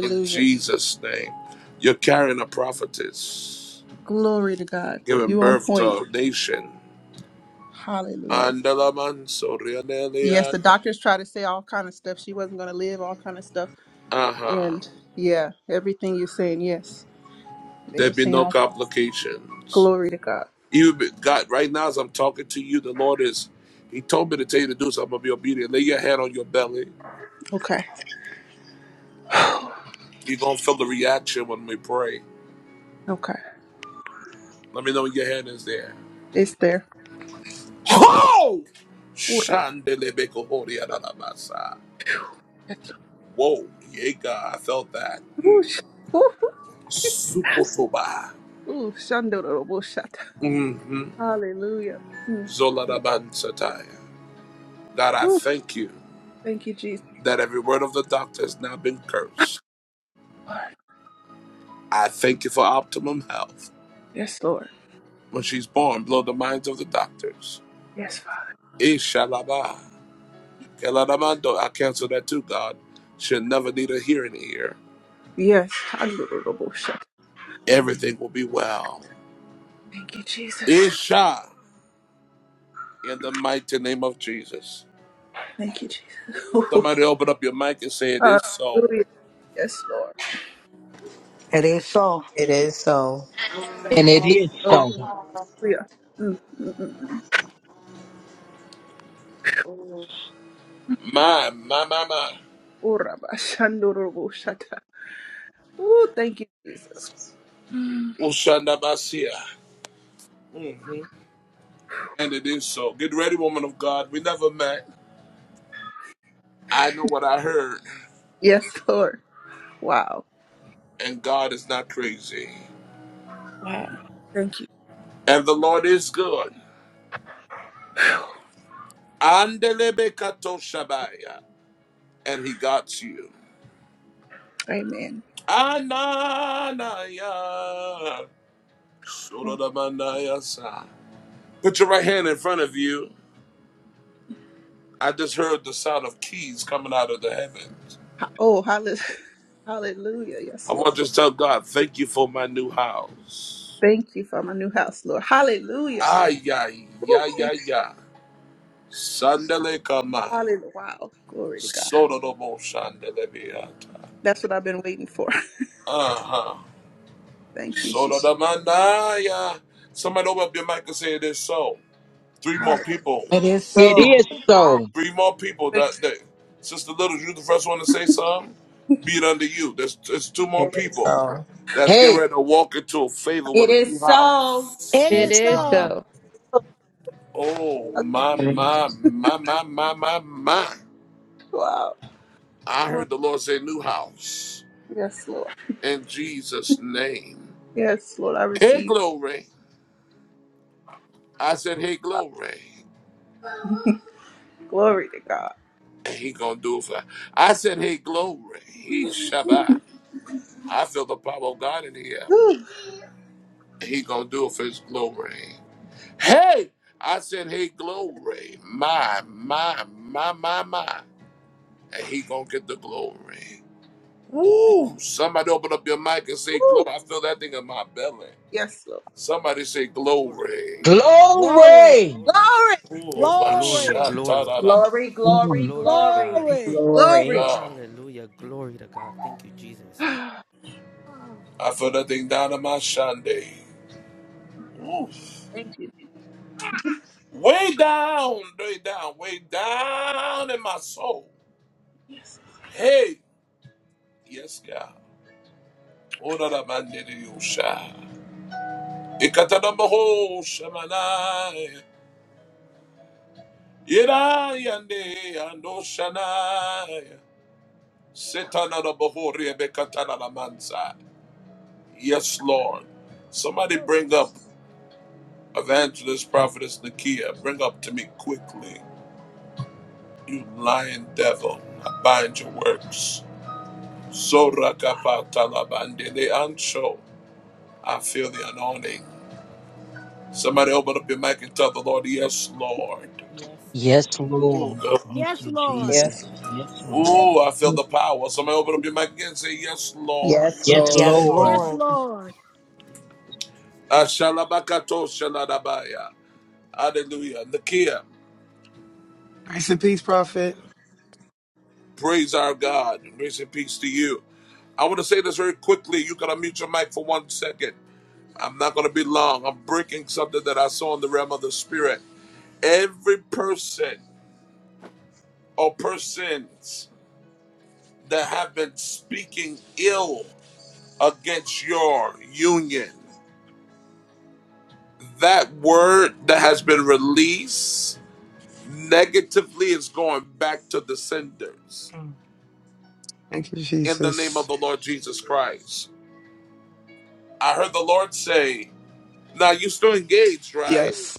A: In Jesus' name. You're carrying a prophetess,
N: Glory to God.
A: giving
N: You on
A: birth
N: point.
A: to a nation.
N: Hallelujah.
A: Andalaman
N: Yes,
A: Sorianelia.
N: the doctors try to say all kind of stuff. She wasn't going to live, all kind of stuff.
A: Uh huh.
N: And yeah, everything you're saying, yes. They
A: There
N: were
A: be
N: saying
A: no
N: all
A: complications.
N: glory to God.
A: Even be- God, right now as I'm talking to you, the Lord is, He told me to tell you to do something. I'm going to be obedient. Lay your hand on your belly.
N: Okay.
A: You're going to feel the reaction when we pray.
N: okay.
A: Let me know when your hand is there.
N: It's there.
A: Oh!
N: Ura.
A: Shandelebeko hori adalabasa.
N: Yes.
A: Whoa, Yega, I felt that. Mm.
N: Whoosh. Woo.
A: Sukosoba.
N: Ooh, shandorobosata.
A: Mm-hmm.
N: Hallelujah. Mm. Mm.
A: Zoladaban Sataya. God, I
N: Ooh,
A: thank you
N: Thank you, Jesus.
A: that every word of the doctor has now been cursed.
N: Lord.
A: I thank you for optimum health.
N: Yes, Lord.
A: When she's born, blow the minds of the doctors.
N: Yes, Father.
A: Ishalaba. Keladamando. I cancel that too, God. She'll never need a hearing ear.
N: Yes. Handorobosata.
A: Everything will be well.
N: Thank you, Jesus.
A: Isha. In the mighty name of Jesus.
N: Thank you, Jesus. Ooh.
A: Somebody open up your mic and say it is so.
N: Hallelujah. Yes, Lord.
E: It is so.
G: it is so.
D: And it is
N: Oh,
D: so.
N: hallelujah. Mm, mm, mm, mm.
A: My, my, my, my.
N: Orabashandorobosata. Ooh, Thank you, Jesus. Mm.
A: Ushanda Basia. And it is so. Get ready, woman of God. We never met. I know what I heard.
N: Yes, Lord. Wow.
A: And God is not crazy.
N: Wow. Thank you.
A: And the Lord is good. Andelebe kato shabaya. And he got you.
N: Amen.
A: Ananaya. Sorodamanaya sa. Put your right hand in front of you. I just heard the sound of keys coming out of the heavens.
N: Oh, hallelujah. Hallelujah.
A: I
N: Yes, Lord.
A: want to just tell God, thank you for my new house.
N: Thank you for my new house, Lord. Hallelujah.
A: Ay, ay,
N: Woo.
A: ya, ya,
N: Thank
A: ya. Sandele
N: you.
A: kama.
N: Hallelujah. Wow. Glory to God.
A: Sodo dobo sandele beata.
N: That's what I've been waiting for.
A: Uh-huh.
N: Thank you, Jesus.
A: Sodo damandaya. Somebody open up your mic and say it is so. Three more
N: Hallelujah.
A: people.
E: It is
D: It is
E: so.
D: so.
A: Three more people that day. Sister Little, you the first one to say something? Be it unto you. There's, there's two more
G: It is
A: people
G: so.
A: that's getting
D: Hey,
A: ready to walk into a favor
B: It
A: with a new
B: is so
A: house.
O: It
P: It
D: yes,
O: is
P: is
D: God.
O: so.
P: so.
A: Oh,
N: Hallelujah.
A: my,
F: And it's
A: my, my, my, my, my, my.
N: Wow.
A: I
N: Glory.
A: heard the Lord say new house.
N: Yes, Lord.
A: in Jesus' name.
N: Yes, Lord. I
A: Hey,
N: receive.
A: glory. I said, hey, glory.
N: Glory to God.
A: And he gonna do it for I said, hey, glory. He Shabbat. I feel the power of God in here.
N: Woo.
A: He gonna do it for his glory. Hey! I said, hey, glory. My, my, my, my, my. And he gonna get the glory. Woo! Somebody open up your mic and say
N: Woo.
A: glory. I feel that thing in my belly.
N: Yes, Lord.
A: Somebody say
H: Glory,
A: glory.
H: glory, glory,
O: Glory,
D: Glory.
H: glory,
A: Ooh! my
H: glory,
O: glory,
A: shot,
H: glory,
A: ta-da-da-ma.
F: going
H: glory to God.
O: glory.
A: Oh
G: Glory.
N: Glory.
A: God.
H: Hallelujah, glory to God. Thank you,
N: Glory.
H: Jesus.
A: I feel that thing down in my shandy. Ooh.
N: Thank
A: Way down, way down, way down in my soul.
N: you.
A: Hey, yes, God. Ora da mande di usha. Ikata da boho shamanai. Ira yande ando shanai. Setana da boho riebe katana da mansa. Yes, Lord. Somebody
O: Yes,
A: bring up evangelist prophetess Nakia. Bring up to me quickly. You lying devil, I bind your works. So Sorakapatalabandelei ancho. I feel the anointing. Somebody open up your mic and tell the Lord, Yes, Lord.
H: Yes,
D: Yes,
H: Lord.
D: Lord.
A: Ooh, God.
D: Thank
O: yes,
D: you,
O: Lord.
D: Jesus.
G: Yes.
H: Thank you,
D: Yes, Lord.
H: Jesus.
A: Ooh, I feel
F: to
A: the power. Somebody open up your mic
H: Hallelujah.
A: again and say, Yes, Lord.
G: Yes,
D: Yes,
G: Lord.
H: Yes,
E: Yes,
D: Lord.
H: Lord.
O: Yes,
E: Lord.
O: Lord.
H: Thank you, Jesus. Yes, Lord.
A: Ashalabakato shaladabaya. Hallelujah. Nakia,
Q: Grace and peace, prophet.
A: praise our God. Grace and peace to you. I want to say this very quickly. You got to mute your mic for one second. I'm not going to be long. I'm breaking something that I saw in the realm of the spirit. Every person or persons that have been speaking ill against your union, that word that has been released negatively is going back to the senders
Q: Mm. Thank you,
A: in the name
Q: Jesus.
A: of the Lord Jesus Christ. I heard the Lord say, Now you're still engaged, right?
Q: Yes,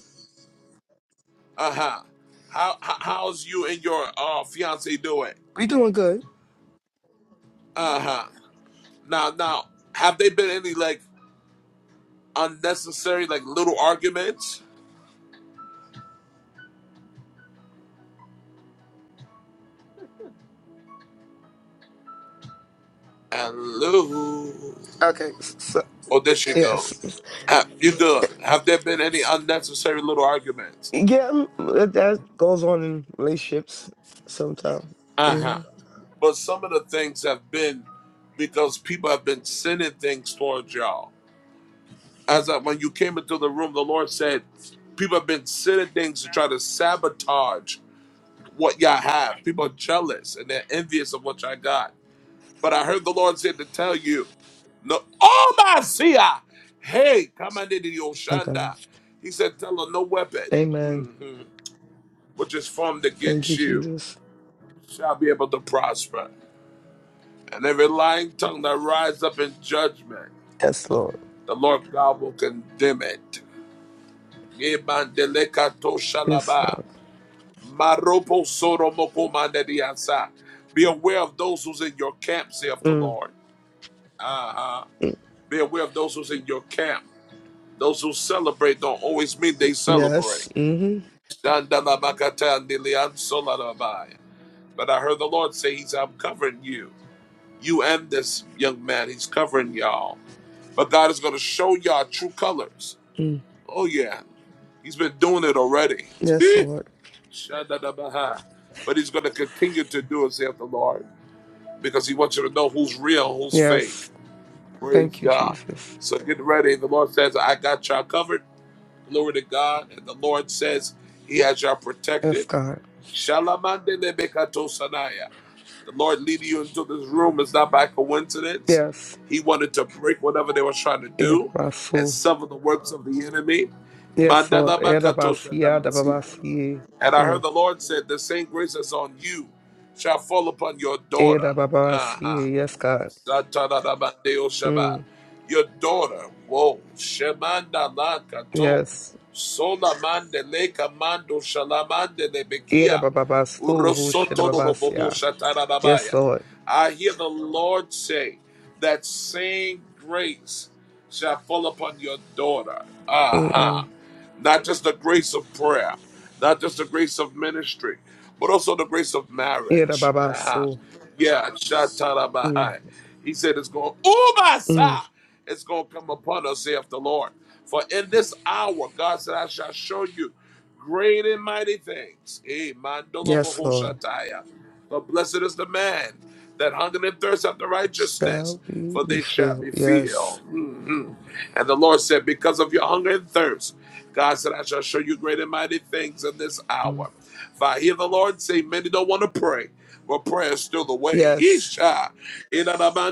A: Uh huh. How, how- how's you and your uh, fiance doing?
Q: we doing good.
A: Uh huh. Now, now, have they been any like unnecessary like little arguments? Hello.
Q: Okay, s- so
A: Oh, there she
Q: yes,
A: goes. Uh, you good? Have there been any unnecessary little arguments?
Q: yeah, mm, that that goes on in relationships sometimes.
A: Uh huh.
Q: hmm
A: But some of the things have been because people have been sending things towards y'all. As I, when you came into the room, the Lord said, people have been sending things to try to sabotage what y'all have. People are jealous and they're envious of what y'all got But I heard the Lord said to tell you, no, oh my see I. Hey, come on into the
Q: Okay,
A: Oshanda. He said, tell her no weapon,
Q: Amen.
A: mhm, which is formed
Q: Thank you,
A: against you,
Q: Jesus.
A: shall be able to prosper. And every lying tongue that rise up in judgment,
Q: Yes, Lord.
A: the Lord God will condemn it. Ebandeleka
Q: Yes,
A: toshalaba,
Q: Lord.
A: maropo soromoko mandediasa. Be aware of those who's in your camp, saith the
Q: Mm.
A: Lord. Uh-huh. Be aware of those who's in your camp. Those who celebrate don't always mean they celebrate.
Q: Yes. hmm
A: But I heard the Lord say, He's I'm covering you. You and this young man, He's covering y'all. But God is going to show y'all true colors.
Q: Mm.
A: Oh, yeah. He's been doing it already.
Q: Yes, Lord.
A: but He's going to continue to do it, saith the Lord, because He wants you to know who's real, who's fake.
Q: Yes.
A: Praise
Q: Thank you,
A: God.
Q: Jesus.
A: So get ready. The Lord says, I got y'all covered. Glory to God. And the Lord says, He has y'all
Q: Yes,
A: protected.
Q: God.
A: Shalamande lebekato sanaya. The Lord leading you into this room is not by coincidence.
Q: Yes.
A: He wanted to break whatever they were trying to
Q: Yes,
A: do and
Q: Lord.
A: sever the works of the enemy.
Q: Yes, Lord. Yes,
A: Mandalabakato
Q: Lord.
A: shadamasiya.
Q: Yes,
A: And I
Q: Lord.
A: heard the Lord said, The same grace that's on you shall fall upon your
Q: Era
A: daughter. Uh-huh.
Q: babasi, yes, God.
A: Satadabandeo Shaba.
Q: Mm,
A: Your daughter, whoa, Shemanda Lakato,
Q: yes.
A: Solamande Leka Mando Shalamande
Q: Era
A: Lebekia,
Q: babasu, who should
A: Urosoto Roboho
Q: babasia. Yes,
A: Shatarabaya.
Q: Lord.
A: I hear the Lord say, that same grace shall fall upon your daughter. Aha. Uh-huh.
Q: Mm-mm.
A: Not just the grace of prayer, not just the grace of ministry, but also the grace of
Q: Era
A: marriage. Aha.
Q: babasu.
A: Yeah,
Q: Mm,
A: Shatarabahai. He said it's going, Umasa!
Q: mm.
A: It's going to come upon us, saith the Lord. For in this hour, God said, I shall show you great and mighty things. Eh, mandola
Q: Yes, Lord.
A: bahoshataya. But blessed is the man that hungered and thirst after righteousness,
Q: Shall we
A: for
Q: be
A: they shall
Q: filled?
A: be filled.
Q: Yes.
A: Mhm. And the Lord said, Because of your hunger and thirst, God said, I shall show you great and mighty things in this
Q: Mm.
A: hour. For I hear the Lord say, Many don't want to pray but prayer is still the way.
Q: Yes.
A: Isha.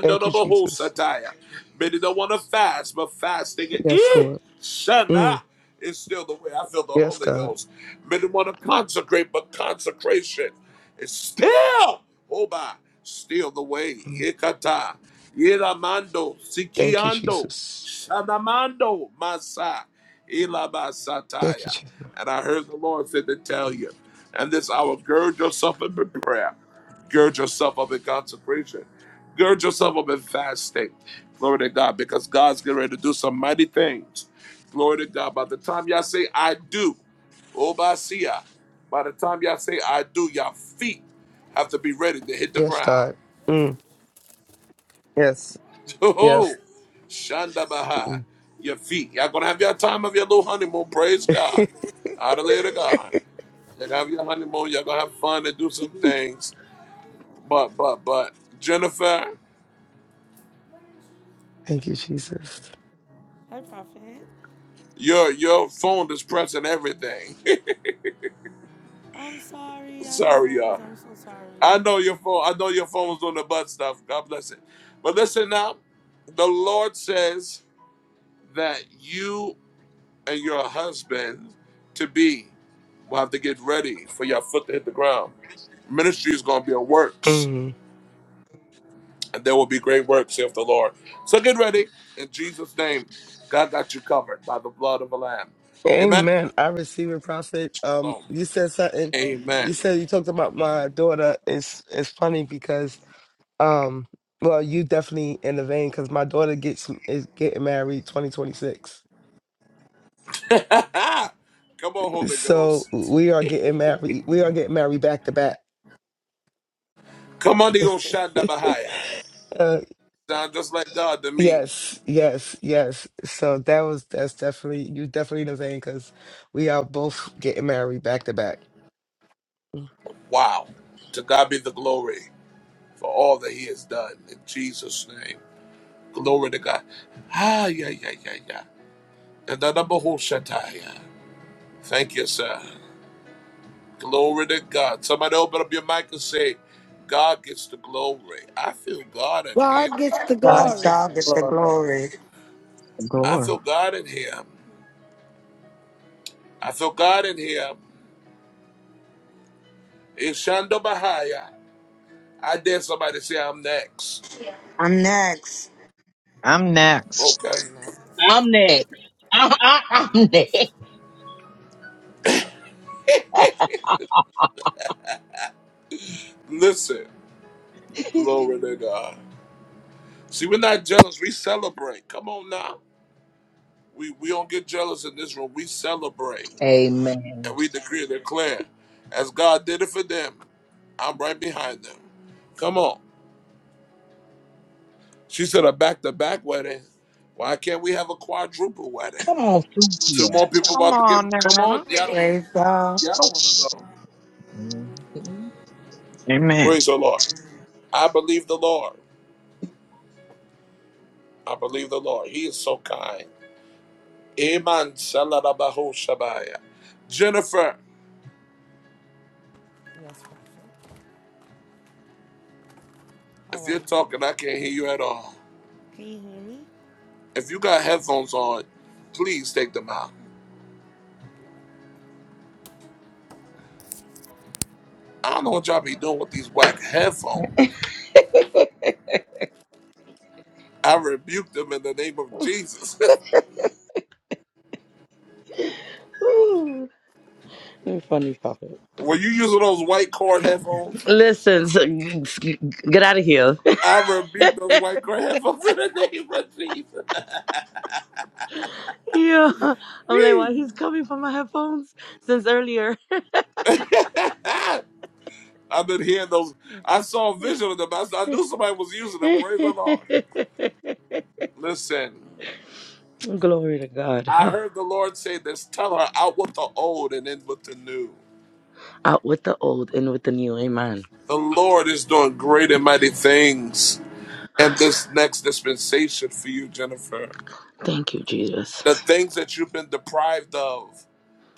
Q: Thank you, Jesus.
A: Many don't want to fast, but fasting
Q: Yes, Lord. Mm.
A: Ishana, is still the way. I feel the
Q: Yes,
A: Holy
Q: God.
A: Ghost. Many want to consecrate, but consecration is still, oh my, still the way.
Q: Mm.
A: Ikata. Iramando.
Q: Thank you,
A: Sikiando.
Q: Jesus.
A: Shanamando. Masa.
Q: Thank you,
A: Ilabasataya.
Q: Jesus.
A: And I heard the Lord said to tell you, and this hour, gird yourself in prayer. Gird yourself up in consecration. Gird yourself up in fasting. Glory to God, because God's getting ready to do some mighty things. Glory to God. By the time y'all say, I do, Obasia, by the time y'all say, I do, your feet have to be ready to hit the
Q: Yes,
A: ground.
Q: God. Mm. Yes.
A: Oh,
Q: Yes.
A: Shanda Baha,
Q: Mm.
A: your feet. Y'all gonna have your time of your little honeymoon. Praise God. Hallelujah to God. You're gonna have your honeymoon. You're gonna have fun and do some things. But, but, but, Jennifer.
Q: Thank you, Jesus.
H: Hi, Prophet.
A: Your your phone is pressing everything.
H: I'm sorry. I didn't
A: Sorry,
H: notice.
A: y'all.
H: I'm so sorry.
A: I know your phone. I know your phone was doing the butt stuff. God bless it. But listen now, the Lord says that you and your husband to be will have to get ready for your foot to hit the ground. Ministry is going to be a works,
Q: Mm.
A: and there will be great works, saith the Lord. So get ready in Jesus' name. God got you covered by the blood of the Lamb. Amen.
Q: Amen. I receive it, prophet. Um,
A: Shalom.
Q: you said something.
A: Amen.
Q: You said you talked about my daughter. It's it's funny because um, well, you definitely in the vein because my daughter gets is getting married twenty twenty six.
A: Come on, Holy
Q: So
A: Ghost.
Q: we are getting married. We are getting married back to back.
A: Come on, the Oshanda Bahaya.
Q: Uh,
A: Sound just like God to me.
Q: yes, yes, yes. So that was that's definitely you definitely in the vein because we are both getting married back to back.
A: Wow. To God be the glory for all that He has done in Jesus' name. Glory to God. Ah, yeah, yeah, yeah, yeah. And the number who shut yeah. Thank you, sir. Glory to God. Somebody open up your mic and say, God gets the glory. I feel God in here.
O: God gets the
E: God
G: God, give
H: God
O: glory.
E: shall get
H: gets
E: the
H: the
G: glory.
E: glory.
H: glory.
F: the
A: I
F: glory.
A: feel God in Him. I feel God in here. Ishanda Bahaya. I dare somebody to say I'm next.
E: I'm next.
F: I'm next.
A: Okay.
H: I'm next.
D: I'm next. I, I,
H: I'm
D: I'm next.
H: next.
A: Listen, glory to God. See, we're not jealous. We celebrate. Come on now. We we don't get jealous in this room. We celebrate
D: Amen.
A: and we decree and declare. As God did it for them, I'm right behind them. Come on. She said a back to back wedding. Why can't we have a quadruple wedding?
D: Come on through
A: Two
D: here.
A: more people
F: Come
A: about to get
F: on
A: come on.
F: now.
A: Y'all don't
E: Praise God.
A: y'all don't wanna go.
D: Mhm.
F: Amen.
A: Praise the Lord. I believe the Lord. I believe the Lord. He is so kind. Amen. Salarabaho Shabaya. Jennifer,
H: Yes, Prophet. How
A: if
H: are
A: you're
H: you?
A: talking, I can't hear you at all.
H: Can you hear me?
A: If you got headphones on, please take them out. I don't know what y'all be doing with these whack headphones. I rebuke them in the name of Jesus.
H: Ooh, you're funny, Prophet.
A: Were you using those white cord headphones?
H: Listen, so, g- g- get out of here.
A: I rebuke those white cord headphones in the name of Jesus.
H: Yeah, I'm like, why he's coming for my headphones since earlier?
A: I've been hearing those. I saw a vision of them. I, I knew somebody was using them. Praise the Lord. Listen.
H: Glory to God.
A: I
H: Huh.
A: heard the Lord say this tell her out with the old and in with the new.
H: Out with the old, in with the new. Amen.
A: The Lord is doing great and mighty things in this next dispensation for you, Jennifer.
H: Thank you, Jesus.
A: The things that you've been deprived of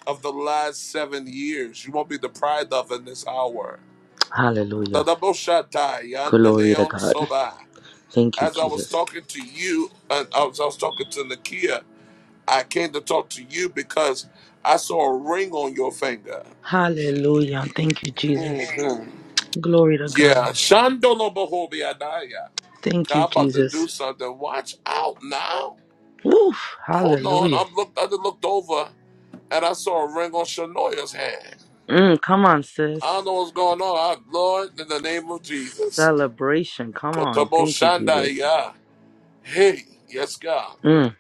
A: of the last seven years, you won't be deprived of in this hour. The
H: Hallelujah.
A: double shot die, yonder
H: Glory to
A: leon
H: God.
A: soba.
H: Thank you,
A: As I was
H: Jesus.
A: talking to you, and as I was talking to Nakia, I came to talk to you because I saw a ring on your finger.
H: Hallelujah. Thank you, Jesus.
A: Mhm.
H: Glory to
A: Yeah,
H: God.
A: Shandolo Bohobiadaya.
H: Thank you,
A: God about to do
H: Jesus.
A: something. Watch out now.
H: Woof.
A: Hold on.
H: Hallelujah.
A: I'm looked I just looked over and I saw a ring on Shanoya's hand.
H: Mm, come on, sis.
A: I don't know what's going on. I, Lord, in the name of Jesus.
H: Celebration. Come on.
A: Kotobo
H: Thank you, Jesus.
A: Shandaya. Hey, yes, God. Mm.
H: Mm,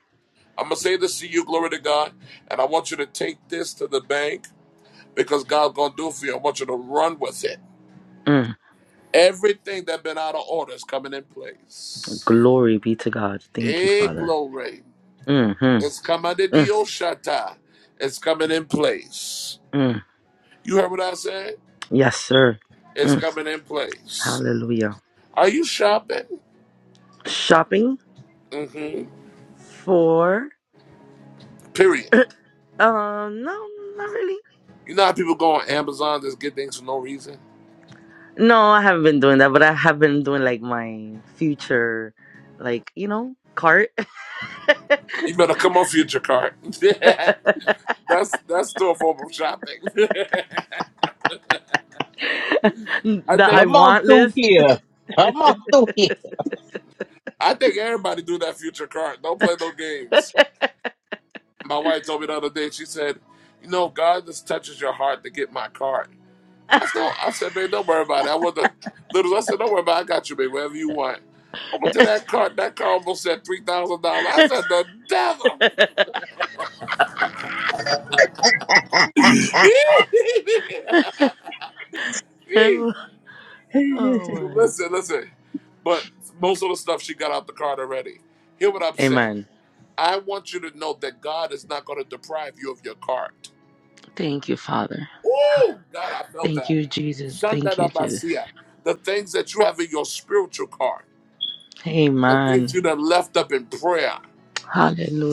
A: I'm gonna say this to you, glory to God, and I want you to take this to the bank because God's gonna do it for you. I want you to run with it.
H: mm.
A: Everything that been out of order is coming in place.
H: Glory be to God. Thank you,
A: Hey,
H: Father.
A: glory.
H: Mm-hmm.
A: It's coming to the
H: Mm,
A: Oshata. It's coming in place.
H: mm.
A: You heard what I said?
H: Yes, sir.
A: It's
H: Mm.
A: coming in place.
H: Hallelujah.
A: Are you shopping?
H: Shopping
A: Mm-hmm.
H: for
A: Period.
H: um no, not really.
A: You know how people go on Amazon just get things for no reason?
H: No, I haven't been doing that, but I have been doing like my future like, you know, cart
A: You better come on future cart. Yeah. that's that's still a form of shopping. I
H: that I
A: think
D: Come on
H: want
D: through
H: list.
D: here. Come on through here.
A: I think everybody do that future cart. Don't play no games. My wife told me the other day, she said, You know, God just touches your heart to get my cart." I said, "Oh," I said, man, don't worry about it. I want the littles. I said, don't worry about it. I got you, man, whatever you want. I went to that cart. That car almost said three thousand dollars. I said, the devil.
H: oh
A: But
H: man.
A: listen, listen. But most of the stuff she got out the cart already. Hear what I'm saying?
H: Amen.
A: I want you to know that God is not going to deprive you of your cart.
H: Thank you, Father.
A: Oh, God, I felt
H: Thank
A: that.
H: you, Jesus. Thank you, Jesus.
A: Shandanabasia. The things that you have in your spiritual cart, the
H: Amen.
A: things you done left up in prayer.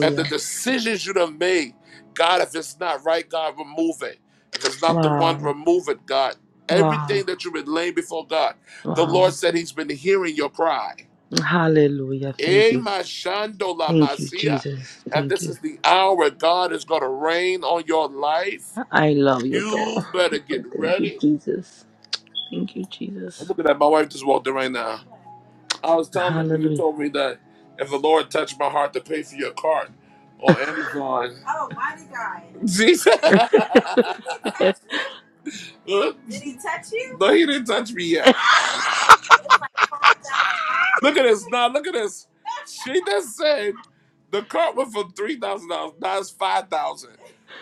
A: And the decisions you done made, God, if it's not right, God, remove it. If it's not the one,
H: Wow.
A: remove it, God. Everything
H: Wow.
A: that you've been laying before God, the Lord
H: Wow.
A: said He's been hearing your cry.
H: Hallelujah. Thank
A: Eh,
H: you.
A: my shando la
H: Thank you,
A: masia.
H: Jesus.
A: And
H: Thank
A: this
H: you.
A: is the hour God is going to rain on your life.
H: I love you,
A: You
H: though.
A: better get
H: Thank you,
A: ready.
H: Jesus. Thank you,
A: I'm
H: Jesus.
A: looking at my wife just walked in right now. I was telling them when you
H: Hallelujah.
A: told me that if the Lord touched my heart to pay for your cart on Amazon. Oh, mighty God. Jesus. Did he touch you? Huh? Did he touch you? No, he didn't touch me yet. It's like, it's like $5,000. Look at this. Now, look at this. She just said the cart went from $3,000. Now it's 5000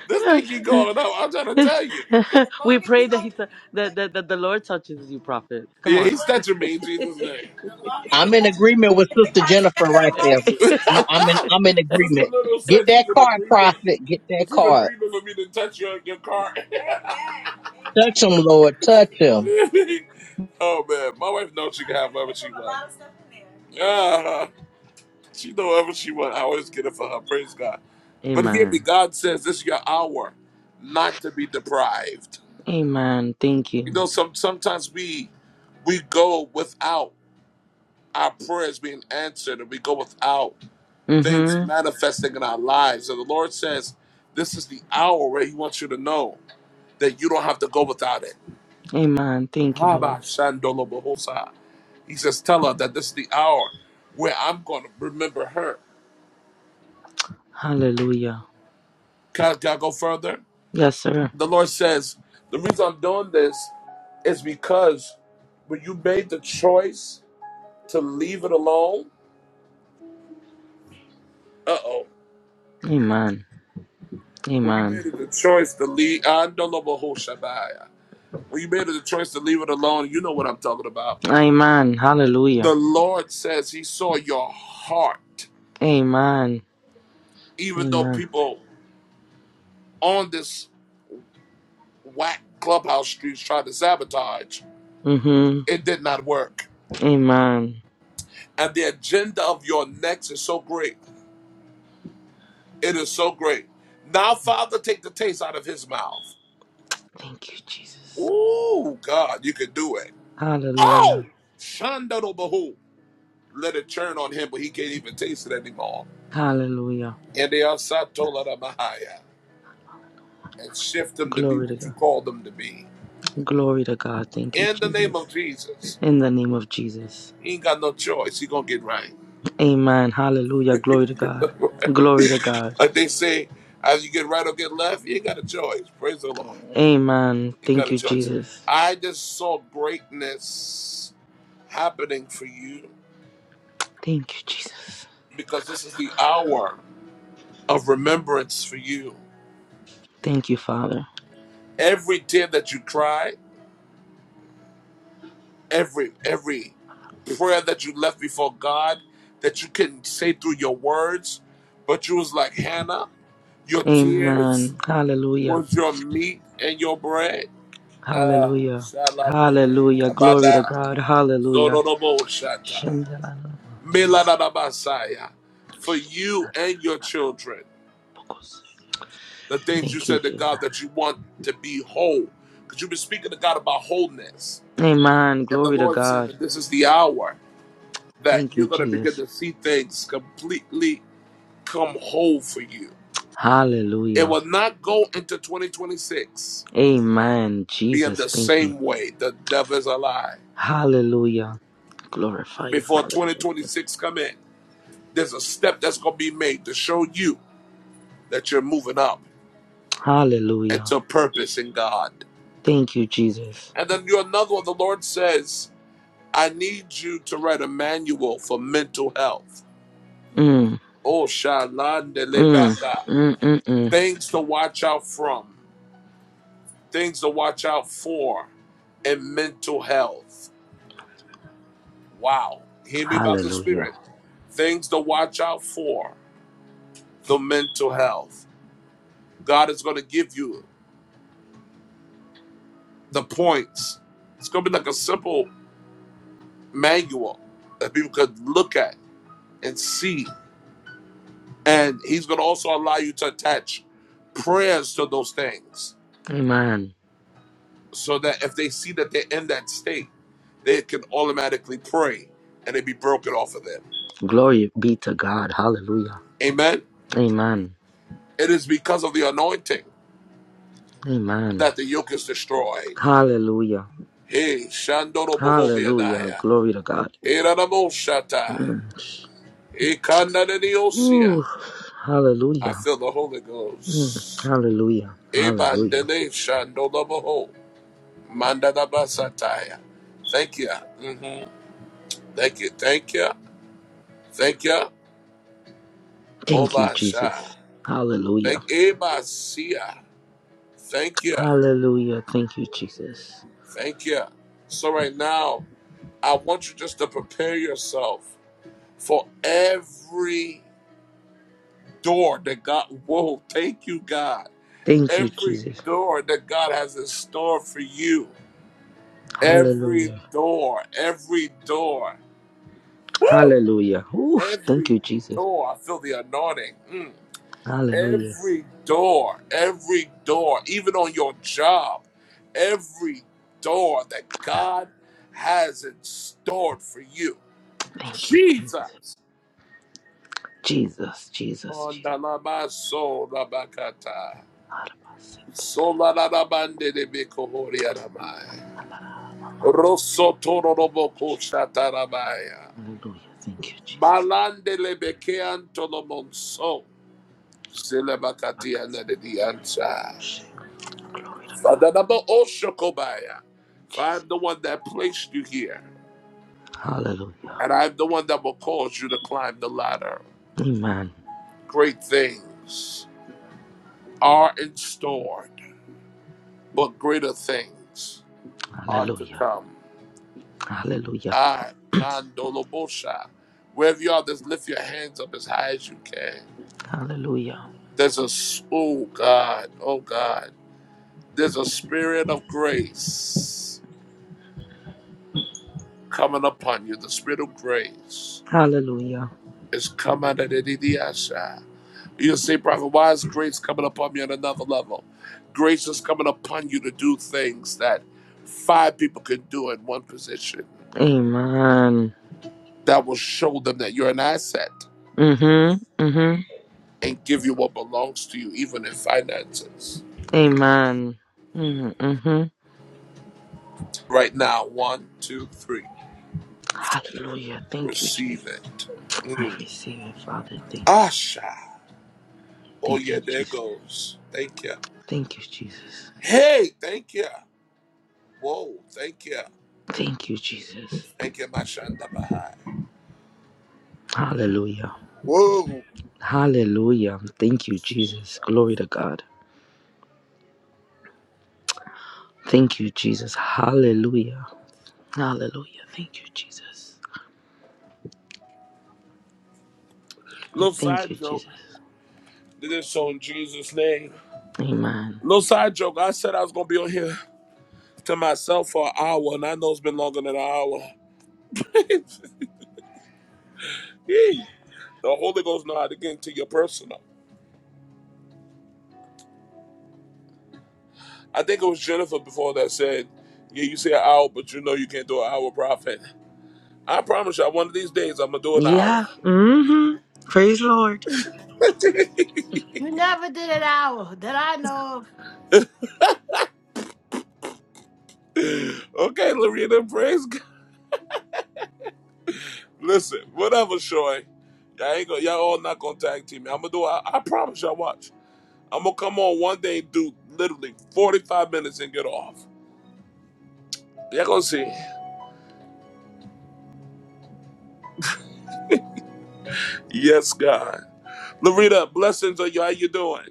A: This thing keep going up. I'm trying to tell you. The
H: we
A: longer
H: pray
A: you
H: that he t- that,
A: don't.
H: that that the Lord touches you, prophet. Come
A: Yeah,
H: on.
A: he's touching me in Jesus' name. The the the longer
D: I'm in
A: longer. you
D: agreement with
A: get the
D: Sister
A: car
D: Jennifer
A: together, the
D: right there.
A: longer
D: I'm, I'm in.
A: you-
D: I'm in
A: Sister
D: agreement.
A: Little said
D: Get that
A: she's in
D: card,
A: agreement.
D: prophet. Get that
A: She's in
D: card.
A: agreement for me to touch your, your car. Amen.
D: Touch him, Lord. Touch him.
A: Amen. oh man, my wife knows she can have whatever she wants. A lot of stuff in there. Uh, she know whatever she wants. I always get it for her. Praise God. But hear me,
H: Amen.
A: God says this is your hour, not to be deprived.
H: Amen. Thank
A: You
H: you.
A: know, some sometimes we we go without. our prayers being answered and we go without things
H: Mm-hmm.
A: manifesting in our lives. And the Lord says, This is the hour where He wants you to know that you don't have to go without it.
H: Amen. Thank you, Lord.
A: Haba shandolo bohosa. He says, Tell her that this is the hour where I'm going to remember her.
H: Hallelujah.
A: Can, can I go further?
H: Yes, sir.
A: The Lord says, The reason I'm doing this is because when you made the choice to leave it alone, uh oh,
H: Amen.
A: when you made
H: Amen.
A: the choice to leave, andolo bohoshabaya. When you made the choice to leave it alone, you know what I'm talking about.
H: Amen. Hallelujah.
A: The Lord says He saw your heart,
H: Amen.
A: even though
H: Amen.
A: people on this whack clubhouse streets tried to sabotage,
H: Mm-hmm.
A: it did not work.
H: Amen.
A: And the agenda of your next is so great. It is so great. Now, Father, take the taste out of his mouth.
H: Thank you, Jesus.
A: Ooh, God, you can do it. Oh,
H: Hallelujah.
A: Shandado Bahu. Let it churn on him, but he can't even taste it anymore.
H: Hallelujah.
A: And they are Satola Mahaya. and shift them to be
H: Glory to
A: what you
H: God.
A: call them to be.
H: Glory to God. Thank you,
A: In the name
H: Jesus.
A: of Jesus,
H: In the name of Jesus.
A: he ain't got no choice. He gonna get right.
H: Amen. Hallelujah. Glory to God. Glory to God.
A: like they say, either you get right or get left. You ain't got a choice. Praise the Lord.
H: Amen.
A: You ain't got
H: Thank
A: a
H: you,
A: choice.
H: Jesus.
A: I just saw greatness happening for you
H: Thank you, Jesus.
A: because this is the hour of remembrance for you.
H: Thank you, Father.
A: Every tear that you cried. every every prayer that you left before God that you couldn't say through your words, but you was like Hannah, your tears
H: Amen. Hallelujah.
A: was your meat and your bread. Ah,
H: Hallelujah.
A: shaladini
H: Hallelujah. Glory to
A: kabada,
H: God. Hallelujah.
A: sorodobo shata, miladadabasaya. For you and your children,
H: Thank
A: the things you
H: you,
A: said to
H: Jesus.
A: God that you want to be whole, because you've been speaking to God about wholeness,
H: Amen.
A: and the
H: Glory to
A: Lord said
H: God.
A: that this is the hour that
H: Thank you,
A: you're going to begin
H: Jesus.
A: to see things completely come whole for you. It
H: Hallelujah.
A: will not go into 2026
H: Amen.
A: being
H: Jesus,
A: the
H: thank you.
A: same way. The devil is a lie.
H: Hallelujah. Glorify you,
A: Before
H: Father. Thank you.
A: 2026 come in, there's a step that's going to be made to show you that you're moving up
H: Hallelujah.
A: into purpose in God.
H: Thank you, Jesus.
A: And then you're another one. The Lord says, I need you to write a manual for mental health.
H: Mm,
A: Oh, Shalan de
H: mm,
A: Lebaka.
H: mm, mm, mm.
A: Things to watch out from. things to watch out for in mental health. Wow. Hear me about the
H: Hallelujah.
A: spirit. Things to watch out for the mental health. God is going to give you the points. It's going to be like a simple manual that people could look at and see. And He's going to also allow you to attach prayers to those things
H: Amen.
A: so that if they see that they're in that state, they can automatically pray and it be broken off of them.
H: Glory be to God. Hallelujah.
A: Amen.
H: Amen.
A: It is because of the anointing
H: Amen.
A: that the yoke is destroyed.
H: Hallelujah.
A: Hey, Shandoro
H: Hallelujah.
A: Bohovianaya.
H: Glory to God.
A: Iranamoshata.
H: Mm.
A: Ikananiosia.
H: Ooh,
A: I
H: hallelujah.
A: feel the Holy
H: Mm,
A: Ghost.
H: hallelujah. Hallelujah.
A: Ebandele Shandolo Boho. Mandadabasataya. Thank you. Mhm. Thank you. Thank you. Thank you.
H: Thank you, Jesus.
A: Obasha.
H: Hallelujah.
A: Thank Ebasia. Thank you.
H: Hallelujah. Thank you, Jesus.
A: Thank you. So right now, I want you just to prepare yourself for every door that God, whoa, thank you, God.
H: Thank you,
A: Every
H: Jesus.
A: door that God has in store for you. Every
H: Hallelujah.
A: door, every door. Woo!
H: Hallelujah. Ooh, thank
A: Every
H: you, Jesus.
A: door. I feel the anointing. Mm.
H: Hallelujah.
A: Every door, every door, even on your job, every door that God has in store for you.
H: Thank you, Jesus.
A: Jesus.
H: Jesus, Jesus,
A: On
H: Jesus.
A: Dalama Soul Rabakata. Solarabande de Becohoriaramai. Rosotoroboco Shatarabaya.
H: Hallelujah. Thank you, Jesus.
A: Balande le Bekean Tolomonso. Zilabakatiana de Dianza.
H: Glory to God.
A: Fadanabo Oshokobaya. For I
H: Jesus.
A: am the one that placed you here,
H: Hallelujah.
A: and I am the one that will cause you to climb the ladder.
H: Amen.
A: Great things are in store, but greater things are to
H: Hallelujah.
A: come.
H: Hallelujah.
A: I, Kandolobosha. Wherever you are, just lift your hands up as high as you can.
H: Hallelujah.
A: There's a, s- oh God, oh God, there's a spirit of grace coming upon you. The spirit of grace
H: Hallelujah.
A: is coming at Idiasha. You'll say, Prophet, why is grace coming upon me on another level? Grace is coming upon you to do things that five people can do in one position
H: Amen.
A: that will show them that you're an asset.
H: Mm-hmm. Mm-hmm.
A: and give you what belongs to you, even in finances.
H: Amen. Mm-hmm. Mm-hmm.
A: Right now, one, two, three.
H: Hallelujah. Thank you, Jesus.
A: Receive it.
H: I
A: Mm.
H: receive it, Father. Thank you.
A: Asha. Oh,
H: Thank you,
A: yeah, there
H: Jesus.
A: goes. Thank you.
H: Thank you, Jesus.
A: Hey, thank you. Whoa, thank you.
H: Thank you, Jesus.
A: Thank you, Mashanda Bahai.
H: Hallelujah.
A: Whoa.
H: Hallelujah. Thank you,
A: Jesus.
H: Jesus. Glory to God. Thank you, Jesus. Hallelujah. Hallelujah. Thank you, Jesus.
A: Little
H: Thank
A: side
H: you,
A: joke.
H: Jesus.
A: Did this so in Jesus' name.
H: Amen.
A: Little side joke. I said I was going to be on here to myself for an hour, and I know it's been longer than an hour. the Holy Ghost know how to get into your personal. I think it was Jennifer before that said, "Yeah, you say an hour, but you know you can't do an hour profit." I promise you, one of these days I'm gonna do an hour.
H: Yeah. Mm-hmm. Praise the Lord.
O: You never did an hour that I know of.
A: okay, Lorena, praise God. Listen, whatever, Shoy. Y'all ain't gonna, y'all all not gonna tag team me. I'm gonna do. I, I promise y'all. Watch. I'm gonna come on one day and do literally 45 minutes and get off. Y'all gonna see. Yes, God. Lorena, blessings on you. How you doing?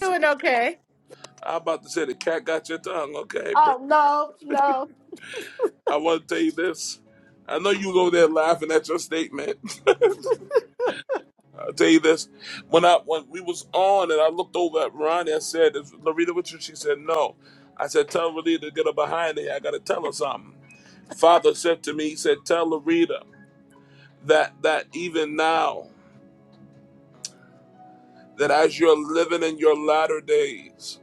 O: Doing okay.
A: I'm about to say the cat got your tongue. Okay, praise
O: Oh, no, no.
A: I want to tell you this. I know you go there laughing at your statement. I'll tell you this. When I when we was on and I looked over at Ronnie, I said, Is Loretta with you? She said, No. I said, Tell Loretta to get her behind me. I gotta tell her something. Father said to me, he said, Tell Loretta that that even now, that as you're living in your latter days,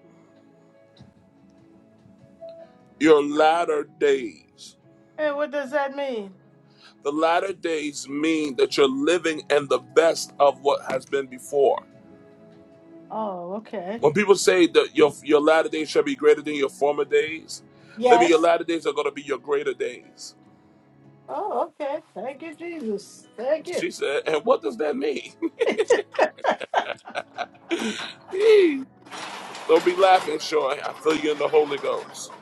A: your latter days,
O: And what does that mean?
A: the latter days mean that you're living in the best of what has been before.
O: Oh, okay.
A: When people say that your your latter days shall be greater than your former days, that means your
O: Yes.
A: latter days are going to be your greater days.
O: Oh, okay. Thank you, Jesus. Thank you.
A: She said, and what does that mean? Don't be laughing, Sean. I feel you in the Holy Ghost.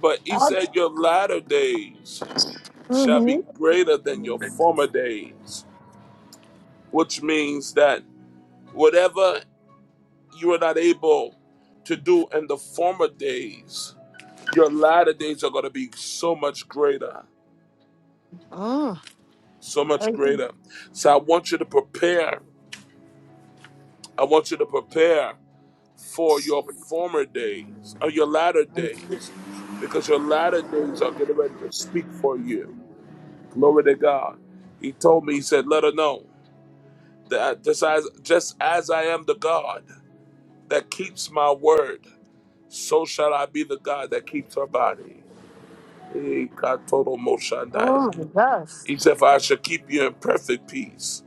A: But he
O: Oh,
A: said, your latter days shall be
O: mm-hmm.
A: greater than your former days, which means that whatever you were not able to do in the former days, your latter days are going to be so much greater.
O: oh,
A: so much
O: thank you.
A: greater. So I want you to prepare. I want you to prepare for your former days or your latter days because your latter days are getting ready to speak for you. Glory to God. He told me, He said, let her know that just as, just as I am the God that keeps my word, so shall I be the God that keeps her body. Eh, katoto moshandaya.
O: Oh, my gosh.
A: He said, for I shall keep you in perfect peace,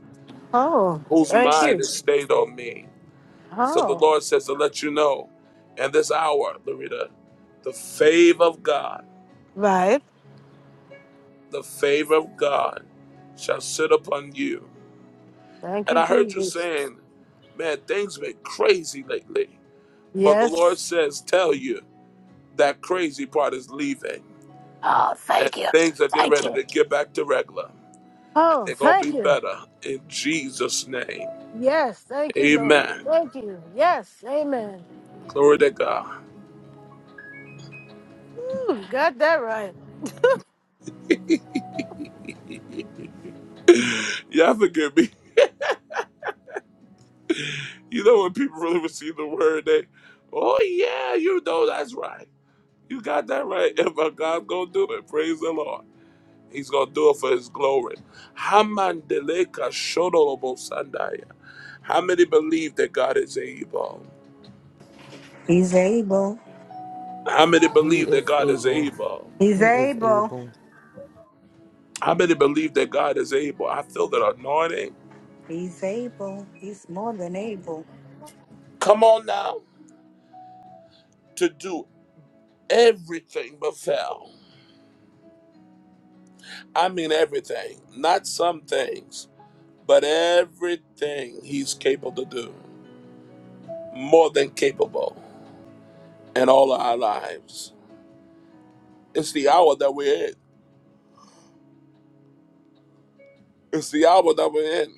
O: Oh,
A: whose
O: thank
A: mind
O: you.
A: is stayed on me So the
O: Oh,
A: Lord says to let you know in this hour, Loretta, the favor of God,
O: right.
A: the favor of God shall sit upon you.
O: Thank
A: And
O: you,
A: I heard you
O: Jesus.
A: saying, man, things been crazy lately. But the Lord
O: Yes.
A: says, tell you that crazy part is leaving.
O: Oh,
A: And
O: thank you.
A: things are getting
O: Thank
A: ready
O: you.
A: to get back to regular. And
O: Oh,
A: they're going to be
O: thank you.
A: better in Jesus' name.
O: Yes. Thank you, Lord.
A: Amen.
O: Thank you. Yes. Amen.
A: Glory to God.
O: Ooh, got that right.
A: Y'all forgive me. You know when people really receive the word, they, oh yeah, you know that's right. You got that right. And my God gonna do it. Praise the Lord. He's gonna do it for his glory. Hamandeleka shodolobo sandaya. How many believe that God is able?
E: He's able.
A: How many
H: He
A: believe that
H: is
A: God is
H: able.
A: able?
E: He's
H: He is
E: able.
H: able.
A: How many believe that God is able? I feel that anointing.
E: He's able. He's more than able.
A: Come on now to do everything but fail. I mean everything, not some things. But everything He's capable to do, more than capable, in all of our lives. It's the hour that we're in. It's the hour that we're in.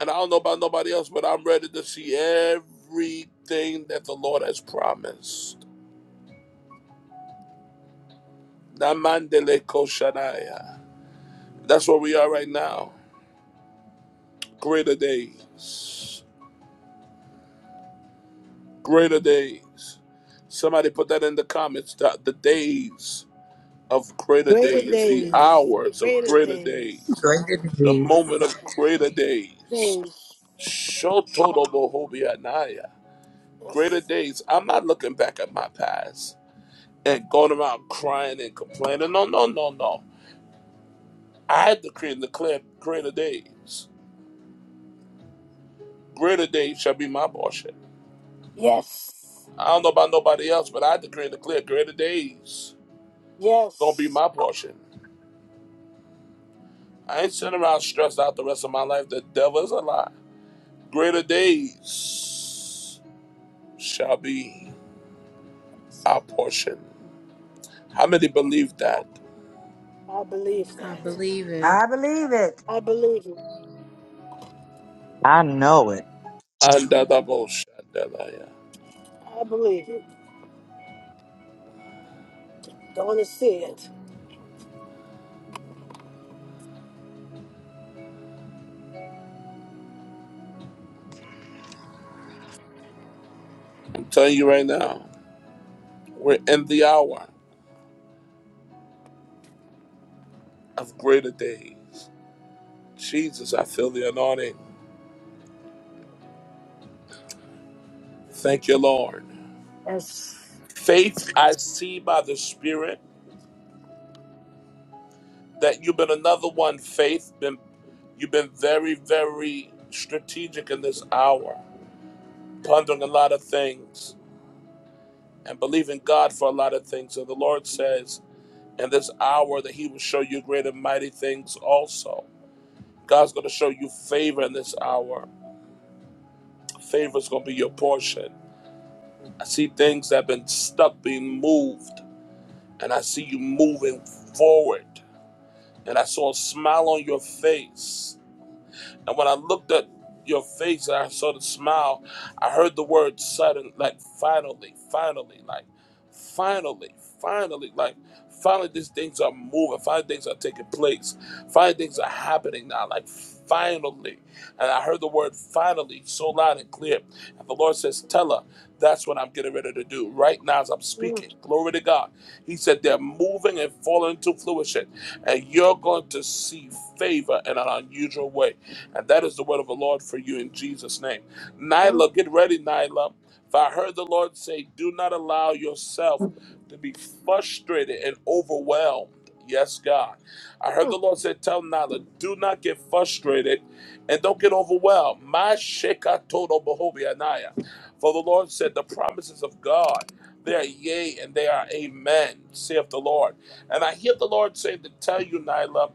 A: And I don't know about nobody else, but I'm ready to see everything that the Lord has promised. Namandele koshanaya. That's where we are right now. Greater days. Greater days. Somebody put that in the comments. The, the days of greater
O: Greater
A: days. The
O: days.
A: hours of
O: Greater
A: greater
O: days.
A: days.
G: Greater than
A: the
G: these.
A: moment of greater days.
O: Days.
A: Shotodobohobianaya. Greater
O: Yes.
A: days. I'm not looking back at my past and going around crying and complaining. No, no, no, no. I decree and declare greater days. Greater days shall be my portion.
O: Yes.
A: I don't know about nobody else, but I decree and declare greater days gonna be
O: Yes.
A: my portion. I ain't sitting around stressed out the rest of my life. The devil is a lie. Greater days shall be our portion. How many believe that?
O: I believe
G: I
O: that.
G: believe it.
E: I believe it.
O: I believe it.
F: I know it.
A: Andadaboshandalaya.
O: I believe it. Gonna see it.
A: I'm telling you right now, we're in the hour of greater days. Jesus, I feel the anointing. Thank you, Lord.
O: Yes.
A: Faith, I see by the Spirit that you've been another one. Faith, been you've been very, very strategic in this hour, pondering a lot of things and believing God for a lot of things. And the Lord says in this hour that He will show you great and mighty things also. God's going to show you favor in this hour. Favor is going to be your portion. I see things that have been stuck being moved, and I see you moving forward. And I saw a smile on your face And when I looked at your face and I saw the smile, I heard the word sudden, like finally, finally, like finally, finally, like finally these things are moving, finally things are taking place, finally things are happening now, like finally. And I heard the word finally so loud and clear. And the Lord says, Tell her, that's what I'm getting ready to do right now as I'm
O: Mm,
A: speaking. Glory to God. He said, They're moving and falling into fruition, and you're going to see favor in an unusual way. And that is the word of the Lord for you in Jesus' name.
O: mm,
A: Nyla, get ready, Nyla. For I heard the Lord say, Do not allow yourself to be frustrated and overwhelmed. Yes, God. I heard
O: mm,
A: the Lord say, Tell Nyla, do not get frustrated and don't get overwhelmed. My Sheka Todo Bohobi Anaya. For the Lord said, The promises of God, they are yea and they are amen, saith the Lord. And I hear the Lord say to tell you, Nyla,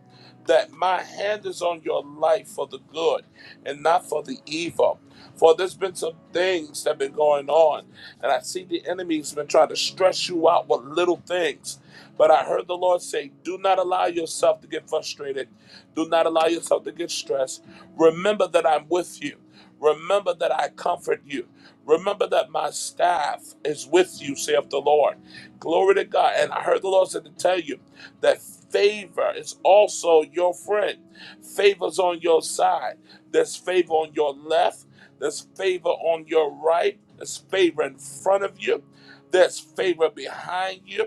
A: that my hand is on your life for the good and not for the evil. For there's been some things that have been going on, and I see the enemy's been trying to stress you out with little things. But I heard the Lord say, Do not allow yourself to get frustrated. Do not allow yourself to get stressed. Remember that I'm with you. Remember that I comfort you. Remember that my staff is with you, saith the Lord. Glory to God. And I heard the Lord said to tell you that favor is also your friend. Favor's on your side. There's favor on your left. There's favor on your right. There's favor in front of you. There's favor behind you.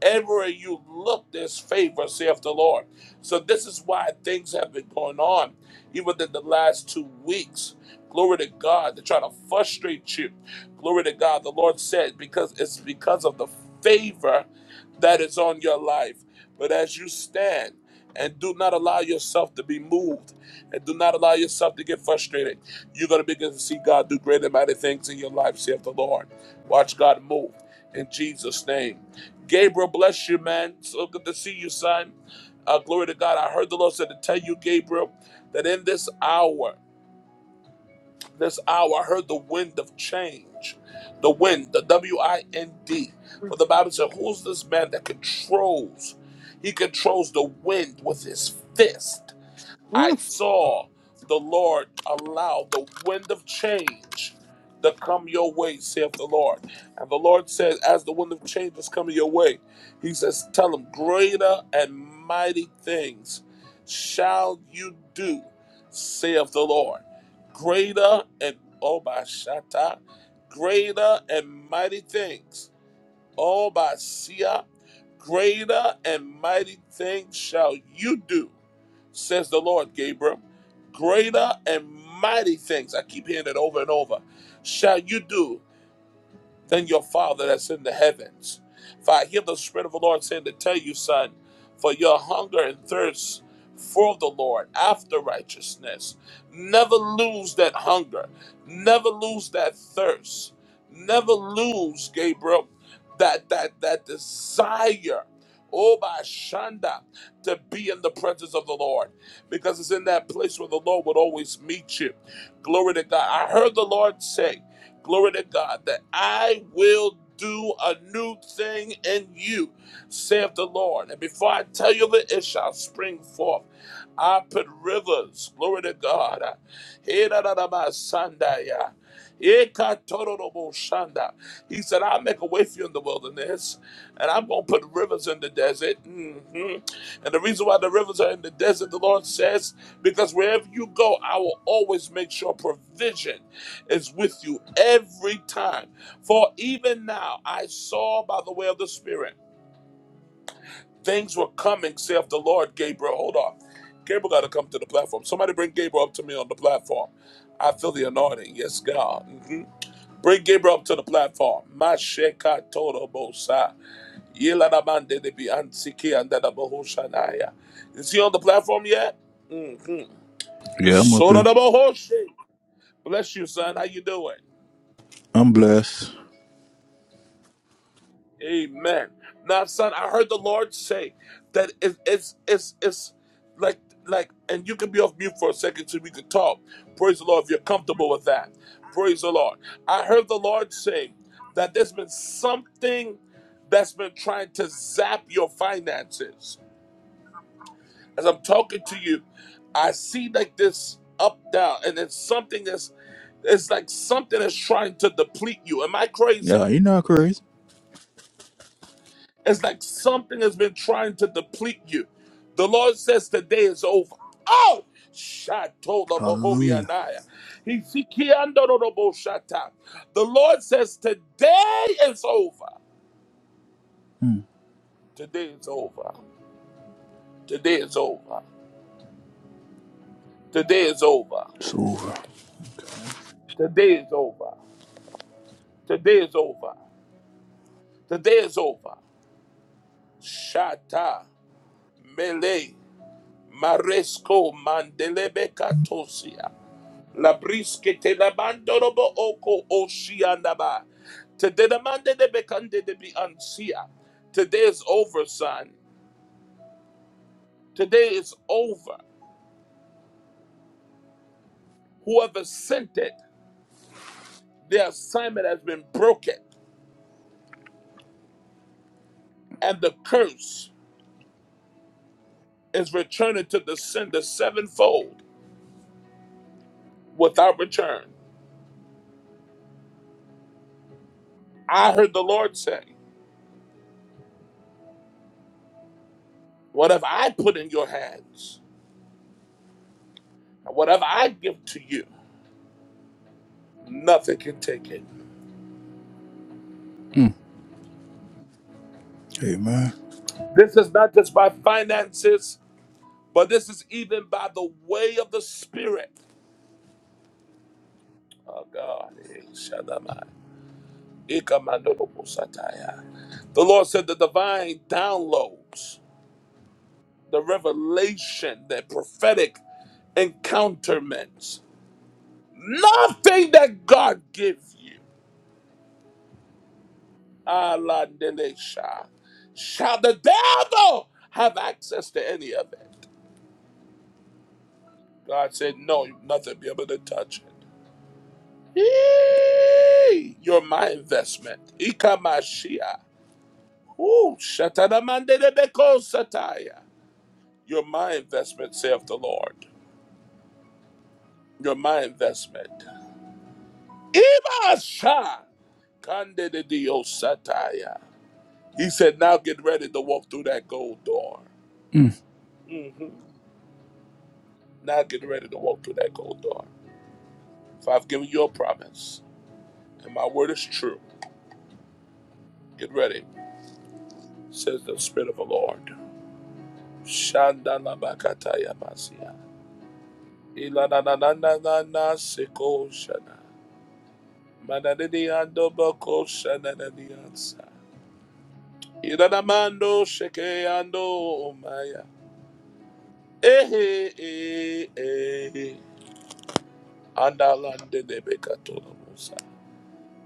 A: Everywhere you look, there's favor, saith the Lord. So this is why things have been going on, even in the last two weeks. Glory to God. They're trying to frustrate you. Glory to God. The Lord said, because it's because of the favor that is on your life. But as you stand and do not allow yourself to be moved and do not allow yourself to get frustrated, you're going to begin to see God do great and mighty things in your life, saith the Lord. Watch God move in Jesus' name. Gabriel, bless you, man. So good to see you, son. Uh, glory to God. I heard the Lord said to tell you, Gabriel, that in this hour, this hour. I heard the wind of change. The wind, the W I N D. For the Bible said, Who's this man that controls? He controls the wind with his fist. I
O: mm.
A: saw the Lord allow the wind of change to come your way, saith the Lord. And the Lord said, as the wind of change is coming your way, he says, tell them, greater and mighty things shall you do, saith the Lord. Greater and, oh my, shata, greater and mighty things Oh, Basia, greater and mighty things shall you do, says the Lord, Gabriel. Greater and mighty things, I keep hearing it over and over, shall you do than your Father that's in the heavens. For I hear the Spirit of the Lord saying to tell you, son, for your hunger and thirst for the Lord after righteousness. Never lose that hunger. Never lose that thirst. Never lose, Gabriel, that that that desire. Oh, by Shanda, to be in the presence of the Lord, because it's in that place where the Lord would always meet you. Glory to God. I heard the Lord say, glory to God, that I will do a new thing in you, saith the Lord. And before I tell you that it shall spring forth, I put rivers, glory to God. He said, I'll make a way for you in the wilderness, and I'm going to put rivers in the desert. hmm And the reason why the rivers are in the desert, the Lord says, because wherever you go, I will always make sure provision is with you every time. For even now I saw by the way of the Spirit things were coming, saith the Lord. Gabriel, hold on. Gabriel got to come to the platform. Somebody bring Gabriel up to me on the platform. I feel the anointing. Yes, God. Mhm. Bring Gabriel up to the platform. Masheka toro bosa. Yelanamande de bi ansiki andada bohoshanaya. Is he on the platform yet? Mm-hmm.
R: Yeah, I'm up here.
A: Bless you, son. How you doing?
R: I'm blessed.
A: Amen. Now, son, I heard the Lord say that it, it's it's it's like like, and you can be off mute for a second so we can talk. Praise the Lord if you're comfortable with that. Praise the Lord. I heard the Lord say that there's been something that's been trying to zap your finances. As I'm talking to you, I see like this up down, and it's something that's it's like something that's trying to deplete you. Am I crazy?
R: Yeah, you not crazy.
A: It's like something has been trying to deplete you. The Lord says the day is over. Oh! Shatola
R: Hallelujah.
A: Bohobianaya. Hifikiandoroboshata. The Lord says today is over.
R: Mm,
A: Today is over. Today is over. Today is over.
R: it's over.
A: Today is over. Today is over. Today is over. Shata Mele Maresco Mandelebe La briske te la bandorobo oko oshiandaba. Today the mande de bekande de bi ansia. Today is over, son. Today is over. Whoever sent it, the assignment has been broken, and the curse is returning to the sender sevenfold without return. I heard the Lord say, "Whatever I put in your hands? And Whatever I give to you, nothing can take it.
R: Mm, amen.
A: This is not just my finances. But this is even by the way of the Spirit. Oh God. eh, Shaddamai, Ikamandoboposataya. The Lord said the divine downloads, the revelation, the prophetic encounterments. Nothing that God gives you, Aladenesha, shall the devil have access to any of it. God said, No, nothing be able to touch it. Eee, You're my investment. Ikamashia. Ooh, shatanamandelebeko sataya. You're my investment, saith the Lord. You're my investment. Ibasha kandededio sataya. He said, now get ready to walk through that gold door.
R: Mm,
A: Now get ready to walk through that gold door. For I've given you a promise, and my word is true. Get ready, says the Spirit of the Lord. Shandalabakataya basia. Ilanananana seko shana. Manadidi ando boko shana nadi ansa. Ilanamando sheke ando omaya. Ehe eh eh. Andalande debeka tola musa.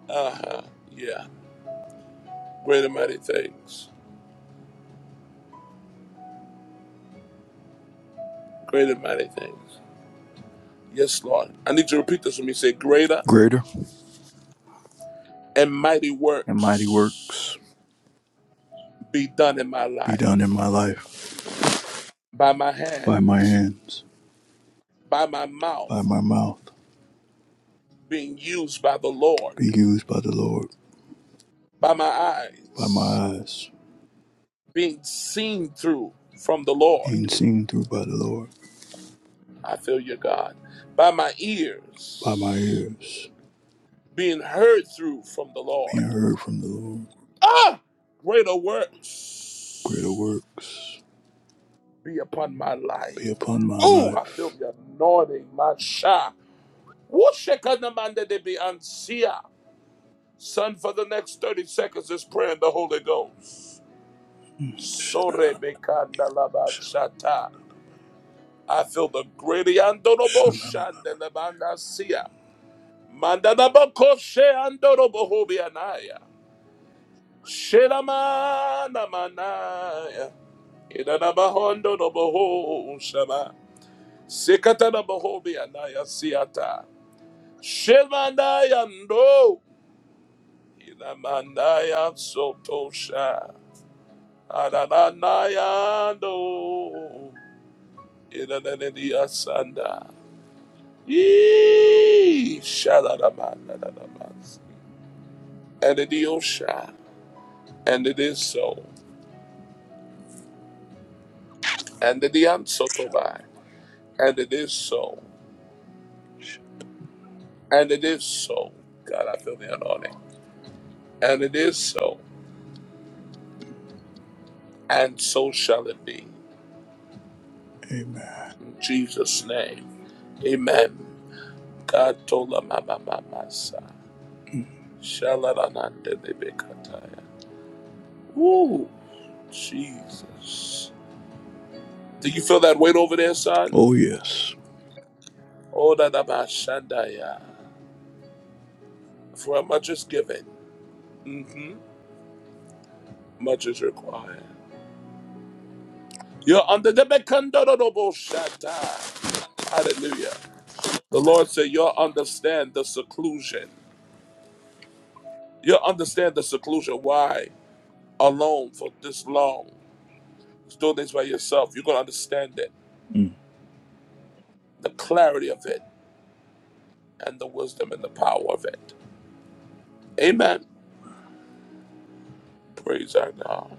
A: Uh-huh. Yeah. greater mighty things. greater mighty things. Yes, Lord. I need you to repeat this with me. Say, greater
R: greater
A: and mighty
R: and mighty
A: works
R: works
A: be done in my
R: be done in my
A: life
R: life
A: by my
R: by my
A: hands,
R: hands,
A: by my mouth.
R: by my mouth,
A: being used by the Lord,
R: be used by the Lord,
A: by my
R: by my
A: eyes
R: eyes,
A: being seen through from the Lord.
R: being seen through by the Lord,
A: I feel you, God. By my
R: by my
A: ears
R: ears,
A: being heard through from the
R: being
A: Lord.
R: heard from the Lord.
A: Ah, greater
R: Greater
A: works
R: works
A: be upon my life.
R: be upon my
A: Ooh, I feel
R: life.
A: the anointing, my sha. Wooshekadamanda de Beancia. Son, for the next 30 seconds is praying the Holy Ghost.
R: Mm,
A: Sore
R: shanana,
A: bekanda
R: shanana,
A: labashata. I feel the great Andorobo
R: shanana,
A: Shandelabanda Sia. Mandanabako She Andorobo Hobianaya. Shelamana Manaya. Idanabahondo Noboho Shama. Sikatana Bohobianaya Siata. Shemanaya no. Idamanaya Sotosha. Adananaya no. Idananidia Sanda. Yee, shalalamanadadamas. And it is Osha, and it is so, and it is
R: shanana.
A: Ansotobai, and it is so, and it is so. God, I feel the anointing. And it is so, and so shall it be.
R: Amen.
A: In Jesus' name, amen. God told them, Mama, Mama, Sa,
R: Mm,
A: Shalalanande de Shalalanandadebekataya. Woo, Jesus. Do you feel that weight over there, son?
R: oh, yes.
A: Oh, da da ba shandaya. For much is given, hmm much is required. You're under the Bekandoroboshata. Hallelujah. The Lord said, You'll understand the seclusion. You'll understand the seclusion. Why alone for this long? Just doing this by yourself. You're going to understand it,
R: Hmm.
A: the clarity of it, and the wisdom and the power of it. Amen. Praise our God.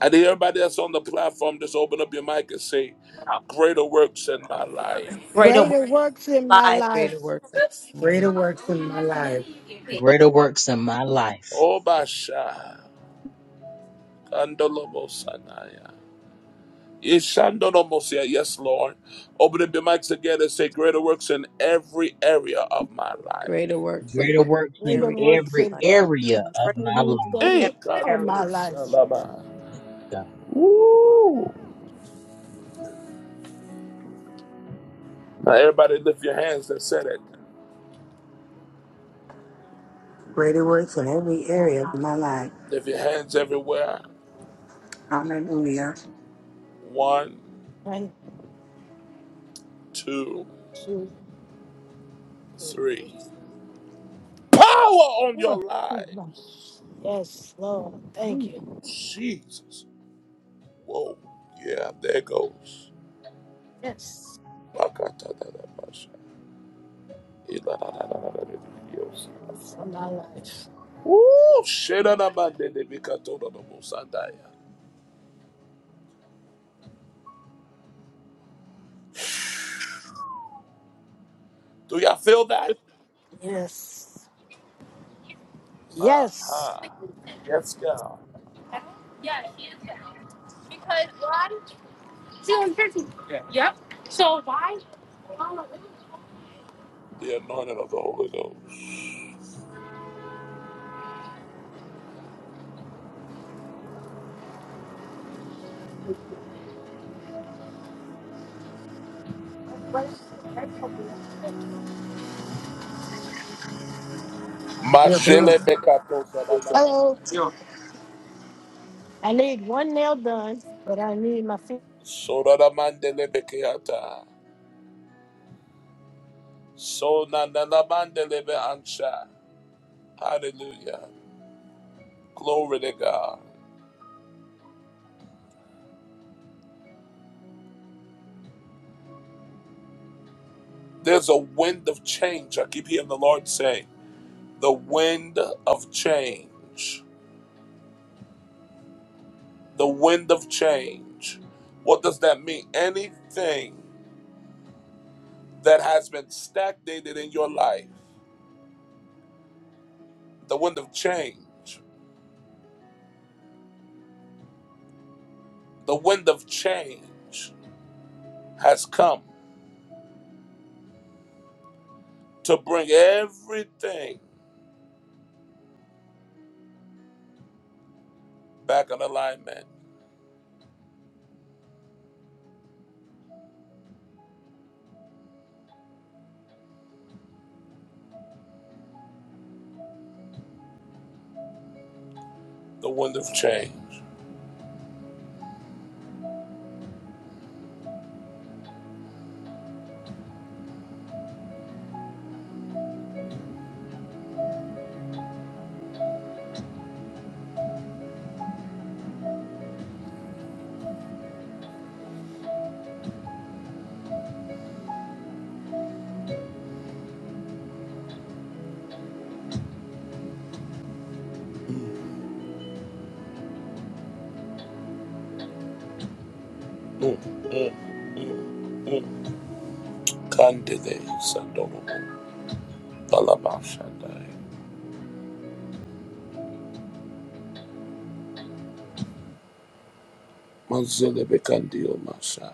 A: And everybody that's on the platform, just open up your mic and say, Greater works in my life.
B: great a work
O: Greater works in my
B: life.
O: life.
G: Greater works of
E: Greater
G: God.
E: works in my life.
D: Greater works in my life.
A: Oh, Basha. Andolomosanaya. Yes, Andolomosia. Yes, Lord. Open the mic together. Say greater works in every area of my life.
G: Greater works in
D: Greater works
G: every
D: in
O: Greater
G: area of
O: works
D: every
G: my
O: in
G: life.
D: area of my
O: every
D: life.
O: day
A: Eh, God,
O: of my
A: do
O: life.
A: shalom. Woo. Now, everybody, lift your hands and say it.
E: Greater works in every area of my life.
A: Lift your hands everywhere.
E: Hallelujah.
A: One,
O: Thank
A: two,
O: you.
A: three. Power on your
O: Lord.
A: lives.
O: Yes, Lord. Thank
A: Ooh,
O: you.
A: Jesus. Whoa. Yeah, there goes.
O: Yes.
A: Bakatada, pasha. Iladada, pasha.
O: For my life.
A: Ooh, shedadabadedebikatododobosandaya. Do y'all feel that?
O: Yes. Yes.
A: Aha. Yes, God.
O: Yeah. Yeah. is there. because why? why? Yep. So why?
A: The anointing of the Holy Ghost.
O: Yeah, Hello.
A: Mashelebekatosadabaya.
O: hello. I need one nail done, but I need my feet.
A: Sodadamandelebekeyata. Sonananamandelebeansha. Hallelujah. Glory to God. There's a wind of change. I keep hearing the Lord saying, the wind of change. the wind of change. What does that mean? Anything that has been stagnated in your life, the wind of change, the wind of change has come to bring everything back in alignment. The wind of change. Candide Sandobo, Balabashandai, Manzilebe Candio Masha.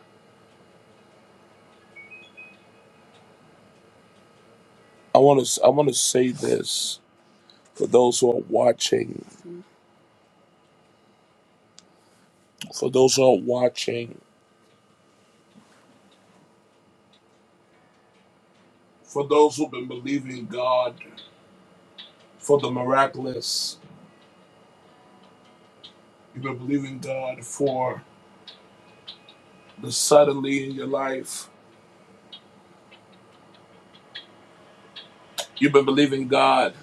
A: I want to I want to say this for those who are watching, for those who are watching for those who've been believing God for the miraculous. You've been believing God for the suddenly in your life. You've been believing God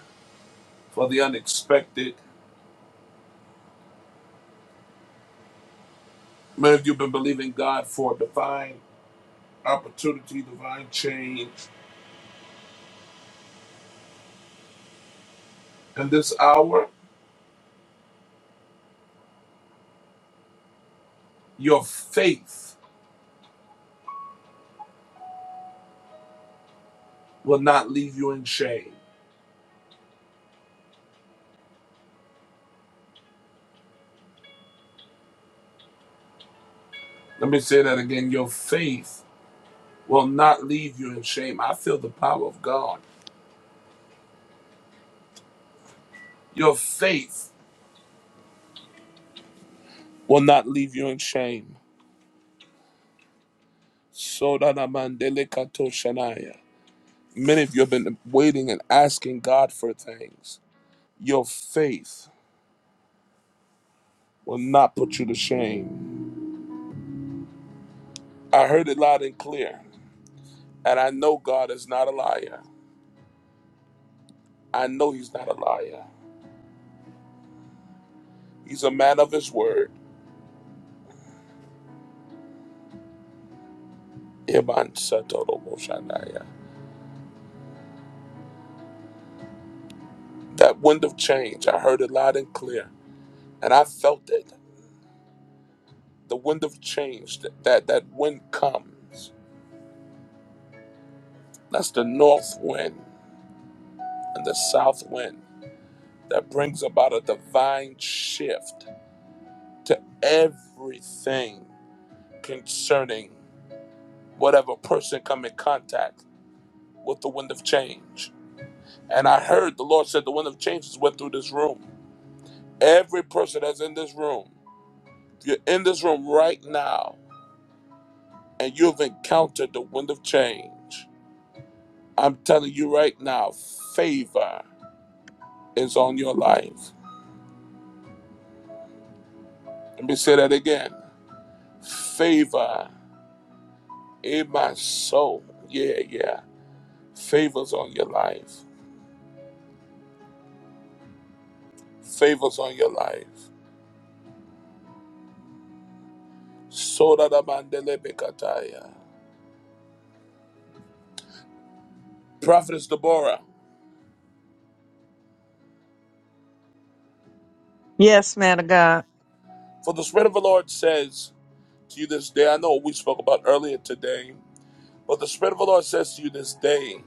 A: for the unexpected. Many of you have been believing God for divine opportunity, divine change. In this hour, your faith will not leave you in shame. Let me say that again. Your faith will not leave you in shame. I feel the power of God. Your faith will not leave you in shame. Sodana mandele kato shanaya. Many of you have been waiting and asking God for things. Your faith will not put you to shame. I heard it loud and clear, and I know God is not a liar. I know He's not a liar. He's a man of His word. Iban satorobo shanaya. That wind of change, I heard it loud and clear, and I felt it. The wind of change, that, that, that wind comes. That's the north wind and the south wind. that brings about a divine shift to everything concerning whatever person come in contact with the wind of change. And I heard the Lord said the wind of changes went through this room. Every person that's in this room, you're in this room right now, and you've encountered the wind of change. I'm telling you right now, favor is on your life. Let me say that again. Favor in my soul. Yeah, yeah Favors on your life. Favors on your life. Soda da mandele bekataya. Prophetess Deborah,
F: Yes, man of God.
A: for the Spirit of the Lord says to you this day, I know we spoke about earlier today, but the Spirit of the Lord says to you this day,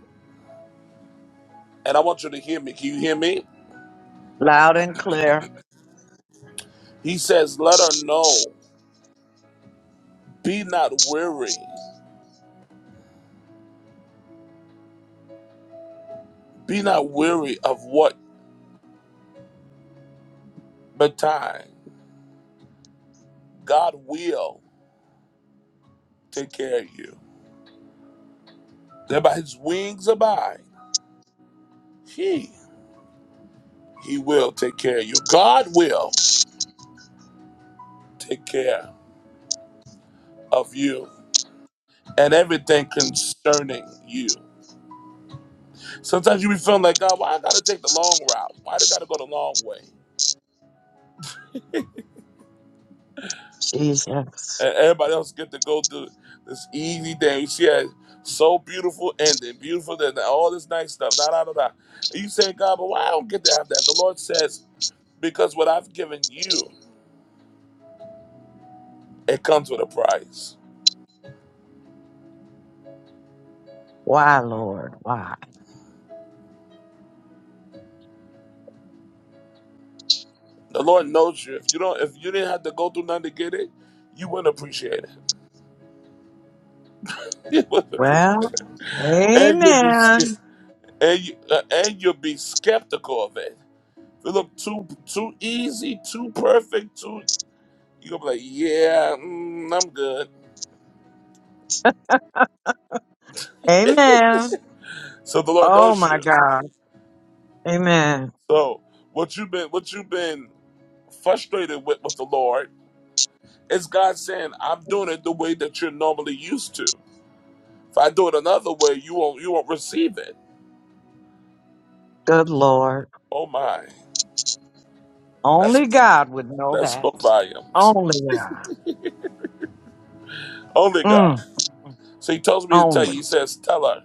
A: and I want you to hear me. Can you hear me?
F: Loud and clear.
A: He says, Let her know, be not weary, be not weary of what betide. God will take care of you. That by his wings abide. he He will take care of you. God will take care of you and everything concerning you. Sometimes you be feeling like, God, why I gotta take the long route? Why do I gotta go the long way?
F: Jesus.
A: And everybody else get to go through this easy thing. She had so beautiful ending, beautiful ending, all this nice stuff, da da da da. And you say, God, but why I don't get to have that? The Lord says, because what I've given you, it comes with a price.
F: Why, Lord? Why?
A: The Lord knows you. If you don't, if you didn't have to go through nothing to get it, you wouldn't appreciate it. Appreciate
F: Well,
A: that. and you'll be
F: amen.
A: ske- and you, uh, and you'll be skeptical of it. If it look too too easy, too perfect, too you'll be like, yeah, mm, I'm good.
F: Amen.
A: So the Lord
F: Oh
A: knows
F: my
A: you.
F: God. Amen.
A: So what you've been what you've been frustrated with with the Lord is God saying, I'm doing it the way that you're normally used to. If I do it another way, you won't you won't receive it.
F: Good Lord.
A: Oh my, that's
F: Only God would know
A: that spoke
F: that.
A: volumes.
F: Only God.
A: Only
F: Mm,
A: God. So he tells me to tell you.
F: only.
A: He says, tell her.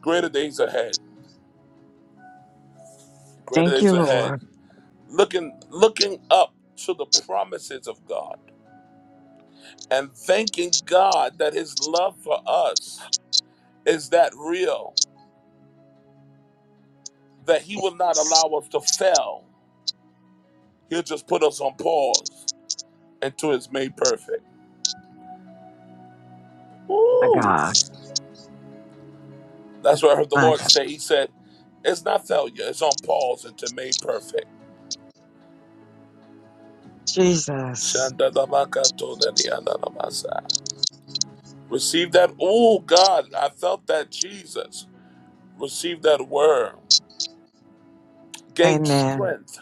A: greater days ahead greater
F: Thank
A: days
F: you,
A: ahead
F: Lord.
A: looking looking up to the promises of god and thanking god that his love for us is that real that he will not allow us to fail he'll just put us on pause until it's made perfect
F: My
A: Woo!
F: God.
A: that's what i heard the
F: My
A: lord
F: God.
A: say he said it's not failure it's on pause until made perfect
F: Jesus.
A: Shandalabakatodeliandalamasa. receive that oh god i felt that jesus receive that word. Gain
F: Amen.
A: strength.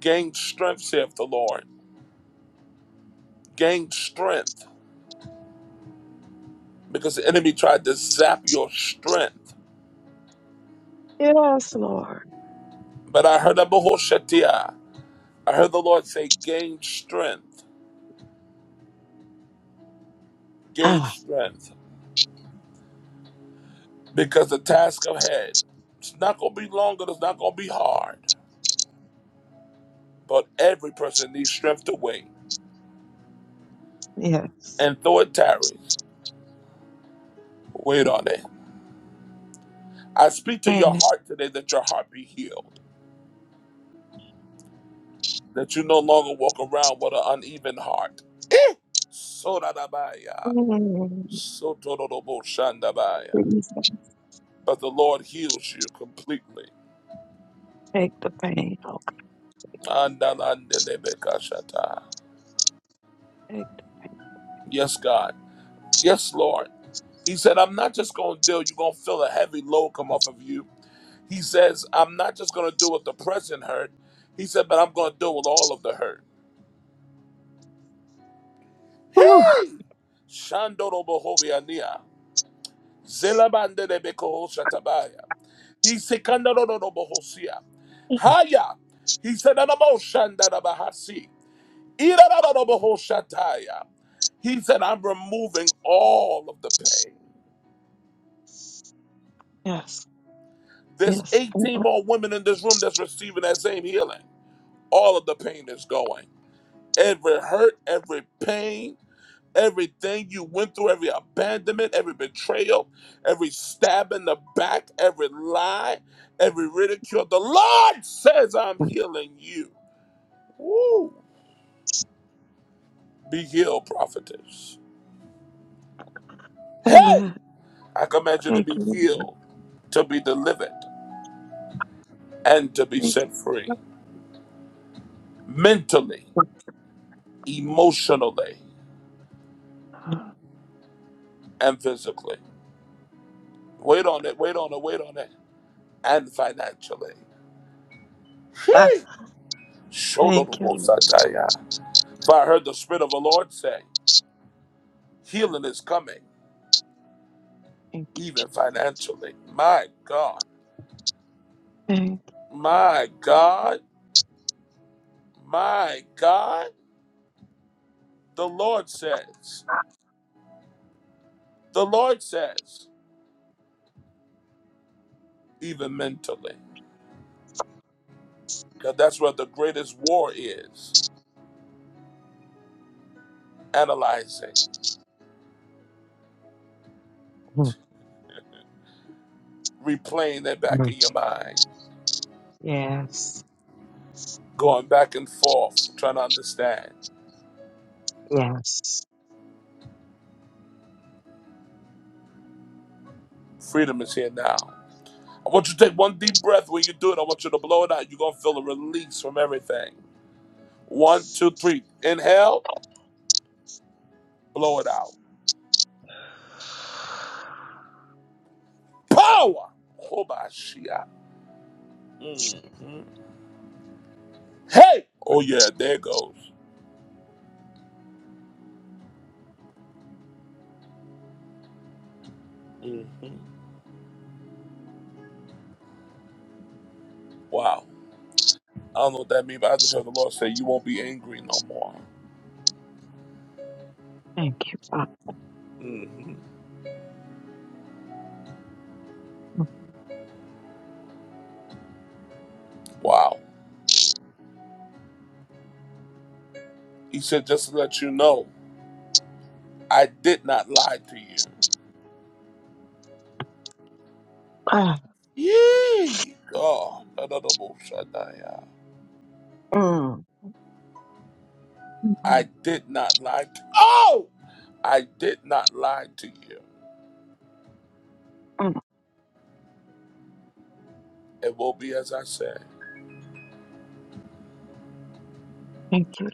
A: Gain strength, saith the Lord. Gain strength. Because the enemy tried to zap your strength.
F: Yes, Lord.
A: But I heard Abu Hoshatia. I heard the Lord say, gain strength. Gain
F: Ah,
A: strength. Because the task ahead, it's not going to be long and it's not going to be hard. But every person needs strength to wait.
F: yes.
A: And though it tarries, wait on it. I speak to your
F: Amen.
A: heart today that your heart be healed. that you no longer walk around with an uneven heart. Soradabaya,
F: Mm,
A: sotorodoboshandabaya.
F: Jesus,
A: But the Lord heals you completely.
F: Take the pain. Oh, God,
A: Andalandelebekashata.
F: take the
A: Yes, God. Yes, Lord. He said, I'm not just going to deal, you're going to feel a heavy load come off of you. He says, I'm not just going to deal with the present hurt. He said, but I'm going to deal with all of the hurt.
F: Whew.
A: Hey! Shandorobohobiania. Zelabandelebekoshatabaya. He said, "Kandarorobohosia." Haya. He said, "Anaboshandarabahasi." Irararorobahoshataya. He said, I'm removing all of the pain.
F: Yes.
A: There's
F: Yes.
A: 18 more women in this room that's receiving that same healing. All of the pain is going. Every hurt, every pain, everything you went through, every abandonment, every betrayal, every stab in the back, every lie, every ridicule. The Lord says, I'm healing you. Woo! Be healed, prophetess. Hey!
F: Amen.
A: I command you to
F: Thank
A: be
F: you.
A: healed, to be delivered, and to be
F: Thank
A: set free
F: you.
A: mentally, emotionally, and physically. Wait on it, wait on it, wait on it, and financially.
F: Ah,
A: Hey!
F: thank you, Lord.
A: Shodorobosataya. For I heard the Spirit of the Lord say, healing is coming,
F: Thank
A: even financially. My God,
F: you. Thank
A: my God, my God, the Lord says. The Lord says, even mentally, because that's where the greatest war is analyzing, replaying that back
F: you.
A: in your mind,
F: Yes.
A: going back and forth, trying to understand.
F: Yes.
A: Freedom is here now. I want you to take one deep breath when you do it. I want you to blow it out. You're going to feel a release from everything. One, two, three. Inhale, blow it out. Power! Hobashia. Mhm. Hey! Oh, yeah, there it goes. Mhm. Wow. I don't know what that means, but I just heard the Lord say, You won't be angry no more.
F: Thank you, Father.
A: hmm Wow. He said, Just to let you know, I did not lie to you. Yee! God. da, da, da, bo, sha,
F: Mm, mm,
A: I did not lie to Oh! I did not lie to you.
F: mm.
A: It will be as I say.
F: Thank you.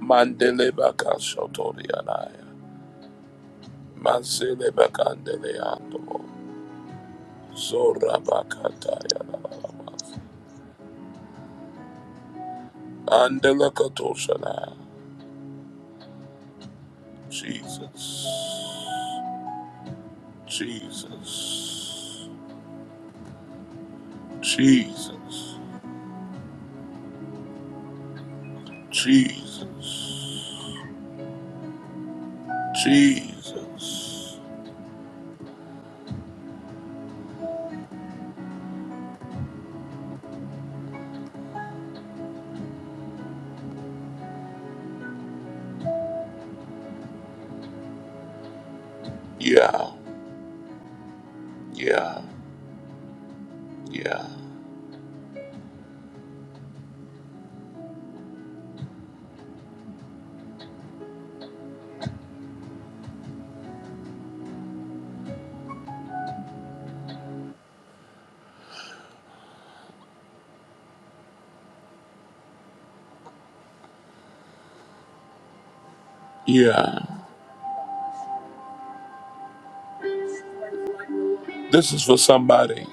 A: Mandele baka shotori anaya. Mansele baka andele ando. Zora baka taya la la la. Andele katosha na. Jesus, Jesus, Jesus, Jesus, Jesus. Yeah, yeah, yeah, yeah. This is for somebody.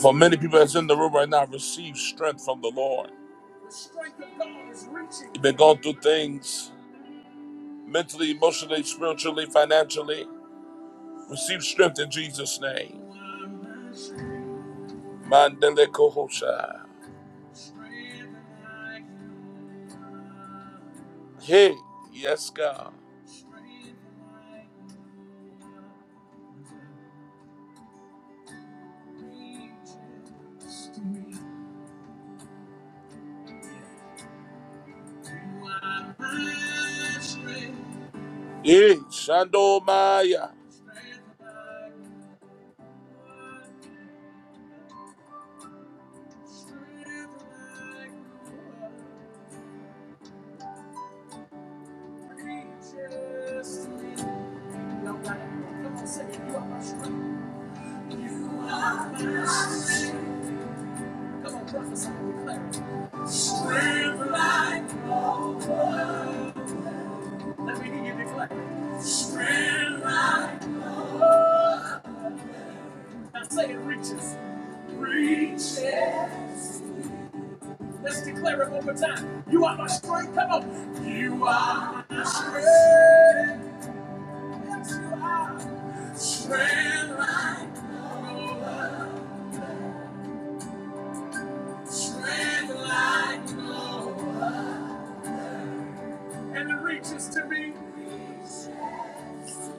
A: For many people that's in the room right now, receive strength from the Lord. You've been going through things mentally, emotionally, spiritually, financially. Receive strength in Jesus' name. Mandele kohosha. Hey, yes, God. Hey, Shando Maya.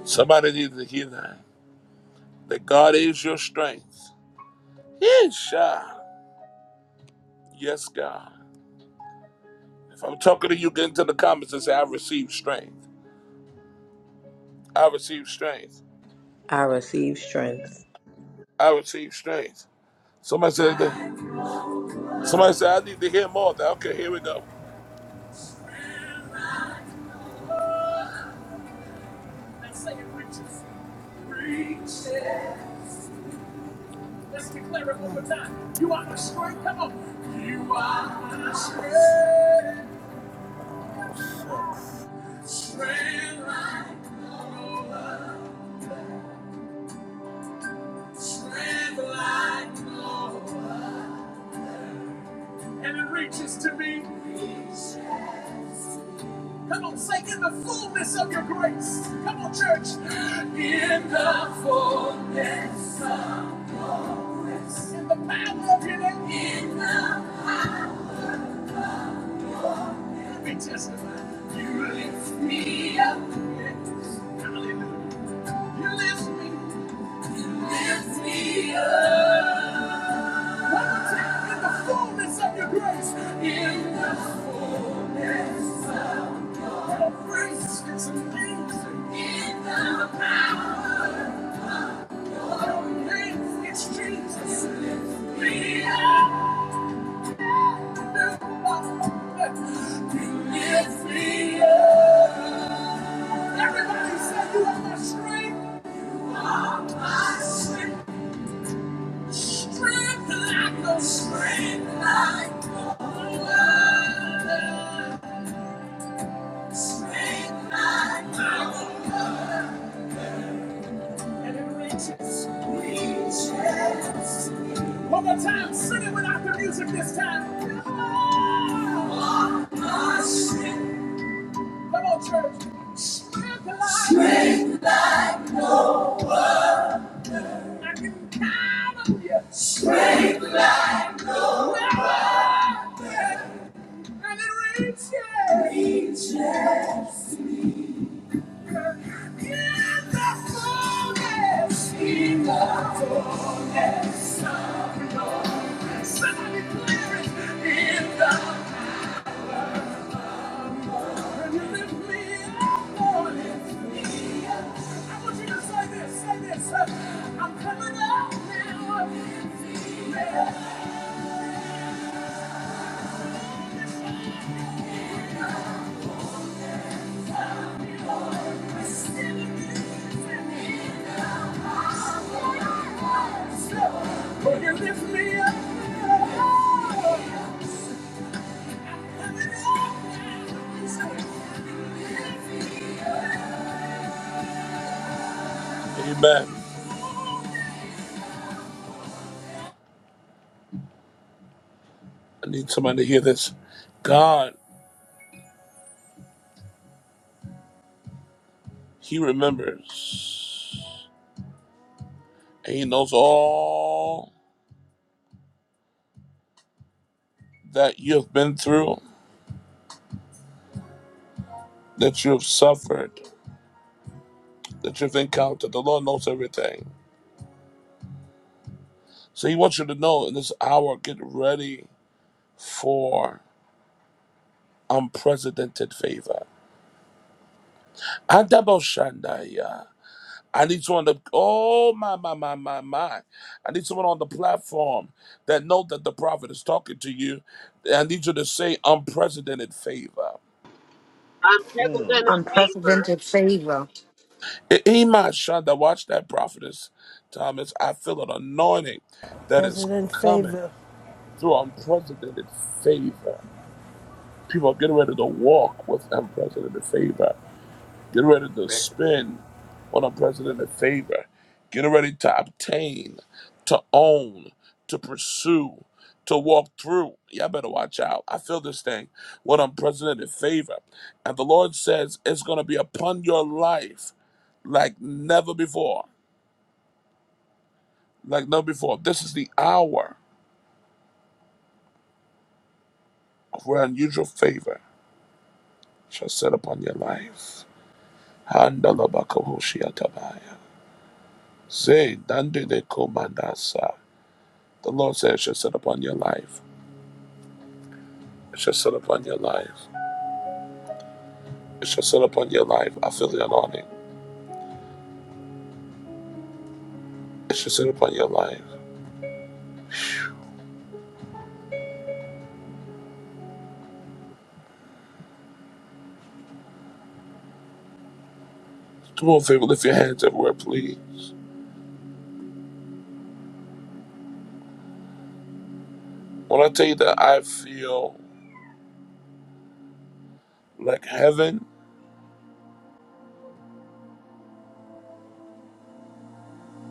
A: Somebody needs to hear that. That God is your strength. Yes, God. Yes, God. If I'm talking to you, get into the comments and say, I receive strength. I receive strength.
G: I receive strength.
A: I receive strength. Somebody said that. Somebody said, I need to hear more of that. Okay, here we go.
O: Come on, Oh, Sucks.
A: And it reaches to me. Come on, say in the fullness of your grace. Come on, church. In the fullness. In the power of your name. In the- Let me testify. You lift me up. Hallelujah. You lift me. Lift me up. One more time. In the fullness of your grace. In the fullness. Everybody say you are my strength. like no other. One more time, sing it without the music this time. Come on, Come on, church. Come I can count on you. And it reaches. Reaches. In the- Will you lift me up? Amen. I need somebody to hear this. God, He remembers. And He knows all that you have been through, that you have suffered, that you've encountered. The Lord knows everything. So He wants you to know in this hour, get ready for unprecedented favor. Adabo I need someone to, oh my, my, my, my, my. I need someone on the platform that know that the prophet is talking to you. I need you to say unprecedented favor.
S: I'm President Favor.
E: Unprecedented favor,
A: Ema Shanda, watch that prophetess, Thomas. I feel an anointing that is
O: President
A: coming
O: favor.
A: through unprecedented favor. People are getting ready to walk with unprecedented favor. Get ready to spend on unprecedented favor. Get ready to obtain, to own, to pursue, to walk through. Y'all better watch out. I feel this thing with unprecedented favor. And the Lord says it's going to be upon your life like never before. like no before. This is the hour of where unusual favor shall set upon your life. Handalabakahoshiatabaya. Say, dande de komandasa. The Lord says, it shall set upon your life. It shall set upon your life. It shall set upon your life. I feel the anointing. It shall set upon your life. Come on, favor, lift your hands everywhere, please. When I tell you that I feel like heaven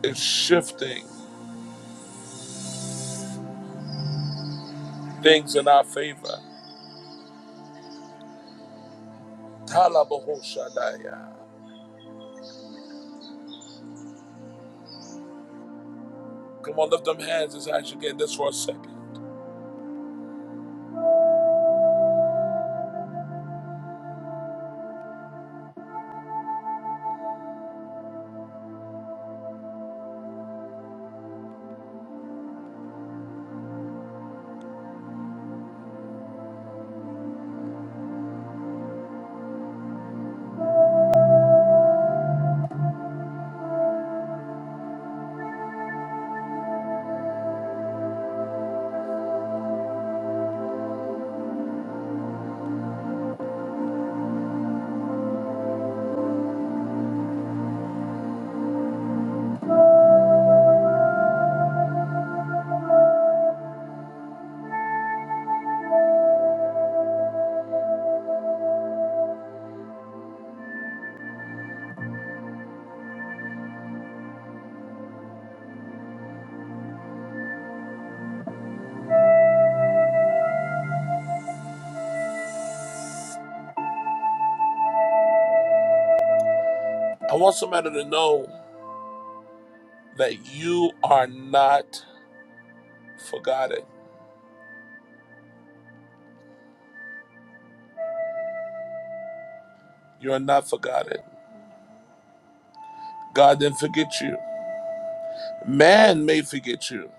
A: is shifting things in our favor. Talabahoshadaya. Come on, lift them hands and ask again this for a second. I want somebody to know that you are not forgotten. You are not forgotten. God didn't forget you. Man may forget you.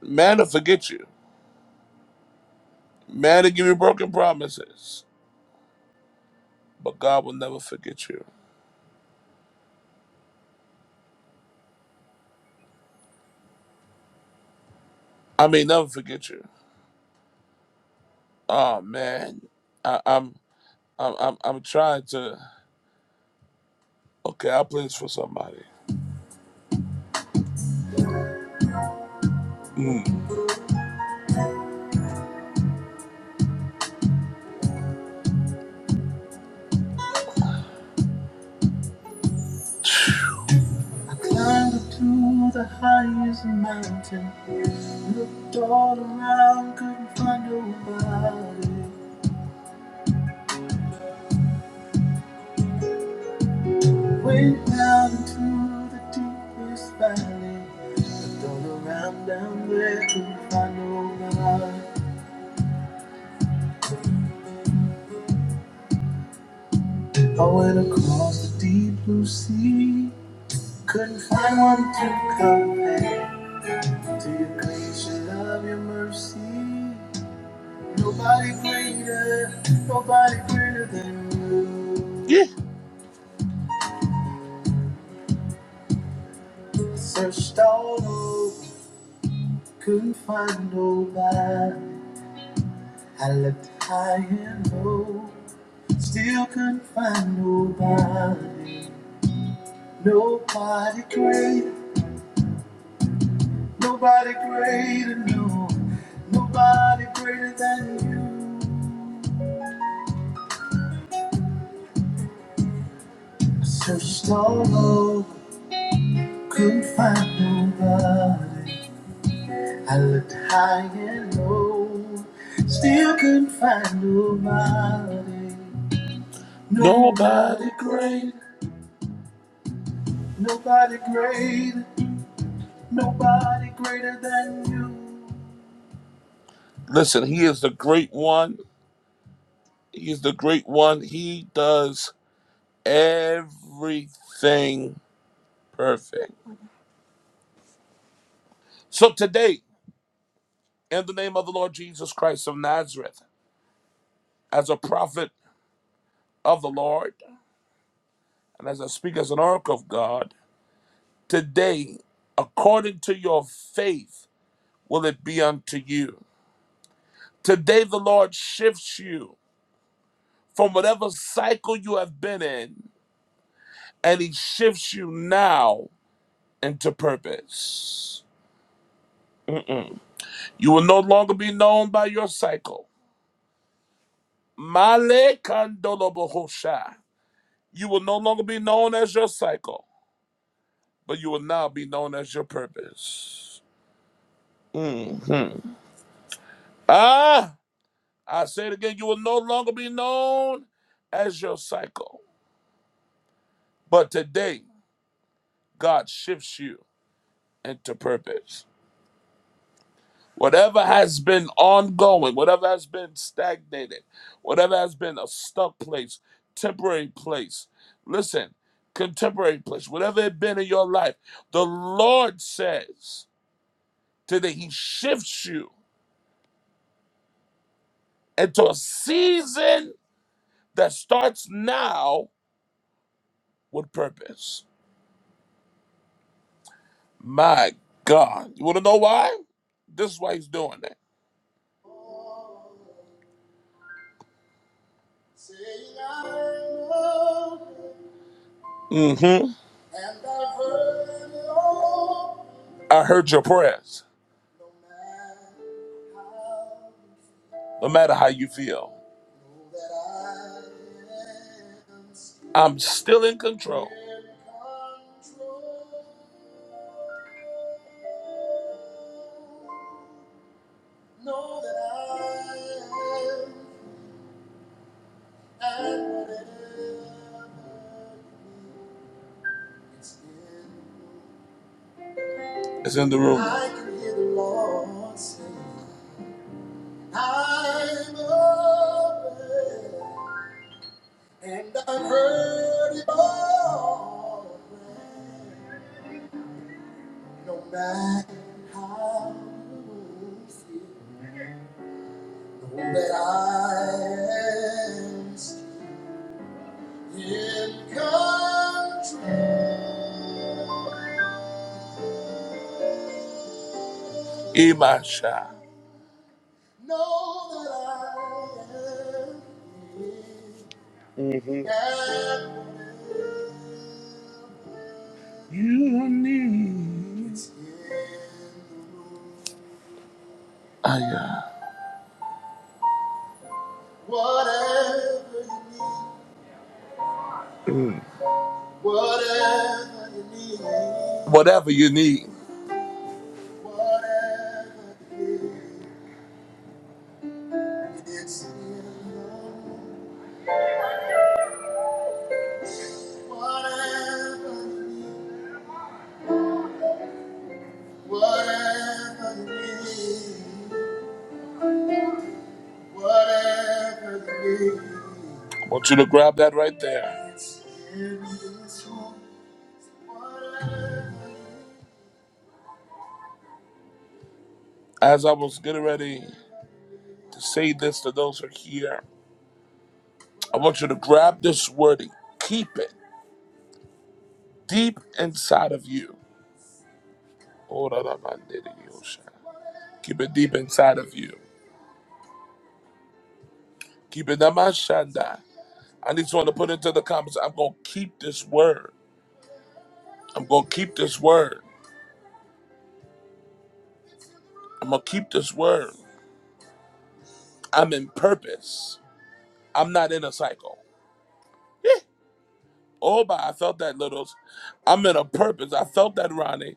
A: Man will forget you. Man will give you broken promises. But God will never forget you. I mean, never forget you. Oh man, I, I'm, I'm, I'm, I'm trying to. Okay, I'll play this for somebody. Climb to the highest mountain. Looked all around, couldn't find nobody. Went down into the deepest valley. Looked all around down there, couldn't find nobody. I went across the deep blue sea. Couldn't find one to compare to your grace, your love, your mercy. Nobody greater, nobody greater than you. Yeah. Searched all over, couldn't find nobody. I looked high and low, still couldn't find nobody. Nobody great, nobody greater, no. Nobody greater than you. I Searched all over, couldn't find nobody. I looked high and low, still couldn't find nobody. Nobody great. Listen, he is the great one. He is the great one. He does. everything perfect. So today, in the name of the Lord Jesus Christ of Nazareth, as a prophet of the Lord, and as I speak as an oracle of God, today, according to your faith, will it be unto you. Today, the Lord shifts you from whatever cycle you have been in, and He shifts you now into purpose. You will no longer be known by your cycle. Male Kandolobohosha. You will no longer be known as your cycle, but you will now be known as your purpose. Ah, I say it again. You will no longer be known as your cycle, but today God shifts you into purpose. Whatever has been ongoing, whatever has been stagnated, whatever has been a stuck place, temporary place, listen, contemporary place, whatever it been in your life, the Lord says. till that he shifts you into a season that starts now with purpose. My God. You want to know why? This is why he's doing it. hmm I heard your prayers, no matter how you feel. I'm still in control. It's in the room. I can hear the Lord sing, "I'm open." And I've heard it all. No matter how you feel, know that I am in control. Imasha. Know that I am. Aya. Whatever, whatever you need. Whatever you need. Whatever, whatever you I want you to grab that right there. As I was getting ready to say this to those who are here, I want you to grab this word and keep it deep inside of you. Oh, Keep it deep inside of you. Keep it that man, shanda. I need someone to put into the comments. I'm gonna keep this word. I'm gonna keep this word. I'm gonna keep this word. I'm in purpose. I'm not in a cycle. Yeah. Oh, but I felt that, littles. I'm in a purpose. I felt that, Ronnie.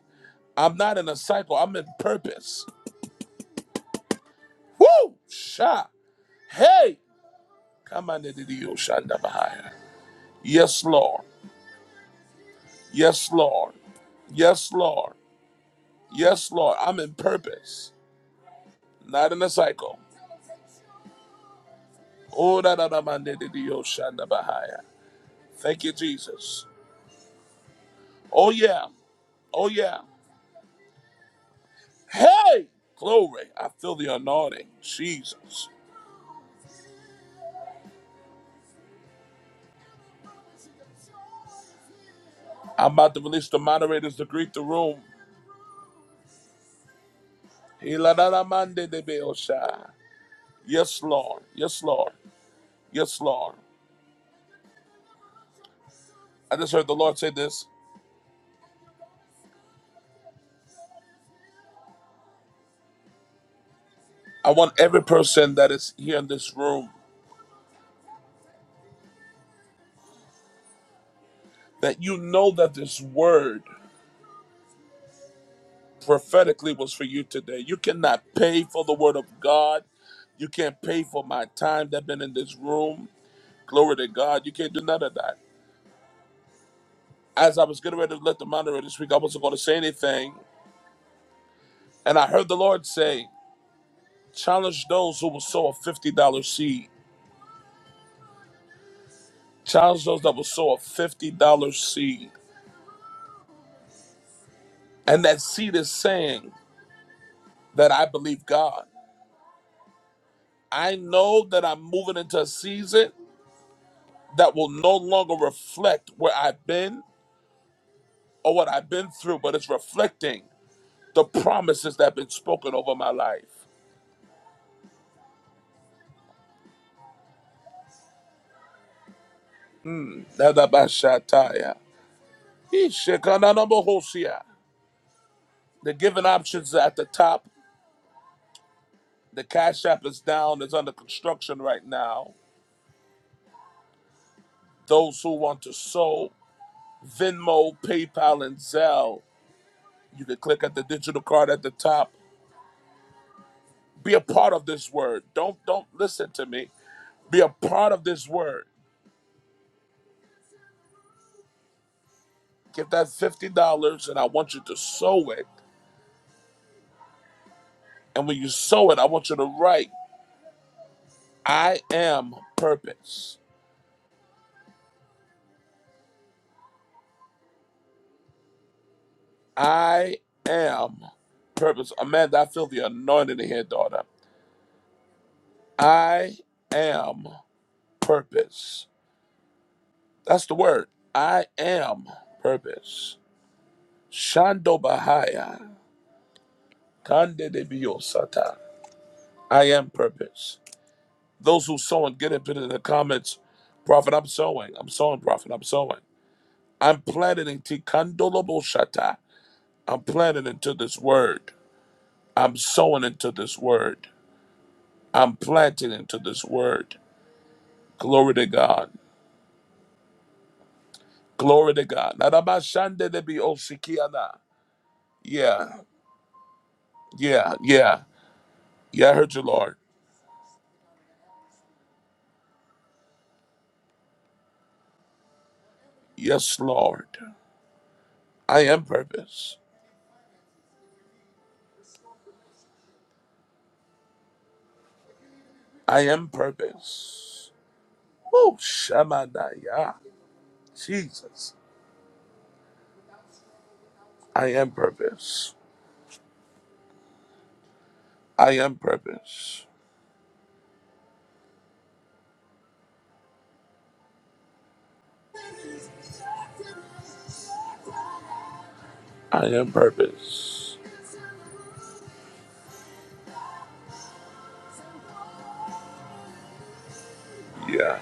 A: I'm not in a cycle. I'm in purpose. Woo! Sha. Hey! Come on, into the ocean of Yes, Lord. Yes, Lord. Yes, Lord. Yes, Lord. I'm in purpose, not in a cycle. Oh, da da da man, da, da, da, shanda, bahaya. Thank you, Jesus. Oh, yeah. Oh, yeah. Hey! Glory. I feel the anointing. Jesus. I'm about to release the moderators to greet the room. Hiladadamandedebeosha. Yes, Lord. Yes, Lord. Yes, Lord. I just heard the Lord say this. I want every person that is here in this room that you know that this word prophetically was for you today. You cannot pay for the word of God. You can't pay for my time that I've been in this room. Glory to God. You can't do none of that. As I was getting ready to let the moderator speak, I wasn't going to say anything. And I heard the Lord say, Challenge those who will sow a $50 seed. Challenge those that will sow a $50 seed. And that seed is saying that I believe God. I know that I'm moving into a season that will no longer reflect where I've been or what I've been through, but it's reflecting the promises that have been spoken over my life. Nadabashataya. Ishekananabohosia. The given options are at the top. The Cash App is down. It's under construction right now. Those who want to sow, Venmo, PayPal, and Zelle. You can click at the digital card at the top. Be a part of this word. Don't don't listen to me. Be a part of this word. Get that fifty dollars, and I want you to sow it. And when you sow it, I want you to write, "I am purpose. I am purpose." Amanda, I feel the anointing in here, daughter. I am purpose. That's the word. I am purpose. Shando Bahaya. Kande de Biosata. I am purpose. Those who sowing, get it put it in the comments. Prophet, I'm sowing. I'm sowing, Prophet. I'm sowing. I'm planting into Kandolobo Shata. I'm planting into this word. I'm sowing into this word. I'm planting into this word. Glory to God. Glory to God. Naraba Shande de Biosikiana. Yeah, yeah, yeah. Yeah, I heard you, Lord. Yes, Lord. I am purpose. I am purpose. Oh, Shamanaya. Jesus. I am purpose. I am purpose. I am purpose. Yeah,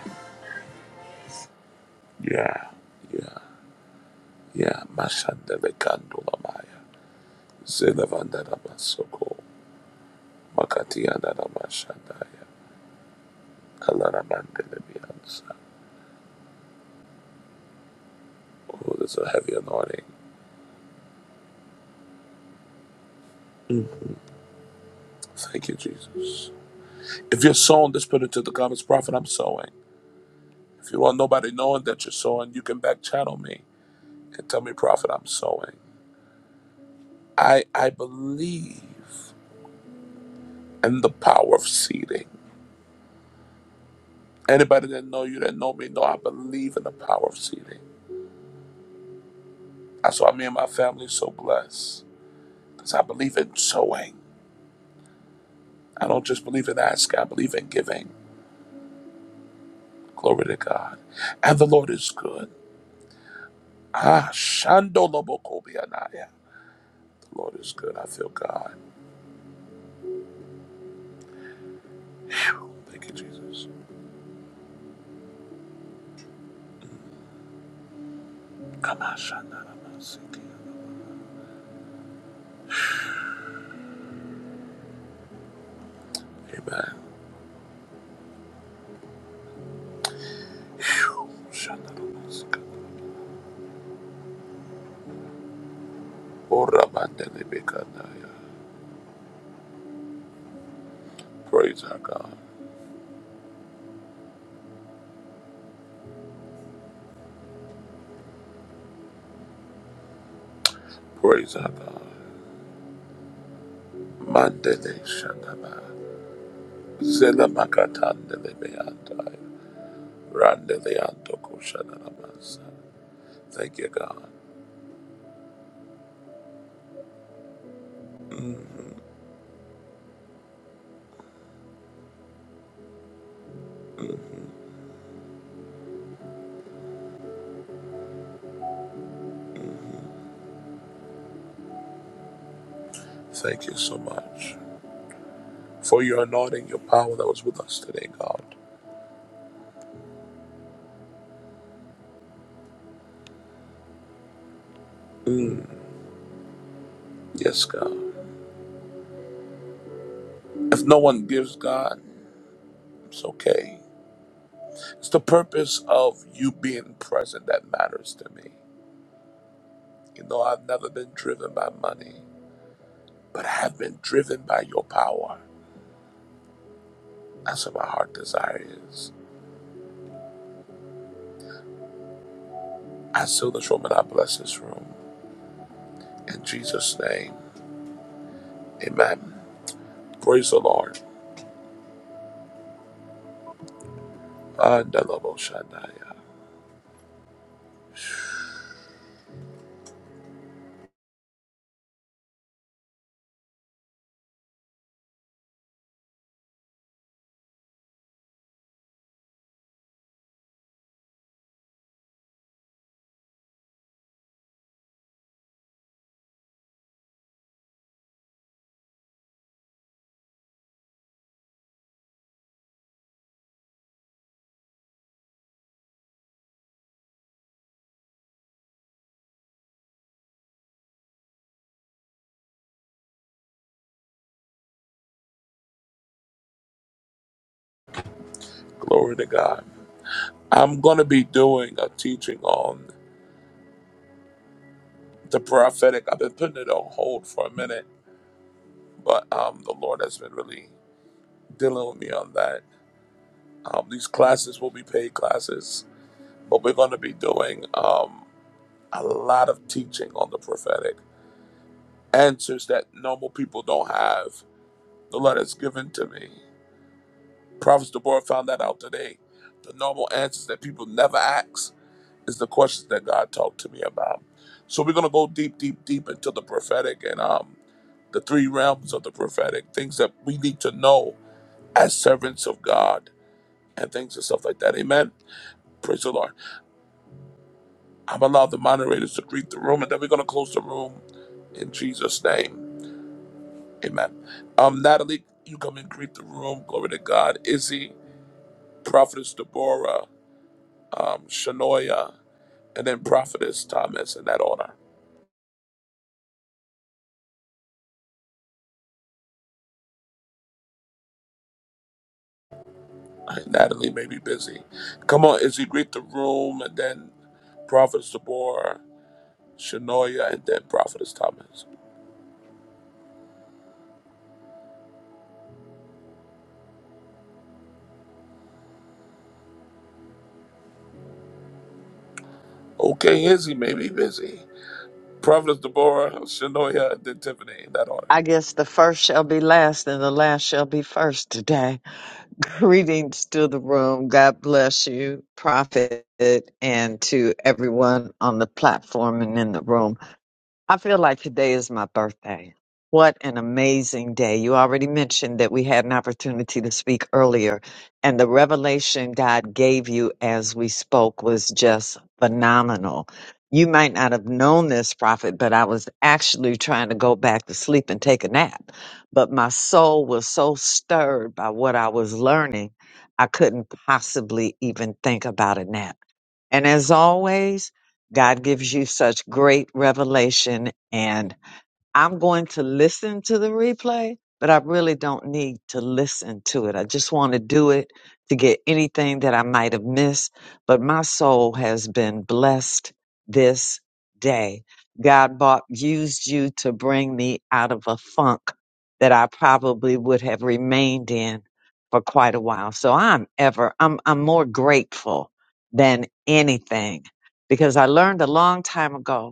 A: yeah, yeah, yeah. Mashandele kandula maya. Zelevandana masoko. Makatiana mashandaya. Kalaramandele bianza. Oh, there's a heavy anointing. Thank you, Jesus. If you're sowing, just put it to the comments. Prophet, I'm sowing. If you want nobody knowing that you're sowing, you can back channel me. can tell me, prophet, I'm sowing. I I believe in the power of seeding. Anybody that know you that know me know I believe in the power of seeding. That's why me and my family are so blessed. Because I believe in sowing. I don't just believe in asking, I believe in giving. Glory to God. And the Lord is good. Ah, Shando Lobokobianaya. The Lord is good. I feel God. Phew. Thank you, Jesus. Come on, Shanda Namasiki. Amen. Phew. Shanda Namasiki. Oramandelebekadaya. Praise our God. Praise our God. Mandele Shandaba. Zela Makatandelebeandai. Randeleandokushanamasa. Thank you, God. Thank you so much for your anointing, your power that was with us today, God. Yes, God. If no one gives God, it's okay. It's the purpose of you being present that matters to me. You know, I've never been driven by money, but I have been driven by your power. That's what my heart desire is. I seal this room and I bless this room. In Jesus' name, amen. Praise the Lord. Andalaboshandaya. Glory to God. I'm going to be doing a teaching on the prophetic. I've been putting it on hold for a minute, but um, the Lord has been really dealing with me on that. Um, these classes will be paid classes, but we're going to be doing um, a lot of teaching on the prophetic, answers that normal people don't have The letters given to me. Prophet Deborah found that out today. The normal answers that people never ask is the questions that God talked to me about. So we're gonna go deep, deep, deep into the prophetic and um the three realms of the prophetic, things that we need to know as servants of God and things and stuff like that. Amen. Praise the Lord. I'm allowed the moderators to greet the room and then we're gonna close the room in Jesus' name. Amen. Um, Natalie, you come and greet the room. Glory to God. Izzy, Prophetess Deborah. um, Shanoia, and then Prophetess Thomas in that order. Natalie may be busy. Come on, as you greet the room, and then Prophetess Deborah, Shanoia, and then Prophetess Thomas. Okay, Izzy may be busy. Prophetess Deborah, Shanoia, and then Tiffany in that order.
F: I guess the first shall be last and the last shall be first today. Greetings to the room. God bless you, Prophet, and to everyone on the platform and in the room. I feel like today is my birthday. What an amazing day. You already mentioned that we had an opportunity to speak earlier, and the revelation God gave you as we spoke was just phenomenal. You might not have known this prophet, but I was actually trying to go back to sleep and take a nap. But my soul was so stirred by what I was learning, I couldn't possibly even think about a nap. And as always, God gives you such great revelation and I'm going to listen to the replay, but I really don't need to listen to it. I just want to do it to get anything that I might have missed. But my soul has been blessed this day. God bought, used you to bring me out of a funk that I probably would have remained in for quite a while. So I'm ever, I'm, I'm more grateful than anything because I learned a long time ago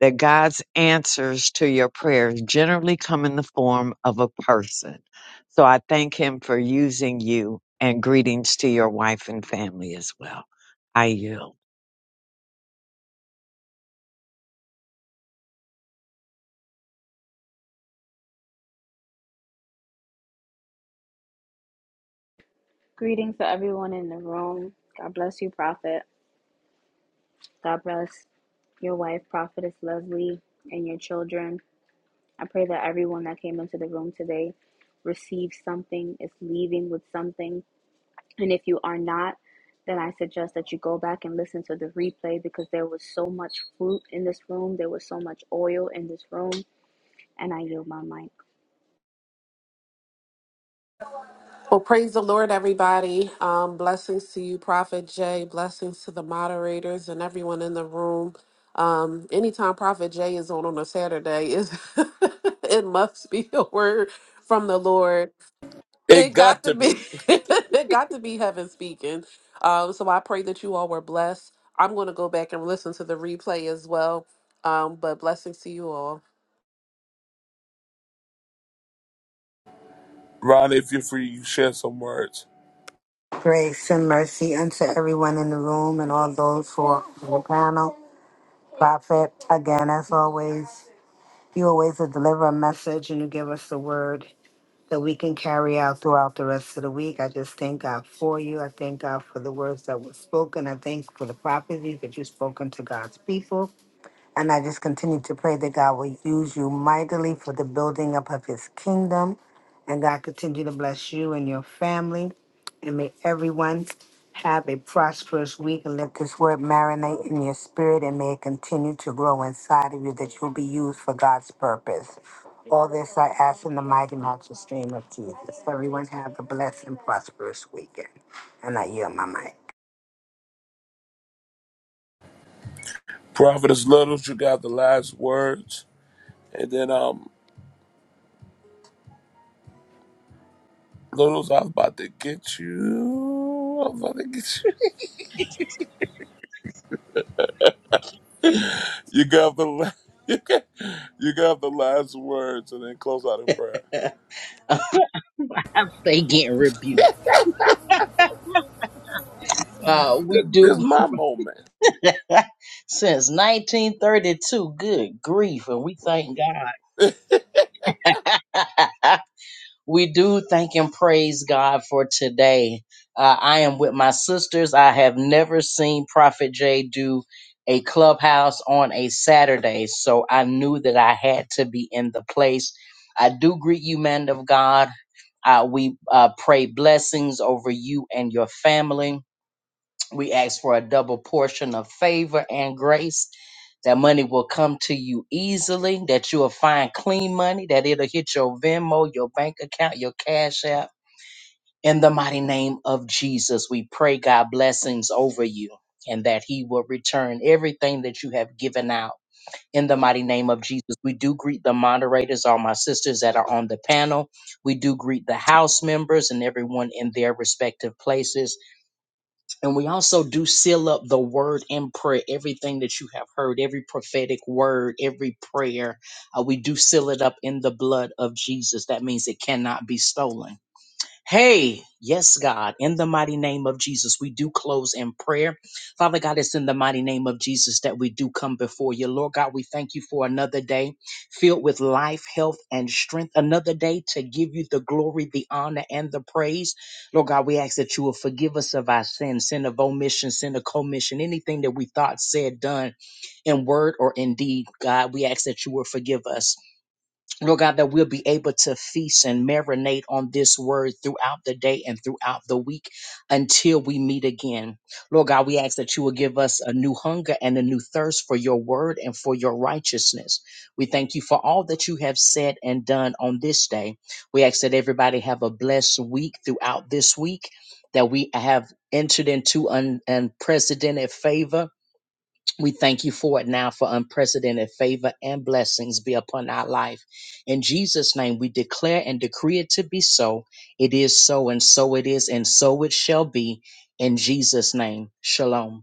F: that God's answers to your prayers generally come in the form of a person. So I thank Him for using you and greetings to your wife and family as well. I yield.
J: Greetings to everyone in the room. God bless you, Prophet. God bless your wife, Prophetess Leslie, and your children. I pray that everyone that came into the room today receives something, is leaving with something. And if you are not, then I suggest that you go back and listen to the replay because there was so much fruit in this room, there was so much oil in this room, and I yield my mic.
S: Well, praise the Lord, everybody. Um, blessings to you, Prophet Jay. Blessings to the moderators and everyone in the room. Um, anytime Prophet Jay is on on a Saturday, is it must be a word from the Lord.
A: It
S: It got
A: got
S: to
A: to
S: be.
A: be.
S: it got to be heaven speaking. Um, so I pray that you all were blessed. I'm going to go back and listen to the replay as well. Um, but blessings to you all.
A: Ron, if you're free, you share some words.
E: grace, and mercy unto everyone in the room and all those who are on the panel. Prophet, again, as always, you always deliver a message and you give us the word that we can carry out throughout the rest of the week. I just thank God for you. I thank God for the words that were spoken. I thank for the prophecies that you've spoken to God's people. And I just continue to pray that God will use you mightily for the building up of his kingdom. And God continue to bless you and your family. And may everyone have a prosperous week and let this word marinate in your spirit and may it continue to grow inside of you that you'll be used for God's purpose. All this I ask in the mighty matchless name of Jesus. Everyone have a blessed and prosperous weekend. And I yield my mic.
A: Prophetess Littles, you got the last words. And then, um, Littles, I was about to get you. I was about to get you. You got the la- you got, you got the last words, and then close out in prayer.
D: God. they getting rebuked. Uh, we
A: This, this
D: do
A: is my moment.
D: since 1932. Good grief, and we thank God. We do thank and praise God for today. Uh, I am with my sisters. I have never seen Prophet Jay do a clubhouse on a Saturday, so I knew that I had to be in the place. I do greet you, man of God. Uh, we uh, pray blessings over you and your family. We ask for a double portion of favor and grace that money will come to you easily, that you will find clean money, that it'll hit your Venmo, your bank account, your Cash App. In the mighty name of Jesus, we pray God blessings over you and that He will return everything that you have given out. In the mighty name of Jesus, we do greet the moderators, all my sisters that are on the panel. We do greet the house members and everyone in their respective places. And we also do seal up the word in prayer, everything that you have heard, every prophetic word, every prayer. uh, we do seal it up in the blood of Jesus. That means it cannot be stolen. Hey, yes, God, in the mighty name of Jesus, we do close in prayer. Father God, it's in the mighty name of Jesus that we do come before you. Lord God, we thank you for another day filled with life, health, and strength. Another day to give you the glory, the honor, and the praise. Lord God, we ask that you will forgive us of our sins, sin of omission, sin of commission, anything that we thought, said, done in word or in deed. God, we ask that you will forgive us. Lord God, that we'll be able to feast and marinate on this word throughout the day and throughout the week until we meet again. Lord God, we ask that you will give us a new hunger and a new thirst for your word and for your righteousness. We thank you for all that you have said and done on this day. We ask that everybody have a blessed week throughout this week, that we have entered into un- unprecedented favor we thank you for it now for unprecedented favor and blessings be upon our life. In Jesus' name, we declare and decree it to be so. It is so, and so it is, and so it shall be. In Jesus' name, shalom.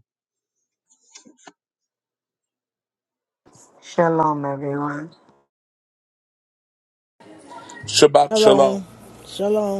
E: Shalom, everyone.
A: Shabbat shalom.
O: Shalom. Shalom.